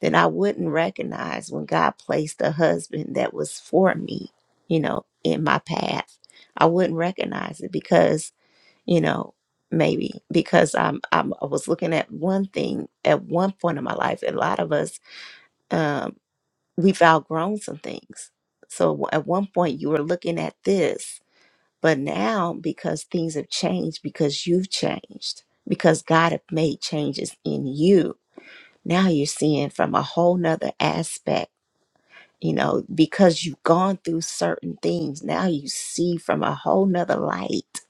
S1: then I wouldn't recognize when God placed a husband that was for me, you know, in my path. I wouldn't recognize it because, you know, maybe because I'm, I'm I was looking at one thing at one point in my life. A lot of us, um, we've outgrown some things. So at one point you were looking at this, but now because things have changed, because you've changed, because God have made changes in you, now you're seeing from a whole nother aspect you know because you've gone through certain things now you see from a whole nother light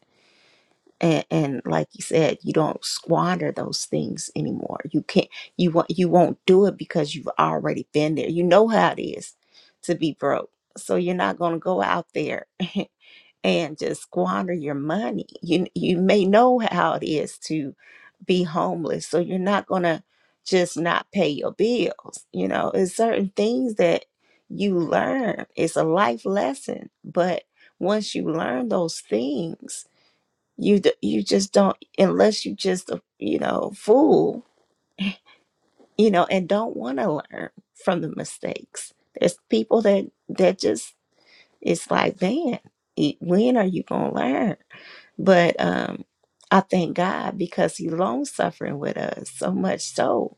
S1: and, and like you said you don't squander those things anymore you can't you won't you won't do it because you've already been there you know how it is to be broke so you're not going to go out there and just squander your money. You you may know how it is to be homeless, so you're not gonna just not pay your bills. You know, it's certain things that you learn. It's a life lesson, but once you learn those things, you d- you just don't unless you just a, you know fool, you know, and don't want to learn from the mistakes. There's people that that just it's like, man, e- when are you gonna learn? But um, I thank God because He long suffering with us so much so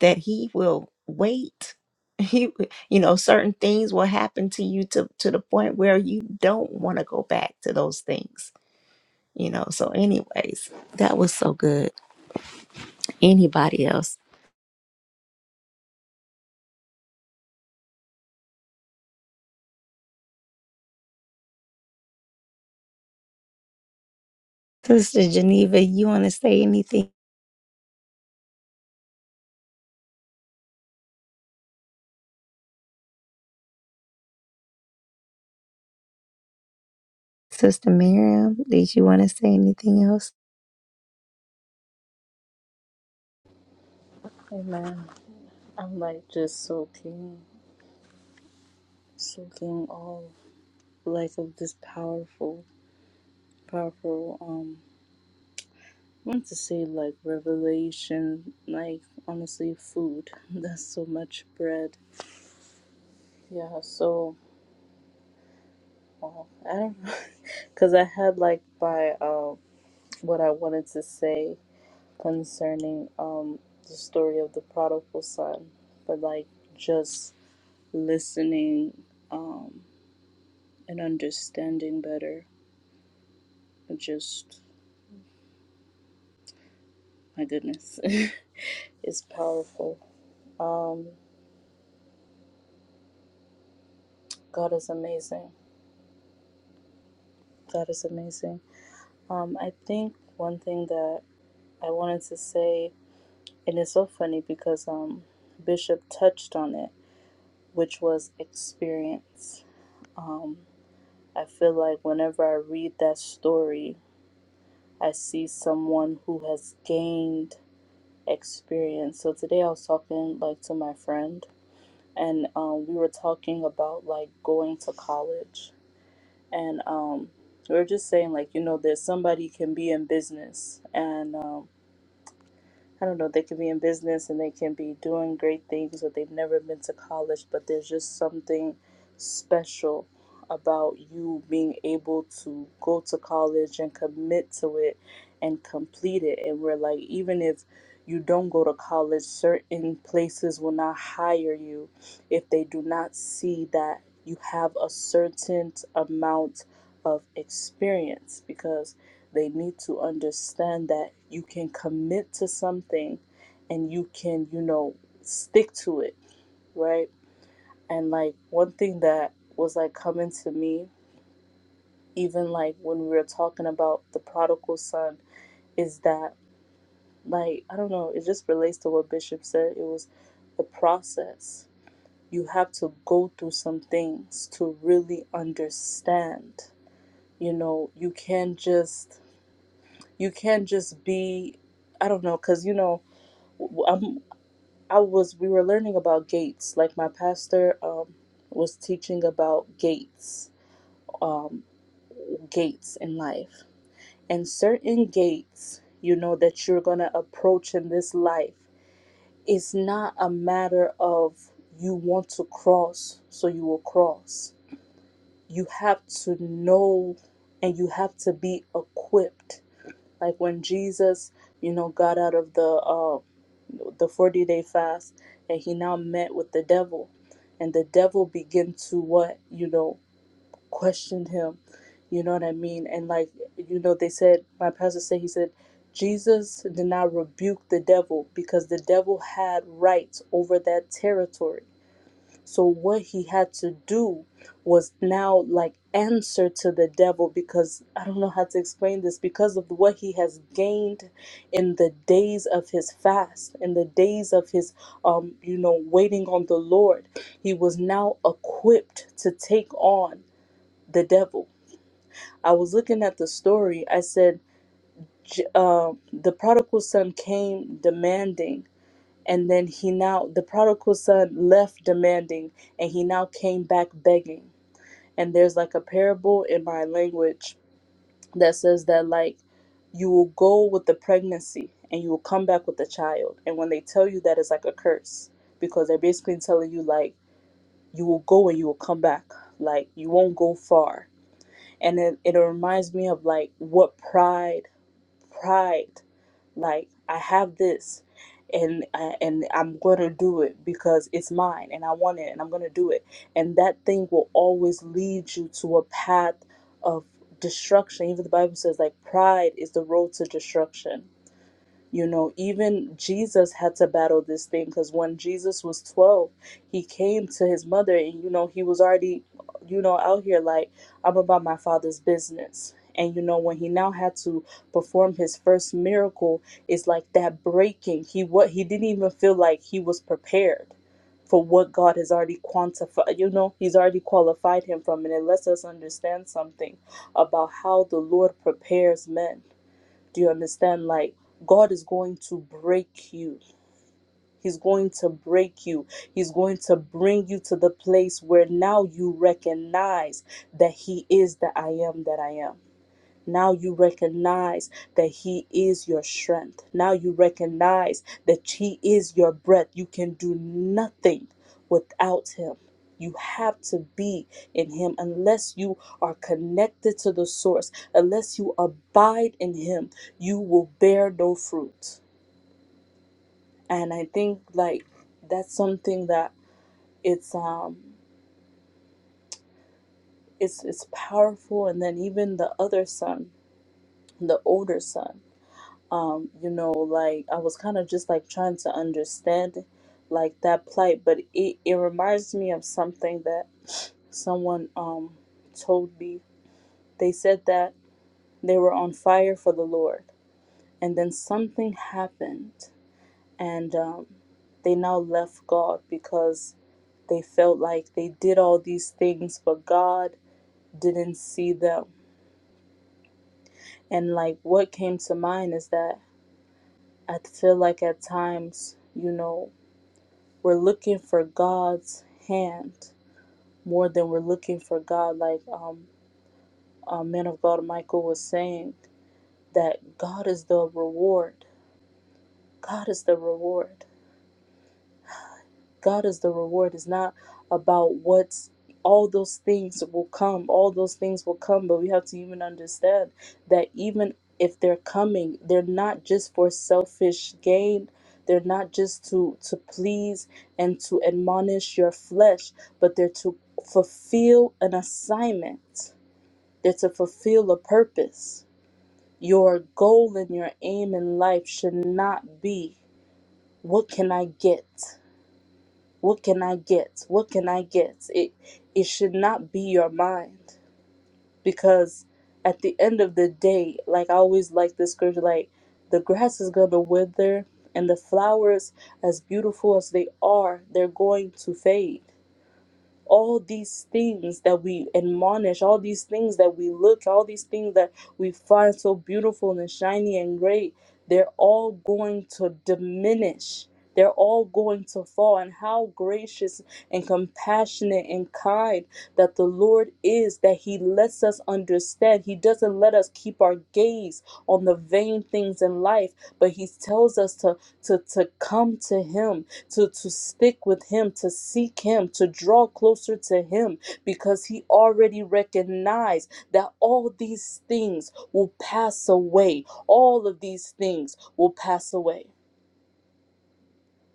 S1: that He will wait. He, w- you know, certain things will happen to you to to the point where you don't want to go back to those things. You know. So, anyways, that was so good. Anybody else, Sister Geneva, you want to say anything? Sister Miriam, did you want to say anything else?
S4: Amen. I'm like just soaking, soaking all like of this powerful, powerful, um, I want to say like revelation, like honestly food. That's so much bread. Yeah, so well, I don't know. Cause I had like by um what I wanted to say concerning um the story of the prodigal son, but like just listening um, and understanding better. It just, my goodness, it's powerful. Um, God is amazing. God is amazing. Um, I think one thing that I wanted to say, and it's so funny because um, Bishop touched on it, which was experience. Um, I feel like whenever I read that story, I see someone who has gained experience. So today I was talking like to my friend, and um, we were talking about like going to college, and um, we were just saying like you know that somebody can be in business and um, I don't know, they can be in business and they can be doing great things or they've never been to college, but there's just something special about you being able to go to college and commit to it and complete it. And we're like, even if you don't go to college, certain places will not hire you if they do not see that you have a certain amount of experience because they need to understand that you can commit to something and you can, you know, stick to it, right? And like one thing that was like coming to me, even like when we were talking about the prodigal son, is that like, I don't know, it just relates to what Bishop said. It was the process. You have to go through some things to really understand. You know, you can't just you can't just be I don't know, cause you know I'm, I was we were learning about gates. Like my pastor um, was teaching about gates, um, gates in life, and certain gates, you know, that you're gonna approach in this life. It's not a matter of you want to cross, so you will cross. You have to know, and you have to be equipped. Like when Jesus, you know, got out of the um. the 40 day fast and he now met with the devil and the devil began to what you know question him you know what i mean and like you know they said my pastor said he said jesus did not rebuke the devil because the devil had rights over that territory so what he had to do was now like answer to the devil because I don't know how to explain this because of what he has gained in the days of his fast, in the days of his um you know waiting on the Lord. He was now equipped to take on the devil. I was looking at the story. I said J- uh, the prodigal son came demanding and then he now the prodigal son left demanding and he now came back begging and there's like a parable in my language that says that like you will go with the pregnancy and you will come back with the child and when they tell you that it's like a curse because they're basically telling you like you will go and you will come back like you won't go far and it, it reminds me of like what pride pride like i have this and uh, and i'm going to do it because it's mine and i want it and i'm going to do it and that thing will always lead you to a path of destruction even the bible says like pride is the road to destruction you know, even Jesus had to battle this thing because when Jesus was 12, he came to his mother and, you know, he was already, you know, out here like, I'm about my father's business. And, you know, when he now had to perform his first miracle, it's like that breaking. He what he didn't even feel like he was prepared for what God has already quantified. You know, he's already qualified him from. And it lets us understand something about how the Lord prepares men do you understand? Like, God is going to break you. He's going to break you. He's going to bring you to the place where now you recognize that He is the I am that I am. Now you recognize that He is your strength. Now you recognize that He is your breath. You can do nothing without Him. You have to be in Him unless you are connected to the source, unless you abide in Him, you will bear no fruit. And I think like that's something that it's um it's it's powerful and then even the other son, the older son. um you know like i was kind of just like trying to understand like that plight but it, it reminds me of something that someone um told me they said that they were on fire for the lord and then something happened and um they now left god because they felt like they did all these things but god didn't see them and like what came to mind is that i feel like at times you know we're looking for God's hand more than we're looking for God. Like um, uh, man of God Michael was saying, that God is the reward. God is the reward. God is the reward. It's not about what's all those things will come. All those things will come, but we have to even understand that even if they're coming, they're not just for selfish gain. They're not just to to please and to admonish your flesh, but they're to fulfill an assignment. They're to fulfill a purpose. Your goal and your aim in life should not be what can I get? What can I get? What can I get? It it should not be your mind because at the end of the day, like I always like this scripture, like the grass is gonna wither and the flowers, as beautiful as they are, they're going to fade all these things that we admonish, all these things that we look, all these things that we find so beautiful and shiny and great, they're all going to diminish. They're all going to fall. And how gracious and compassionate and kind that the Lord is that He lets us understand. He doesn't let us keep our gaze on the vain things in life, but He tells us to, to, to come to Him to to stick with him to seek him to draw closer to him because he already recognized that all these things will pass away all of these things will pass away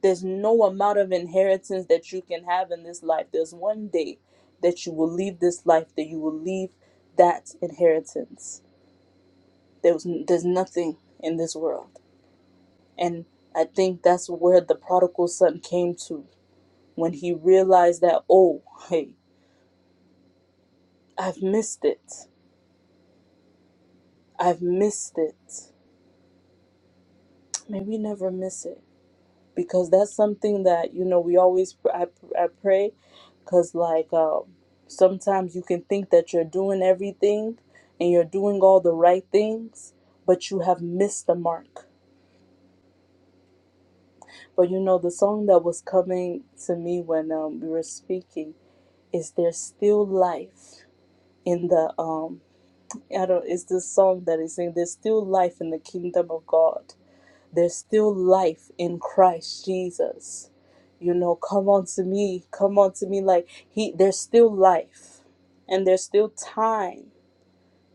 S4: there's no amount of inheritance that you can have in this life there's one day that you will leave this life that you will leave that inheritance there's there's nothing in this world and i think that's where the prodigal son came to when he realized that, oh, hey, I've missed it. I've missed it. May we never miss it because that's something that, you know, we always, I, I pray because, like, um, sometimes you can think that you're doing everything and you're doing all the right things, but you have missed the mark. But, you know, the song that was coming to me when um, we were speaking is There's Still Life in the. um. I don't, it's this song that is saying there's still life in the kingdom of God. There's still life in Christ Jesus. You know, come on to me, come on to me. Like he there's still life and there's still time,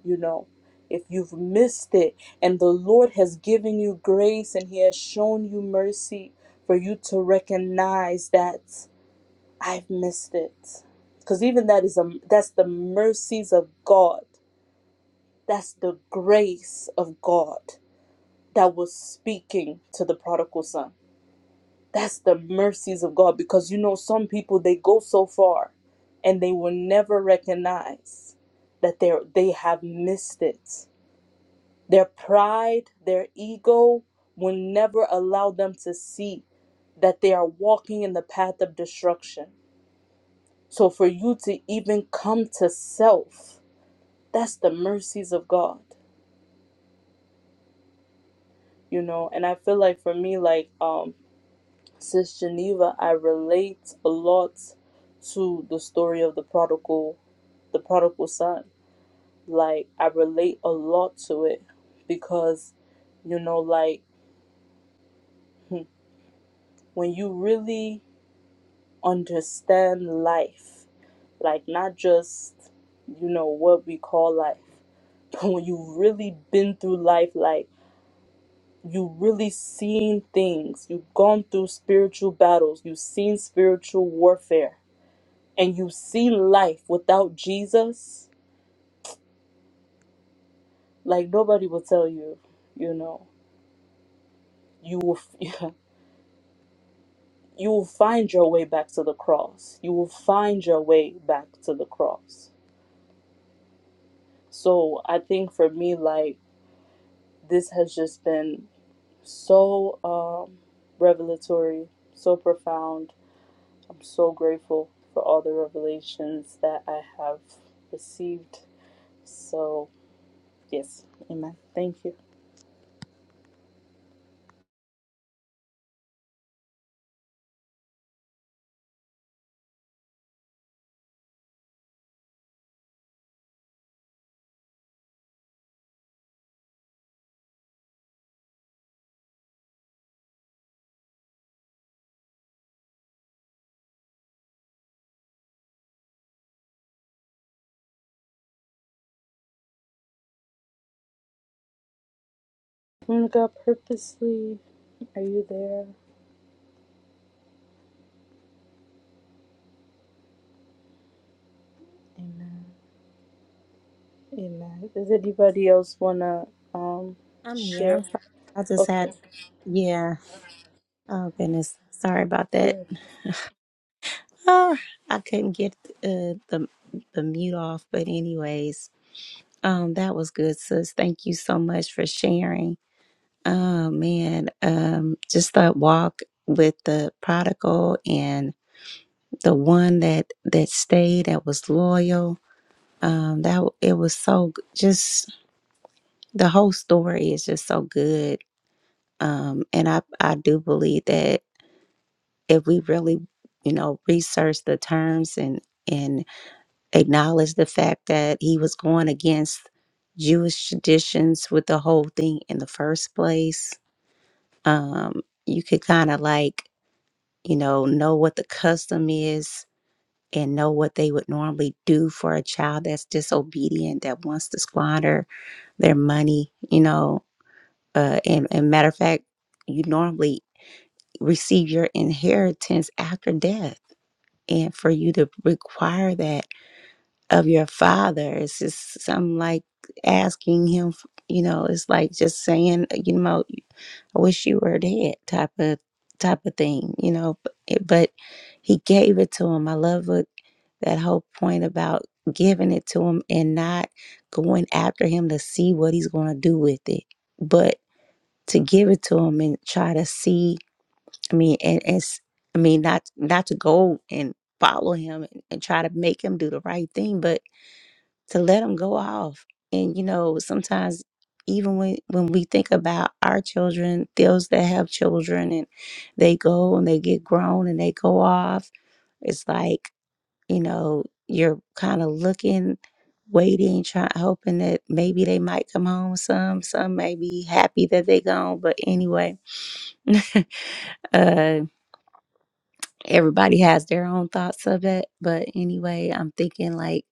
S4: you know. If you've missed it and the Lord has given you grace and He has shown you mercy for you to recognize that I've missed it. Because even that is a that's the mercies of God that's the grace of God that was speaking to the prodigal son. That's the mercies of God because you know some people they go so far and they will never recognize that they they have missed it. Their pride, their ego will never allow them to see that they are walking in the path of destruction. So for you to even come to self, that's the mercies of God. you know and i feel like for me like um sis geneva i relate a lot to the story of the prodigal the prodigal son like i relate a lot to it because you know like hmm, when you really understand life like not just you know what we call life but when you've really been through life like you really seen things. You've gone through spiritual battles. You've seen spiritual warfare. And you've seen life without Jesus. Like nobody will tell you, you know, you will f- you will find your way back to the cross. You will find your way back to the cross. So I think for me like this has just been so um revelatory, so profound I'm so grateful for all the revelations that I have received. So, yes, amen. Thank you. Woman of God, purposely, are you there? Amen. Amen. Does anybody else want to um,
S1: I'm here.
S4: share?
S1: I'm sorry. I just had,
S4: Okay.
S1: yeah. Oh, goodness. Sorry about that.
S4: Yeah.
S1: Ah, I couldn't get uh, the the mute off, but anyways, um, that was good, sis. Thank you so much for sharing. Oh man, um, just that walk with the prodigal and the one that that stayed, that was loyal. Um, that w- it was so g- just the whole story is just so good. Um, and I I do believe that if we really, you know, research the terms and and acknowledged the fact that he was going against Jewish traditions with the whole thing in the first place. Um, you could kind of like, you know, know what the custom is and know what they would normally do for a child that's disobedient, that wants to squander their money, you know. Uh, and, and matter of fact, you normally receive your inheritance after death. And for you to require that of your father. It's just something like asking him, you know, it's like just saying, uh, you know, I wish you were dead type of type of thing, you know. But, it, but he gave it to him. I love what that whole point about giving it to him and not going after him to see what he's going to do with it, but to give it to him and try to see. I mean, and it's I mean not not to go and follow him and, and try to make him do the right thing, but to let them go off. And you know, sometimes even when when we think about our children, those that have children and they go and they get grown and they go off, it's like, you know, you're kind of looking, waiting, trying hoping that maybe they might come home some, some may be happy that they gone, but anyway, uh everybody has their own thoughts of it. But anyway, I'm thinking like,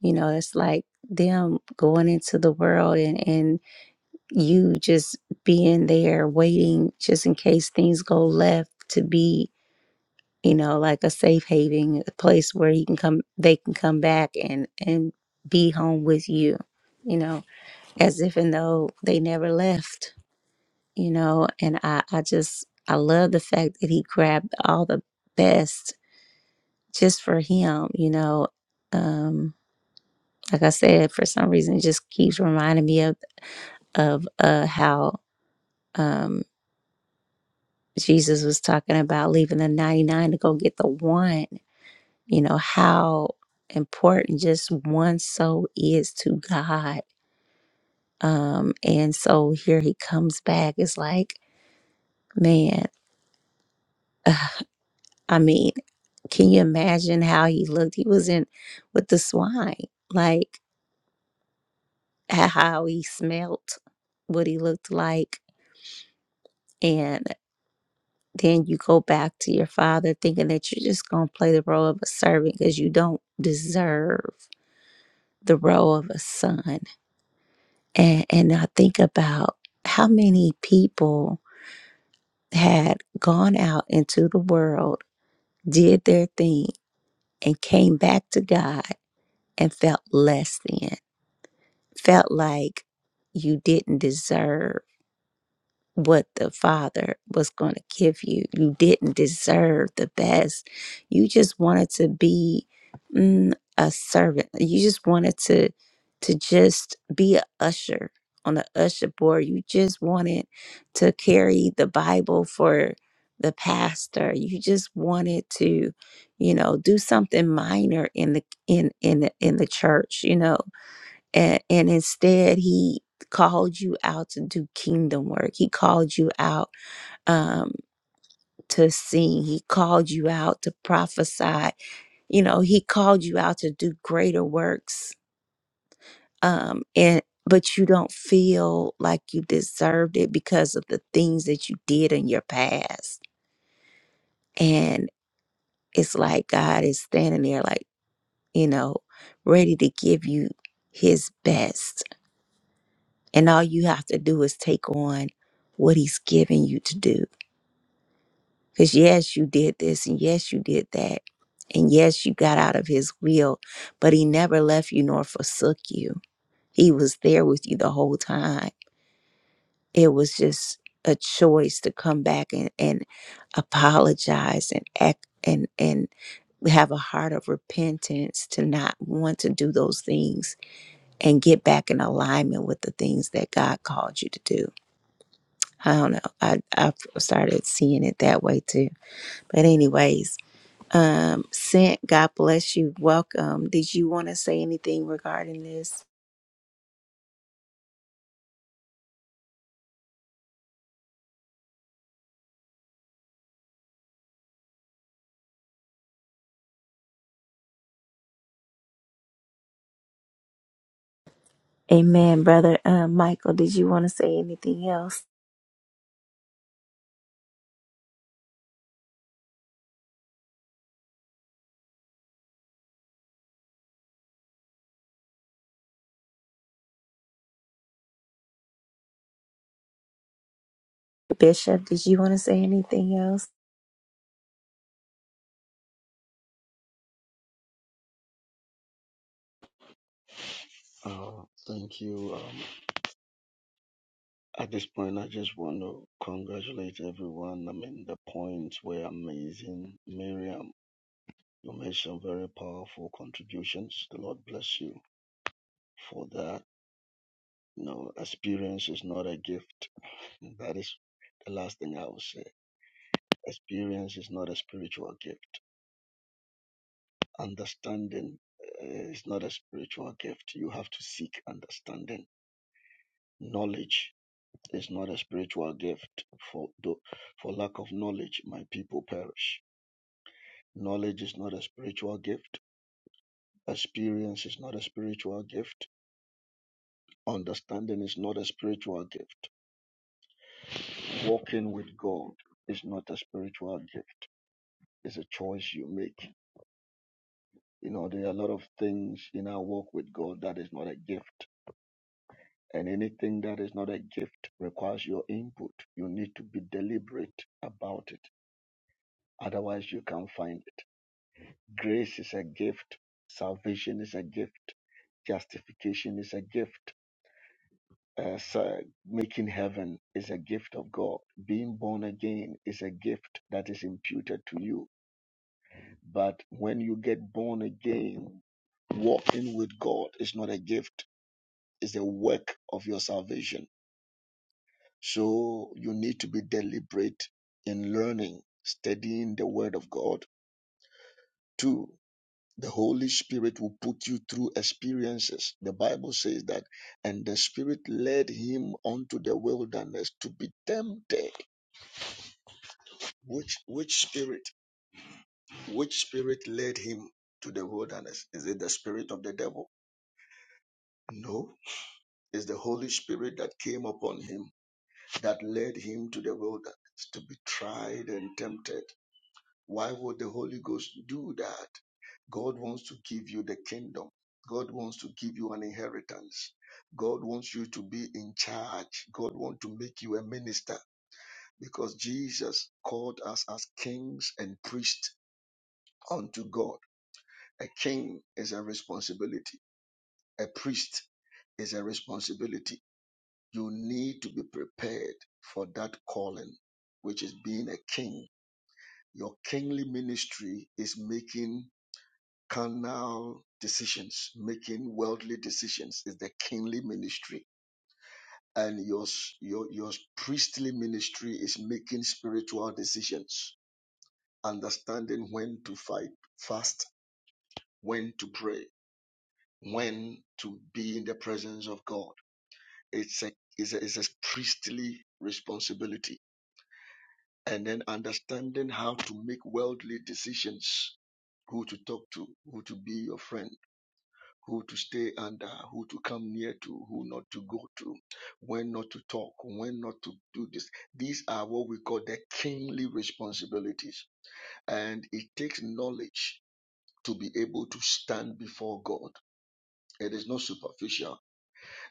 S1: you know, it's like them going into the world and, and you just being there waiting just in case things go left to be, you know, like a safe haven, a place where he can come they can come back and and be home with you, you know, as if and though they never left, you know, and I, I just I love the fact that he grabbed all the best just for him, you know. Um, like I said, for some reason, it just keeps reminding me of of uh, how um, Jesus was talking about leaving the ninety nine to go get the one. You know how important just one soul is to God. Um, and so here he comes back. It's like, man, I mean, can you imagine how he looked? He was in with the swine, like. at how he smelt, what he looked like, and then you go back to your father thinking that you're just going to play the role of a servant because you don't deserve the role of a son. And and I think about how many people had gone out into the world, did their thing, and came back to God and felt less than, felt like you didn't deserve what the Father was going to give you. You didn't deserve the best. You just wanted to be mm, a servant. You just wanted to to just be a usher on the usher board. You just wanted to carry the Bible for the pastor. You just wanted to, you know, do something minor in the in in the, in the church. You know, and, and instead he called you out to do kingdom work he called you out um to sing he called you out to prophesy you know he called you out to do greater works um and but you don't feel like you deserved it because of the things that you did in your past and it's like god is standing there like you know ready to give you his best And all you have to do is take on what he's given you to do. Because yes, you did this, and yes, you did that. And yes, you got out of his will, but he never left you nor forsook you. He was there with you the whole time. It was just a choice to come back and, and apologize and act and and have a heart of repentance to not want to do those things and get back in alignment with the things that God called you to do I don't know. I I started seeing it that way too. But anyways, um, Sent, God bless you. Welcome. Did you want to say anything regarding this? Amen, brother. Um, Michael, did you want to say anything else? Bishop, did you want to say anything else?
S8: Uh, thank you. Um, at this point, I just want to congratulate everyone. I mean, the points were amazing. Miriam, you made some very powerful contributions. The Lord bless you for that. No, experience is not a gift. That is the last thing I will say. Experience is not a spiritual gift. Understanding uh, is not a spiritual gift. You have to seek understanding. Knowledge is not a spiritual gift. For, tho- for lack of knowledge, my people perish. Knowledge is not a spiritual gift. Experience is not a spiritual gift. Understanding is not a spiritual gift. Walking with God is not a spiritual gift. It's a choice you make. You know, there are a lot of things in our walk with God that is not a gift. And anything that is not a gift requires your input. You need to be deliberate about it. Otherwise, you can't find it. Grace is a gift. Salvation is a gift. Justification is a gift. Uh, so making heaven is a gift of God. Being born again is a gift that is imputed to you. But when you get born again, walking with God is not a gift, it's a work of your salvation. So you need to be deliberate in learning, studying the Word of God. too. The Holy Spirit will put you through experiences. The Bible says that, and the Spirit led him onto the wilderness to be tempted. Which which spirit? Which spirit led him to the wilderness? Is it the spirit of the devil? No. It's the Holy Spirit that came upon him that led him to the wilderness to be tried and tempted. Why would the Holy Ghost do that? God wants to give you the kingdom. God wants to give you an inheritance. God wants you to be in charge. God wants to make you a minister because Jesus called us as kings and priests unto God. A king is a responsibility, a priest is a responsibility. You need to be prepared for that calling, which is being a king. Your kingly ministry is making carnal decisions, making worldly decisions is the kingly ministry. And your, s- your, your priestly ministry is making spiritual decisions, understanding when to fight, fast, when to pray, when to be in the presence of God. It's a, it's a, it's a priestly responsibility. And then understanding how to make worldly decisions, who to talk to, who to be your friend who to stay under, who to come near to, who not to go to, when not to talk, when not to do this. These are what we call the kingly responsibilities. And it takes knowledge to be able to stand before God. It is not superficial.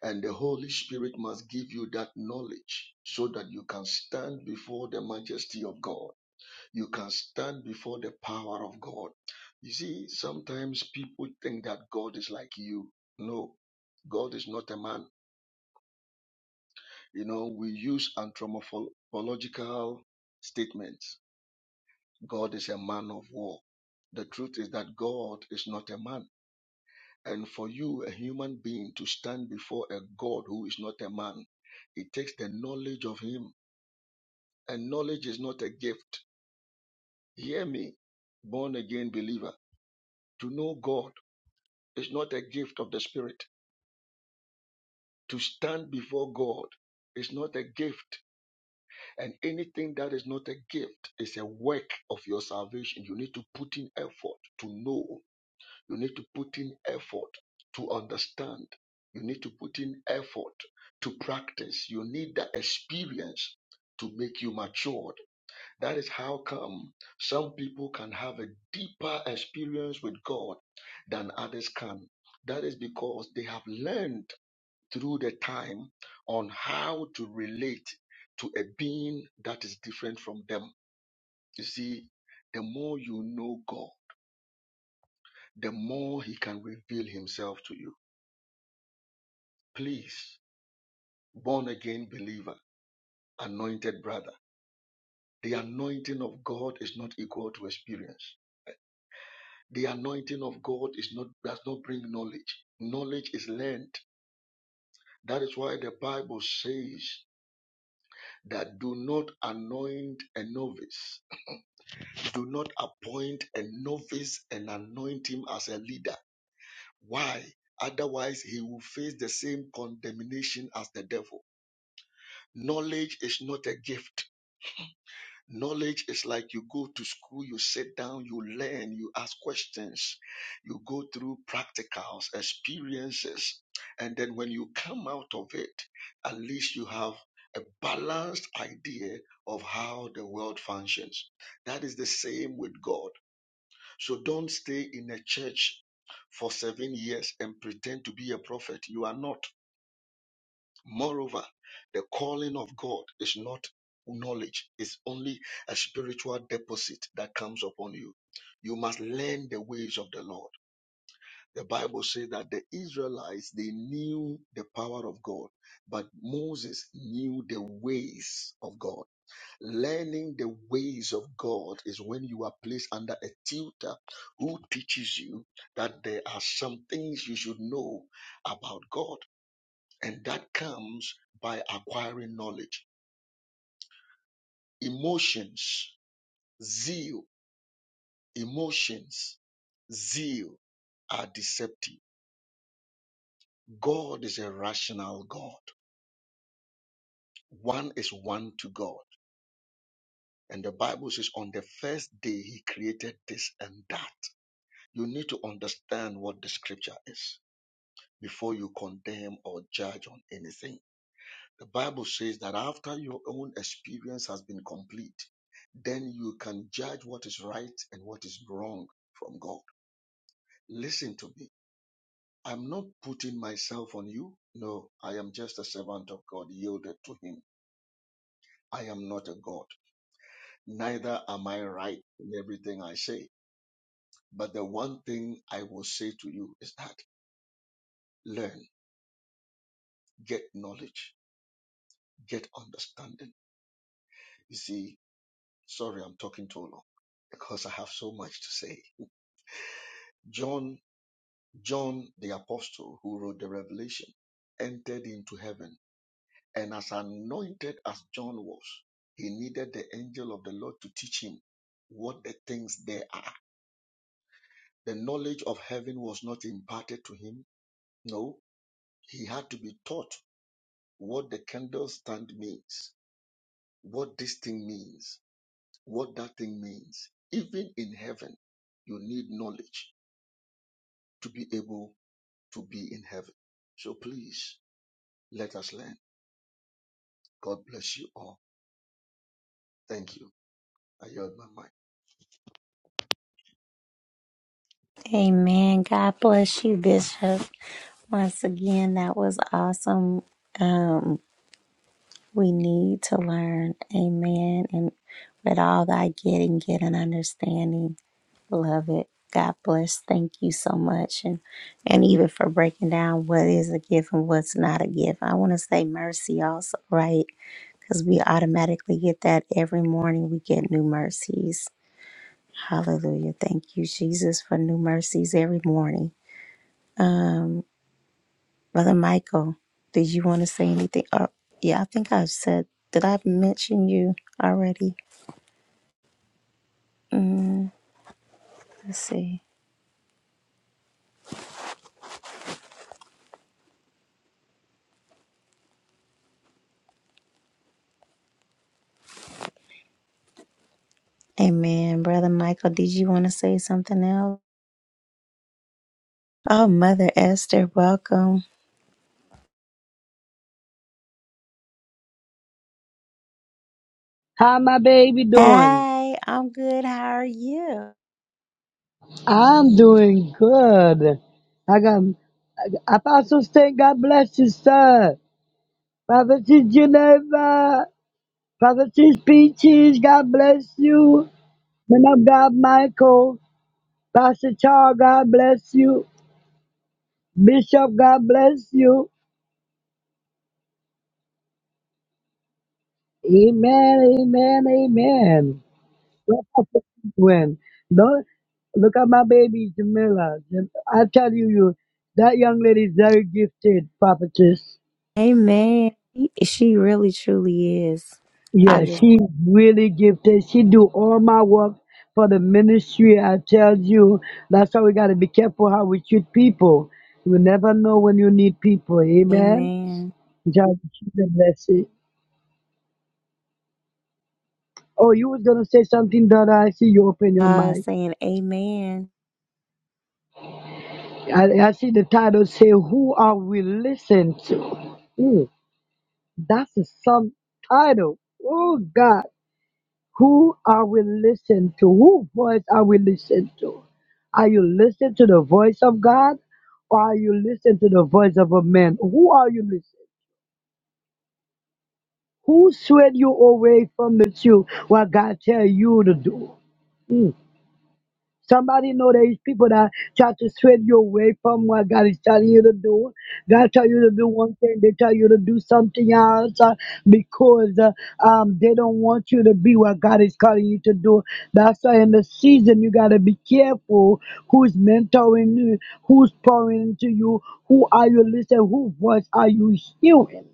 S8: And the Holy Spirit must give you that knowledge so that you can stand before the majesty of God you can stand before the power of God. You see, sometimes people think that God is like you. No, God is not a man. You know, we use anthropological statements. God is a man of war. The truth is that God is not a man. And for you, a human being, to stand before a God who is not a man, it takes the knowledge of Him. And knowledge is not a gift. Hear me, born again believer. To know God It's not a gift of the Spirit. To stand before God is not a gift. And anything that is not a gift is a work of your salvation. You need to put in effort to know. You need to put in effort to understand. You need to put in effort to practice. You need the experience to make you matured. That is how come some people can have a deeper experience with God than others can. That is because they have learned through the time on how to relate to a being that is different from them. You see, the more you know God, the more He can reveal Himself to you. Please, born again believer, anointed brother, the anointing of God is not equal to experience. The anointing of God is not does not bring knowledge. Knowledge is learned. That is why the Bible says that do not anoint a novice Do not appoint a novice and anoint him as a leader. Why? Otherwise, he will face the same condemnation as the devil. Knowledge is not a gift. Knowledge is like you go to school, you sit down, you learn, you ask questions, you go through practicals, experiences, and then when you come out of it, at least you have a balanced idea of how the world functions. That is the same with God. So don't stay in a church for seven years and pretend to be a prophet. You are not. Moreover, the calling of God is not knowledge, it's only a spiritual deposit that comes upon you. You must learn the ways of the Lord. The Bible says that the Israelites, they knew the power of God, but Moses knew the ways of God. Learning the ways of God is when you are placed under a tutor who teaches you that there are some things you should know about God, and that comes by acquiring knowledge. Emotions, zeal, emotions, zeal are deceptive. God is a rational God. One is one to God. And the Bible says, on the first day, He created this and that. You need to understand what the scripture is before you condemn or judge on anything. The Bible says that after your own experience has been complete, then you can judge what is right and what is wrong from God. Listen to me. I'm not putting myself on you. No, I am just a servant of God yielded to Him. I am not a God. Neither am I right in everything I say. But the one thing I will say to you is that learn, get knowledge, get understanding. You see, Sorry, I'm talking too long because I have so much to say. John, John the apostle who wrote the Revelation, entered into heaven, and as anointed as John was, he needed the angel of the Lord to teach him what the things there are. The knowledge of heaven was not imparted to him. No, he had to be taught what the candlestand means, what this thing means, what that thing means. Even in heaven, you need knowledge to be able to be in heaven. So please let us learn. God bless you all. Thank you. I yield my mind.
S1: Amen. God bless you, Bishop. Once again, that was awesome. Um, We need to learn. Amen. And with all that I get and get an understanding. Love it. God bless. Thank you so much. And and even for breaking down what is a gift and what's not a gift. I want to say mercy also, right? Because we automatically get that every morning. We get new mercies. Hallelujah. Thank you, Jesus, for new mercies every morning. Um. Brother Michael, did you want to say anything? Uh, yeah, I think I've said, did I mention you already? Mm, let's see. Amen. Brother Michael, did you want to say something else? Oh, Mother Esther, welcome.
S10: How my baby doing?
S1: Hey, I'm good. How are you?
S10: I'm doing good. I got Apostle Stan, God bless you, sir. Prophetess Geneva, Prophetess Peaches, God bless you. Man of God, Michael, Pastor Charles, God bless you. Bishop, God bless you. Amen, amen, amen. When don't look at my baby Jamila. Jam- I tell you, you that young lady is very gifted, prophetess.
S1: Amen. She really truly is. I
S10: Yeah,
S1: just,
S10: she really gifted. She do all my work for the ministry. I tell you, that's why we gotta be careful how we treat people. You never know when you need people. Amen.
S1: amen.
S10: God keep them blessed. Oh, you was gonna say something, daughter. I see you open your
S1: I was
S10: mic.
S1: saying, amen.
S10: I, I see the title say, "Who are we listening to?" Hmm. That's a subtitle. Oh God, who are we listening to? Who voice are we listening to? Are you listening to the voice of God or are you listening to the voice of a man? Who are you listening? Who swayed you away from the truth? What God tell you to do? Hmm. Somebody know there is people that try to sway you away from what God is telling you to do. God tell you to do one thing, they tell you to do something else uh, because uh, um, they don't want you to be what God is calling you to do. That's why in the season you gotta be careful who's mentoring you, who's pouring into you, who are you listening, whose voice are you hearing?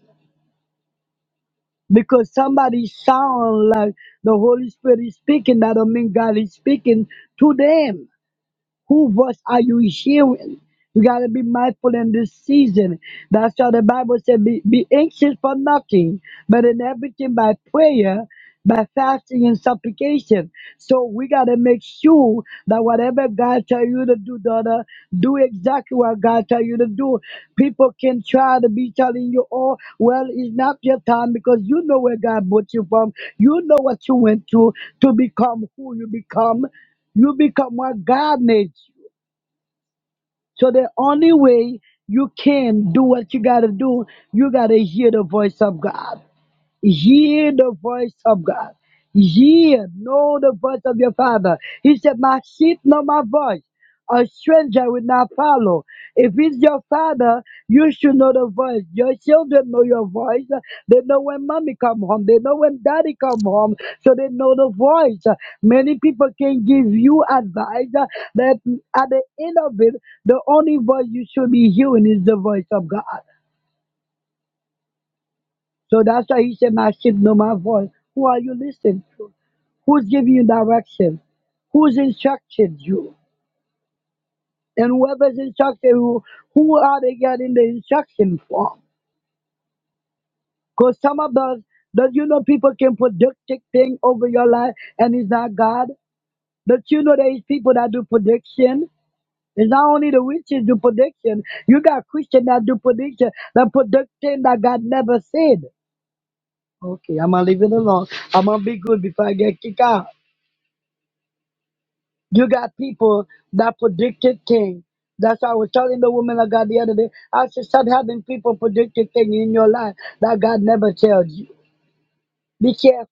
S10: Because somebody sound like the Holy Spirit is speaking, that don't mean God is speaking to them. Who voice are you hearing? We got to be mindful in this season. That's why the Bible said, be, be anxious for nothing, but in everything by prayer, by fasting and supplication. So we got to make sure that whatever God tell you to do, daughter, do exactly what God tell you to do. People can try to be telling you, oh, well, it's not your time because you know where God brought you from. You know what you went through to become who you become. You become what God made you. So the only way you can do what you gotta do, you gotta hear the voice of God. Hear the voice of God. Hear, know the voice of your father. He said, My sheep know my voice. A stranger will not follow. If it's your father, you should know the voice. Your children know your voice. They know when mommy come home. They know when daddy come home. So they know the voice. Many people can give you advice uh, that at the end of it, the only voice you should be hearing is the voice of God. So that's why he said, My sheep know my voice. Who are you listening to? Who's giving you direction? Who's instructed you? And whoever's instructed you, who are they getting the instruction from? Because some of us, that you know, people can predict things over your life and it's not God. But you know, there is people that do prediction. It's not only the witches do prediction. You got Christians that do prediction, that predict things that God never said. Okay, I'm gonna leave it alone. I'm gonna be good before I get kicked out. You got people that predicted things. That's why I was telling the woman of God the other day. I should start having people predicted things in your life that God never tells you. Be careful.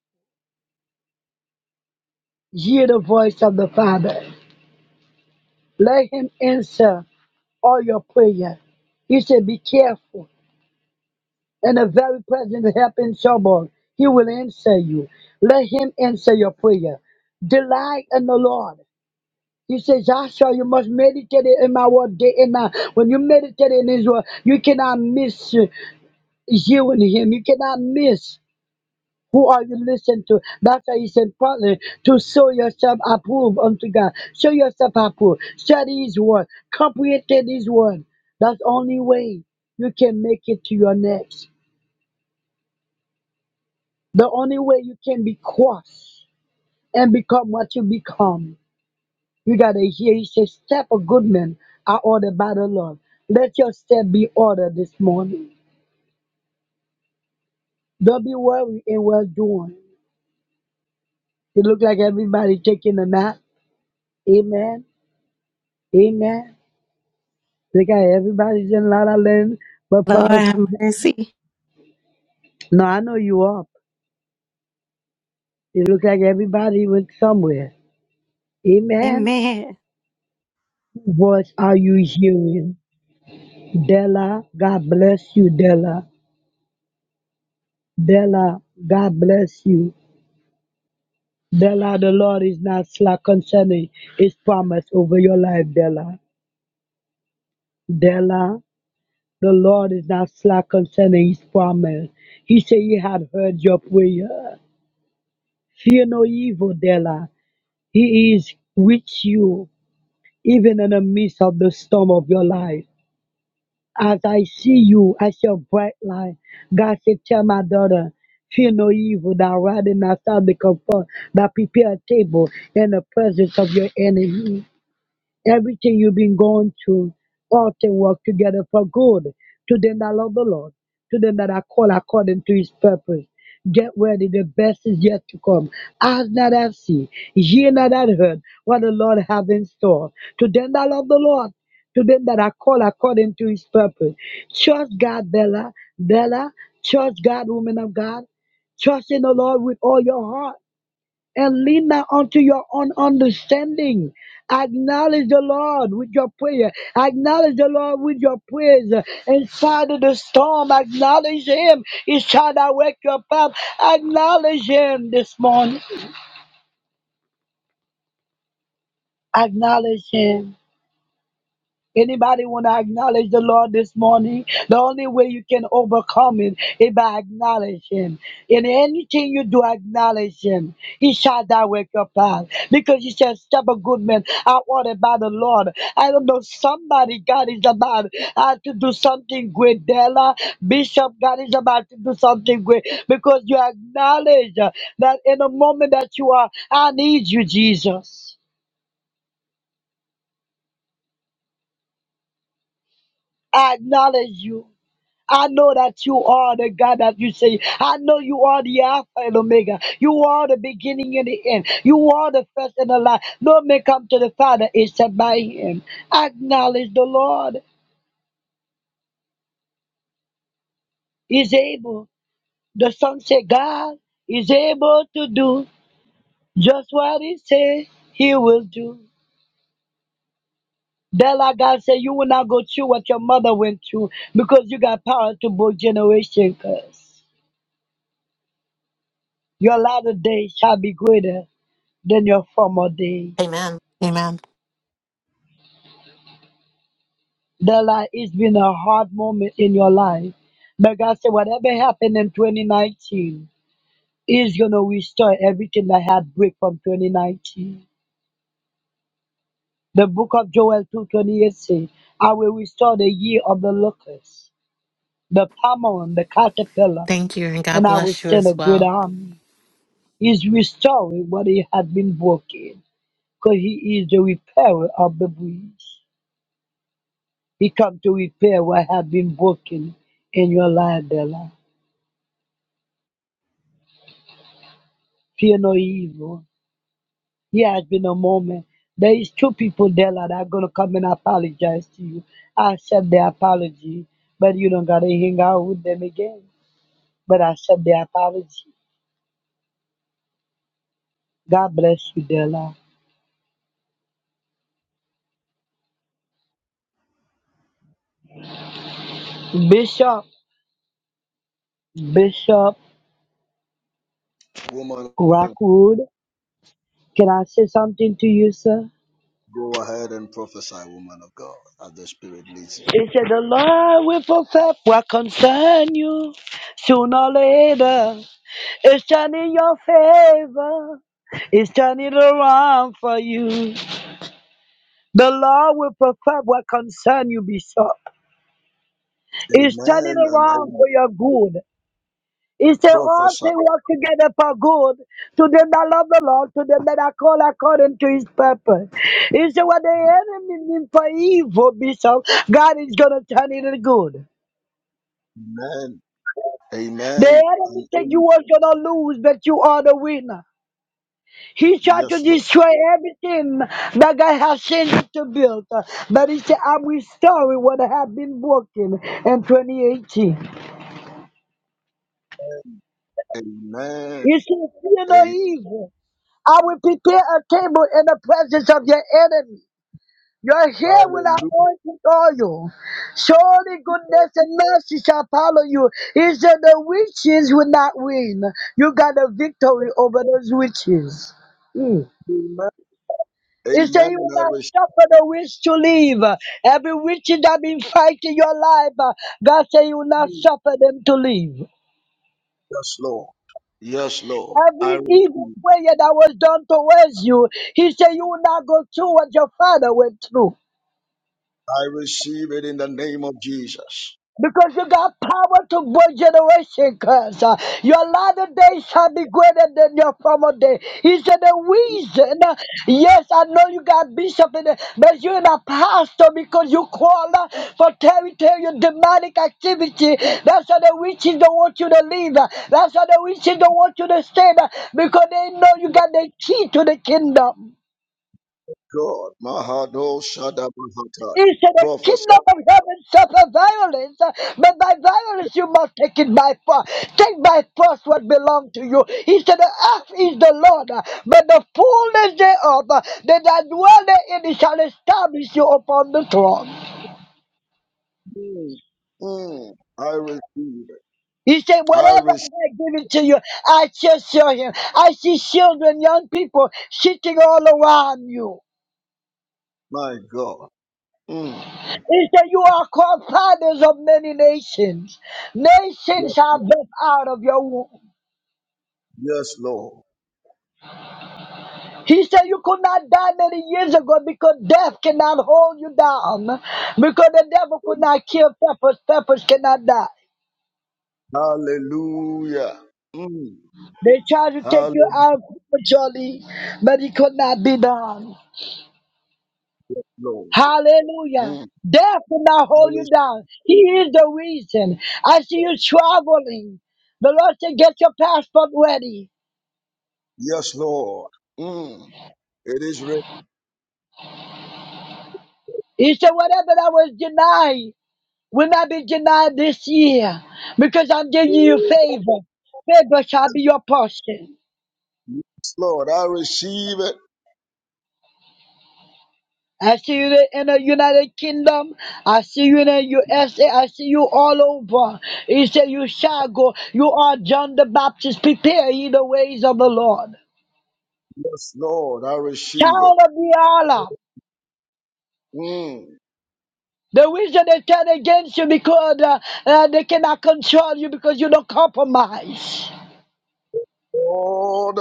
S10: Hear the voice of the Father. Let Him answer all your prayer. He said, Be careful. And the very present help in trouble, He will answer you. Let Him answer your prayer. Delight in the Lord. He says, Joshua, you must meditate in my word day and night. When you meditate in his word, you cannot miss uh, you and him. You cannot miss who are you listening to. That's why He said, important to show yourself approved unto God. Show yourself approved. Study his word. Comprehend his word. That's the only way you can make it to your next. The only way you can be crossed and become what you become You got to hear. He says, Step of good men are ordered by the Lord. Let your step be ordered this morning. Don't be worried in well doing. It look like everybody taking a nap. Amen. Amen. They got everybody's in La La Land, but
S1: Lord
S10: Papa.
S1: have mercy.
S10: No, I know you up. It look like everybody went somewhere. Amen.
S1: Amen.
S10: What are you hearing? Della, God bless you, Della. Della, God bless you. Della, the Lord is not slack concerning his promise over your life, Della. Della, the Lord is not slack concerning his promise. He said he had heard your prayer. Fear no evil, Della. He is with you, even in the midst of the storm of your life. As I see you as your bright light, God said, Tell my daughter, fear no evil, that riding outside the comfort, that prepare a table in the presence of your enemy. Everything you've been going through, all things work together for good to them that love the Lord, to them that are called according to his purpose. Get ready, the best is yet to come. As not have seen, ye not have heard what the Lord have in store. To them that love the Lord, to them that are called according to his purpose. Trust God, Bella, Bella, trust God, woman of God. Trust in the Lord with all your heart and lean not unto your own understanding. Acknowledge the Lord with your prayer. Acknowledge the Lord with your praise. Inside of the storm, acknowledge Him. He shall direct your path. Acknowledge Him this morning. Acknowledge Him. Anybody want to acknowledge the Lord this morning? The only way you can overcome it is by acknowledging Him. In anything you do, acknowledge Him. He shall direct your path. Because He said, Step a good man are ordered by the Lord. I don't know, somebody God is about uh, to do something great. Della, Bishop, God is about to do something great. Because you acknowledge uh, that in the moment that you are, I need you, Jesus. I acknowledge you. I know that you are the God that you say. I know you are the Alpha and Omega. You are the beginning and the end. You are the first and the last. No man come to the Father except by Him. Acknowledge the Lord is able. The Son said, God is able to do just what He said He will do. That's like God said, you will not go through what your mother went through because you got power to both generation curse. Your latter days shall be greater than your former days.
S11: Amen. Amen.
S10: that like it's been a hard moment in your life. But God said, whatever happened in 2019 is gonna restore everything that had break from 2019. The book of Joel 2:28 says, "I will restore the year of the locust, the pomon, the caterpillar,
S11: Thank you, and God
S10: and I will
S11: bless you
S10: send a
S11: as
S10: great
S11: well.
S10: army." He's restoring what he had been broken, because he is the repairer of the breach. He come to repair what had been broken in your life, Della. fear no evil. Here has been a moment. There is two people there that are gonna come and apologize to you. I accept their apology, but you don't gotta hang out with them again. But I accept their apology. God bless you, Della. Bishop, Bishop
S8: Woman, of-
S10: Rockwood, can I say something to you, sir?
S8: go ahead and prophesy, woman of God, as the Spirit leads you.
S10: It said the Lord will perfect what concern you sooner or later. It's turning your favor. It's turning around for you. The Lord will perfect what concern you, Bishop. It's turning
S8: Amen and
S10: around
S8: amen.
S10: for your good. He said, All
S8: Prophesy.
S10: things work together for good to them that love the Lord, to them that are called according to his purpose. He said, What the enemy means for evil, Bishop, God is going to turn it in good.
S8: Amen.
S10: The
S8: Amen.
S10: enemy
S8: and
S10: think you
S8: amen.
S10: was going to lose, but you are the winner. He tried to
S8: Yes, Lord.
S10: destroy everything that God has sent him to build. But he said, I'm restoring what had been broken in 2018.
S8: Amen.
S10: He said, Fear no
S8: Amen.
S10: evil. I will prepare a table in the presence of your enemy. Your hair will
S8: Hallelujah.
S10: anoint with oil. Surely goodness and mercy shall follow you. He said, The witches will not win. You got a victory over those witches. Hmm. He said,
S8: Amen.
S10: you will
S8: I
S10: not
S8: receive.
S10: suffer the witch to leave. Every witch that been fighting your life, uh, God said, you will not suffer them to leave.
S8: Yes, Lord. Yes, Lord. I
S10: Every evil
S8: receive.
S10: prayer that was done towards you, He said, you will not go through what your father went through.
S8: I receive it in the name of Jesus.
S10: Because you got power to both generation curse. Uh, your latter day shall be greater than your former day. He said the reason, uh, yes, I know you got bishop in it, but you're an apostle because you call uh, for territorial demonic activity. That's why the witches don't want you to leave. Uh, That's why the witches don't want you to stay uh, because they know you got the key to the kingdom.
S8: God. Mahado Shada Mahataya.
S10: He said, The
S8: Prophesy.
S10: kingdom of heaven suffer violence, uh, but by violence you must take it by force. Take by force what belongs to you. He said, The earth is the Lord, uh, but the fullness thereof, uh, they that dwell therein, he shall establish you upon the throne.
S8: Mm, mm, I receive it.
S10: He said,
S8: I
S10: Whatever
S8: receive
S10: I give it to you, I shall show him. I see children, young people sitting all around you.
S8: my God. Mm,
S10: He said, You are called fathers of many nations.
S8: yes,
S10: Nations are birthed out of your womb.
S8: yes, Lord.
S10: He said you could not die many years ago because death cannot hold you down. Because the devil could not kill peppers, peppers cannot die.
S8: Hallelujah. Mm,
S10: They tried to take you out prematurely, but it could not be done.
S8: hallelujah.
S10: Hallelujah.
S8: Mm,
S10: Death could not
S8: I
S10: hold you
S8: receive-
S10: down. He is the reason. I see you traveling. The Lord said, get your passport ready.
S8: yes, Lord. Mm, it is received.
S10: He said, whatever that was denied, will not be denied this year because I'm giving you favor. Favor shall be your portion.
S8: Yes, Lord. I receive it.
S10: I see you in the United Kingdom. I see you in the USA. I see you all over. He said, You shall go. You are John the Baptist. Prepare ye the ways of the Lord.
S8: Yes, Lord. I receive it.
S10: Child of the Allah.
S8: Mm,
S10: The reason they turn against you because uh, uh, they cannot control you because you don't compromise.
S8: Lord.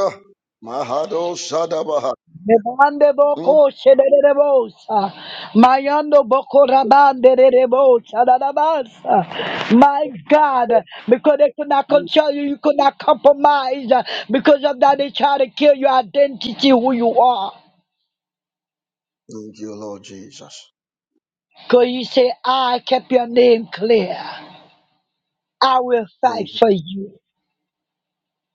S8: Mahado Shada Mahataya.
S10: Rebande
S8: Mm,
S10: boko shedere bosa. Mayando boko rabande rere bosa. dadabasa. My God, because they could not
S8: mm.
S10: control you, you could not compromise. Because of that, they try to kill your identity, who you are.
S8: Thank you, Lord Jesus.
S10: Because you say, I kept your name clear. I will fight
S8: Thank you.
S10: for you.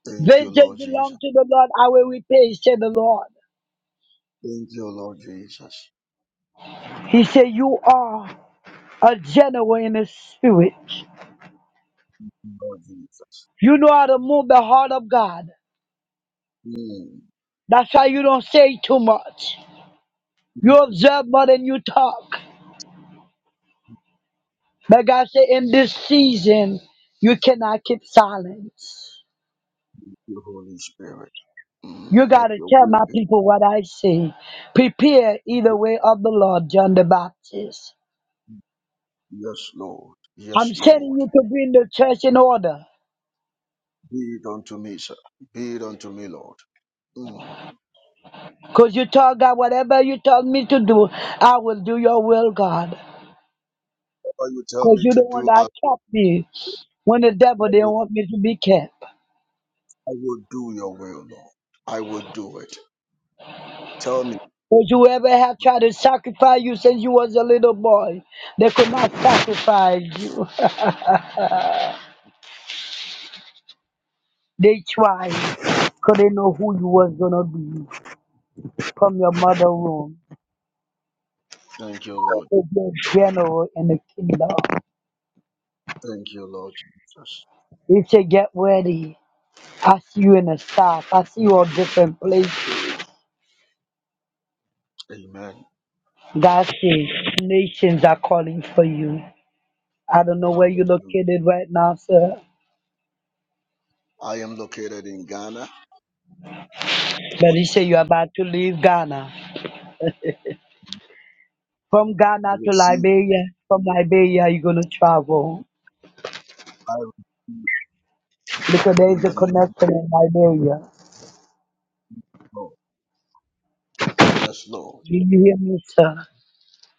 S8: Thank you,
S10: Vengeance
S8: Lord Jesus.
S10: belongs to the Lord. I will repay, said the Lord.
S8: Thank you, Lord Jesus.
S10: He said, You are a general in the spirit.
S8: Lord Jesus.
S10: You know how to move the heart of God.
S8: Mm.
S10: That's why you don't say too much. You
S8: Thank
S10: observe more than you talk. But God said, in this season, you cannot keep silence.
S8: you, Holy Spirit.
S10: You
S8: Mm. Let
S10: got to
S8: your
S10: tell
S8: will
S10: my
S8: be.
S10: people what I say. Prepare either way of the Lord, John the Baptist.
S8: Yes, Lord.
S10: I'm
S8: Yes,
S10: sending
S8: Lord.
S10: you to bring the church in order.
S8: Be it unto me, sir. Be it unto me, Lord. Mm.
S10: Because you told God, whatever you told me to do, I will do your will, God.
S8: Whatever you tell
S10: Because
S8: me
S10: you
S8: to
S10: the one
S8: do, I,
S10: that kept me when the devil
S8: I,
S10: didn't
S8: will,
S10: want me to be kept.
S8: I will do your will, Lord. I will do it. Tell me.
S10: Would you ever have tried to sacrifice you since you was a little boy? They could not sacrifice you. they tried. Cause they know who you was gonna be from your mother womb.
S8: Thank you, Lord.
S10: They be a general in the kingdom.
S8: Thank you, Lord Jesus.
S10: He said, get ready. I see you in the south. I see you all different places.
S8: Amen.
S10: God says, nations are calling for you. I don't know where you're
S8: Hallelujah.
S10: located right now, sir.
S8: I am located in Ghana.
S10: But
S8: I
S10: he said you're about to leave Ghana From Ghana to
S8: receive. it.
S10: Liberia, from Liberia, you're going to travel
S8: I receive
S10: because
S8: it in
S10: there's a
S8: the name
S10: connection in Liberia.
S8: of God. Yes, Lord.
S10: Do you hear me, sir?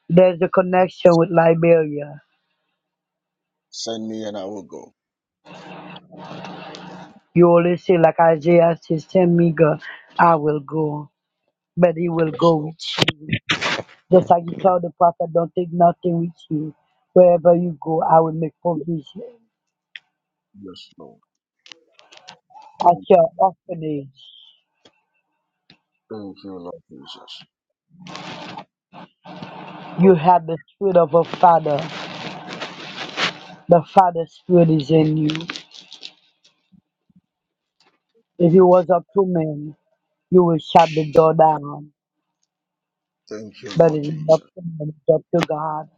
S10: There's a connection with Liberia.
S8: Send me and I will go.
S10: You always say, like Isaiah says, send me God, I will go, but he will
S8: Yes,
S10: go
S8: Lord.
S10: with you. Just like you told the prophet, don't take nothing with you. Wherever you go,
S8: Yes,
S10: I will make provision.
S8: yes, Lord.
S10: At
S8: Thank you,
S10: your
S8: Lord.
S10: orphanage,
S8: Thank you, Lord Jesus.
S10: you have the spirit of a father. The father spirit is in you. If it was up to men, You will shut the door down,
S8: Thank you,
S10: but
S8: Lord
S10: it's not
S8: Jesus.
S10: to you, it's up to God.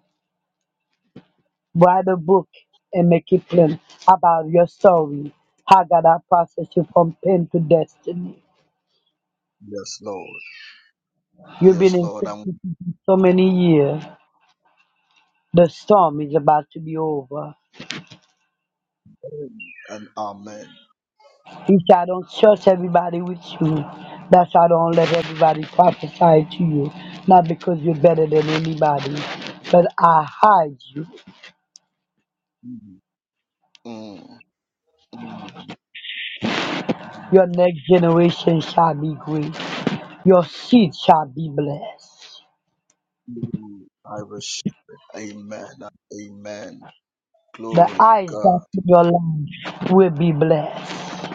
S10: Write a book and make it plain about your story. How God has processed you from pain to destiny.
S8: Yes, Lord.
S10: You've been
S8: Yes,
S10: in
S8: Lord. I'm
S10: captivity for so many years. The storm is about to be over.
S8: and Amen.
S10: If I don't trust everybody with you, that's why I don't let everybody prophesy to you. Not because you're better than anybody, but I hide you.
S8: Mm, mm, mm,
S10: Your next generation shall be great. Your seed shall be blessed.
S8: mm. I receive. Amen. and Amen.
S10: The
S8: Glory to
S10: eyes
S8: God.
S10: that see your land will be blessed.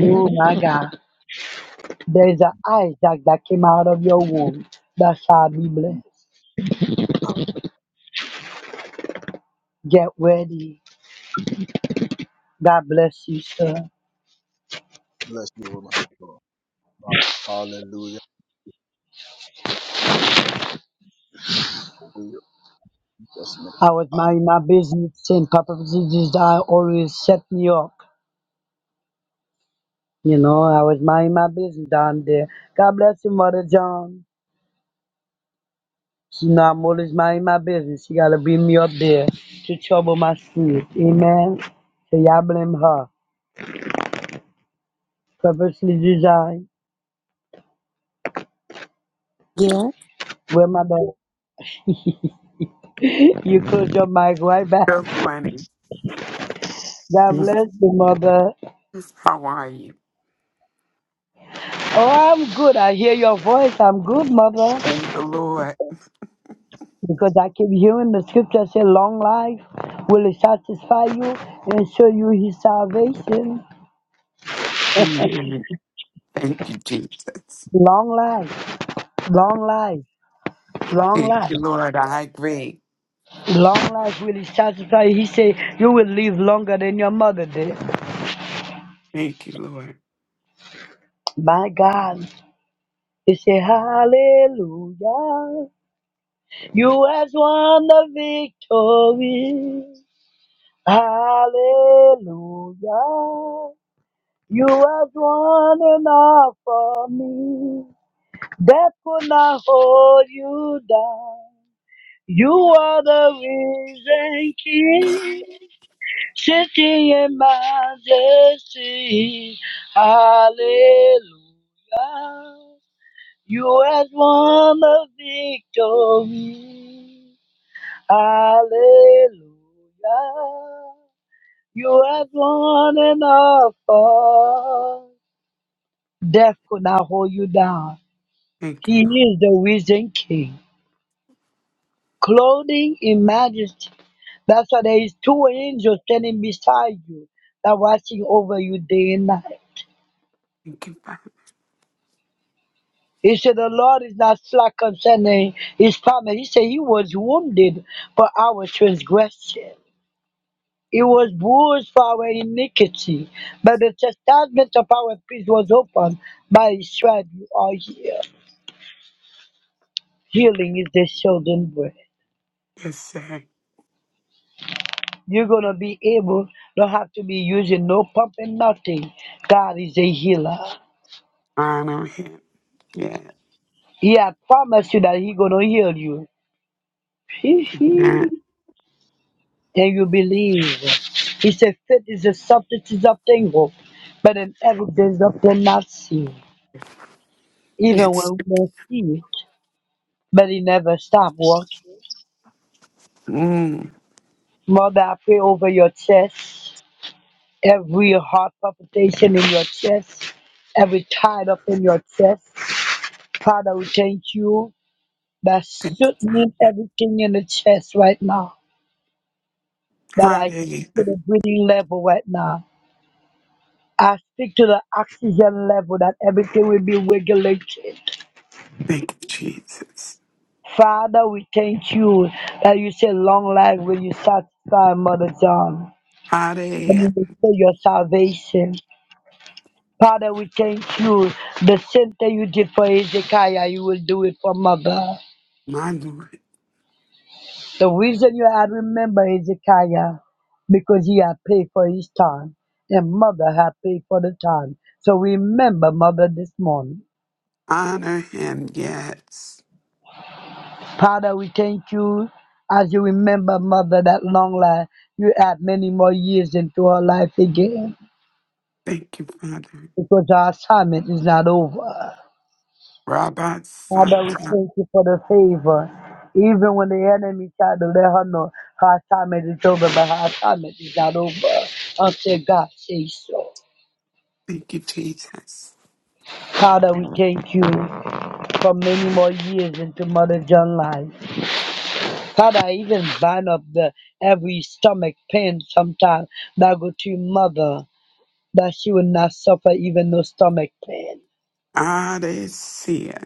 S10: Oh my God. There is an Isaac that came out of your womb that shall be blessed.
S8: Amen.
S10: Get ready. God bless you, sir.
S8: Bless you, woman. of God. Hallelujah. Be your will in Jesus' name.
S10: I was
S8: Amen.
S10: minding my business and Papa Jesus I always set me up. You know, I was minding my business down there. God bless you, Mother John. She not molest minding my business. She gotta bring me up there to trouble my sleep. Amen. So y'all blame her. Purposely designed.
S1: Yeah,
S10: Where my dog? you close your mic right back.
S12: Good morning.
S10: God bless you, mother.
S12: How are you?
S10: Oh, I'm good. I hear your voice. I'm good, mother.
S12: Thank the Lord.
S10: Because I keep hearing the scripture say, long life will it satisfy you and show you his salvation.
S12: Amen. Thank you, Jesus.
S10: Long life, long life, long
S12: Thank
S10: life.
S12: you, Lord. I agree.
S10: Long life really satisfies. He said, You will live longer than your mother did.
S12: Thank you, Lord.
S10: My God. He said, Hallelujah. You has won the victory. Hallelujah. You has won enough for me. Death could not hold you down. You are the risen king. Sitting in majesty, hallelujah. You have won the victory, hallelujah. You have won enough for death could not hold you down.
S12: Thank you.
S10: He is the risen king, clothing in majesty. That's why there is two angels standing beside you, that watching over you day and night.
S12: Thank you, Father.
S10: He said, The Lord is not slack concerning his promise. He said, He was wounded for our transgression. He was bruised for our iniquity. But the chastisement of our peace was upon by his stripes you are healed. Healing is the children bread.
S12: Yes, sir.
S10: You're going to be able, don't have to be using no pump and nothing. God is a healer.
S12: Honor him. Yeah.
S10: He had promised you that He's going to heal
S12: yeah.
S10: you. and you believe. He said, Faith is the substance of things hoped, but an evidence of things not seen. Even
S12: It's
S10: when we don't see, but he never stopped working.
S12: mm,
S10: Mother, I pray over your chest, every heart palpitation in your chest, every tide up in your chest. Father, we thank you that
S12: thank you.
S10: certainly everything in the chest right now, that I see
S12: Hallelujah.
S10: to the breathing level right now. I speak to the oxygen level that everything will be regulated.
S12: Thank you, Jesus.
S10: Father, we thank you that you say long life will you satisfy Mother John and you
S12: Hallelujah.
S10: will show your salvation. Father, we thank you. The same thing you did for Hezekiah, you will do it for Mother.
S12: My Lord.
S10: The reason you had remember Hezekiah, because he had paid for his time, and Mother had paid for the time. So remember Mother this morning.
S12: Honor him. Yes.
S10: Father, we thank you as you remember, Mother, that long life. You add many more years into her life again
S12: Thank you, Father.
S10: because our assignment is not over.
S12: Rabbi
S10: Father, we
S12: Santa.
S10: thank you for the favor. Even when the enemy tried to let her know her assignment is over, but her assignment is not over until God says so.
S12: Thank you, Jesus.
S10: Father, we thank you for many more years into Mother John's life. Father, I even bind up the every stomach pain sometimes that go to your mother. that she will not suffer even no stomach pain.
S12: Hallelujah.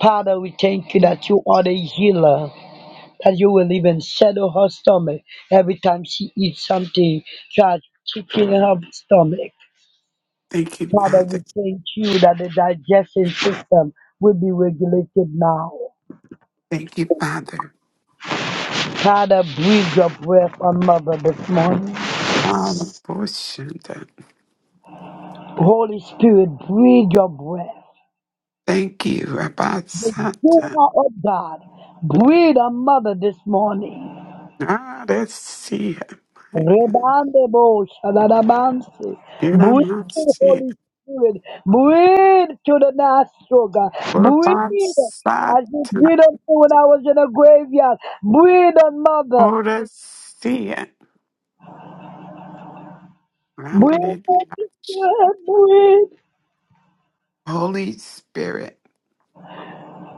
S10: Father, we thank you that you are the healer, that you will even settle her stomach every time she eats something, try kicking her stomach.
S12: Thank you,
S10: Father, we
S12: Father.
S10: thank you that the digestion system will be regulated now.
S12: Thank you, Father.
S10: Father, breathe your breath on mother this morning.
S12: Alaboshanda.
S10: Holy Spirit, breathe your breath.
S12: Thank you, Rabbi
S10: The
S12: Santa.
S10: power of God, breathe on mother this morning.
S12: Nadesia, my God.
S10: Rebande bo shadadabansi. Breathe,
S12: Iramasia,
S10: Holy Spirit. Breathe to the nostril, God.
S12: Rabbi
S10: Breathe. As you
S12: Santa.
S10: breathe on me when I was in the graveyard. Breathe on mother.
S12: Oresia.
S10: Breathe, Holy
S12: Rademash.
S10: Spirit. Breathe.
S12: Holy Spirit,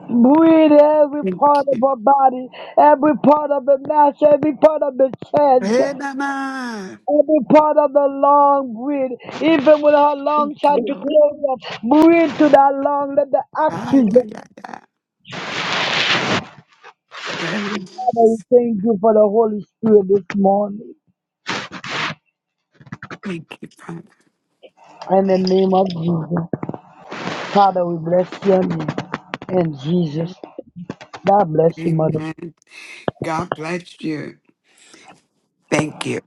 S10: Breathe every
S12: thank
S10: part of
S12: you.
S10: her body, every part of the mass, every part of the chest,
S12: Renama.
S10: every part of the lung. Breathe. Even when her
S12: Thank
S10: lungs shall
S12: you,
S10: be
S12: Lord.
S10: closed up, breathe to that lung. Let the
S12: Ay,
S10: oxygen
S12: ay, ay, ay.
S10: Father, we
S12: Renamas.
S10: thank you for the Holy Spirit this morning.
S12: Thank you, Father.
S10: In the name of Jesus. Father, we bless your name. And Jesus. God bless you, Mother.
S12: Amen. God bless you. Thank you.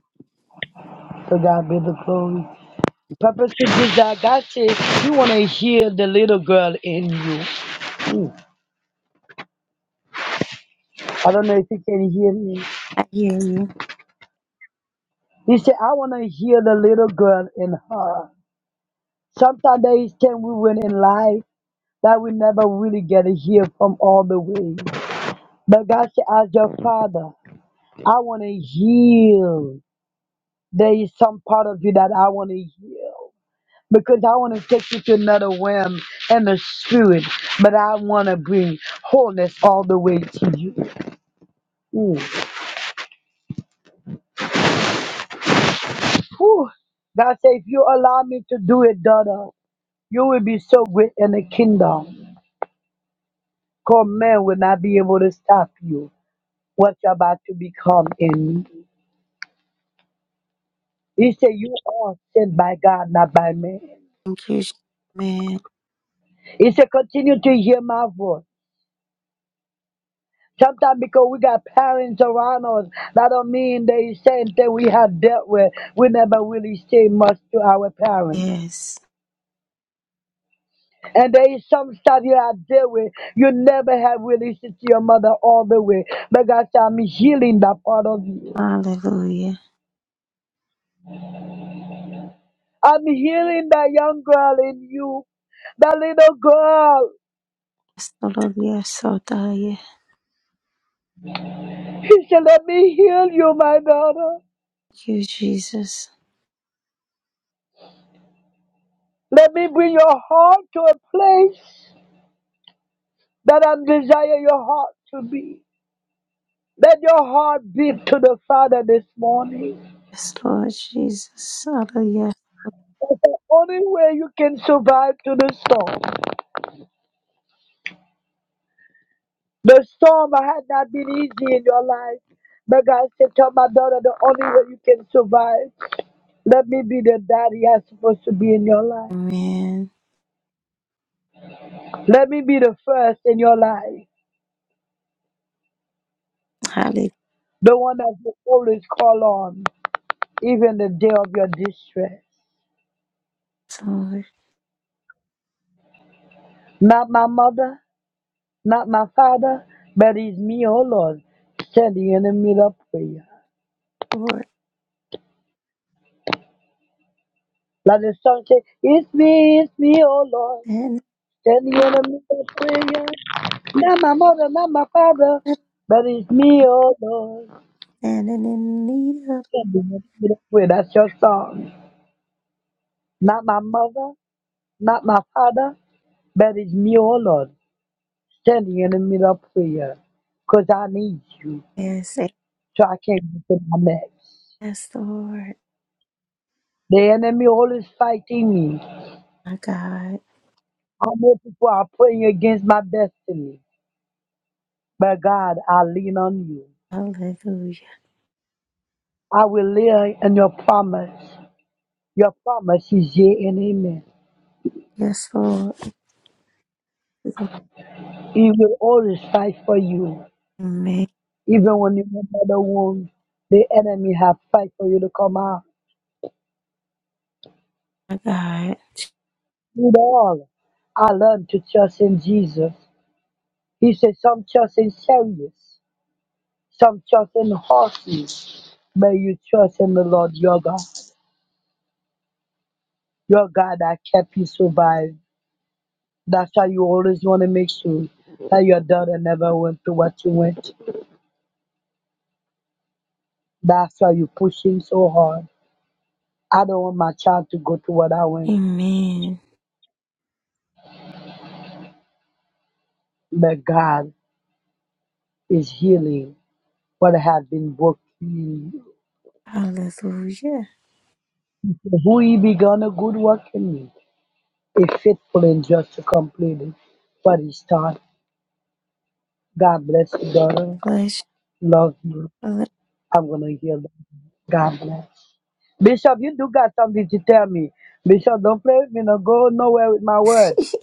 S10: To God be the glory. Purpose is that God says you want to hear the little girl in you. Mm. I don't know if you can hear me.
S1: I hear you.
S10: He said, I want to hear the little girl in her. Sometimes there is things we win in life that we never really get to hear from all the way. But God said, as your father, I want to heal. There is some part of you that I want to heal because I want to take you to another realm and the spirit, but I want to bring wholeness all the way to you. Ooh. Whew. God said, if you allow me to do it, daughter, you will be so great in the kingdom. Because man will not be able to stop you what you're about to become in me. He said, You are sent by God, not by man.
S1: Thank you. Amen.
S10: He said, Continue to hear my voice. Sometimes because we got parents around us, that don't mean they same thing we have dealt with. We never really say much to our parents.
S1: Yes.
S10: And there is some stuff you have dealt with, you never have really said to your mother all the way. But God said, I'm healing that part of you.
S1: Hallelujah.
S10: I'm healing that young girl in you, that little girl.
S1: Yes, Lord. Yes, Lord. Ah, yeah.
S10: He said, let me heal you, my daughter.
S1: Thank you, Jesus.
S10: Let me bring your heart to a place that i desire your heart to be. Let your heart beat to the Father this morning.
S1: Yes, Lord Jesus. Hallelujah.
S10: That's the only way you can survive through the storm. The storm had not been easy in your life. But God said, Tell my daughter the only way you can survive. Let me be the daddy I'm supposed to be in your life.
S1: Amen.
S10: Let me be the first in your life.
S1: Hallelujah.
S10: The one that you always call on, even the day of your distress. Not my mother, not my father, but it's me, oh Lord, standing in the middle of prayer.
S1: Lord.
S10: Let the song say, It's me, it's me, oh Lord.
S1: And
S10: Standing in the middle of prayer. Not my mother, not my father,
S1: and
S10: but it's me, oh Lord.
S1: standing in need of
S10: Standing in the middle of prayer. That's your song. Not my mother, not my father, but it's me, oh Lord. Standing in the middle of prayer. Because I need you,
S1: yes,
S10: so I can't get to my next.
S1: yes, Lord.
S10: The enemy always fighting me.
S1: My God.
S10: I know people are praying against my destiny, but God, I lean on you.
S1: Hallelujah.
S10: I will live in your promise. Your promise is yea and amen.
S1: Yes, Lord.
S10: He will always fight for you.
S1: Amen.
S10: Even when you're in the womb, the enemy have fight for you to come out.
S1: My God.
S10: With all, I learned to trust in Jesus. He said some trust in chariots, some trust in horses, but you trust in the Lord your God. Your God that kept you survive. That's why you always want to make sure that your daughter never went through what you went. That's why you're pushing so hard I don't want my child to go through what I went,
S1: Amen.
S10: but God is healing what has been broken.
S1: Hallelujah.
S10: Who He begun a good work in me is faithful and just to complete it. But He started. God bless you, daughter.
S1: Bless you.
S10: Love you. I'm gonna heal them. God bless. Bishop, you do got something to tell me. Bishop, don't play with me. No, go nowhere with my word.
S1: Lord.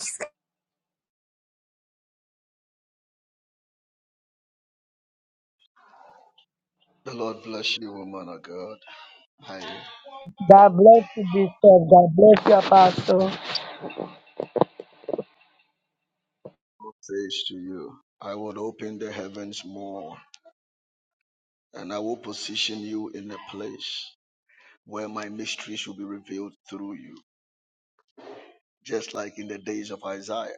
S8: The Lord bless you, woman of God. Hi.
S10: God bless you, Bishop. God bless you, Apostle.
S8: says to you, I will open the heavens more, and I will position you in a place where my mysteries will be revealed through you. Just like in the days of Isaiah,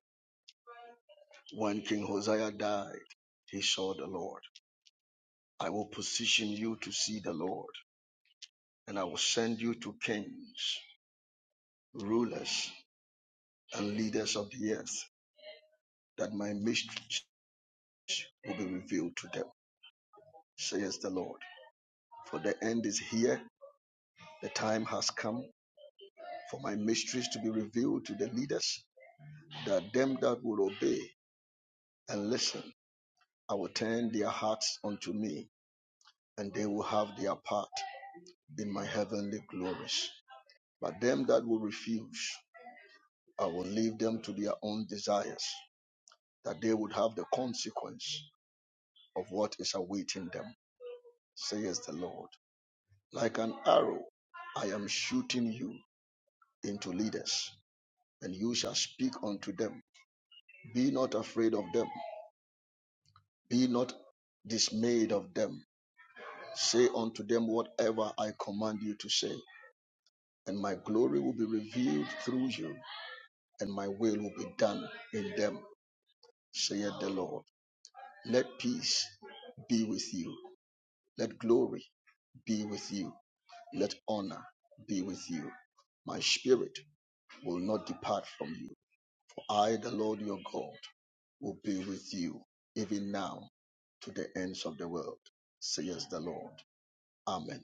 S8: when King Hosea died, he saw the Lord. I will position you to see the Lord, and I will send you to kings, rulers, and leaders of the earth, that my mysteries will be revealed to them, says the Lord. For the end is here, the time has come, for my mysteries to be revealed to the leaders, that them that will obey and listen, I will turn their hearts unto me, and they will have their part in my heavenly glories. But them that will refuse, I will leave them to their own desires, that they would have the consequence of what is awaiting them, says the Lord. Like an arrow, I am shooting you into leaders, and you shall speak unto them. Be not afraid of them, Be not dismayed of them. Say unto them whatever I command you to say, and my glory will be revealed through you, and my will will be done in them, saith the Lord. Let peace be with you. Let glory be with you. Let honor be with you. My spirit will not depart from you. For I, the Lord your God, will be with you, even now, to the ends of the world, says the Lord. Amen.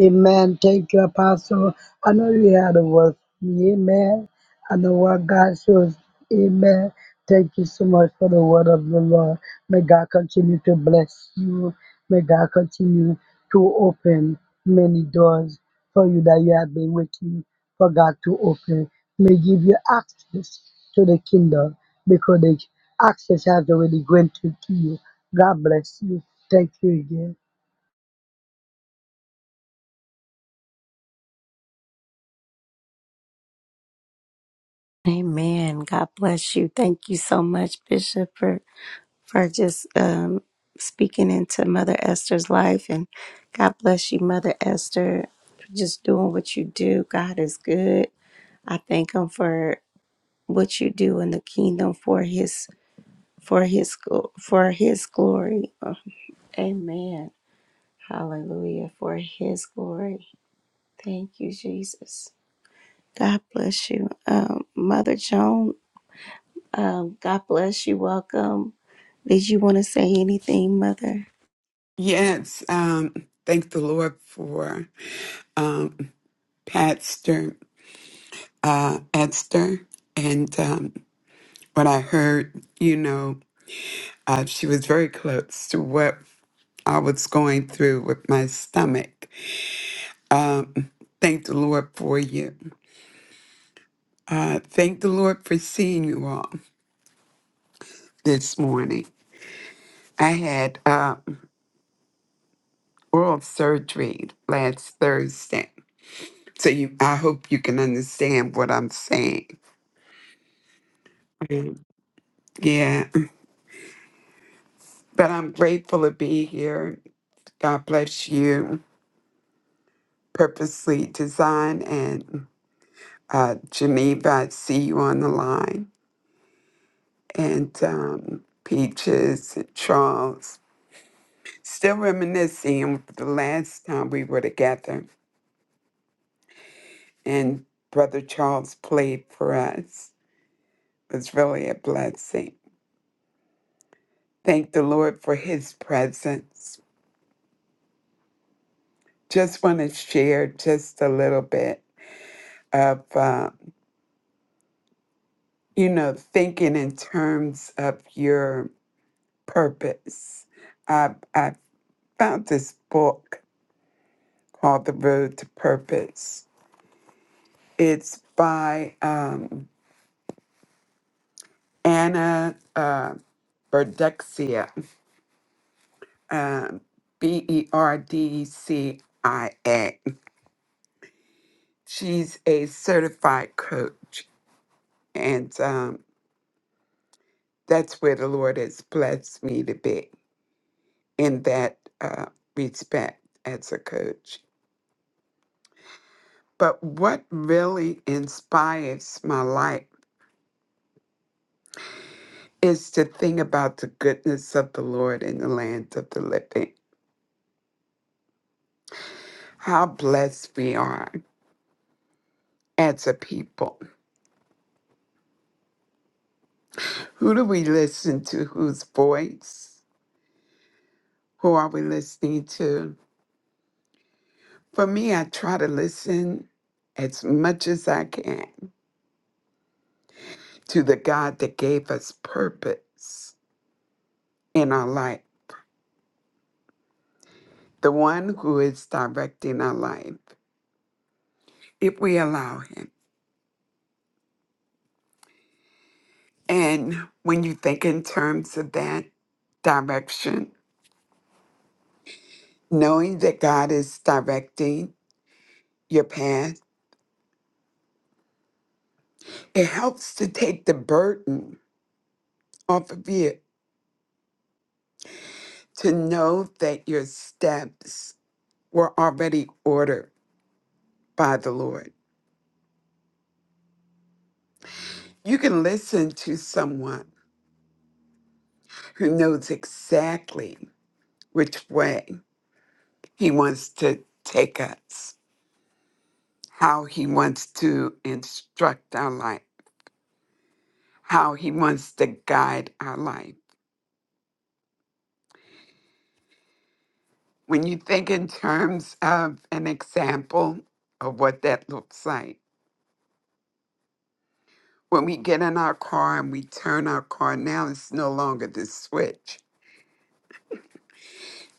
S10: Amen. Thank you, Apostle. I know you had a word for me. Amen. I know what God shows. Amen. Thank you so much for the word of the Lord. May God continue to bless you. May God continue to open many doors for you that you have been waiting for God to open. May give you access to the kingdom because the access has already granted to you. God bless you. Thank you again.
S1: Amen. God bless you. Thank you so much, Bishop, for, for just um, speaking into Mother Esther's life. And God bless you, Mother Esther, for just doing what you do. God is good. I thank Him for what you do in the kingdom for His for His gl- for His glory. Amen. Hallelujah for His glory. Thank you, Jesus. God bless you, um, Mother Joan. Um, God bless you. Welcome. Did you want to say anything, Mother?
S12: Yes, um, thank the Lord for um, Pastor uh, Esther and um, what I heard. You know, uh, she was very close to what I was going through with my stomach. Um, thank the Lord for you. Uh, thank the Lord for seeing you all this morning. I had uh, oral surgery last Thursday, so you, I hope you can understand what I'm saying. Mhm. Yeah, But I'm grateful to be here. God bless you. Purposely Design and uh, Geneva, I see you on the line. And um, Peaches and Charles. Still reminiscing of the last time we were together and Brother Charles played for us. It was really a blessing. Thank the Lord for his presence. Just want to share just a little bit of. uh, you know, thinking in terms of your purpose. I, I found this book called The Road to Purpose. It's by um, Anna uh, Berdexia, um, B E R D C I A. She's a certified coach, and um, that's where the Lord has blessed me to be in that uh, respect as a coach But what really inspires my life is to think about the goodness of the Lord in the land of the living. How blessed we are as a people. Who do we listen to? Whose voice? Who are we listening to? For me, I try to listen as much as I can to the God that gave us purpose in our life, the one who is directing our life, if we allow Him. And when you think in terms of that direction, knowing that God is directing your path, it helps to take the burden off of you to know that your steps were already ordered by the Lord. You can listen to someone who knows exactly which way He wants to take us, how He wants to instruct our life, how He wants to guide our life When you think in terms of an example of what that looks like, when we get in our car and we turn our car, now it's no longer the switch.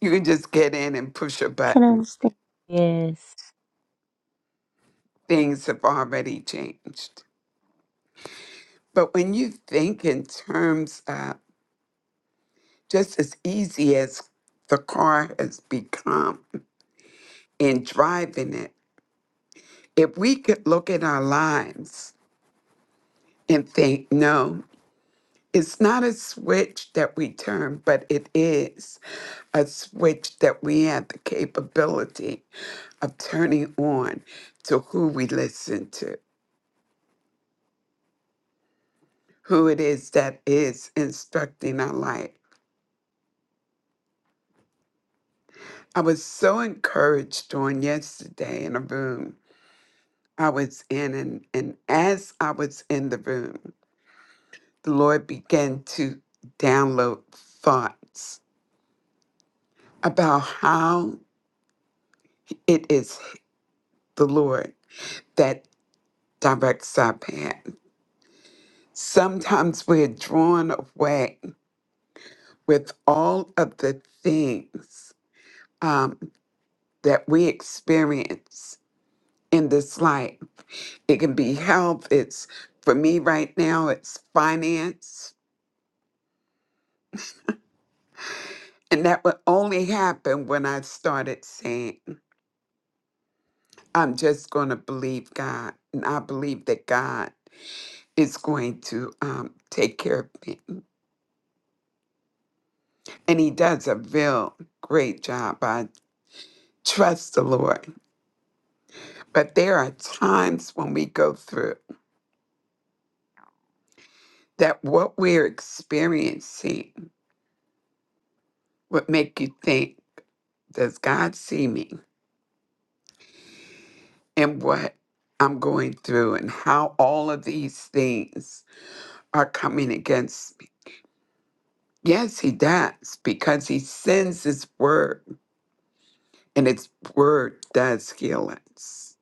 S12: You can just get in and push a
S1: Can I
S12: button.
S1: understand? Yes.
S12: Things have already changed. But when you think in terms of just as easy as the car has become in driving it, if we could look at our lives and think, no, it's not a switch that we turn, but it is. a switch that we have the capability of turning on to who we listen to, who it is that is instructing our life. I was so encouraged on yesterday in a room I was in, and, and as I was in the room, the Lord began to download thoughts about how it is the Lord that directs our path. Sometimes we're drawn away with all of the things um, that we experience in this life. It can be health, it's for me right now, it's finance. And that would only happen when I started saying, I'm just going to believe God. And I believe that God is going to um, take care of me. And He does a real great job. I trust the Lord. But there are times when we go through. that what we're experiencing would make you think, does God see me and what I'm going through and how all of these things are coming against me? Yes, He does, because He sends His word and His word does heal us.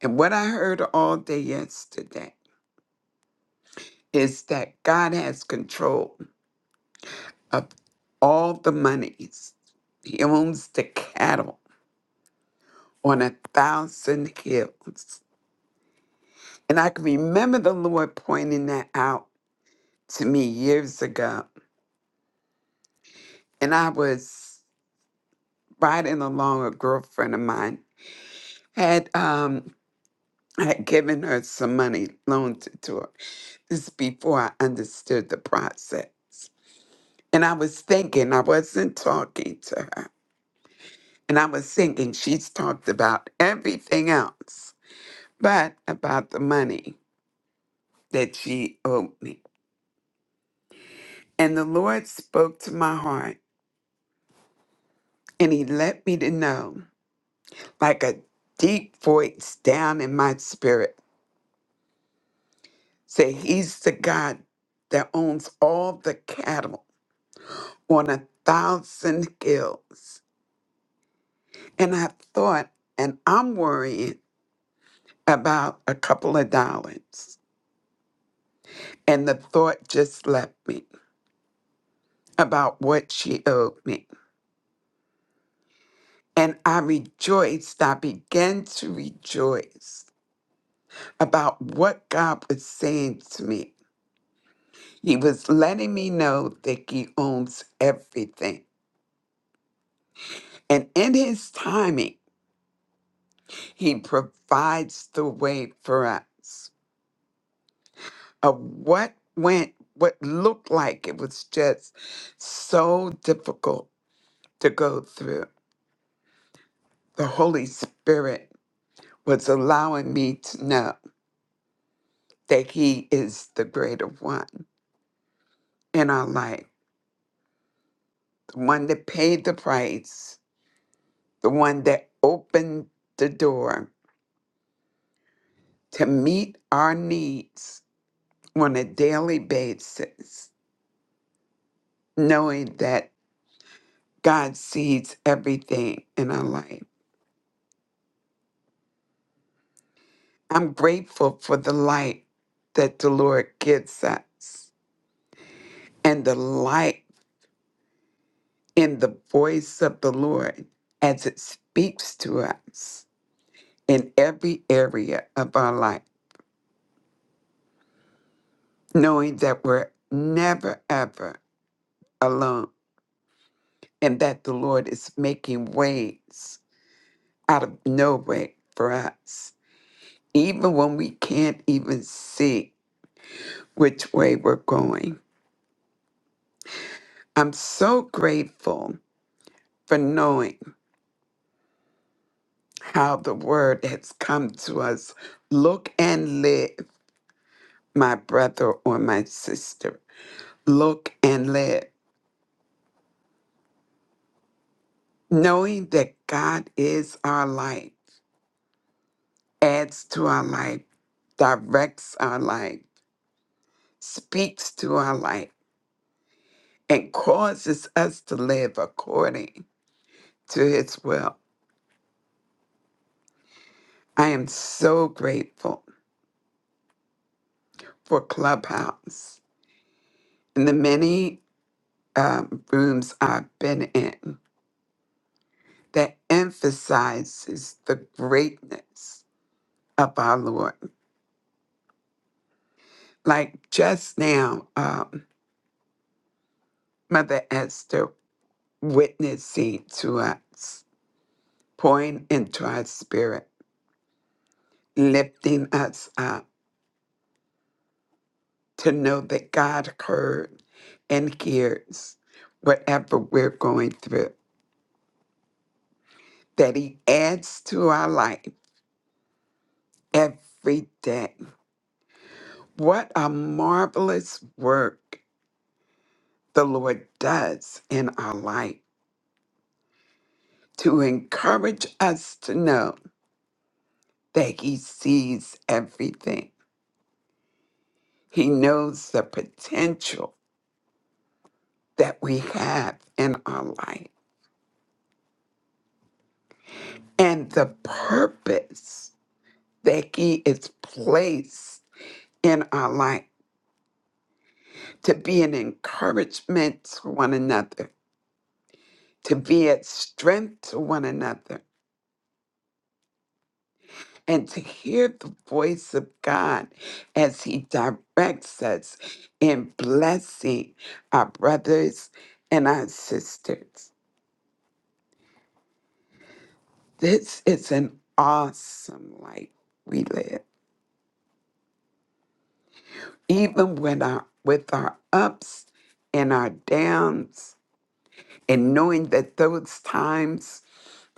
S12: And what I heard all day yesterday is that God has control of all the monies, He owns the cattle on a thousand hills And I can remember the Lord pointing that out to me years ago. And I was riding along a girlfriend of mine had um had given her some money loaned it to her. This is before I understood the process. And I was thinking, I wasn't talking to her. And I was thinking she's talked about everything else, but about the money that she owed me. And the Lord spoke to my heart and he let me to know. like a deep voice down in my spirit say he's the god that owns all the cattle on a thousand hills and i thought and i'm worrying about a couple of dollars and the thought just left me about what she owed me and i rejoiced i began to rejoice about what god was saying to me he was letting me know that he owns everything And in his timing, he provides the way for us of what went, what looked like it was just so difficult to go through. The Holy Spirit was allowing me to know that he is the greater one in our life, the one that paid the price, the one that opened the door to meet our needs on a daily basis knowing that God sees everything in our life. I'm grateful for the light that the Lord gives us and the light in the voice of the Lord as it speaks to us in every area of our life, knowing that we're never, ever alone and that the Lord is making ways out of no way for us, even when we can't even see which way we're going. I'm so grateful for knowing how the word has come to us. Look and live, my brother or my sister. Look and live. Knowing that God is our life, adds to our life, directs our life, speaks to our life, and causes us to live according to his will. I am so grateful for Clubhouse and the many um, rooms I've been in that emphasizes the greatness of our Lord. Like just now, um, Mother Esther witnessing to us, pouring into our spirit, lifting us up to know that God heard and hears whatever we're going through, that He adds to our life every day. What a marvelous work the Lord does in our life to encourage us to know that He sees everything. He knows the potential that we have in our life and the purpose that He is placed in our life to be an encouragement to one another, to be a strength to one another and to hear the voice of God as He directs us in blessing our brothers and our sisters. This is an awesome life we live, even when our, with our ups and our downs, and knowing that those times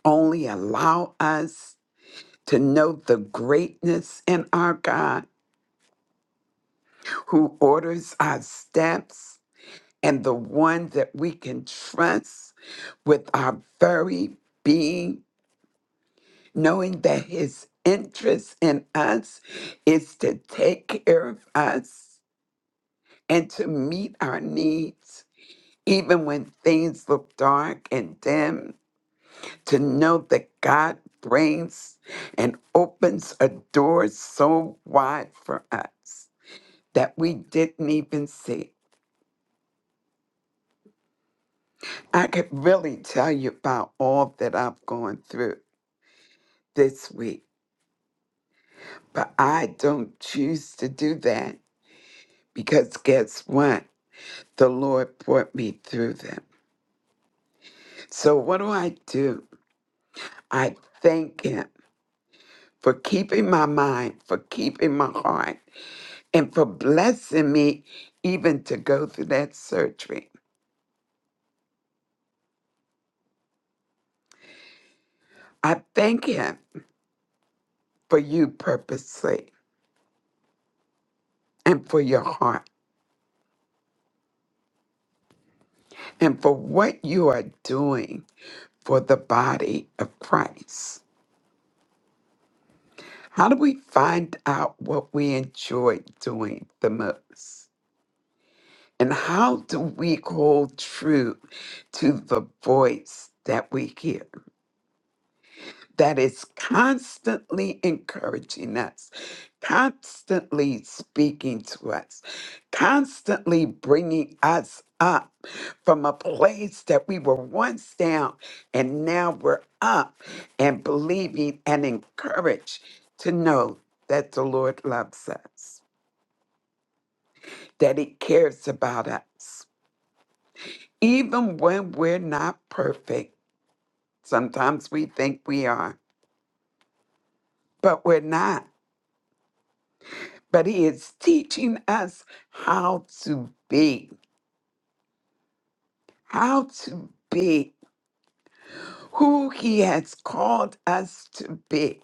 S12: only allow us to know the greatness in our God who orders our steps and the one that we can trust with our very being, knowing that his interest in us is to take care of us and to meet our needs, even when things look dark and dim, to know that God brings and opens a door so wide for us that we didn't even see. I could really tell you about all that I've gone through this week, but I don't choose to do that because guess what? The Lord brought me through them. So, what do I do? I thank Him for keeping my mind, for keeping my heart, and for blessing me even to go through that surgery. I thank Him for you purposely and for your heart and for what you are doing for the body of Christ. How do we find out what we enjoy doing the most? And how do we hold true to the voice that we hear? that is constantly encouraging us, constantly speaking to us, constantly bringing us up from a place that we were once down and now we're up and believing and encouraged to know that the Lord loves us, that He cares about us. Even when we're not perfect, sometimes we think we are, but we're not. but he is teaching us how to be, how to be who he has called us to be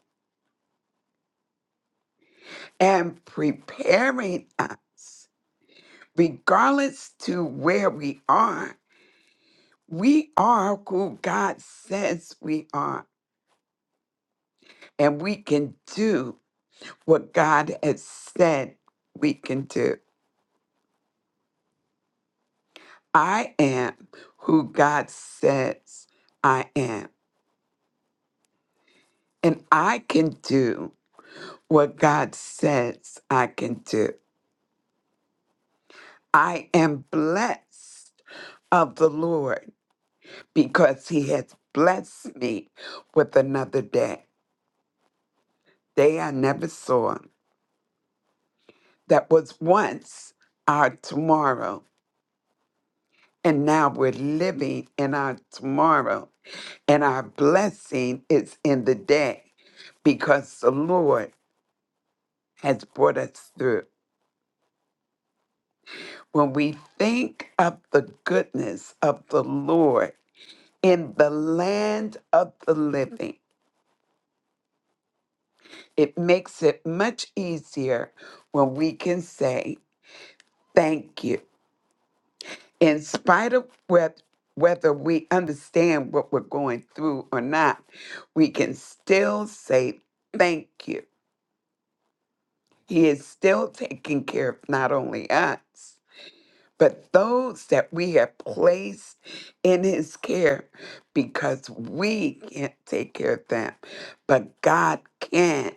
S12: and preparing us, regardless to where we are. We are who God says we are, and we can do what God has said we can do. I am who God says I am, and I can do what God says I can do. I am blessed of the Lord because he has blessed me with another day, day I never saw, that was once our tomorrow. And now we're living in our tomorrow, and our blessing is in the day because the Lord has brought us through. When we think of the goodness of the Lord, in the land of the living. It makes it much easier when we can say thank you. In spite of wheth- whether we understand what we're going through or not, we can still say thank you. He is still taking care of not only us, but those that we have placed in his care because we can't take care of them, but God can.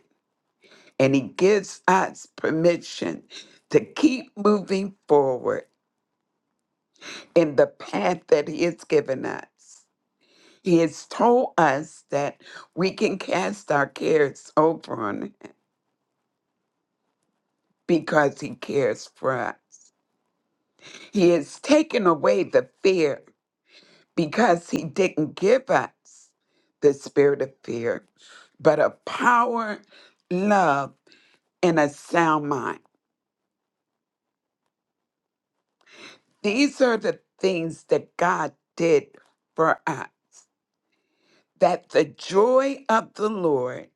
S12: and He gives us permission to keep moving forward in the path that He has given us. He has told us that we can cast our cares over on Him because He cares for us. He has taken away the fear because He didn't give us the spirit of fear, but of power, love, and a sound mind. These are the things that God did for us, that the joy of the Lord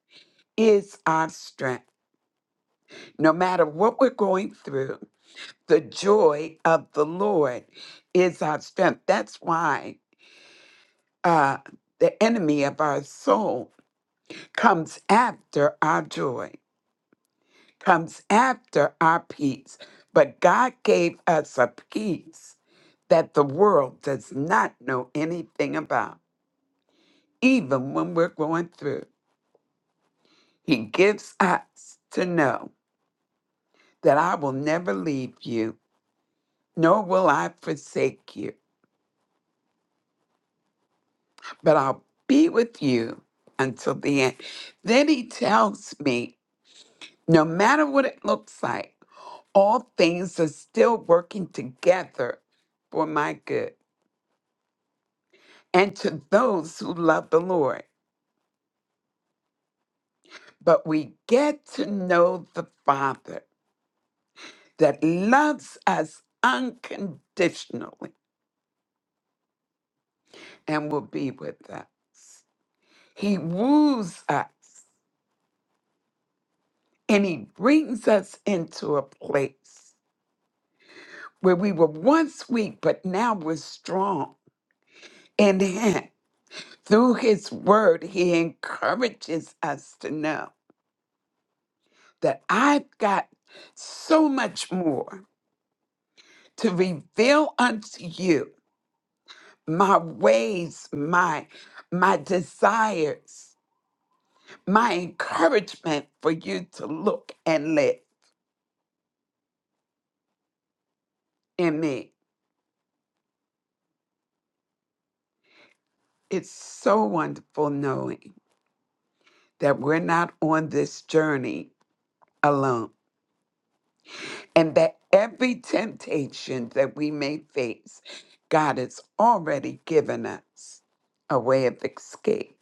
S12: is our strength. No matter what we're going through, the joy of the Lord is our strength. That's why uh, the enemy of our soul comes after our joy, comes after our peace. But God gave us a peace that the world does not know anything about. even when we're going through. He gives us to know that I will never leave you, nor will I forsake you, but I'll be with you until the end. Then he tells me, no matter what it looks like, all things are still working together for my good and to those who love the Lord. But we get to know the Father that loves us unconditionally and will be with us. He woos us and he brings us into a place where we were once weak, but now we're strong in him. Through his word, he encourages us to know that I've got so much more to reveal unto you my ways, my my desires, my encouragement for you to look and live in me. It's so wonderful knowing that we're not on this journey alone and that every temptation that we may face, God has already given us a way of escape.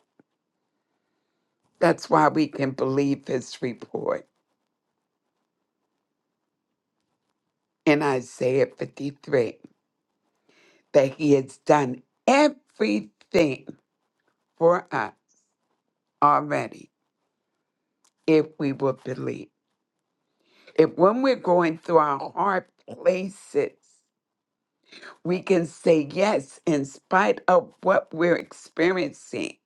S12: That's why we can believe his report in Isaiah 53 that he has done everything for us already if we will believe. If when we're going through our hard places, we can say yes in spite of what we're experiencing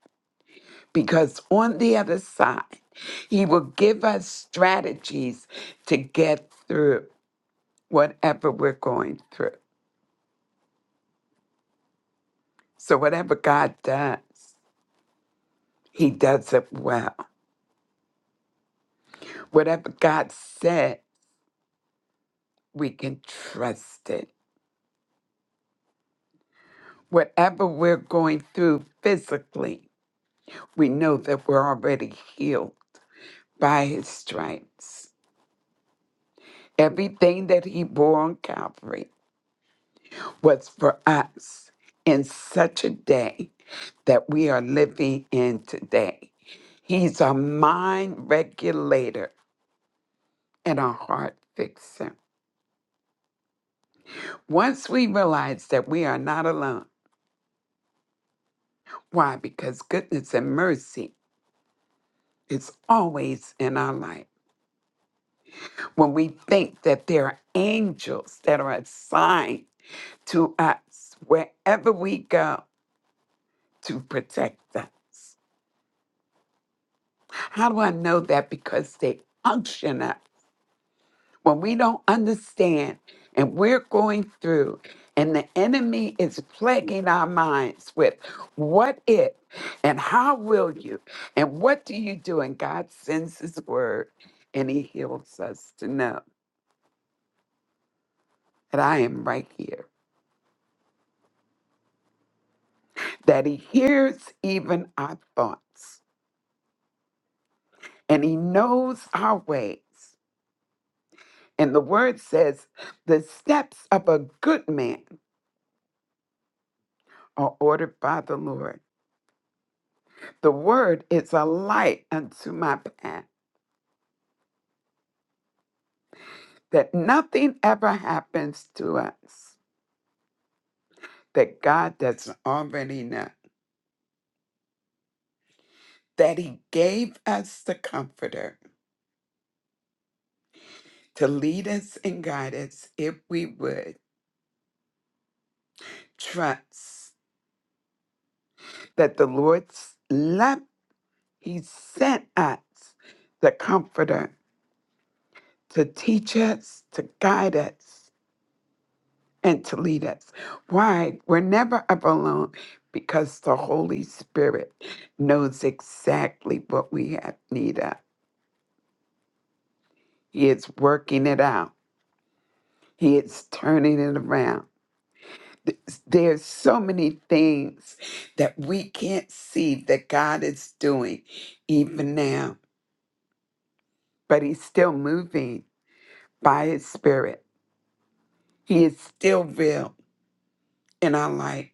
S12: because on the other side, He will give us strategies to get through whatever we're going through. So, whatever God does, He does it well. Whatever God said, we can trust it. Whatever we're going through physically, we know that we're already healed by His stripes. Everything that He bore on Calvary was for us in such a day that we are living in today. He's a mind regulator and a heart fixer. Once we realize that we are not alone, why? Because goodness and mercy is always in our life. When we think that there are angels that are assigned to us wherever we go to protect us. How do I know that? Because they unction us when we don't understand and we're going through and the enemy is plaguing our minds with what if and how will you and what do you do and god sends his word and he heals us to know that i am right here that he hears even our thoughts and he knows our ways and the word says the steps of a good man are ordered by the lord The word is a light unto my path, that nothing ever happens to us that God doesn't already know. That He gave us the Comforter to lead us and guide us if we would trust that the Lord's love, He sent us the Comforter to teach us, to guide us, and to lead us. Why? We're never up alone because the Holy Spirit knows exactly what we have need of. He is working it out, He is turning it around. There's so many things that we can't see that God is doing even now, but He's still moving by His Spirit. He is still real in our life.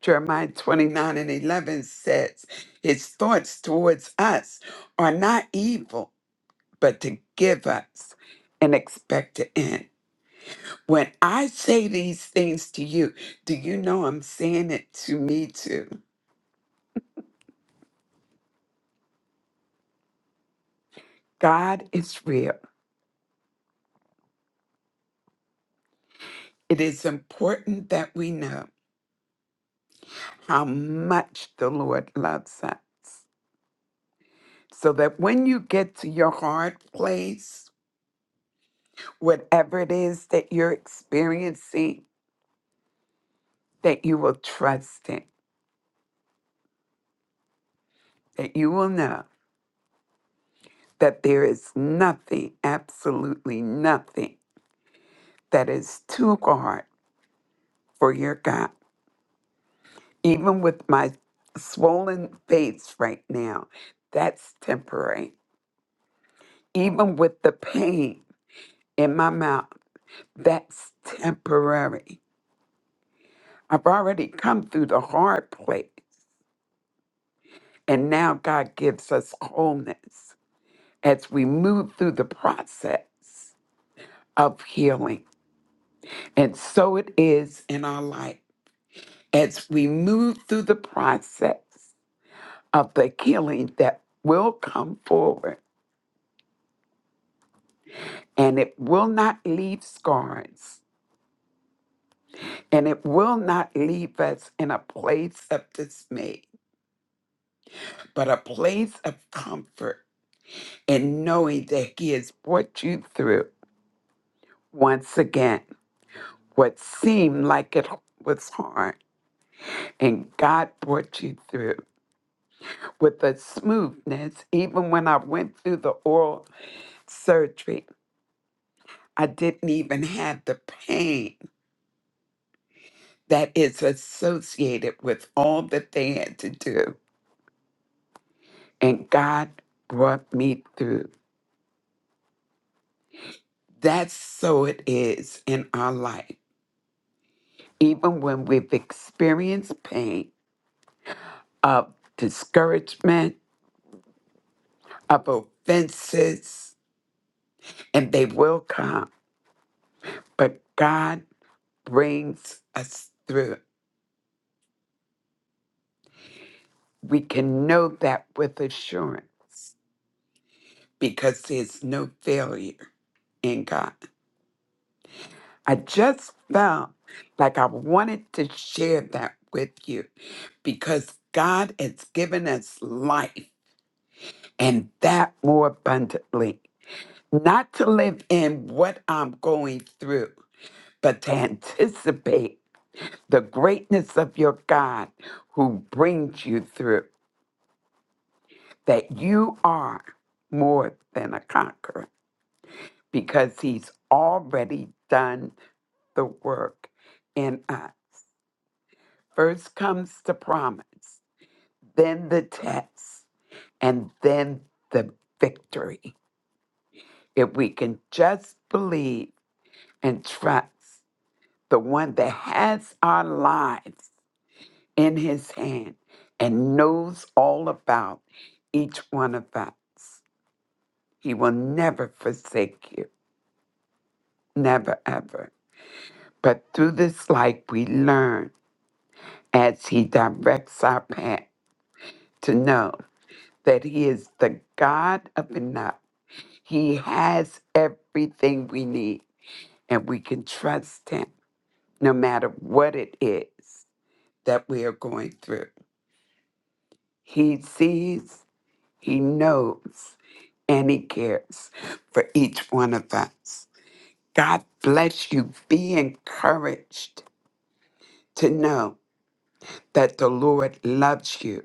S12: Jeremiah 29 and 11 says, His thoughts towards us are not evil, but to give us an expected end. When I say these things to you, do you know I'm saying it to me too? God is real. It is important that we know how much the Lord loves us so that when you get to your hard place, whatever it is that you're experiencing, that you will trust Him that you will know that there is nothing, absolutely nothing, that is too hard for your God. Even with my swollen face right now, that's temporary. Even with the pain in my mouth, that's temporary. I've already come through the hard place, and now God gives us wholeness as we move through the process of healing. And so it is in our life. as we move through the process of the healing that will come forward and it will not leave scars and it will not leave us in a place of dismay, but a place of comfort in knowing that He has brought you through once again what seemed like it was hard. And God brought you through with a smoothness, even when I went through the oral surgery I didn't even have the pain that is associated with all that they had to do. And God brought me through. That's so it is in our life. Even when we've experienced pain of discouragement, of offenses, and they will come, but God brings us through. We can know that with assurance because there's no failure in God. I just felt like I wanted to share that with you because God has given us life and that more abundantly. Not to live in what I'm going through, but to anticipate the greatness of your God who brings you through, that you are more than a conqueror because he's already done the work in us. First comes the promise then the test, and then the victory. If we can just believe and trust the one that has our lives in his hand and knows all about each one of us, he will never forsake you, never ever. But through this life, we learn as he directs our path to know that he is the God of enough He has everything we need, and we can trust Him no matter what it is that we are going through. He sees, He knows, and He cares for each one of us. God bless you. Be encouraged to know that the Lord loves you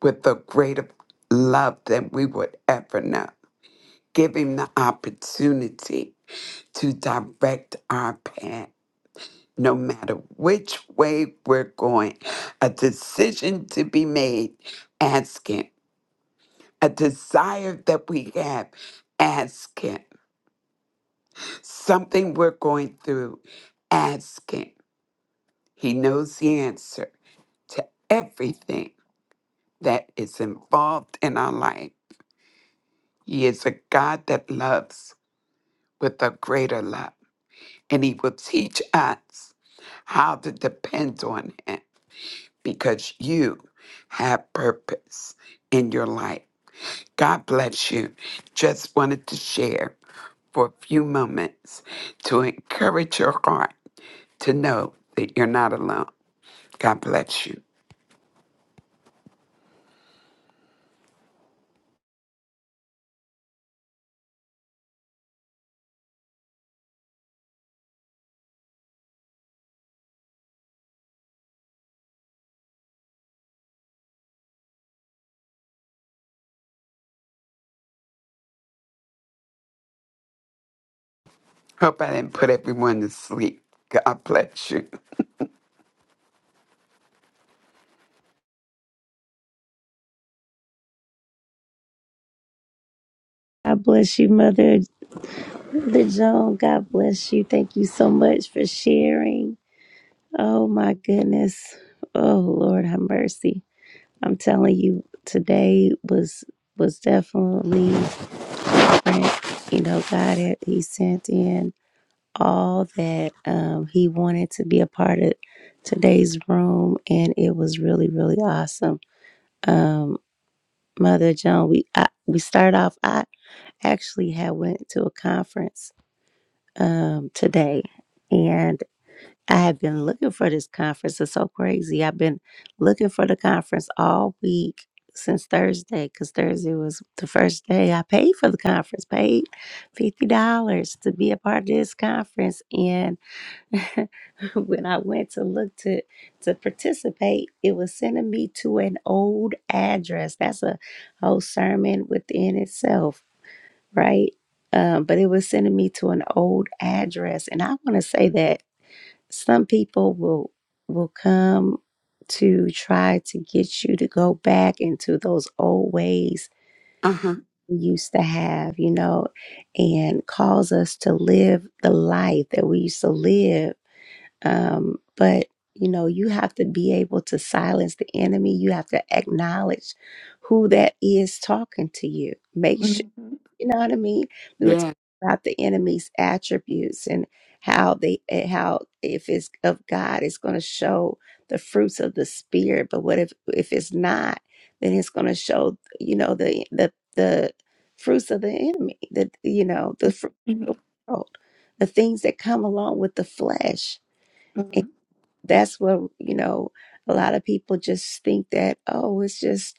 S12: with a greater love than we would ever know. Give Him the opportunity to direct our path no matter which way we're going, a decision to be made, ask Him. A desire that we have, ask Him. Something we're going through, ask Him. He knows the answer to everything that is involved in our life. He is a God that loves with a greater love, and He will teach us how to depend on Him because you have purpose in your life. God bless you. Just wanted to share for a few moments to encourage your heart to know that you're not alone. God bless you. Hope I didn't put everyone to sleep. God bless you.
S1: God bless you, Mother Joan. God bless you. Thank you so much for sharing. Oh my goodness. Oh Lord, have mercy. I'm telling you, today was was definitely different. You know, God had He sent in all that um, He wanted to be a part of today's room, and it was really, really awesome. um, Mother Joan, we I, we start off. I actually had went to a conference um, today, and I have been looking for this conference. It's so crazy. I've been looking for the conference all week since Thursday, because Thursday was the first day I paid for the conference. Paid fifty dollars to be a part of this conference, and when I went to look to to participate, it was sending me to an old address. That's a whole sermon within itself, right? Um, but it was sending me to an old address, and I want to say that some people will will come to try to get you to go back into those old ways
S12: Uh huh.
S1: we used to have, you know, and cause us to live the life that we used to live um, but you know, you have to be able to silence the enemy. You have to acknowledge who that is talking to you. Make sure
S12: Mm-hmm.
S1: you know what I mean. We were talking
S12: Yeah.
S1: about the enemy's attributes and how they eh, how if it's of God, it's going to show the fruits of the spirit. But what if if it's not? Then it's going to show you know the the the fruits of the enemy. that you know the fruit of the world, the things that come along with the flesh
S12: Mm-hmm.
S1: that's what you know a lot of people just think that oh it's just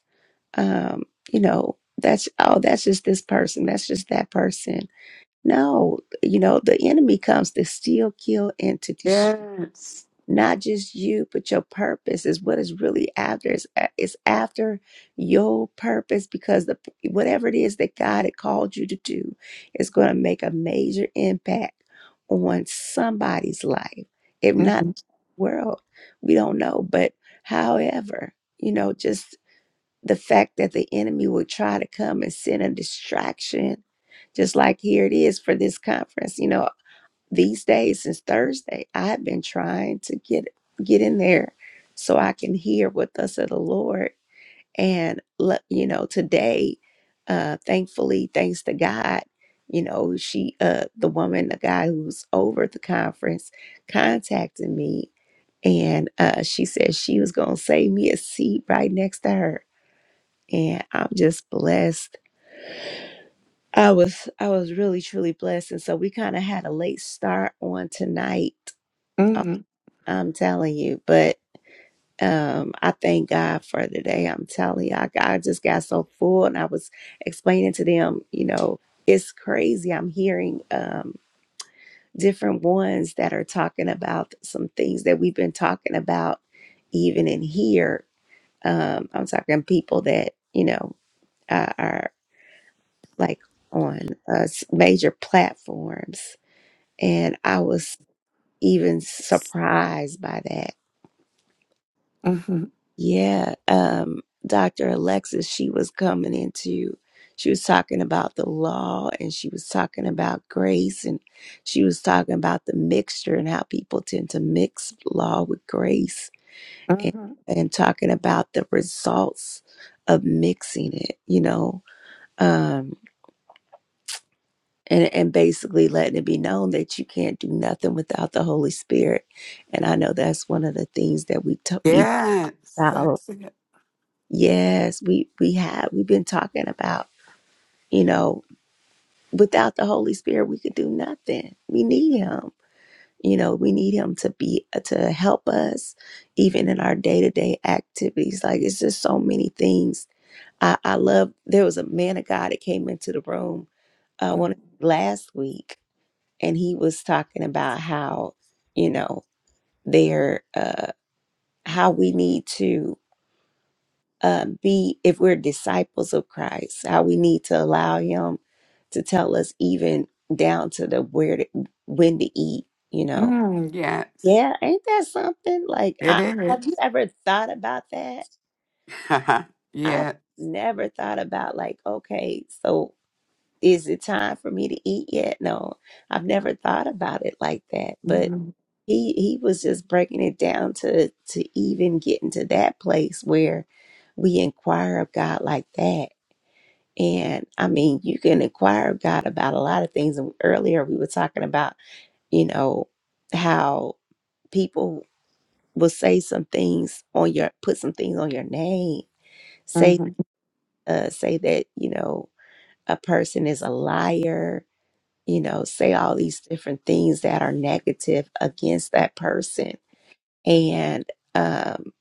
S1: um you know that's oh that's just this person that's just that person no you know the enemy comes to steal kill and to destroy
S12: Yes.
S1: not just you, but your purpose is what is really after. It's, a- it's after your purpose because the whatever it is that God had called you to do is going to make a major impact on somebody's life, if not
S12: Mm-hmm.
S1: the world. We don't know, but however, you know, just the fact that the enemy will try to come and send a distraction, just like here it is for this conference. You know, these days since Thursday, I've been trying to get get in there so I can hear what thus said the Lord. And let you know, today, uh, thankfully, thanks to God, you know, she uh the woman, the guy who's over at the conference contacted me and uh she said she was gonna save me a seat right next to her. And I'm just blessed. I was I was really truly blessed. And so we kind of had a late start on tonight
S12: Mm-hmm.
S1: I'm telling you, but um, I thank God for the day. I'm telling you, I, I just got so full, and I was explaining to them, you know, it's crazy. I'm hearing um, different ones that are talking about some things that we've been talking about, even in here. Um, I'm talking people that you know uh, are like on uh, s- major platforms, and I was even surprised by that
S12: Mm-hmm.
S1: Yeah, um, Dr. Alexis, she was coming into, she was talking about the law and she was talking about grace and she was talking about the mixture and how people tend to mix law with grace and,
S12: Mm-hmm.
S1: and talking about the results of mixing it, you know, um, and, and basically letting it be known that you can't do nothing without the Holy Spirit. And I know that's one of the things that we talk
S12: Yes.
S1: about
S12: That's it.
S1: Yes, we we have. We've been talking about, you know, without the Holy Spirit, we could do nothing. We need him. You know, we need him to be to help us even in our day-to-day activities. Like it's just so many things. I I love there was a man of God that came into the room uh one last week and he was talking about how, you know, their uh how we need to uh, be, if we're disciples of Christ, how we need to allow Him to tell us even down to the where to, when to eat. You know,
S12: Mm-hmm. Yes.
S1: yeah, ain't that something? Like,
S12: It
S1: I, have you
S12: is.
S1: ever thought about that? I've
S12: yeah.
S1: never thought about like, okay, so is it time for me to eat yet? No, I've never thought about it like that, but.
S12: Mhm.
S1: He, he was just breaking it down to to even getting to that place where we inquire of God like that And I mean, you can inquire of God about a lot of things. And earlier we were talking about, you know, how people will say some things on your, put some things on your name, say,
S12: Mhm.
S1: uh, say that, you know, a person is a liar, you know, say all these different things that are negative against that person. And, um,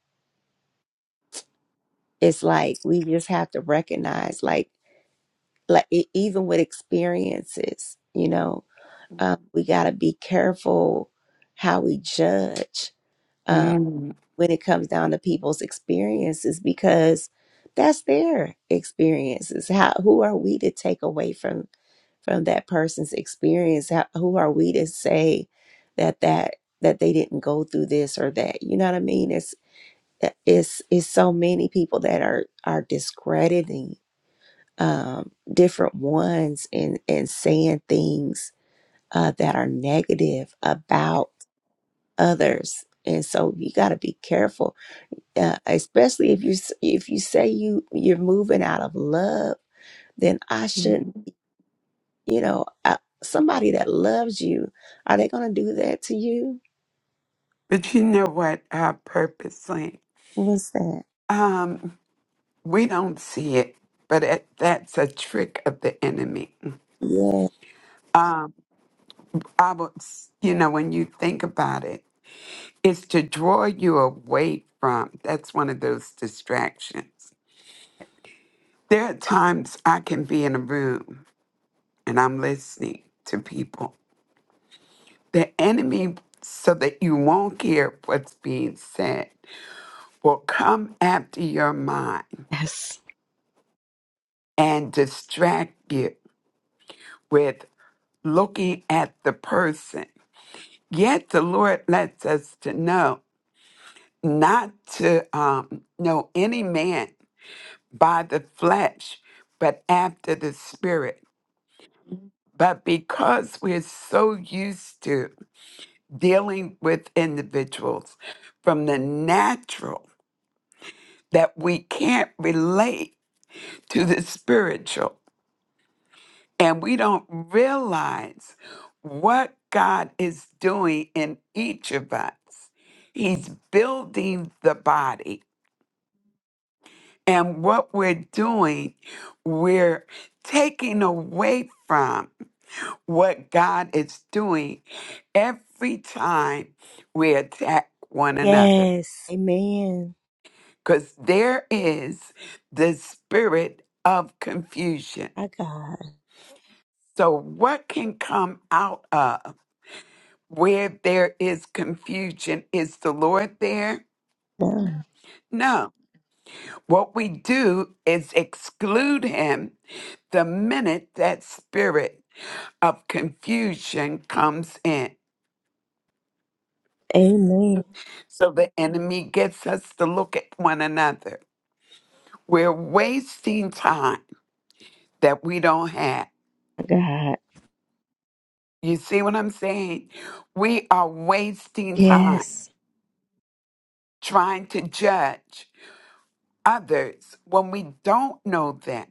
S1: it's like we just have to recognize like like e- even with experiences you know Uh, we got to be careful how we judge uh,
S12: Mhm.
S1: when it comes down to people's experiences because that's their experiences. How who are we to take away from from that person's experience? How, who are we to say that that that they didn't go through this or that? You know what I mean? It's it's it's so many people that are are discrediting um different ones and and saying things uh, that are negative about others and so you got to be careful uh, especially if you s- if you say you you're moving out of love then i shouldn't
S12: Mhm.
S1: you know I, somebody that loves you are they going to do that to you
S12: But you know what? I purposely,
S1: what's that
S12: um, we don't see it, but it, that's a trick of the enemy.
S1: yeah
S12: Um, I was, you know, when you think about it, it's to draw you away from. That's one of those distractions. There are times I can be in a room and I'm listening to people. The enemy, so that you won't hear what's being said will come after your mind
S1: Yes.
S12: and distract you with looking at the person. Yet the Lord lets us to know not to um, know any man by the flesh, but after the spirit. But because we're so used to dealing with individuals from the natural that we can't relate to the spiritual. And we don't realize what God is doing in each of us. He's building the body. And what we're doing, we're taking away from what God is doing every time we attack one another.
S1: yes amen
S12: Because there is the spirit of confusion.
S1: my god
S12: So, what can come out of? Where there is confusion, is the Lord there?
S1: no.
S12: No. What we do is exclude him the minute that spirit of confusion comes in.
S1: amen
S12: So the enemy gets us to look at one another. We're wasting time that we don't have.
S1: my god
S12: You see what I'm saying? We are wasting time
S1: yes
S12: trying to judge others when we don't know them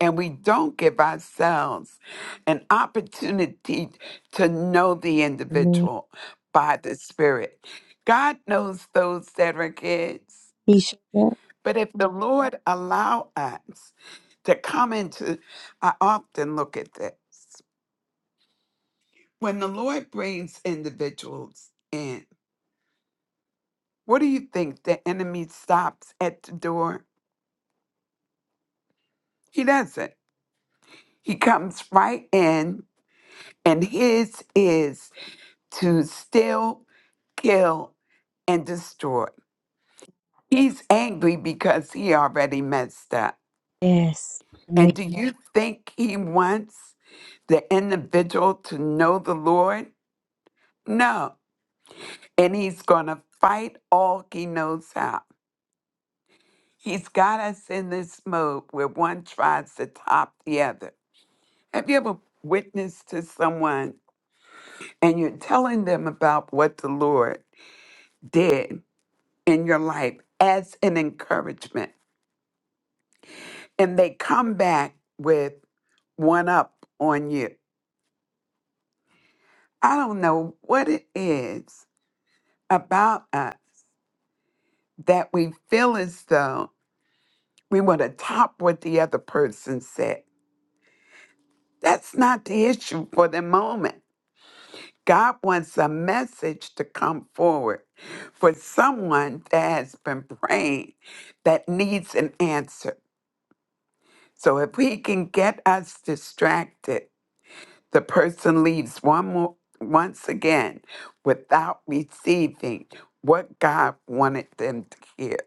S12: and we don't give ourselves an opportunity to know the
S1: amen
S12: individual by the Spirit. God knows those that are His,
S1: he showed up
S12: but if the Lord allow us to come into, I often look at this when the Lord brings individuals in. What do you think the enemy stops at the door? He doesn't. He comes right in, and His is to steal, kill, and destroy. He's angry because he already messed up.
S1: yes
S12: And do Yeah. you Yeah. think he wants the individual to know the Lord? No. And he's going to fight all he knows how. He's got us in this mode where one tries to top the other. Have you ever witnessed to someone and you're telling them about what the Lord did in your life as an encouragement? and they come back with one up on you. I don't know what it is about us that we feel as though we want to top what the other person said. That's not the issue for the moment. God wants a message to come forward for someone that has been praying that needs an answer. So if He can get us distracted, the person leaves one more, once again without receiving what God wanted them to hear.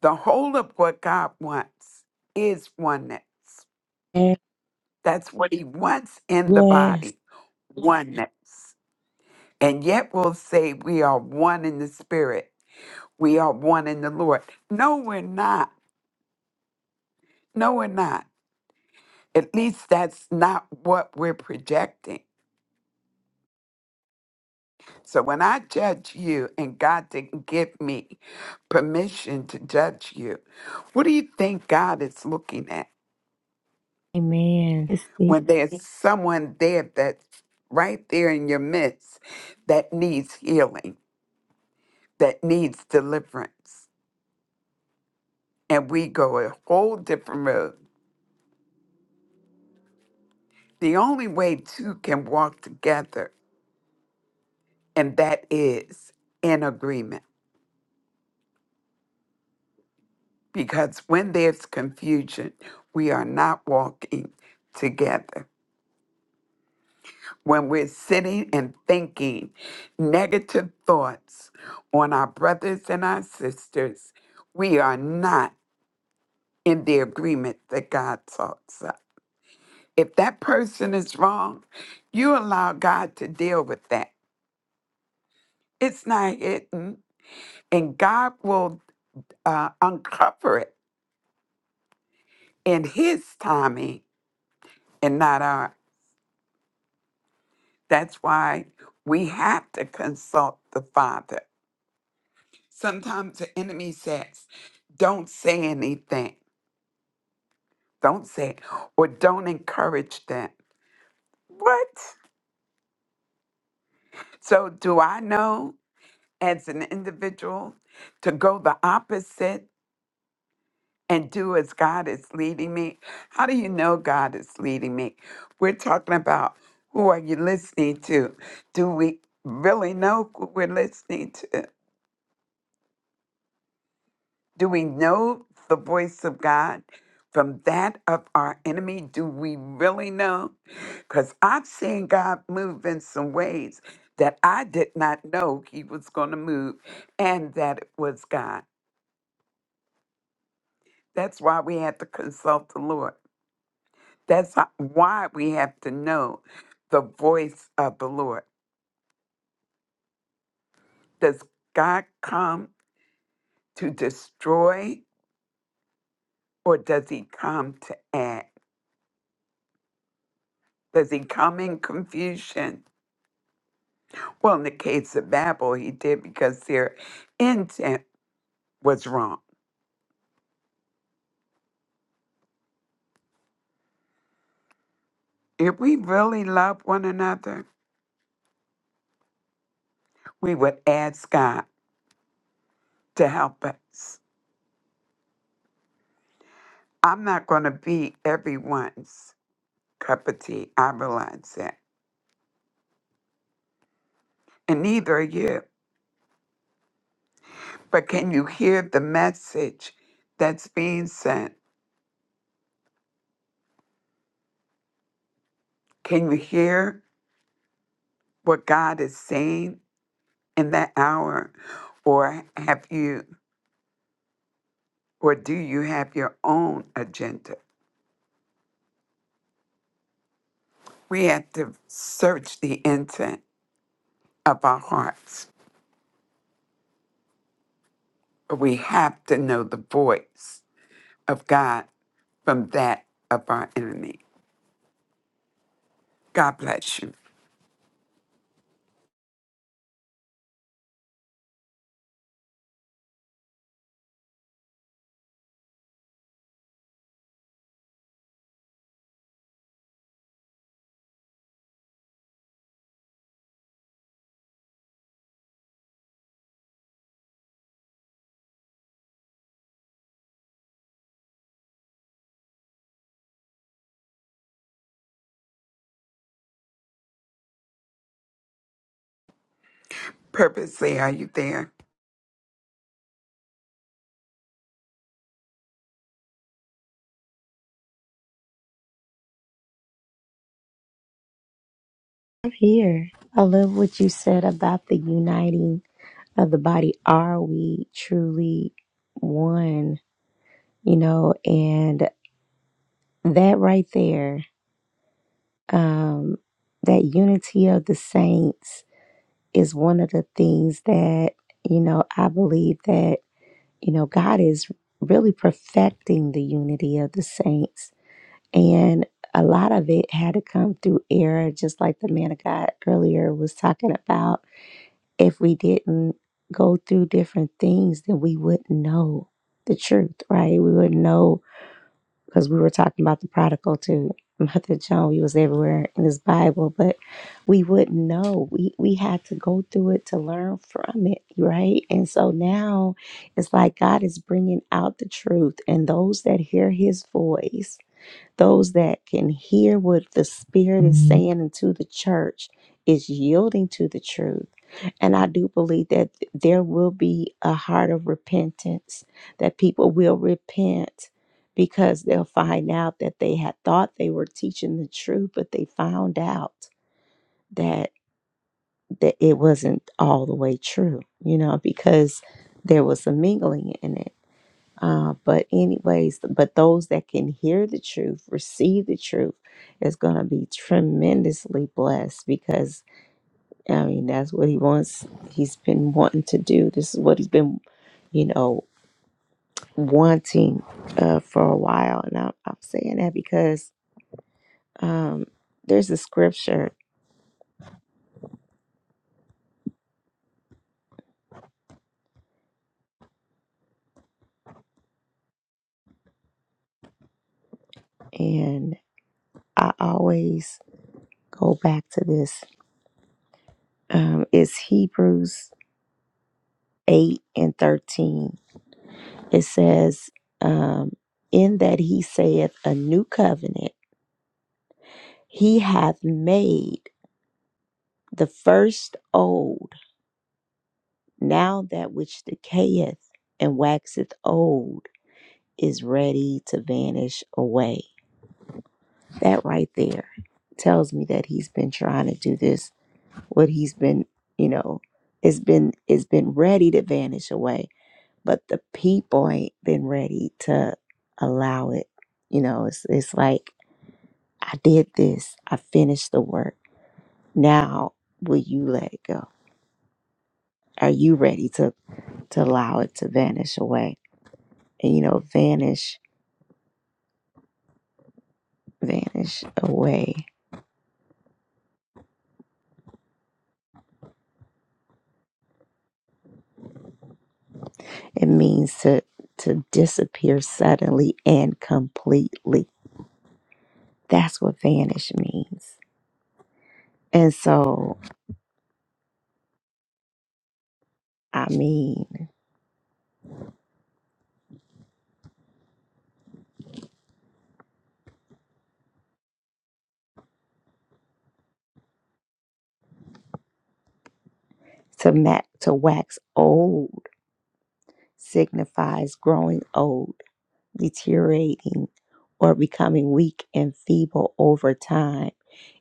S12: The whole of what God wants is oneness.
S1: amen
S12: That's what He wants in the
S1: yes
S12: body oneness. And yet we'll say we are one in the Spirit, we are one in the Lord. No, we're not. No, we're not. At least that's not what we're projecting. So when I judge you and God didn't give me permission to judge you, what do you think God is looking at
S1: amen
S12: when there's someone there that's right there in your midst that needs healing, that needs deliverance? And we go a whole different road. The only way two can walk together, and that is in agreement. Because when there's confusion, we are not walking together. when we're sitting and thinking negative thoughts on our brothers and our sisters, we are not in the agreement that God talks of. If that person is wrong, you allow God to deal with that. It's not hidden, and God will uh, uncover it in His timing and not our. That's why we have to consult the Father Sometimes the enemy says, don't say anything, don't say it, or don't encourage them. What? So, do I know as an individual to go the opposite and do as God is leading me? How do you know God is leading me? We're talking about who are you listening to? Do we really know who we're listening to? Do we know the voice of God from that of our enemy? Do we really know? Because I've seen God move in some ways that I did not know He was going to move and that it was God. That's why we have to consult the Lord. That's ho- why we have to know the voice of the Lord. Does God come to destroy or does He come to act? Does He come in confusion? Well, in the case of Babel, he did because their intent was wrong. If we really love one another, we would ask God to help us. I'm not going to be everyone's cup of tea. I realize that. And neither are you. But can you hear the message that's being sent? Can you hear what God is saying in that hour? Or have you, or do you have your own agenda? We have to search the intent of our hearts. We have to know the voice of God from that of our enemy. God bless you. Purposely, are you there?
S1: here. I love what you said about the uniting of the body. Are we truly one? You know, and that right there, um, that unity of the saints is one of the things that, you know, I believe that, you know, God is really perfecting the unity of the saints. And a lot of it had to come through error, just like the man of God earlier was talking about if we didn't go through different things, then we wouldn't know the truth, right? We wouldn't know because we were talking about the prodigal to Mother Joan. He was everywhere in his Bible, but we wouldn't know. We we had to go through it to learn from it, right? And so now it's like God is bringing out the truth, and those that hear His voice those that can hear what the Spirit is saying into the church is yielding to the truth. And I do believe that there will be a heart of repentance, that people will repent because they'll find out that they had thought they were teaching the truth, but they found out that, that it wasn't all the way true, you know, because there was a mingling in it uh, but anyways, but those that can hear the truth, receive the truth, is going to be tremendously blessed because I mean that's what he wants. He's been wanting to do. This is what he's been, you know, wanting uh, for a while. And I'm, I'm saying that because um, there's a scripture, and I always go back to this. Um, it's Hebrews eight and thirteen It says, um, In that he saith a new covenant, he hath made the first old. Now that which decayeth and waxeth old is ready to vanish away. That right there tells me that he's been trying to do this, what he's been, you know, it's been it's been ready to vanish away. But the people ain't been ready to allow it. You know, it's it's like I did this. I finished the work. Now will you let it go? Are you ready to, to allow it to vanish away? And you know, vanish, vanish away. It means to to disappear suddenly and completely. That's what vanish means. And so I mean to ma- to wax old signifies growing old, deteriorating, or becoming weak and feeble over time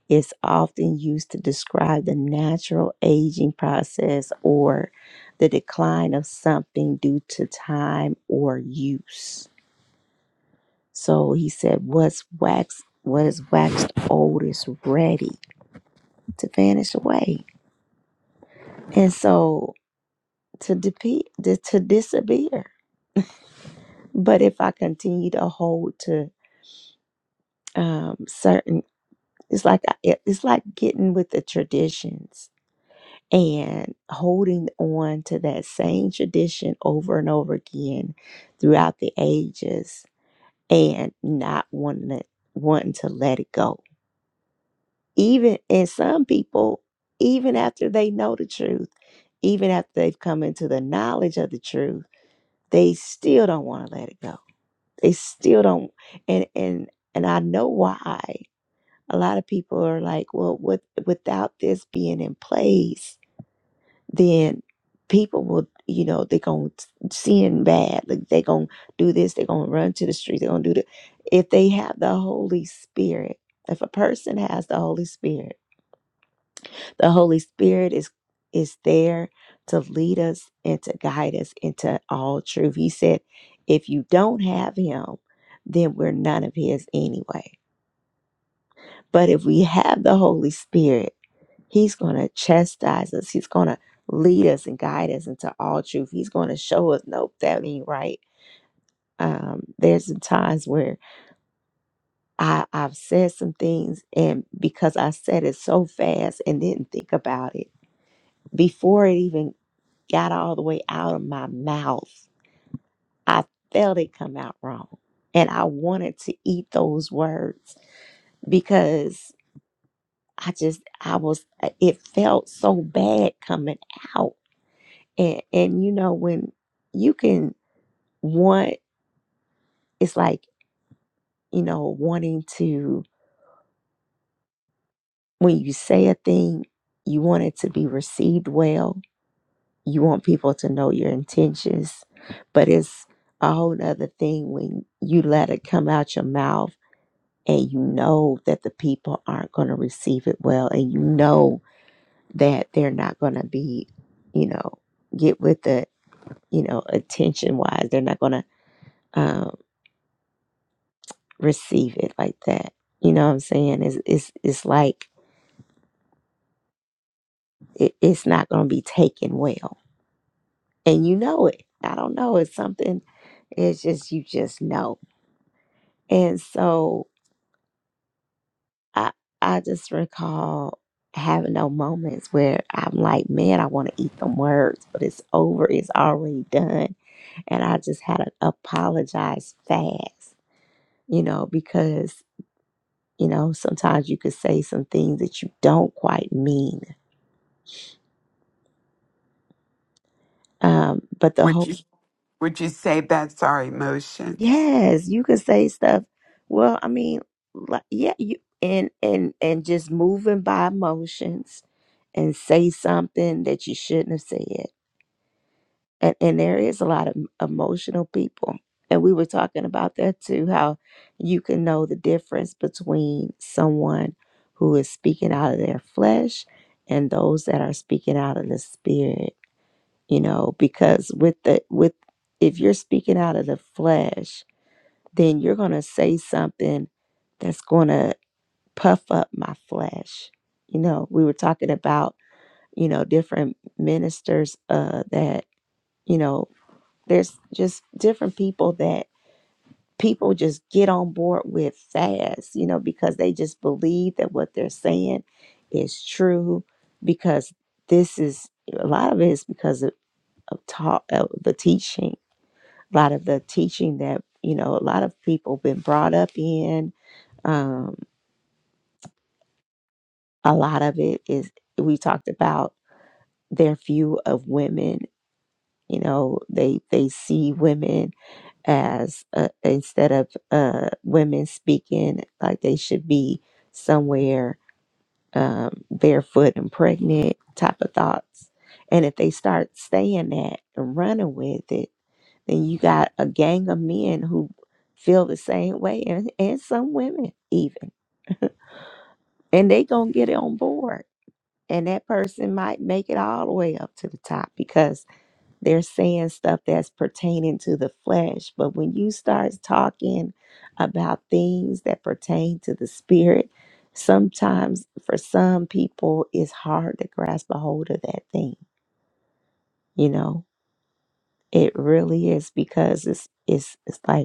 S1: is often used to describe the natural aging process or the decline of something due to time or use. So he said, What's waxed, what is waxed old is ready to vanish away. And so to, depe- to to disappear. But if I continue to hold to um, certain, it's like I- it's like getting with the traditions and holding on to that same tradition over and over again throughout the ages and not wanting it, wanting to let it go. Even and some people, even after they know the truth, even after they've come into the knowledge of the truth, they still don't want to let it go. They still don't and and and I know why. A lot of people are like, well, with, without this being in place, then people will you know they're gonna sin bad like they're gonna do this they're gonna run to the street they're gonna do the if they have the holy spirit if a person has the holy spirit the holy spirit is is there to lead us and to guide us into all truth he said if you don't have him then we're none of his anyway but if we have the holy spirit He's going to chastise us. He's going to lead us and guide us into all truth. He's going to show us, nope, that ain't right. Um, there's some times where I, I've said some things, and because I said it so fast and didn't think about it, before it even got all the way out of my mouth, I felt it come out wrong. And I wanted to eat those words because I just, I was, it felt so bad coming out and and you know when you can want it's like you know wanting to when you say a thing you want it to be received well you want people to know your intentions but it's a whole nother thing when you let it come out your mouth and you know that the people aren't going to receive it well and you know that they're not going to be you know get with the you know attention wise they're not going to receive it like that. You know what I'm saying? It's it's it's like it, it's not gonna be taken well. And you know it. I don't know. It's something it's just you just know. And so I I just recall having those moments where I'm like, man, I want to eat them words, but it's over, it's already done. And I just had to apologize fast, you know, because, you know, sometimes you could say some things that you don't quite mean. Um, but the whole
S12: Would you would you say that's our emotions?
S1: Yes, you could say stuff. Well, I mean, like, yeah, you and and and just moving by emotions and say something that you shouldn't have said. And and there is a lot of m- emotional people. And we were talking about that too, how you can know the difference between someone who is speaking out of their flesh and those that are speaking out of the spirit, you know, because with the with if you're speaking out of the flesh, then you're going to say something that's going to puff up my flesh. You know, we were talking about, you know, different ministers uh that, you know, there's just different people that people just get on board with fast, you know, because they just believe that what they're saying is true because this is a lot of it is because of, of taught of the teaching a lot of the teaching that you know a lot of people been brought up in um a lot of it is we talked about their view of women you know they they see women as uh, instead of uh women speaking like they should be somewhere um barefoot and pregnant type of thoughts and if they start saying that and running with it Then you got a gang of men who feel the same way and, and some women even. And they gonna get it on board. And that person might make it all the way up to the top because they're saying stuff that's pertaining to the flesh. But when you start talking about things that pertain to the spirit, sometimes for some people it's hard to grasp a hold of that thing, you know? It really is because it's it's it's like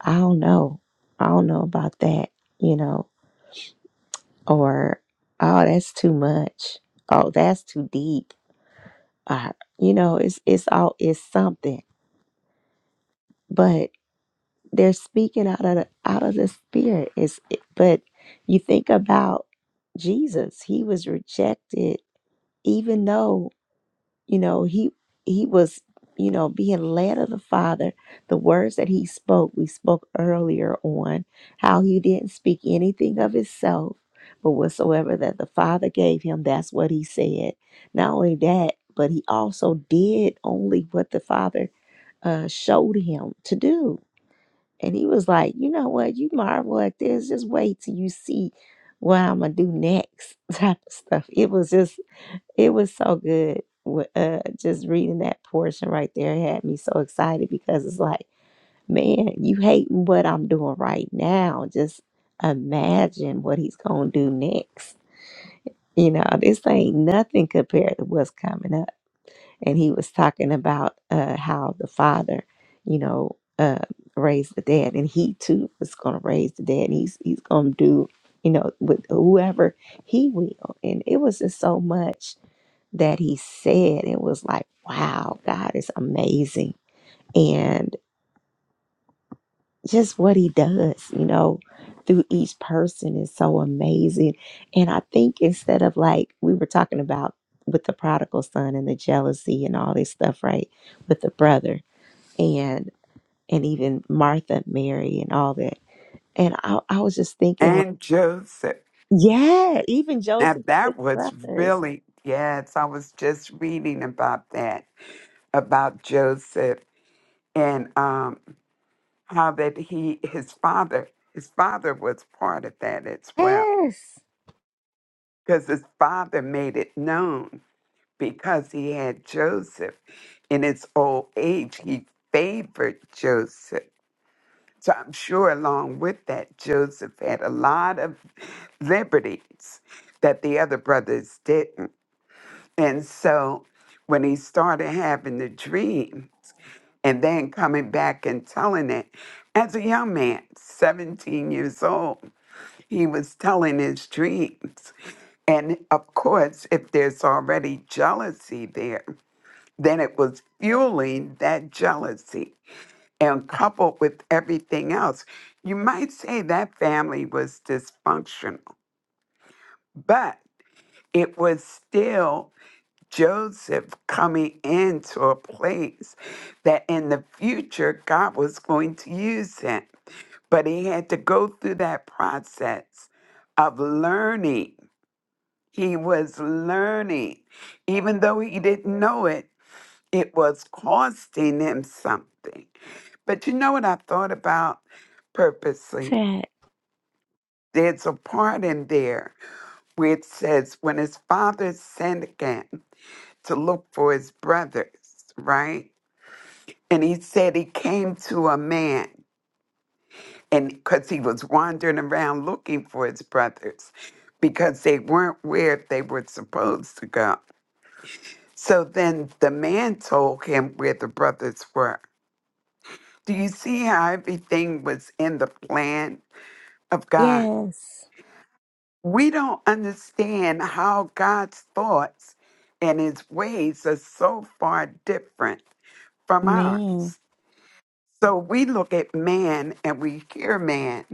S1: I don't know. I don't know about that, you know, or oh, that's too much. Oh, that's too deep. Uh, you know, it's it's all it's something, but they're speaking out of the, out of the spirit. Is but you think about Jesus, he was rejected, even though you know he he was you know being led of the father the words that he spoke we spoke earlier on how he didn't speak anything of himself but whatsoever that the father gave him that's what he said not only that but he also did only what the father uh, showed him to do and he was like you know what you marvel at this just wait till you see what i'm gonna do next type of stuff it was just it was so good. Wh- Uh, just reading that portion right there had me so excited because it's like, man, you hating what I'm doing right now. Just imagine what he's going to do next. You know, this ain't nothing compared to what's coming up. And he was talking about uh, how the father, you know, uh, raised the dead, and he too was going to raise the dead. And he's he's going to do, you know, with whoever he will. And it was just so much that he said. It was like, wow, God is amazing. And just what he does, you know, through each person is so amazing. And I think instead of like we were talking about with the prodigal son and the jealousy and all this stuff, right? With the brother and and even Martha, Mary, and all that. And I, I was just thinking like,
S12: And Joseph.
S1: yeah, even
S12: Now
S1: Joseph, his
S12: that was
S1: brothers.
S12: really yes, I was just reading about that, about Joseph and um how that he his father his father was part of that as well
S1: Yes.
S12: because his father made it known because he had Joseph in his old age. He favored Joseph. So I'm sure, along with that, Joseph had a lot of liberties that the other brothers didn't. And so when he started having the dream and then coming back and telling it, as a young man, 17 years old, he was telling his dreams. And of course, if there's already jealousy there, then it was fueling that jealousy. And coupled with everything else, you might say that family was dysfunctional, but it was still Joseph coming into a place that in the future God was going to use him. But he had to go through that process of learning He was learning. Even though he didn't know it, it was costing him something. But you know what I thought about purposely?
S1: That.
S12: There's a part in there where it says, when his father sent again to look for his brothers, right? And he said he came to a man, and because he was wandering around looking for his brothers, because they weren't where they were supposed to go. So then the man told him where the brothers were. Do you see how everything was in the plan of God?
S1: Yes.
S12: We don't understand how God's thoughts and his ways are so far different from
S1: Man.
S12: ours. So we look at man and we hear man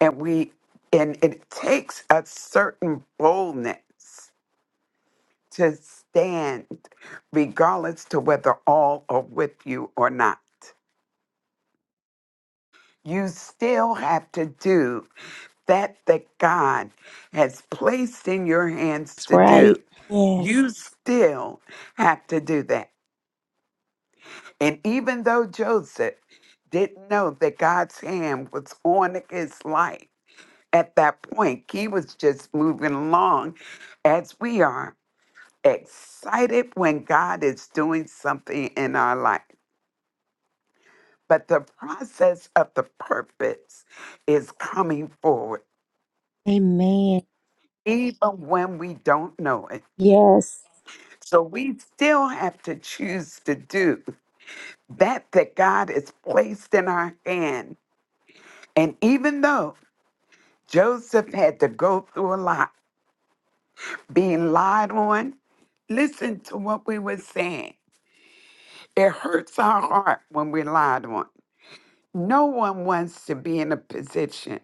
S12: and we and it takes a certain boldness to stand regardless to whether all are with you or not. you still have to do that that God has placed in your hands
S1: That's
S12: to
S1: right.
S12: do.
S1: Yes.
S12: You still have to do that. And even though Joseph didn't know that God's hand was on his life at that point, he was just moving along as we are, excited when God is doing something in our life. But the process of the purpose is coming forward
S1: Amen.
S12: even when we don't know it.
S1: Yes.
S12: So we still have to choose to do that that God has placed in our hand. And even though Joseph had to go through a lot, being lied on, listen to what we were saying. It hurts our heart when we're lied on. No one wants to be in a position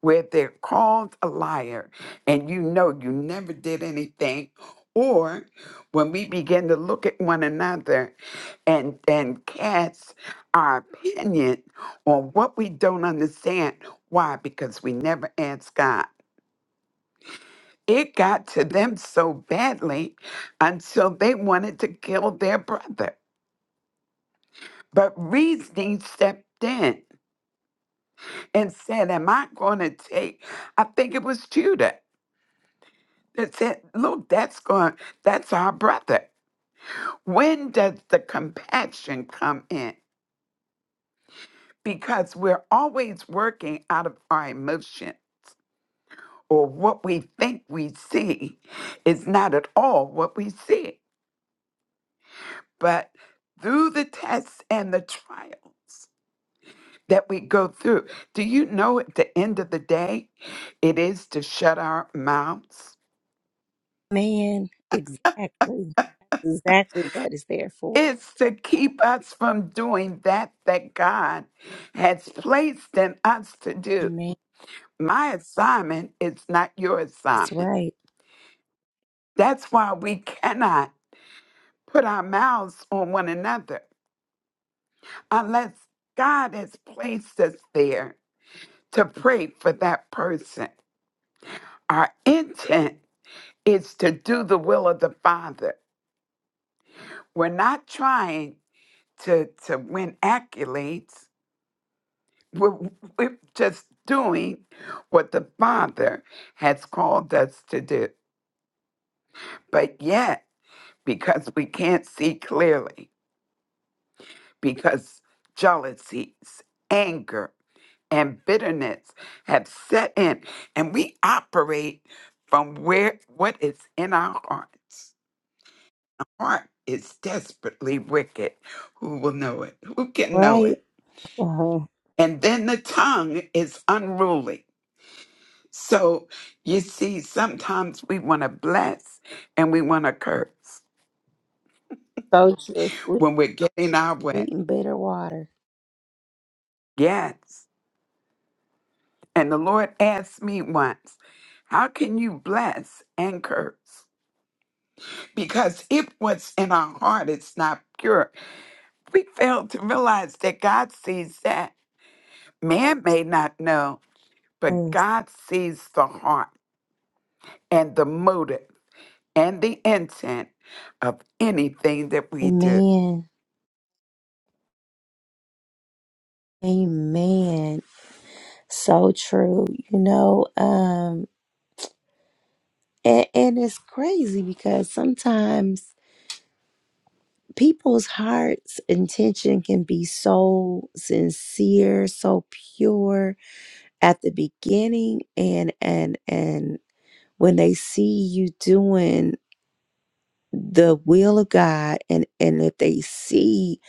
S12: where they're called a liar and you know you never did anything. Or when we begin to look at one another and, and cast our opinion on what we don't understand. Why? Because we never asked God. It got to them so badly until they wanted to kill their brother. But reasoning stepped in and said, Am I gonna take? I think it was Judah that said, Look, that's going that's our brother. When does the compassion come in? Because we're always working out of our emotion or what we think we see is not at all what we see. But through the tests and the trials that we go through, do you know at the end of the day, it is to shut our mouths?
S1: Man. Exactly. That's exactly what it's there for.
S12: It's to keep us from doing that that God has placed in us to do.
S1: Amen.
S12: My assignment is not your
S1: That's
S12: assignment.
S1: right.
S12: That's why we cannot put our mouths on one another unless God has placed us there to pray for that person. Our intent is to do the will of the Father. We're not trying to, to win accolades. we're, we're just doing what the Father has called us to do. But yet, because we can't see clearly, because jealousies, anger, and bitterness have set in, and we operate from where what is in our hearts. Heart is desperately wicked. Who will know it? Who can know
S1: Right.
S12: it?
S1: Uh-huh.
S12: And then the tongue is unruly So you see, sometimes we want to bless and we want to curse
S1: So true. Sweet,
S12: when we're getting our way.
S1: sweet and bitter water.
S12: Yes. And the Lord asked me once, How can you bless and curse? Because if what's in our heart is not pure, we fail to realize that God sees that. Man may not know, but
S1: Yes.
S12: God sees the heart and the motive and the intent of anything that we do.
S1: Amen. Amen. So true. You know, um, and, and it's crazy because sometimes people's hearts intention can be so sincere, so pure, at the beginning and and and when they see you doing the will of God and and if they see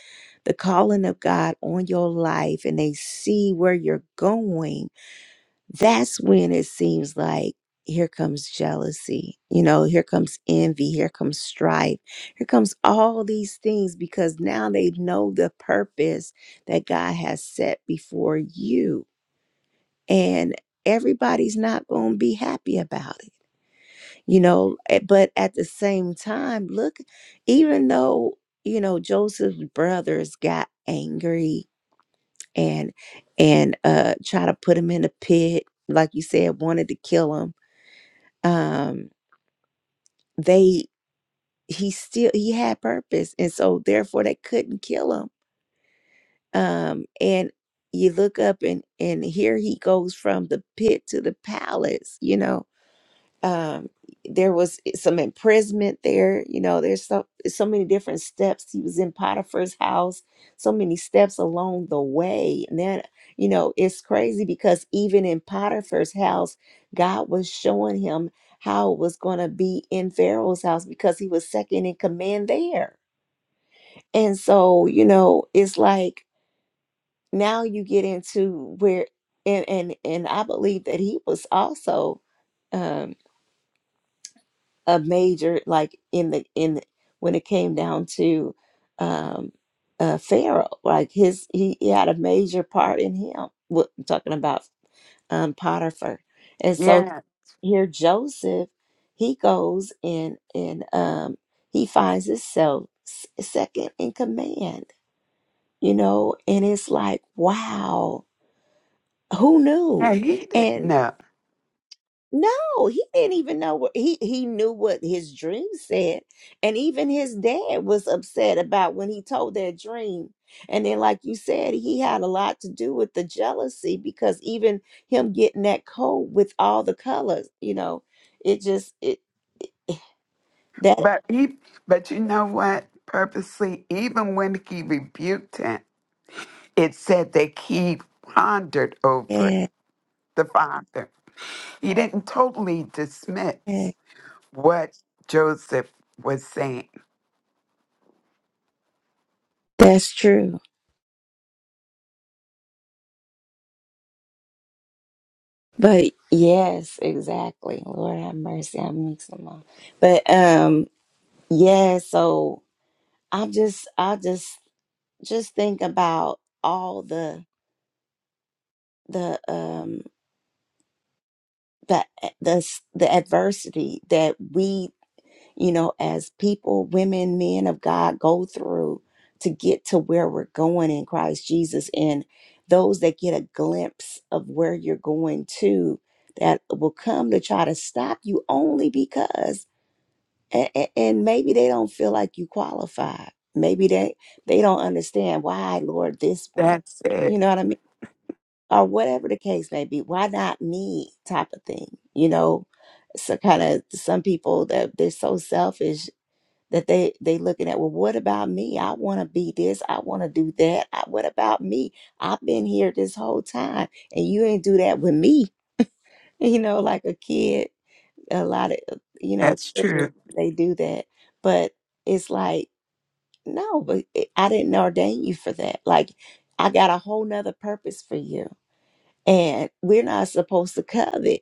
S1: the calling of God on your life and they see where you're going that's when it seems like here comes jealousy you know here comes envy here comes strife here comes all these things because now they know the purpose that God has set before you and everybody's not going to be happy about it you know eh, but at the same time look even though you know joseph's brothers got angry and and uh try to put him in a pit like you said wanted to kill him um they he still he had purpose and so therefore they couldn't kill him um and you look up and and here he goes from the pit to the palace you know um there was some imprisonment there you know there's so so many different steps he was in potiphar's house so many steps along the way and then you know it's crazy because even in potiphar's house god was showing him how it was going to be in pharaoh's house because he was second in command there and so you know it's like now you get into where and and and i believe that he was also um, a major like in the in the, when it came down to um uh pharaoh like his he, he had a major part in him what i'm talking about um potiphar and so
S12: Yeah.
S1: here joseph he goes and and um he finds himself s- second in command you know and it's like wow who
S12: Hey, he didn't
S1: knew
S12: know.
S1: No, he didn't even know what he he knew what his dream said, and even his dad was upset about when he told that dream. And then, like you said, he had a lot to do with the jealousy because even him getting that coat with all the colors, you know, it just it that
S12: But he but you know what? Purposely, even when he rebuked him, it said that he pondered over it,
S1: yeah,
S12: the father. He didn't totally
S1: yeah,
S12: dismiss what Joseph was saying.
S1: that's true. But yes, exactly. Lord have mercy, I mix them up. But um, yeah. So I'm just, I just just think about all the the um the eh, the s- the adversity that we you know as people women men of god go through to get to where we're going in christ jesus and those that get a glimpse of where you're going to that will come to try to stop you only because and, and maybe they don't feel like you qualify maybe they they don't understand why lord this one
S12: That's
S1: you
S12: it.
S1: know what i mean or whatever the case may be why not me type of thing you know so kind of some people that they're so selfish that they they looking at well what about me i want to be this i want to do that I, what about me i've been here this whole time and you ain't do that with me you know like a kid a lot of uh, you know
S12: That's
S1: children
S12: true.
S1: they do that but it's like no but eh, i didn't ordain you for that like i got a whole nother purpose for you and we're not supposed to covet,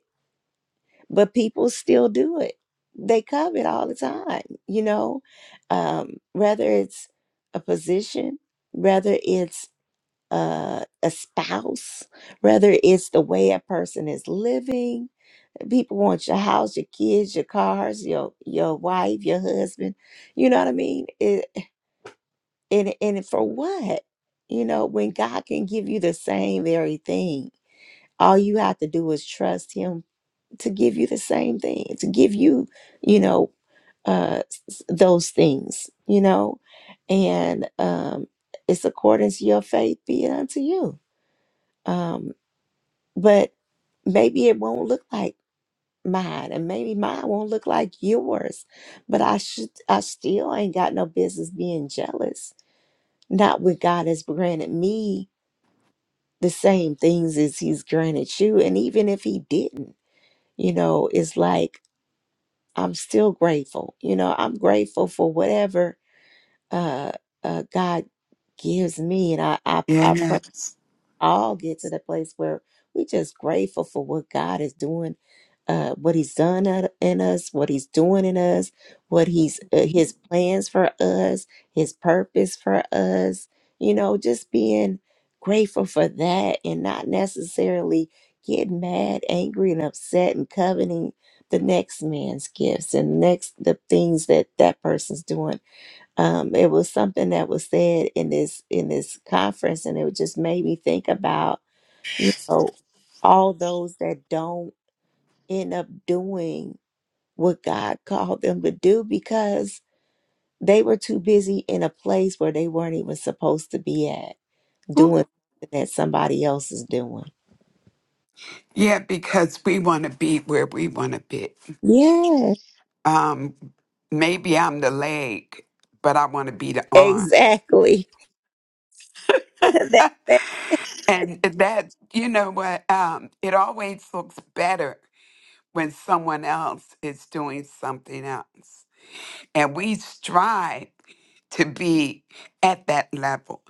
S1: but people still do it. They covet all the time, you know, um, whether it's a position, whether it's uh, a spouse, whether it's the way a person is living. People want your house, your kids, your cars, your your wife, your husband. You know what I mean? It, and and for what? You know, when God can give you the same very thing, all you have to do is trust Him to give you the same thing, to give you, you know, uh, s- those things, you know, and um, it's according to your faith be it unto you. Um, but maybe it won't look like mine, and maybe mine won't look like yours. But I should, I still ain't got no business being jealous. Not when God has granted me the same things as He's granted you, and even if He didn't, you know, it's like I'm still grateful. You know, I'm grateful for whatever uh, uh, God gives me, and I I, I pray
S12: Yes.
S1: all get to the place where we just grateful for what God is doing, uh, what He's done at- in us, what He's doing in us, what He's uh, His plans for us, His purpose for us. You know, just being grateful for that and not necessarily getting mad, angry, and upset and coveting the next man's gifts and next the things that that person's doing um, it was something that was said in this in this conference and it just made me think about you know all those that don't end up doing what god called them to do because they were too busy in a place where they weren't even supposed to be at doing something that somebody else is doing
S12: Yeah, because we want to be where we want to be.
S1: yeah
S12: Um, maybe I'm the leg, but I want to be the arm.
S1: exactly that
S12: And that, you know what, um, it always looks better when someone else is doing something else. And we strive to be at that level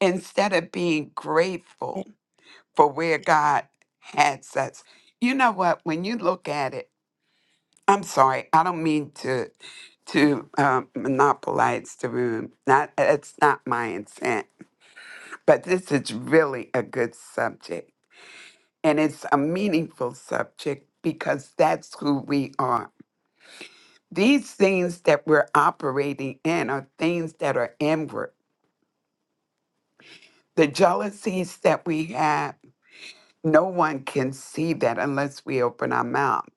S12: instead of being grateful
S1: Amen.
S12: for where God has us. You know what, when you look at it, I'm sorry, I don't mean to to um, monopolize the room. Not, it's not my intent, but this is really a good subject and it's a meaningful subject because that's who we are. These things that we're operating in are things that are inward. The jealousies that we have, no one can see that unless we open our mouth.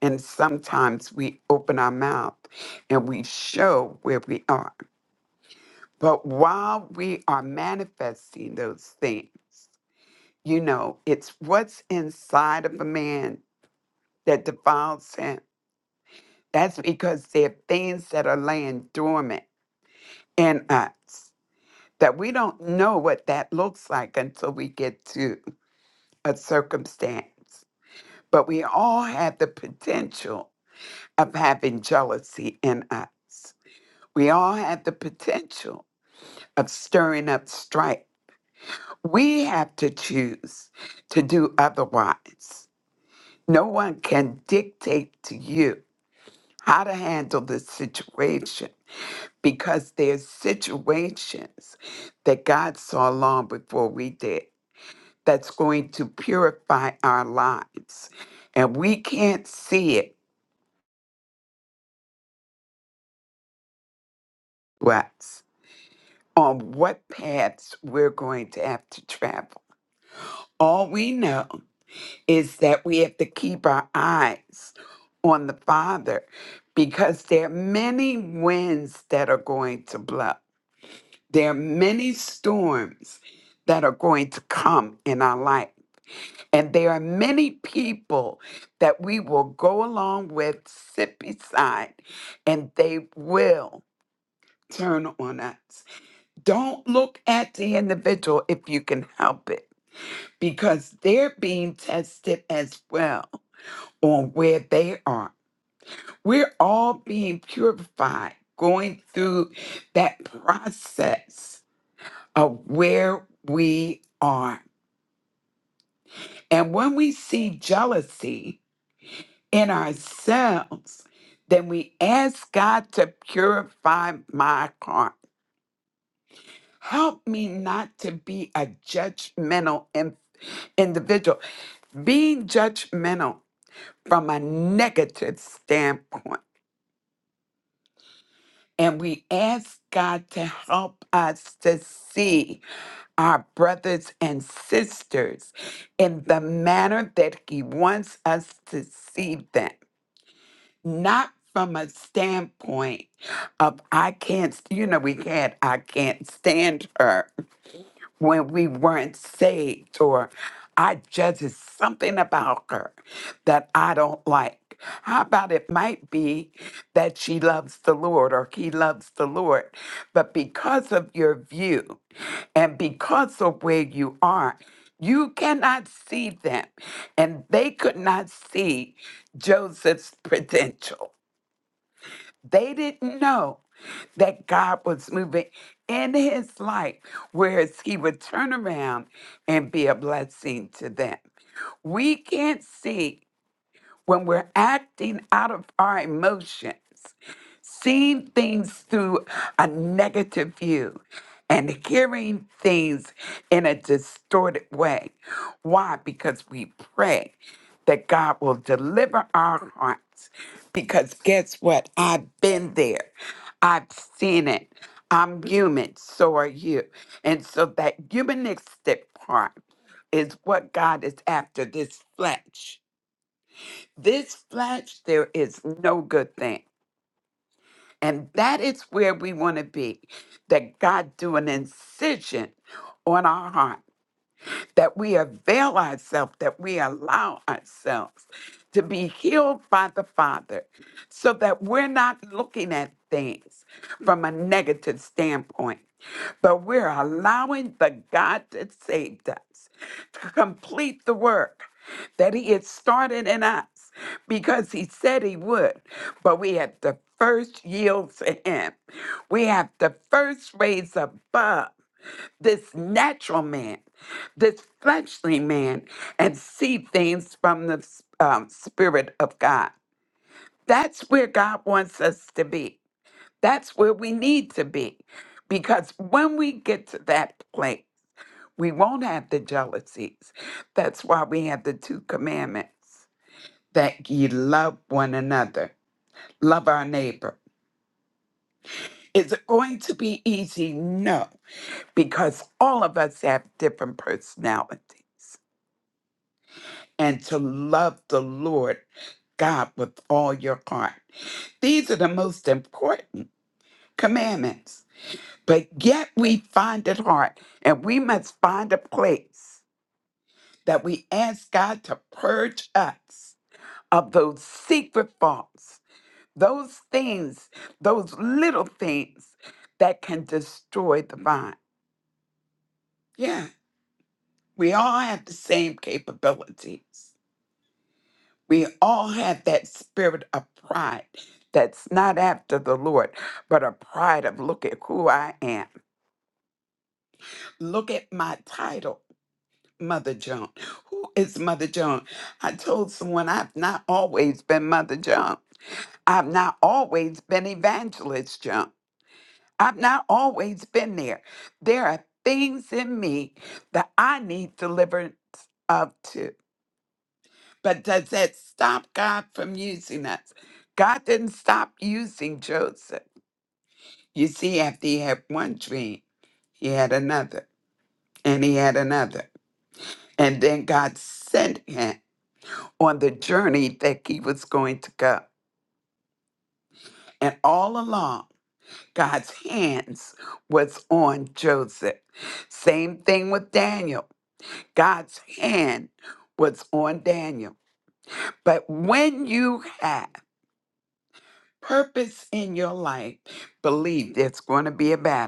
S12: And sometimes we open our mouth and we show where we are. But while we are manifesting those things, you know, it's what's inside of a man that defiles him That's because there are things that are laying dormant in us that we don't know what that looks like until we get to a circumstance. But we all have the potential of having jealousy in us. We all have the potential of stirring up strife. We have to choose to do otherwise. No one can dictate to you how to handle the situation because there's situations that God saw long before we did that's going to purify our lives. And we can't see it what's on what paths we're going to have to travel. All we know is that we have to keep our eyes on the Father because there are many winds that are going to blow. There are many storms that are going to come in our life And there are many people that we will go along with, sit beside, and they will turn on us. Don't look at the individual if you can help it, because they're being tested as well on where they are. We're all being purified, going through that process of where we are. And when we see jealousy, in ourselves, then we ask God to purify my heart. Help me not to be a judgmental in- individual, being judgmental from a negative standpoint. And we ask God to help us to see our brothers and sisters in the manner that He wants us to see them not from a standpoint of I can't, st- you know, we had I can't stand her when we weren't saved, or I judge it's something about her that I don't like. How about it might be that she loves the Lord or he loves the Lord, but because of your view and because of where you are, you cannot see them, and they could not see Joseph's potential. They didn't know that God was moving in his life, whereas he would turn around and be a blessing to them. We can't see when we're acting out of our emotions seeing things through a negative view and hearing things in a distorted way. Why? Because we pray that God will deliver our hearts. Because guess what? I've been there, I've seen it. I'm human, so are you. And so that humanistic part is what God is after this flesh. This flesh, there is no good thing. And that is where we want to be. That God do an incision on our heart, that we avail ourselves, that we allow ourselves to be healed by the Father, so that we're not looking at things from a negative standpoint. But we're allowing the God that saved us to complete the work that He had started in us because He said He would. But we have to first yield to Him. We have to first raise above this natural man, this fleshly man, and see things from the um, Spirit of God. That's where God wants us to be. That's where we need to be. Because when we get to that place, we won't have the jealousies. That's why we have the two commandments that ye love one another, love our neighbor. Is it going to be easy? No, because all of us have different personality. And to love the Lord God with all your heart. These are the most important commandments But yet we find it hard, and we must find a place that we ask God to purge us of those secret faults, those things, those little things that can destroy the vine. Yeah, we all have the same capabilities. We all have that spirit of pride that's not after the Lord, but a pride of look at who I am, look at my title. Mother Joan. Who is Mother Joan? I told someone I've not always been Mother Joan. I've not always been Evangelist Joan. I've not always been there. There are things in me that I need deliverance of too. But does that stop God from using us? God didn't stop using Joseph. You see, after he had one dream, he had another, and he had another. And then God sent him on the journey that he was going to go. And all along, God's hands was on Joseph. Same thing with Daniel. God's hand was on Daniel. But when you have purpose in your life, believe there's going to be a battle.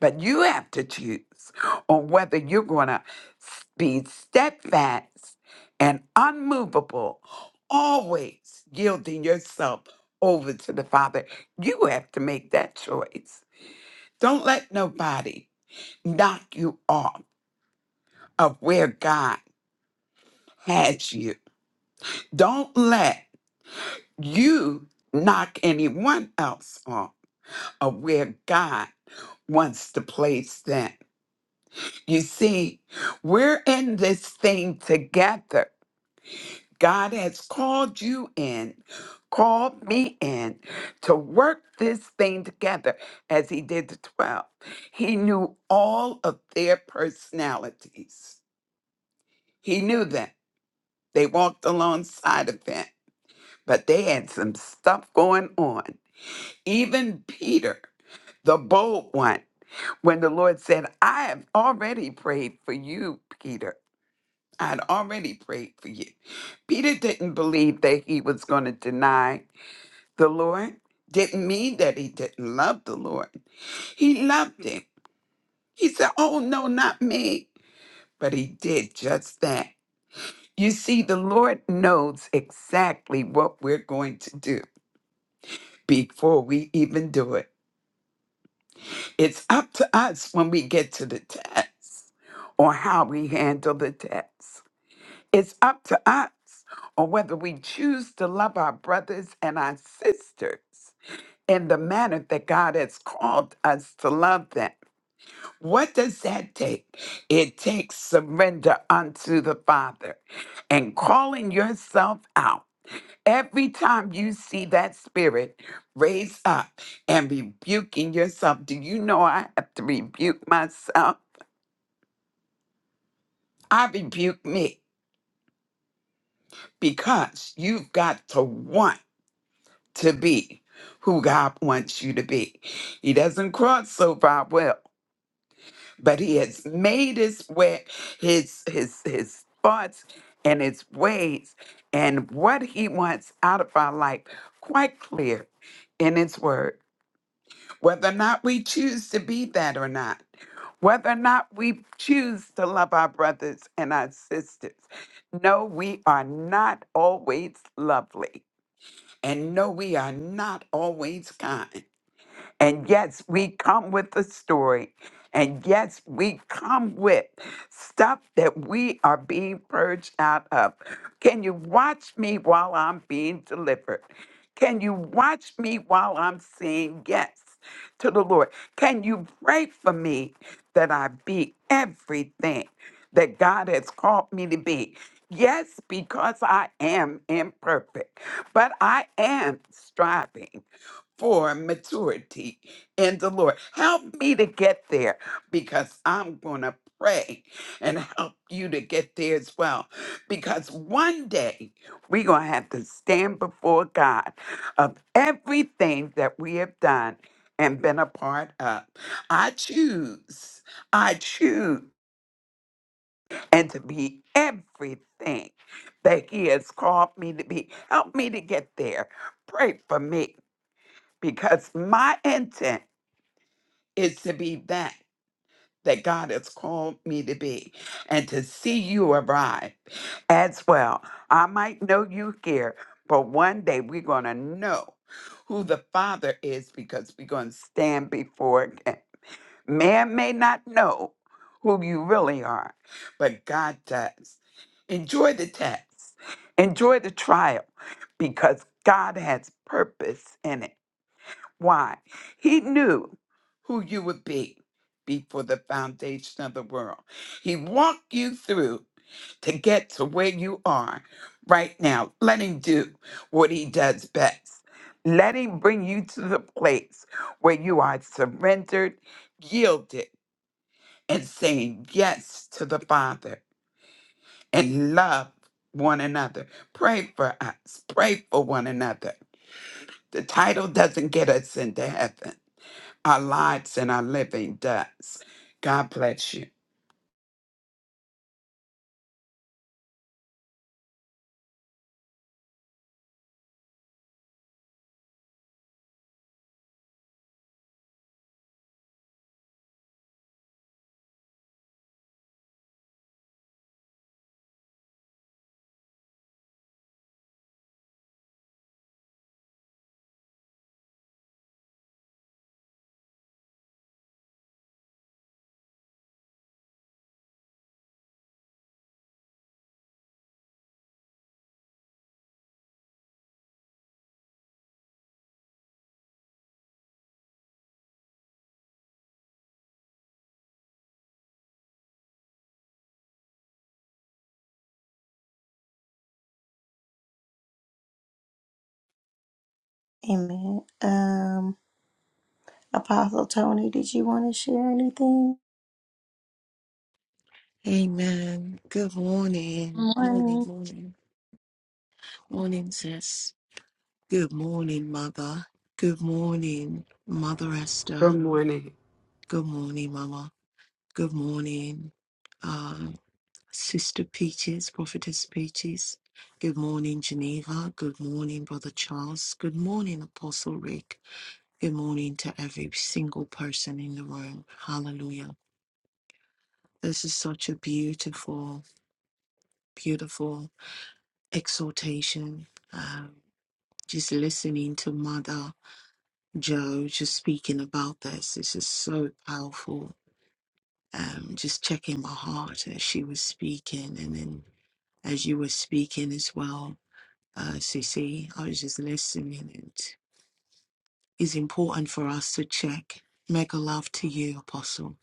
S12: But you have to choose on whether you're going to be steadfast and unmovable, always yielding yourself over to the Father. You have to make that choice. Don't let nobody knock you off of where God has you. Don't let you knock anyone else off of where God wants to place them. You see, we're in this thing together. God has called you in, called me in to work this thing together as He did the 12. He knew all of their personalities, He knew them. They walked alongside of Him, but they had some stuff going on. Even Peter, the bold one, when the Lord said, I have already prayed for you, Peter. I'd already prayed for you. Peter didn't believe that he was going to deny the Lord. Didn't mean that he didn't love the Lord. He loved him. He said, Oh, no, not me. But he did just that. You see, the Lord knows exactly what we're going to do before we even do it. It's up to us when we get to the test or how we handle the test. It's up to us on whether we choose to love our brothers and our sisters in the manner that God has called us to love them. What does that take? It takes surrender unto the Father and calling yourself out. Every time you see that spirit raise up and rebuking yourself, do you know I have to rebuke myself? I rebuke me because you've got to want. to be who God wants you to be. He doesn't cross so far will, but he has made his way his his his thoughts and his ways and what he wants out of our life quite clear in his word. Whether or not we choose to be that or not, whether or not we choose to love our brothers and our sisters, no, we are not always lovely. And no, we are not always kind. And yes, we come with a story. And yes, we come with stuff that we are being purged out of. Can you watch me while I'm being delivered? Can you watch me while I'm saying yes to the Lord? Can you pray for me that I be everything that God has called me to be? Yes, because I am imperfect, but I am striving for maturity in the Lord. Help me to get there because I'm going to pray and help you to get there as well. Because one day we're going to have to stand before God of everything that we have done and been a part of. I choose, I choose, and to be everything that He has called me to be. Help me to get there. Pray for me because my intent is to be that that God has called me to be and to see you arrive as well. I might know you here, but one day we're going to know who the Father is because we're going to stand before Him. Man may not know who you really are, but God does. Enjoy the test, enjoy the trial because God has purpose in it. Why? He knew who you would be before the foundation of the world. He walked you through to get to where you are right now. Let him do what he does best. Let him bring you to the place where you are surrendered, yielded, and saying yes to the Father and love one another. Pray for us. Pray for one another. The title doesn't get us into heaven our lives and our living does. God bless you.
S1: Amen. Um, Apostle Tony, did you want to share anything?
S13: Amen. Good morning. Morning,
S1: Morning.
S13: morning. Morning, sis. Good morning, mother. Good morning, Mother
S12: Good
S13: Esther.
S12: morning,
S13: Good morning, Mama. Good morning, uh, Sister Peaches, Prophetess Peaches. Good morning, Geneva. Good morning, Brother Charles. Good morning, Apostle Rick. Good morning to every single person in the room. Hallelujah. This is such a beautiful, beautiful exhortation Um, Just listening to Mother Joe just speaking about this, this is so powerful. Um, just checking my heart as she was speaking, and then as you were speaking as well, uh, Cece, I was just listening. It is important for us to check. Mega love to you, Apostle.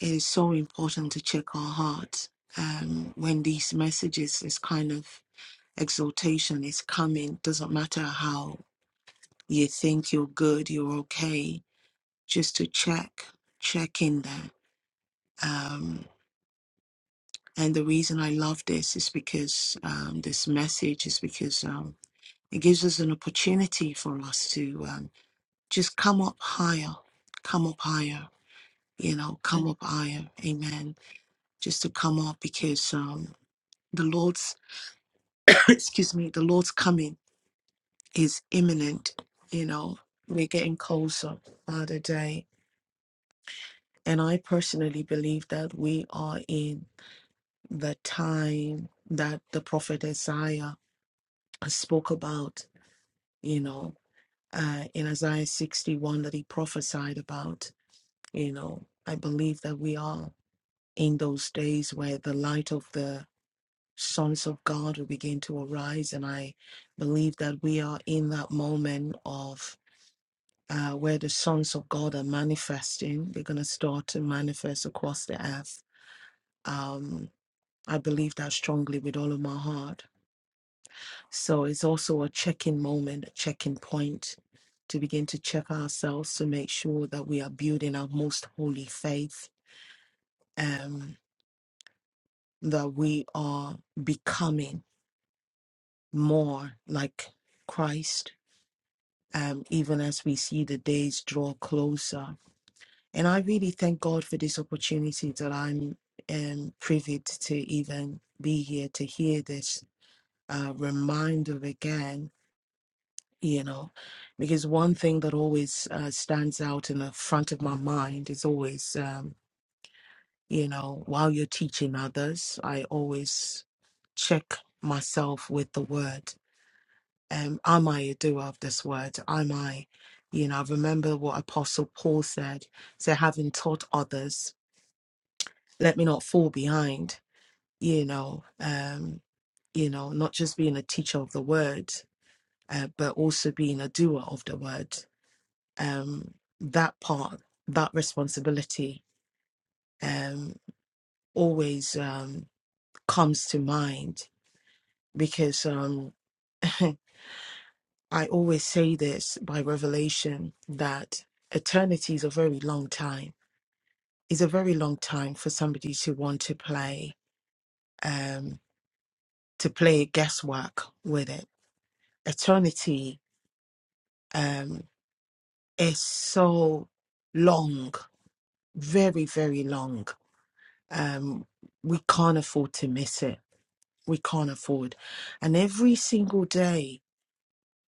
S13: It is so important to check our hearts um, when these messages, this kind of exaltation is coming. Doesn't matter how you think you're good, you're okay. just to check check in there. Um, and the reason I love this is because um, this message is because um, it gives us an opportunity for us to um, just come up higher, come up higher, you know, come up higher. Amen. Just to come up because um, the Lord's excuse me, the Lord's coming is imminent. You know, we're getting closer by the day, and I personally believe that we are in. the time that the prophet Isaiah spoke about, you know, uh, in Isaiah 61 that he prophesied about, you know, I believe that we are in those days where the light of the sons of God will begin to arise. And I believe that we are in that moment of. Uh, where the sons of God are manifesting, they're going to start to manifest across the earth. Um, I believe that strongly with all of my heart So it's also a check-in moment, a check-in point to begin to check ourselves to make sure that we are building our most holy faith, um, that we are becoming more like Christ, um, even as we see the days draw closer. And I really thank God for this opportunity that I'm um, privy to even be here to hear this uh, reminder again you know, because one thing that always uh, stands out in the front of my mind is always, um, you know, while you're teaching others, I always check myself with the word. Um, am I a doer of this word? Am I, you know, I remember what Apostle Paul said, say, having taught others, let me not fall behind, you know, um, you know, not just being a teacher of the word, uh, but also being a doer of the word. um, that part, that responsibility, um, always um, comes to mind because um, I always say this by revelation that eternity is a very long time. It's a very long time for somebody to want to play um, to play guesswork with it. Eternity um, is so long, very very long. Um, we can't afford to miss it we can't afford. And every single day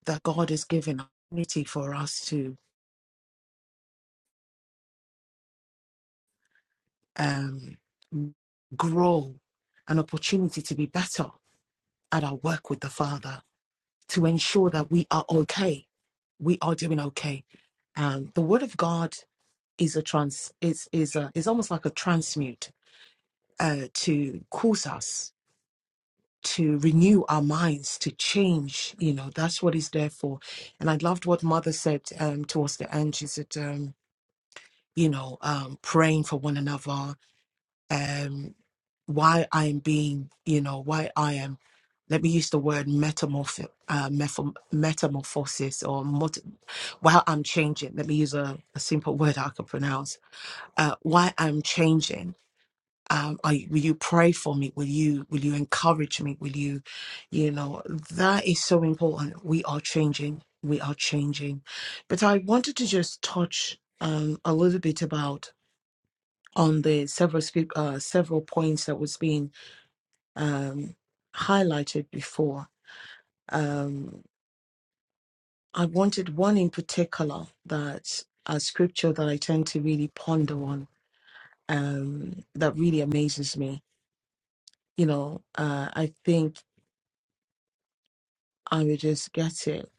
S13: that God has given opportunity for us to um, grow, an opportunity to be better at our work with the Father, to ensure that we are okay, we are doing okay. Um, the Word of God is a trans is is a, is almost like a transmute uh, to cause us. to renew our minds to change you know that's what it's there for and i loved what mother said um towards the end she said um you know um praying for one another um why i am being you know why i am let me use the word metamorph uh, metam- metamorphosis or mot- while i'm changing let me use a, a simple word i can pronounce uh, why i'm changing um, are, you- will you pray for me? Will you will you encourage me? Will you, you know, that is so important. We are changing. We are changing. But I wanted to just touch um, a little bit about on the several spe- uh, several points that was being um, highlighted before. Um, I wanted one in particular that a scripture that I tend to really ponder on um, that really amazes me. You know, uh, I think I will just get it.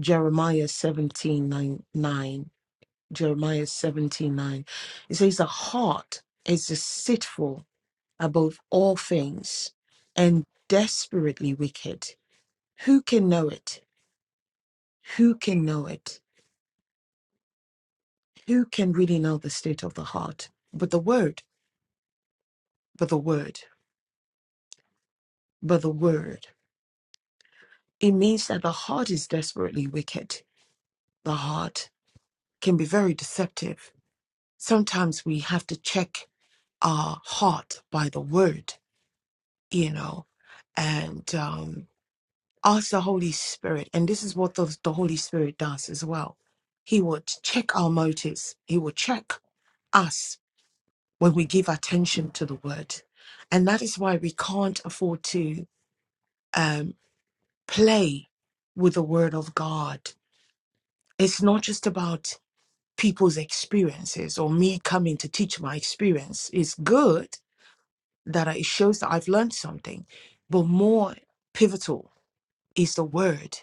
S13: Jeremiah 17 9, nine. Jeremiah 17 9. It says, The heart is deceitful above all things and desperately wicked. Who can know it? Who can know it? Who can really know the state of the heart? But the word, but the word, but the word. It means that the heart is desperately wicked. The heart can be very deceptive. Sometimes we have to check uh, heart by the word, you know, and um, ask the Holy Spirit. And this is what the, the Holy Spirit does as well. He will check our motives, He will check us when we give attention to the word. And that is why we can't afford to um, play with the word of God. It's not just about people's experiences or me coming to teach my experience. It's good, that I- it shows that I've learned something. But more pivotal is the word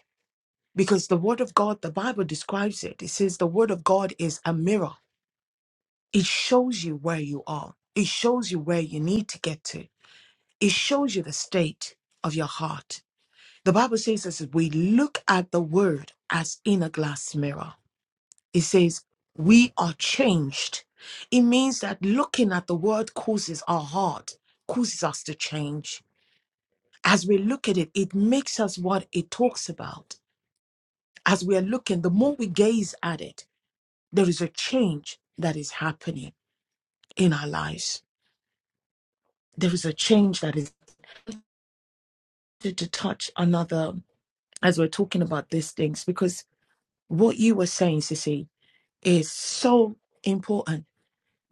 S13: because the word of God, the Bible describes it. It says the word of God is a mirror, it shows you where you are, it shows you where you need to get to, it shows you the state of your heart. The Bible says this we look at the word as in a glass mirror. It says we are changed. It means that looking at the word causes our heart, causes us to change as we look at it, it makes us what it talks about. As we are looking, the more we gaze at it, there is a change that is happening in our lives. There is a change that is to, to touch another as we're talking about these things, because what you were saying, Sissy, is so important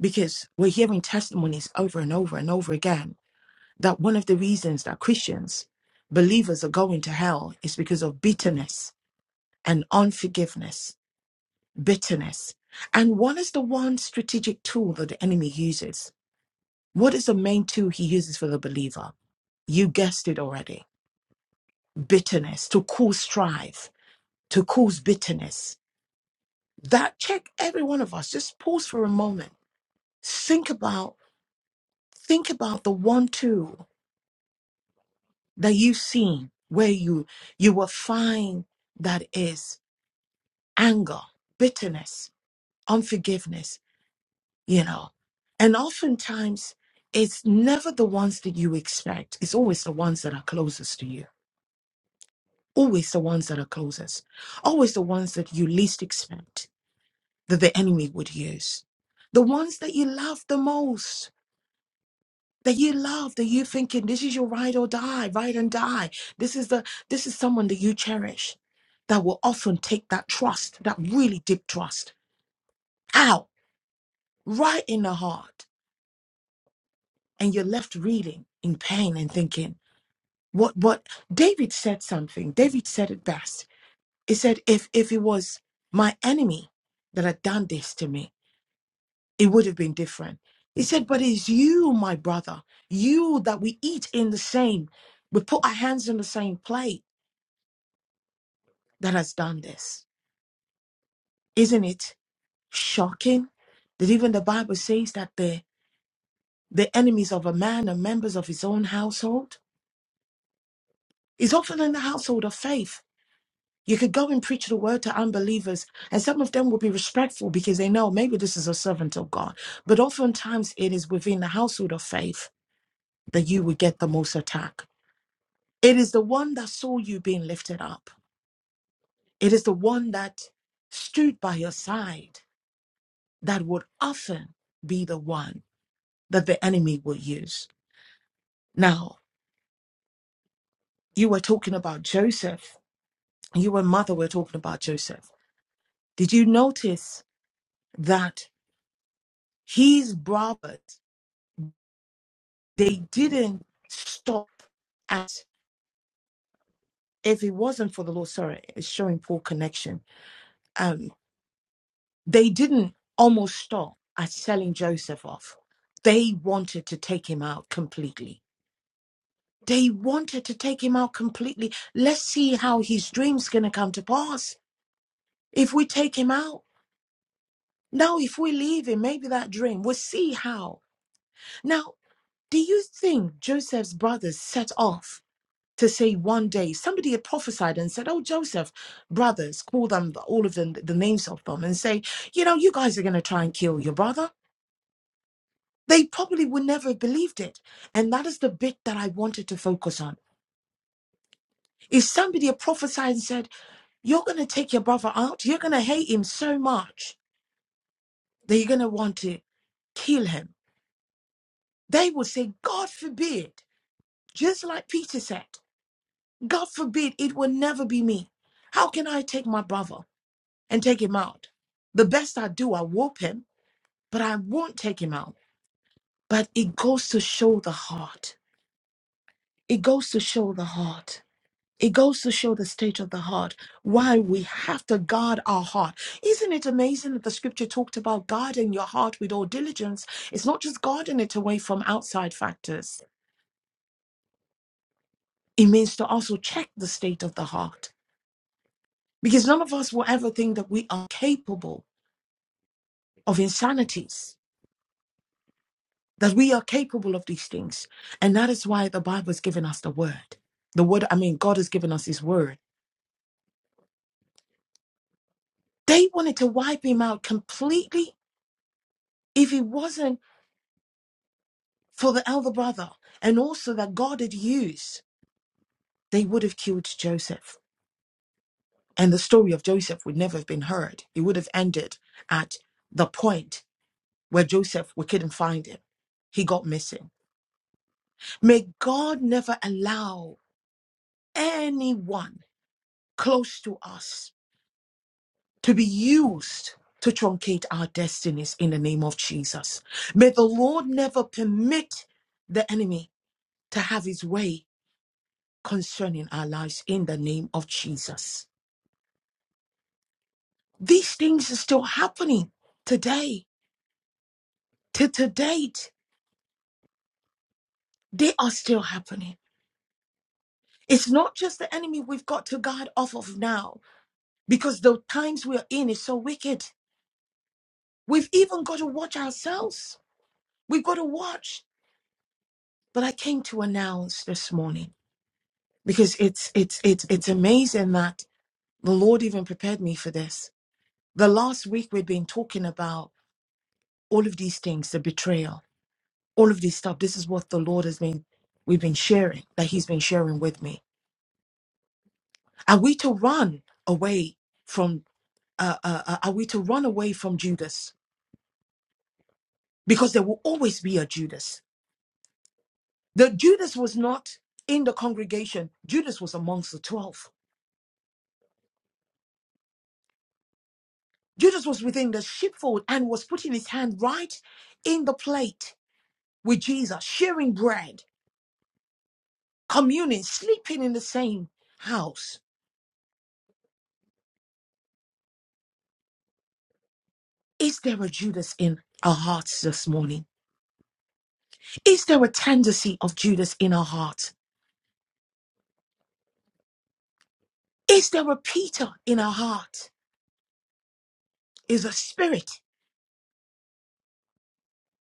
S13: because we're hearing testimonies over and over and over again that one of the reasons that Christians, believers are going to hell is because of bitterness and unforgiveness bitterness. And what is the one strategic tool that the enemy uses? What is the main tool he uses for the believer? You guessed it already bitterness, to cause strife, to cause bitterness. That check every one of us. Just pause for a moment. Think about think about the one tool that you've seen where you you will find that is anger, bitterness, unforgiveness. you know. And oftentimes, it's never the ones that you expect. It's always the ones that are closest to you. Always the ones that are closest. Always the ones that you least expect that the enemy would use. The ones that you love the most. That you love, that you're thinking, this is your ride or die, ride and die. This is the this is someone that you cherish that will often take that trust, that really deep trust, out right in the heart. And you're left reeling in pain and thinking. What what David said something. David said it best. He said, if if it was my enemy that had done this to me, it would have been different. He said, but it's you, my brother, you that we eat in the same, we put our hands in the same plate that has done this. Isn't it shocking that even the Bible says that the the enemies of a man are members of his own household? It's often in the household of faith You could go and preach the word to unbelievers, and some of them will be respectful because they know maybe this is a servant of God. But oftentimes, it is within the household of faith that you will get the most attack. It is the one that saw you being lifted up, it is the one that stood by your side that would often be the one that the enemy will use. Now, you were talking about Joseph, you and mother were talking about Joseph. Did you notice that his brothers? they didn't stop at if it wasn't for the Lord, sorry, it's showing poor connection. Um, they didn't almost stop at selling Joseph off. They wanted to take him out completely. They wanted to take him out completely. Let's see how his dream's gonna come to pass. If we take him out, now if we leave him, maybe that dream, we'll see how. Now, do you think Joseph's brothers set off to say one day somebody had prophesied and said, Oh, Joseph, brothers, call them all of them the names of them and say, You know, you guys are going to try and kill your brother. They probably would never have believed it. And that is the bit that I wanted to focus on. If somebody had prophesied and said, You're going to take your brother out, you're going to hate him so much that you're going to want to kill him, they would say, God forbid, just like Peter said, God forbid, it will never be me. How can I take my brother? and take him out. The best I do, I whoop him, but I won't take him out. But it goes to show the heart. It goes to show the heart. It goes to show the state of the heart, why we have to guard our heart. Isn't it amazing that the scripture talked about guarding your heart with all diligence? It's not just guarding it away from outside factors, it means to also check the state of the heart. Because none of us will ever think that we are capable of insanities that we are capable of these things. And that is why the Bible has given us the word. The word, I mean, God has given us his word. They wanted to wipe him out completely if it wasn't for the elder brother and also that God had used, they would have killed Joseph. And the story of Joseph would never have been heard. It would have ended at the point where Joseph, we couldn't find him. He got missing. May God never allow anyone close to us to be used to truncate our destinies in the name of Jesus. May the Lord never permit the enemy to have his way concerning our lives in the name of Jesus. These things are still happening today, to to date. They are still happening. It's not just the enemy we've got to guard off of now because the times we're in is so wicked. We've even got to watch ourselves. We've got to watch. But I came to announce this morning. because it's it's it's it's amazing that the lord even prepared me for this the last week we've been talking about all of these things the betrayal all of these stuff this is what the lord has been we've been sharing that he's been sharing with me are we to run away from uh, uh uh, are we to run away from judas because there will always be a judas the judas was not in the congregation judas was amongst the 12 judas was within the sheepfold and was putting his hand right in the plate with Jesus, sharing bread, communing, sleeping in the same house. Is there a Judas in our hearts this morning? Is there a tendency of Judas in our heart? Is there a Peter in our heart? Is a spirit?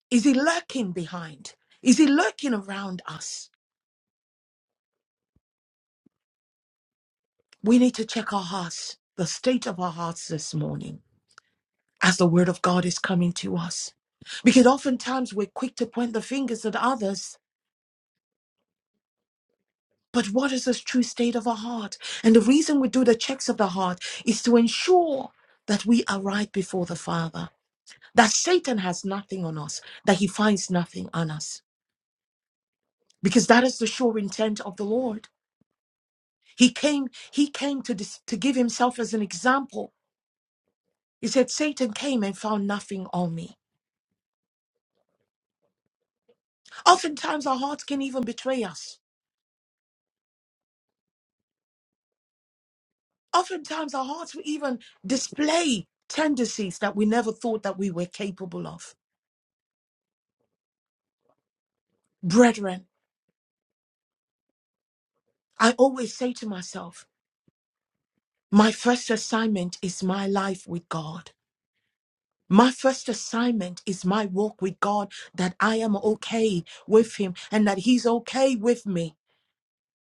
S13: Is he lurking behind? Is he lurking around us? We need to check our hearts, the state of our hearts this morning, as the word of God is coming to us. Because oftentimes we're quick to point the fingers at others But what is this true state of our heart? And the reason we do the checks of the heart is to ensure that we are right before the Father, that Satan has nothing on us, that he finds nothing on us, because that is the sure intent of the Lord. He came, he came to, dis- to give himself as an example. He said, Satan came and found nothing on me. Oftentimes our hearts can even betray us. Oftentimes our hearts will even display tendencies that we never thought that we were capable of. Brethren, I always say to myself, my first assignment is my life with God. My first assignment is my walk with God, that I am okay with Him and that He's okay with me,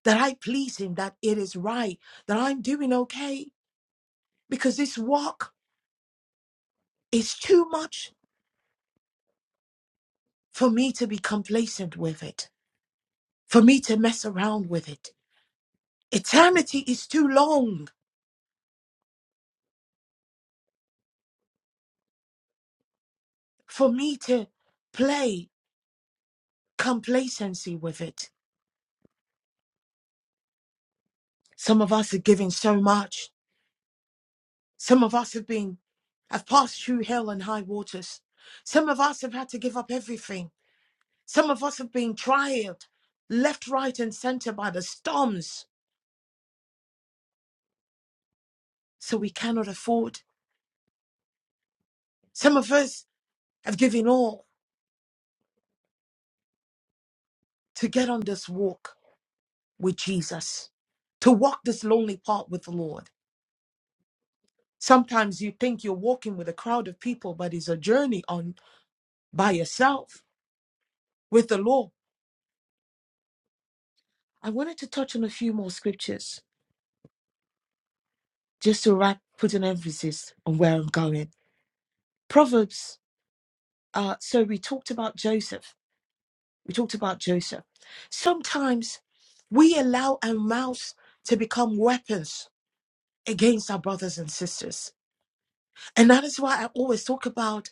S13: that I please Him, that it is right, that I'm doing okay, because this walk is too much for me to be complacent with it, for me to mess around with it. Eternity is too long for me to play complacency with it. Some of us are giving so much. Some of us have been, have passed through hell and high waters. Some of us have had to give up everything. Some of us have been trialed left, right, and center by the storms, so we cannot afford. Some of us have given all to get on this walk with Jesus, to walk this lonely path with the Lord. Sometimes you think you're walking with a crowd of people, but it's a journey on by yourself with the Lord. I wanted to touch on a few more scriptures. just to wrap, put an emphasis on where I'm going. Proverbs. Uh, so we talked about Joseph. We talked about Joseph. Sometimes we allow our mouths to become weapons against our brothers and sisters. And that is why I always talk about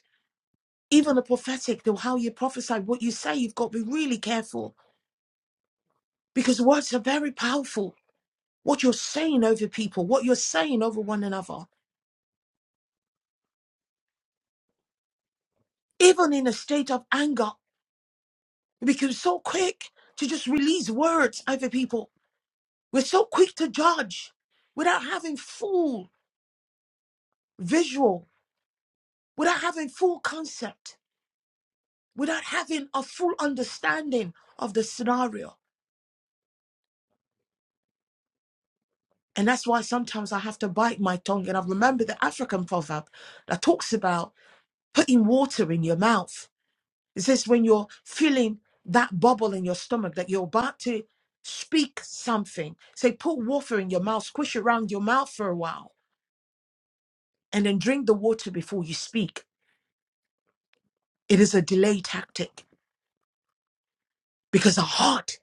S13: even the prophetic, the how you prophesy, what you say, you've got to be really careful because words are very powerful. What you're saying over people, what you're saying over one another, even in a state of anger. We become so quick to just release words over people. We're so quick to judge without having full visual, without having full concept, without having a full understanding of the scenario. And that's why sometimes I have to bite my tongue. And I have remember the African proverb that talks about putting water in your mouth. It says when you're feeling that bubble in your stomach that you're about to speak something, say, put water in your mouth, squish around your mouth for a while and then drink the water before you speak. It is a delay tactic because the heart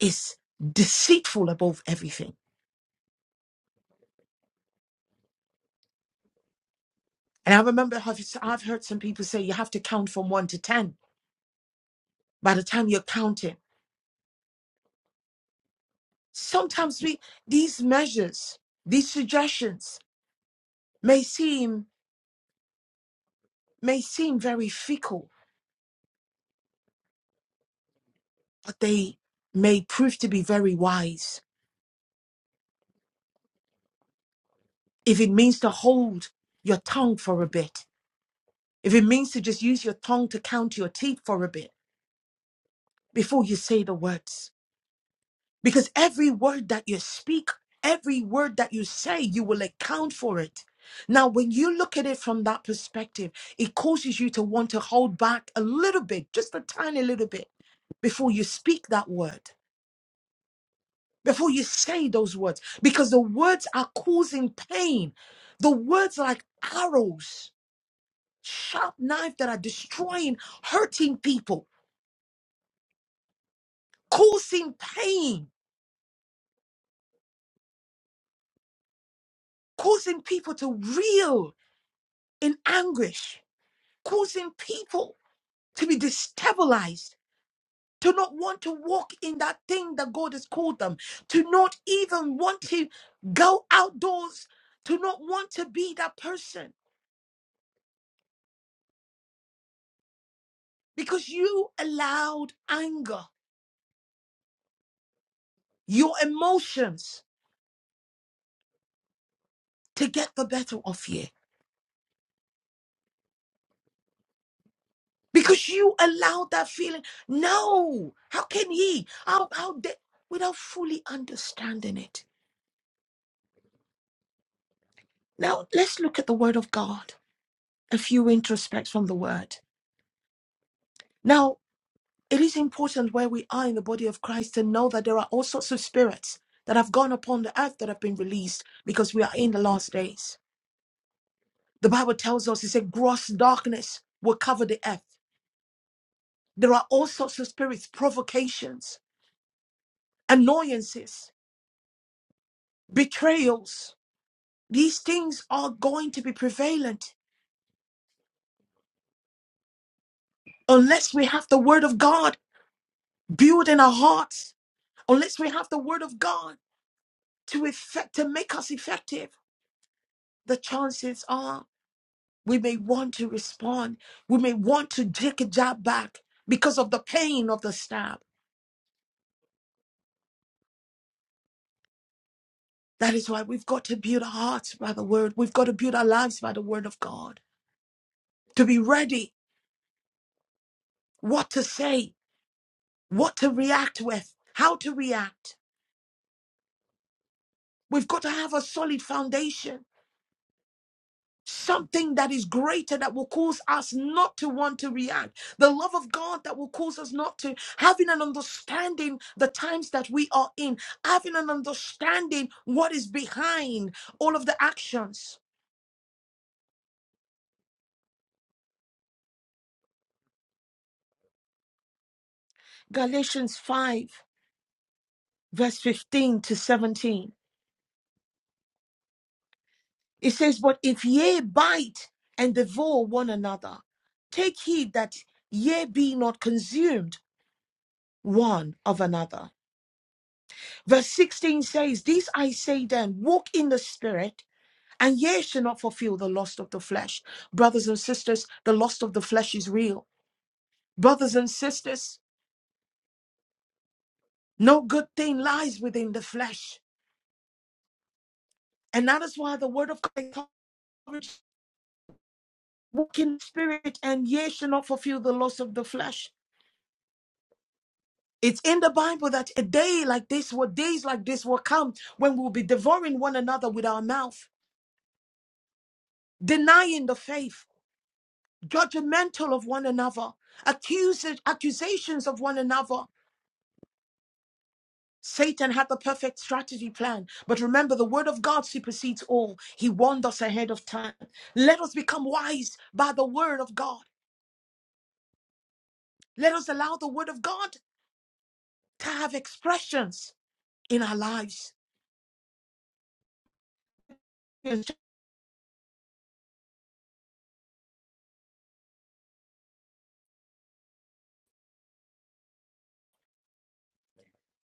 S13: is deceitful above everything. And I remember I've, I've heard some people say you have to count from one to 10 by the time you're counting. Sometimes we, these measures, these suggestions may seem, may seem very fickle, but they may prove to be very wise. If it means to hold your tongue for a bit, if it means to just use your tongue to count your teeth for a bit, before you say the words. Because every word that you speak, every word that you say, you will account for it. Now, when you look at it from that perspective, it causes you to want to hold back a little bit, just a tiny little bit, before you speak that word, before you say those words, because the words are causing pain. The words are like arrows, sharp knife that are destroying, hurting people, causing pain, causing people to reel in anguish, causing people to be destabilized, to not want to walk in that thing that God has called them, to not even want to go outdoors, to not want to be that person because you allowed anger, your emotions to get the better of you. Because you allowed that feeling. No, how can he? How how dare without fully understanding it? Now let's look at the word of God. a few introspects from the word. Now, it is important where we are in the body of Christ to know that there are all sorts of spirits that have gone upon the earth that have been released because we are in the last days. The Bible tells us it's said, gross darkness will cover the earth. There are all sorts of spirits, provocations, annoyances, betrayals. These things are going to be prevalent unless we have the word of God built in our hearts, unless we have the word of God to effect to make us effective. the chances are we may want to respond. We may want to take a jab back because of the pain of the stab. That is why we've got to build our hearts by the word. We've got to build our lives by the word of God to be ready what to say, what to react with, how to react. We've got to have a solid foundation Something that is greater that will cause us not to want to react. The love of God that will cause us not to. Having an understanding the times that we are in. Having an understanding what is behind all of the actions. Galatians 5, verse 15 to 17. It says, But if ye bite and devour one another, take heed that ye be not consumed one of another. Verse 16 says, These I say then, walk in the spirit, and ye shall not fulfill the lust of the flesh. Brothers and sisters, the lust of the flesh is real. Brothers and sisters, no good thing lies within the flesh. And that is why the word of God encourages walk in the spirit, and ye shall not fulfill the lust of the flesh. It's in the Bible that a day like this, or days like this will come when we'll be devouring one another with our mouth, denying the faith judgmental of one another, accuses, accusations of one another. Satan had the perfect strategy plan. But remember, the word of God supersedes all. He warned us ahead of time. Let us become wise by the word of God. Let us allow the word of God to have expressions in our lives.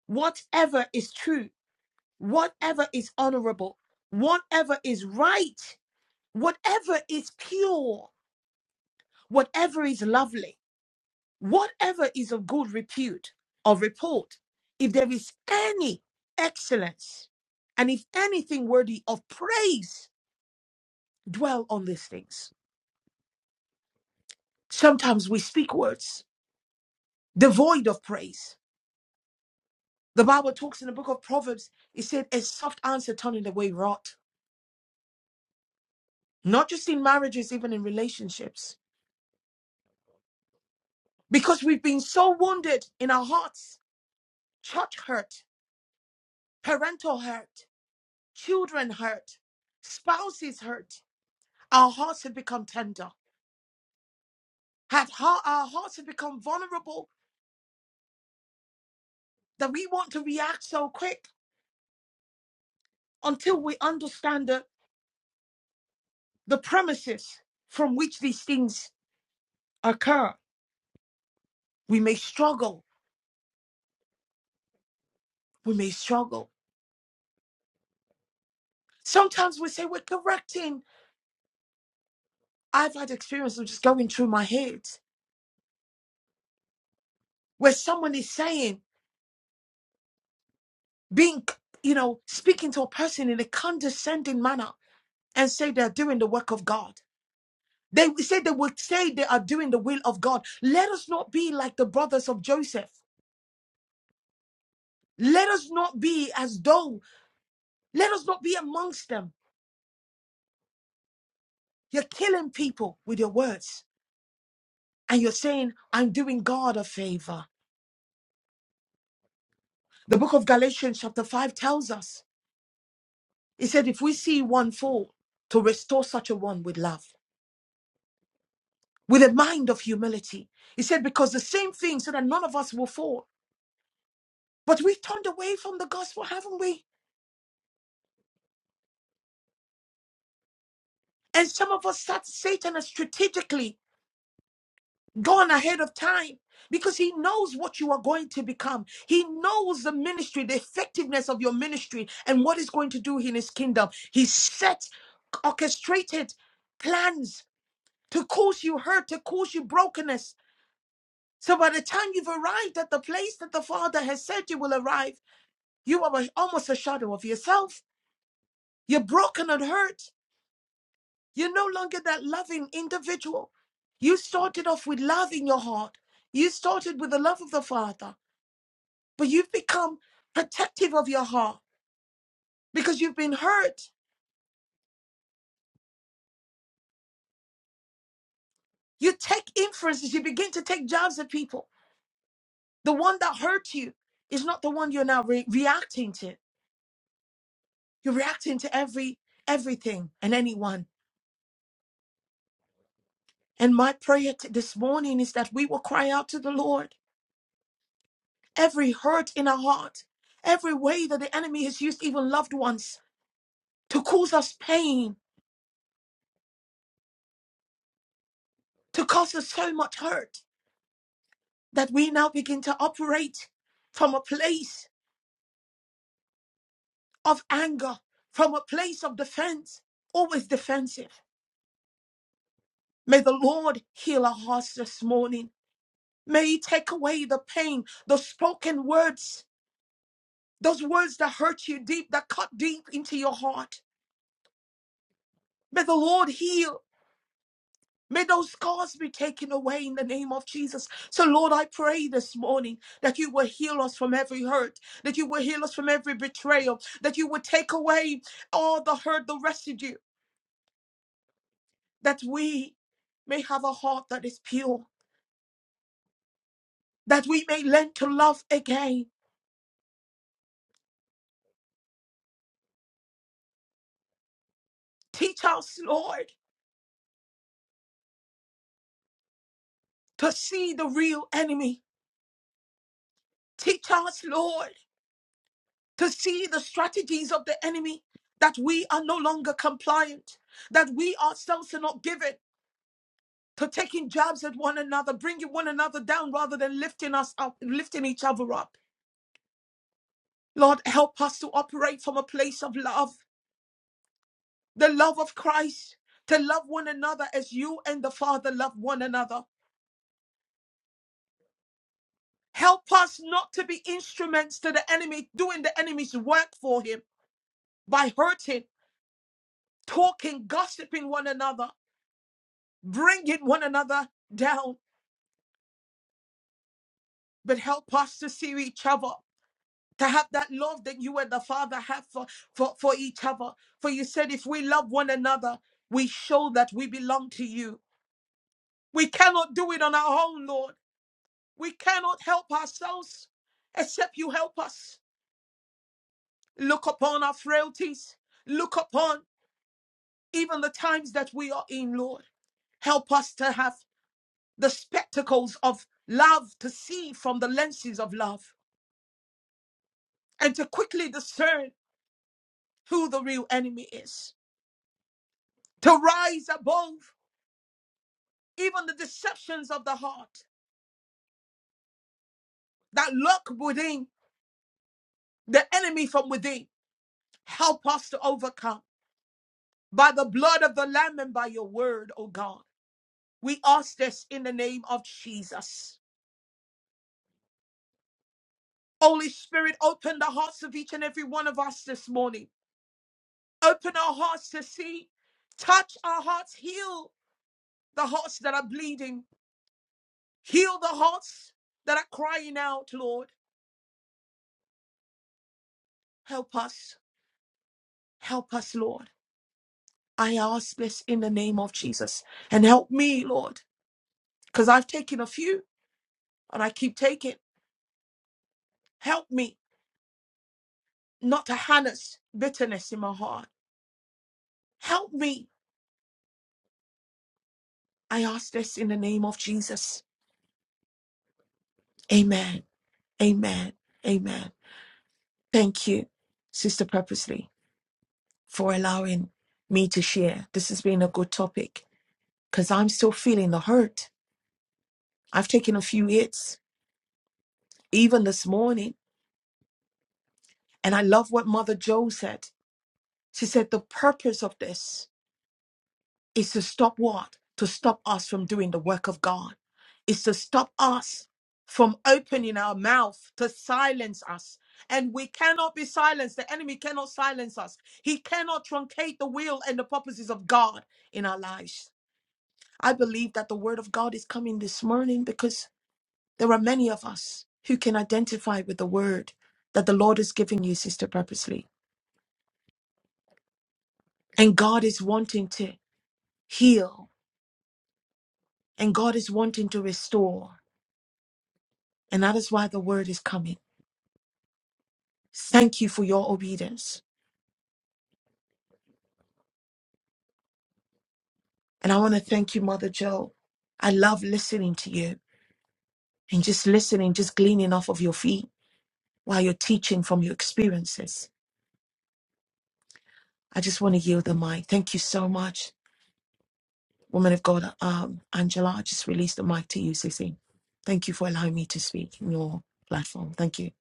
S13: Whatever is true, whatever is honorable, whatever is right, whatever is pure, whatever is lovely Whatever is of good repute or report, if there is any excellence, and if anything worthy of praise, dwell on these things. Sometimes we speak words devoid of praise. The Bible talks in the book of Proverbs, it said, a soft answer turning away wrath, not just in marriages, even in relationships, because we've been so wounded in our hearts, church hurt, parental hurt, children hurt, spouses hurt. Our hearts have become tender. Have heart, our hearts have become vulnerable that we want to react so quick until we understand the, the premises from which these things occur. We may struggle. We may struggle. Sometimes we say we're correcting. I've had experience of just going through my head where someone is saying, being, you know, speaking to a person in a condescending manner and say they're doing the work of God. They say they will say they are doing the will of God. Let us not be like the brothers of Joseph. Let us not be as though, let us not be amongst them. You're killing people with your words and you're saying, I'm doing God a favor. The book of Galatians, chapter 5, tells us it said, if we see one fall, to restore such a one with love, with a mind of humility. He said, because the same thing, so that none of us will fall. But we've turned away from the gospel, haven't we? And some of us sat Satan has strategically gone ahead of time because he knows what you are going to become. He knows the ministry, the effectiveness of your ministry, and what it's going to do in his kingdom. He set orchestrated plans to cause you hurt, to cause you brokenness. So by the time you've arrived at the place that the Father has said you will arrive, you are a- almost a shadow of yourself. You're broken and hurt. You're no longer that loving individual. You started off with love in your heart. You started with the love of the Father. but you've become protective of your heart because you've been hurt. You take inferences, you begin to take jabs at people. The one that hurt you is not the one you're now re- reacting to. You're reacting to every everything and anyone. And my prayer t- this morning is that we will cry out to the Lord. Every hurt in our heart, every way that the enemy has used even loved ones to cause us pain, to cause us so much hurt, that we now begin to operate from a place of anger from a place of defense, always defensive. May the Lord heal our hearts this morning. May He take away the pain, those spoken words, those words that hurt you deep, that cut deep into your heart. May the Lord heal. May those scars be taken away in the name of Jesus. So, Lord, I pray this morning that you will heal us from every hurt, that you will heal us from every betrayal, that you will take away all the hurt, the residue. that we may have a heart that is pure, that we may learn to love again. Teach us, Lord, to see the real enemy. Teach us, Lord, to see the strategies of the enemy, that we are no longer compliant, that we ourselves are not given to taking jabs at one another, bringing one another down rather than lifting us up, lifting each other up. Lord, help us to operate from a place of love. the love of Christ, to love one another as you and the Father love one another. Help us not to be instruments to the enemy, doing the enemy's work for him by hurting, talking, gossiping one another, bringing one another down. But help us to see each other, to have that love that you and the Father have for, for, for each other. For you said, if we love one another, we show that we belong to you. We cannot do it on our own, Lord. We cannot help ourselves except you help us. Look upon our frailties. Look upon even the times that we are in, Lord. Help us to have the spectacles of love to see from the lenses of love and to quickly discern who the real enemy is. To rise above even the deceptions of the heart that lurk within the enemy from within. Help us to overcome by the blood of the Lamb and by your word, O God. We ask this in the name of Jesus. Holy Spirit, open the hearts of each and every one of us this morning. Open our hearts to see, touch our hearts, heal the hearts that are bleeding, heal the hearts that are crying out, Lord. Help us, help us, Lord. I ask this in the name of Jesus. And help me, Lord, because I've taken a few and I keep taking. Help me not to harness bitterness in my heart. Help me I ask this in the name of Jesus. Amen. Amen. Amen. Thank you, Sister Purposely, for allowing me to share. This has been a good topic because I'm still feeling the hurt. I've taken a few hits, even this morning. And I love what Mother Joe said. She said, The purpose of this. is to stop what? To stop us from doing the work of God. Is to stop us from opening our mouth to silence us. And we cannot be silenced. The enemy cannot silence us. He cannot truncate the will and the purposes of God in our lives. I believe that the word of God is coming this morning because there are many of us who can identify with the word that the Lord is giving you, Sister Purposely. And God is wanting to heal, and God is wanting to restore. And that is why the word is coming. Thank you for your obedience. And I want to thank you, Mother Joe. I love listening to you and just listening, just gleaning off of your feet while you're teaching from your experiences. I just want to yield the mic. Thank you so much, woman of God. Um, Angela, I just released the mic to you, Sissy. Thank you for allowing me to speak in your platform. Thank you.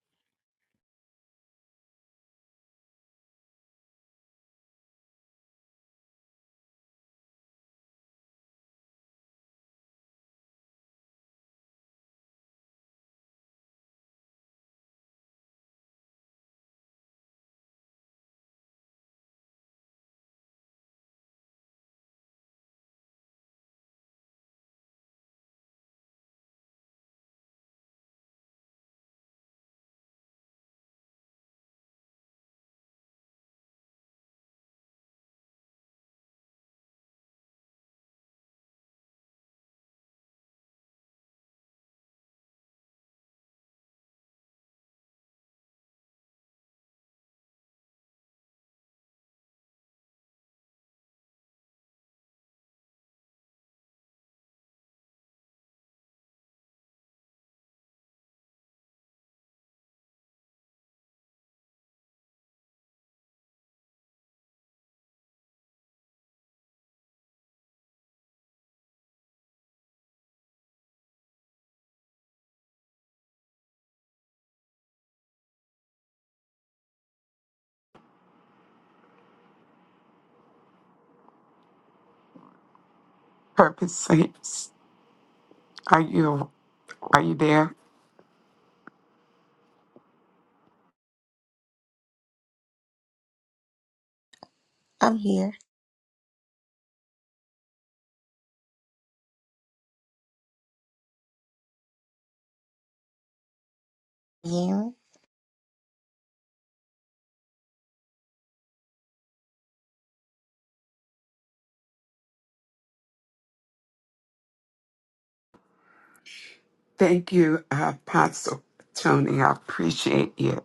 S12: Purpose Saints. Are you are you there?
S1: I'm here. Yeah.
S12: Thank you, uh, Apostle Tony. I appreciate you.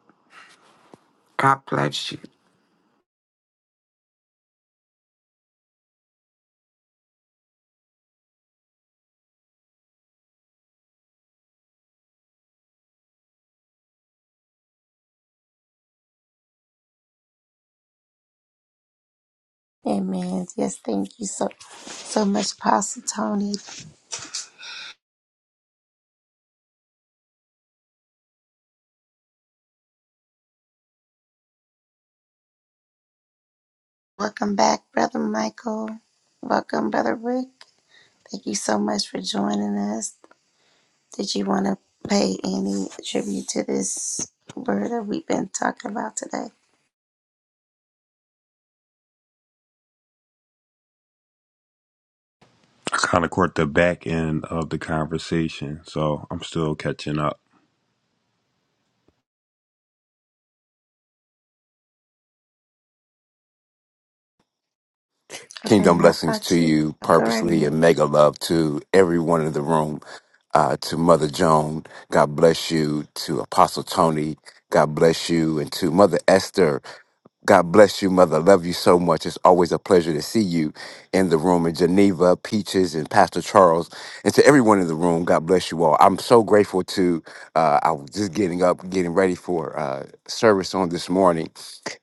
S12: God bless you.
S1: Amen. Yes, thank you so so much, Pastor Tony. Welcome back, Brother Michael. Welcome, Brother Rick. Thank you so much for joining us. Did you want to pay any tribute to this word that we've been talking about today?
S6: I kind of caught the back end of the conversation, so I'm still catching up.
S1: Okay,
S14: Kingdom
S1: how
S14: blessings to
S1: about you?
S14: you
S1: Go right
S14: purposely
S1: ahead.
S14: and mega love to everyone in the room. Uh, to Mother Joan, God bless you. To Apostle Tony, God bless you. And to Mother Esther, God bless you, mother. Love you so much. It's always a pleasure to see you in the room. And Geneva, Peaches, and Pastor Charles, and to everyone in the room, God bless you all. I'm so grateful to. Uh, I was just getting up, getting ready for uh, service on this morning,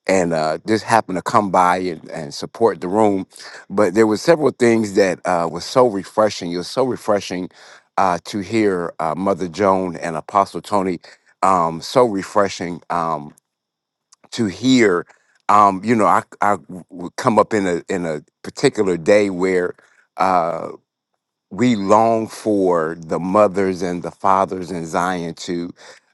S14: and uh, just happened to come by and, and support the room. But there were several things that uh, was so refreshing. It was so refreshing uh, to hear uh, Mother Joan and Apostle Tony. Um, so refreshing. Um, to hear um you know i i would come up in a in a particular day where Uh, we long for the mothers and the fathers in Zion to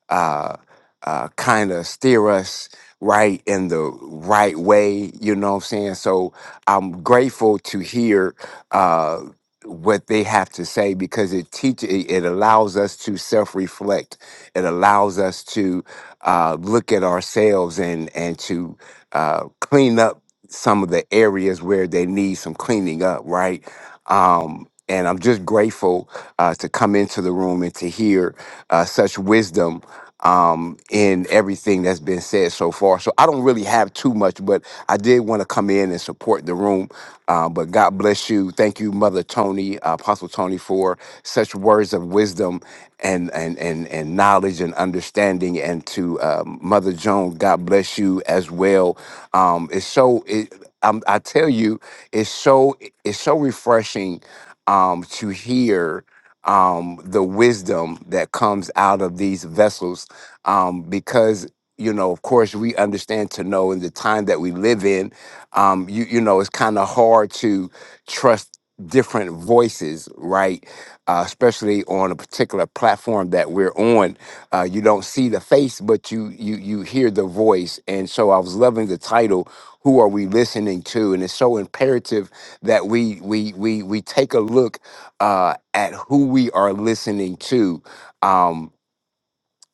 S14: uh, uh, kind of steer us right in the right way. You know what I'm saying? So I'm grateful to hear uh, what they have to say because it teaches, it it allows us to self reflect. It allows us to uh, look at ourselves and and to uh, clean up some of the areas where they need some cleaning up, right? Um, and I'm just grateful uh, to come into the room and to hear uh, such wisdom um, in everything that's been said so far. So I don't really have too much, but I did want to come in and support the room. Uh, but God bless you. Thank you, Mother Tony, uh, Apostle Tony, for such words of wisdom and and and and knowledge and understanding. And to uh, Mother Joan, God bless you as well. Um, it's so. It, i I tell you, it's so it's so refreshing um, to hear um, the wisdom that comes out of these vessels um, because you know of course we understand to know in the time that we live in um, you you know it's kind of hard to trust different voices right uh, especially on a particular platform that we're on uh, you don't see the face but you you you hear the voice and so i was loving the title who are we listening to and it's so imperative that we we we we take a look uh, at who we are listening to. Um,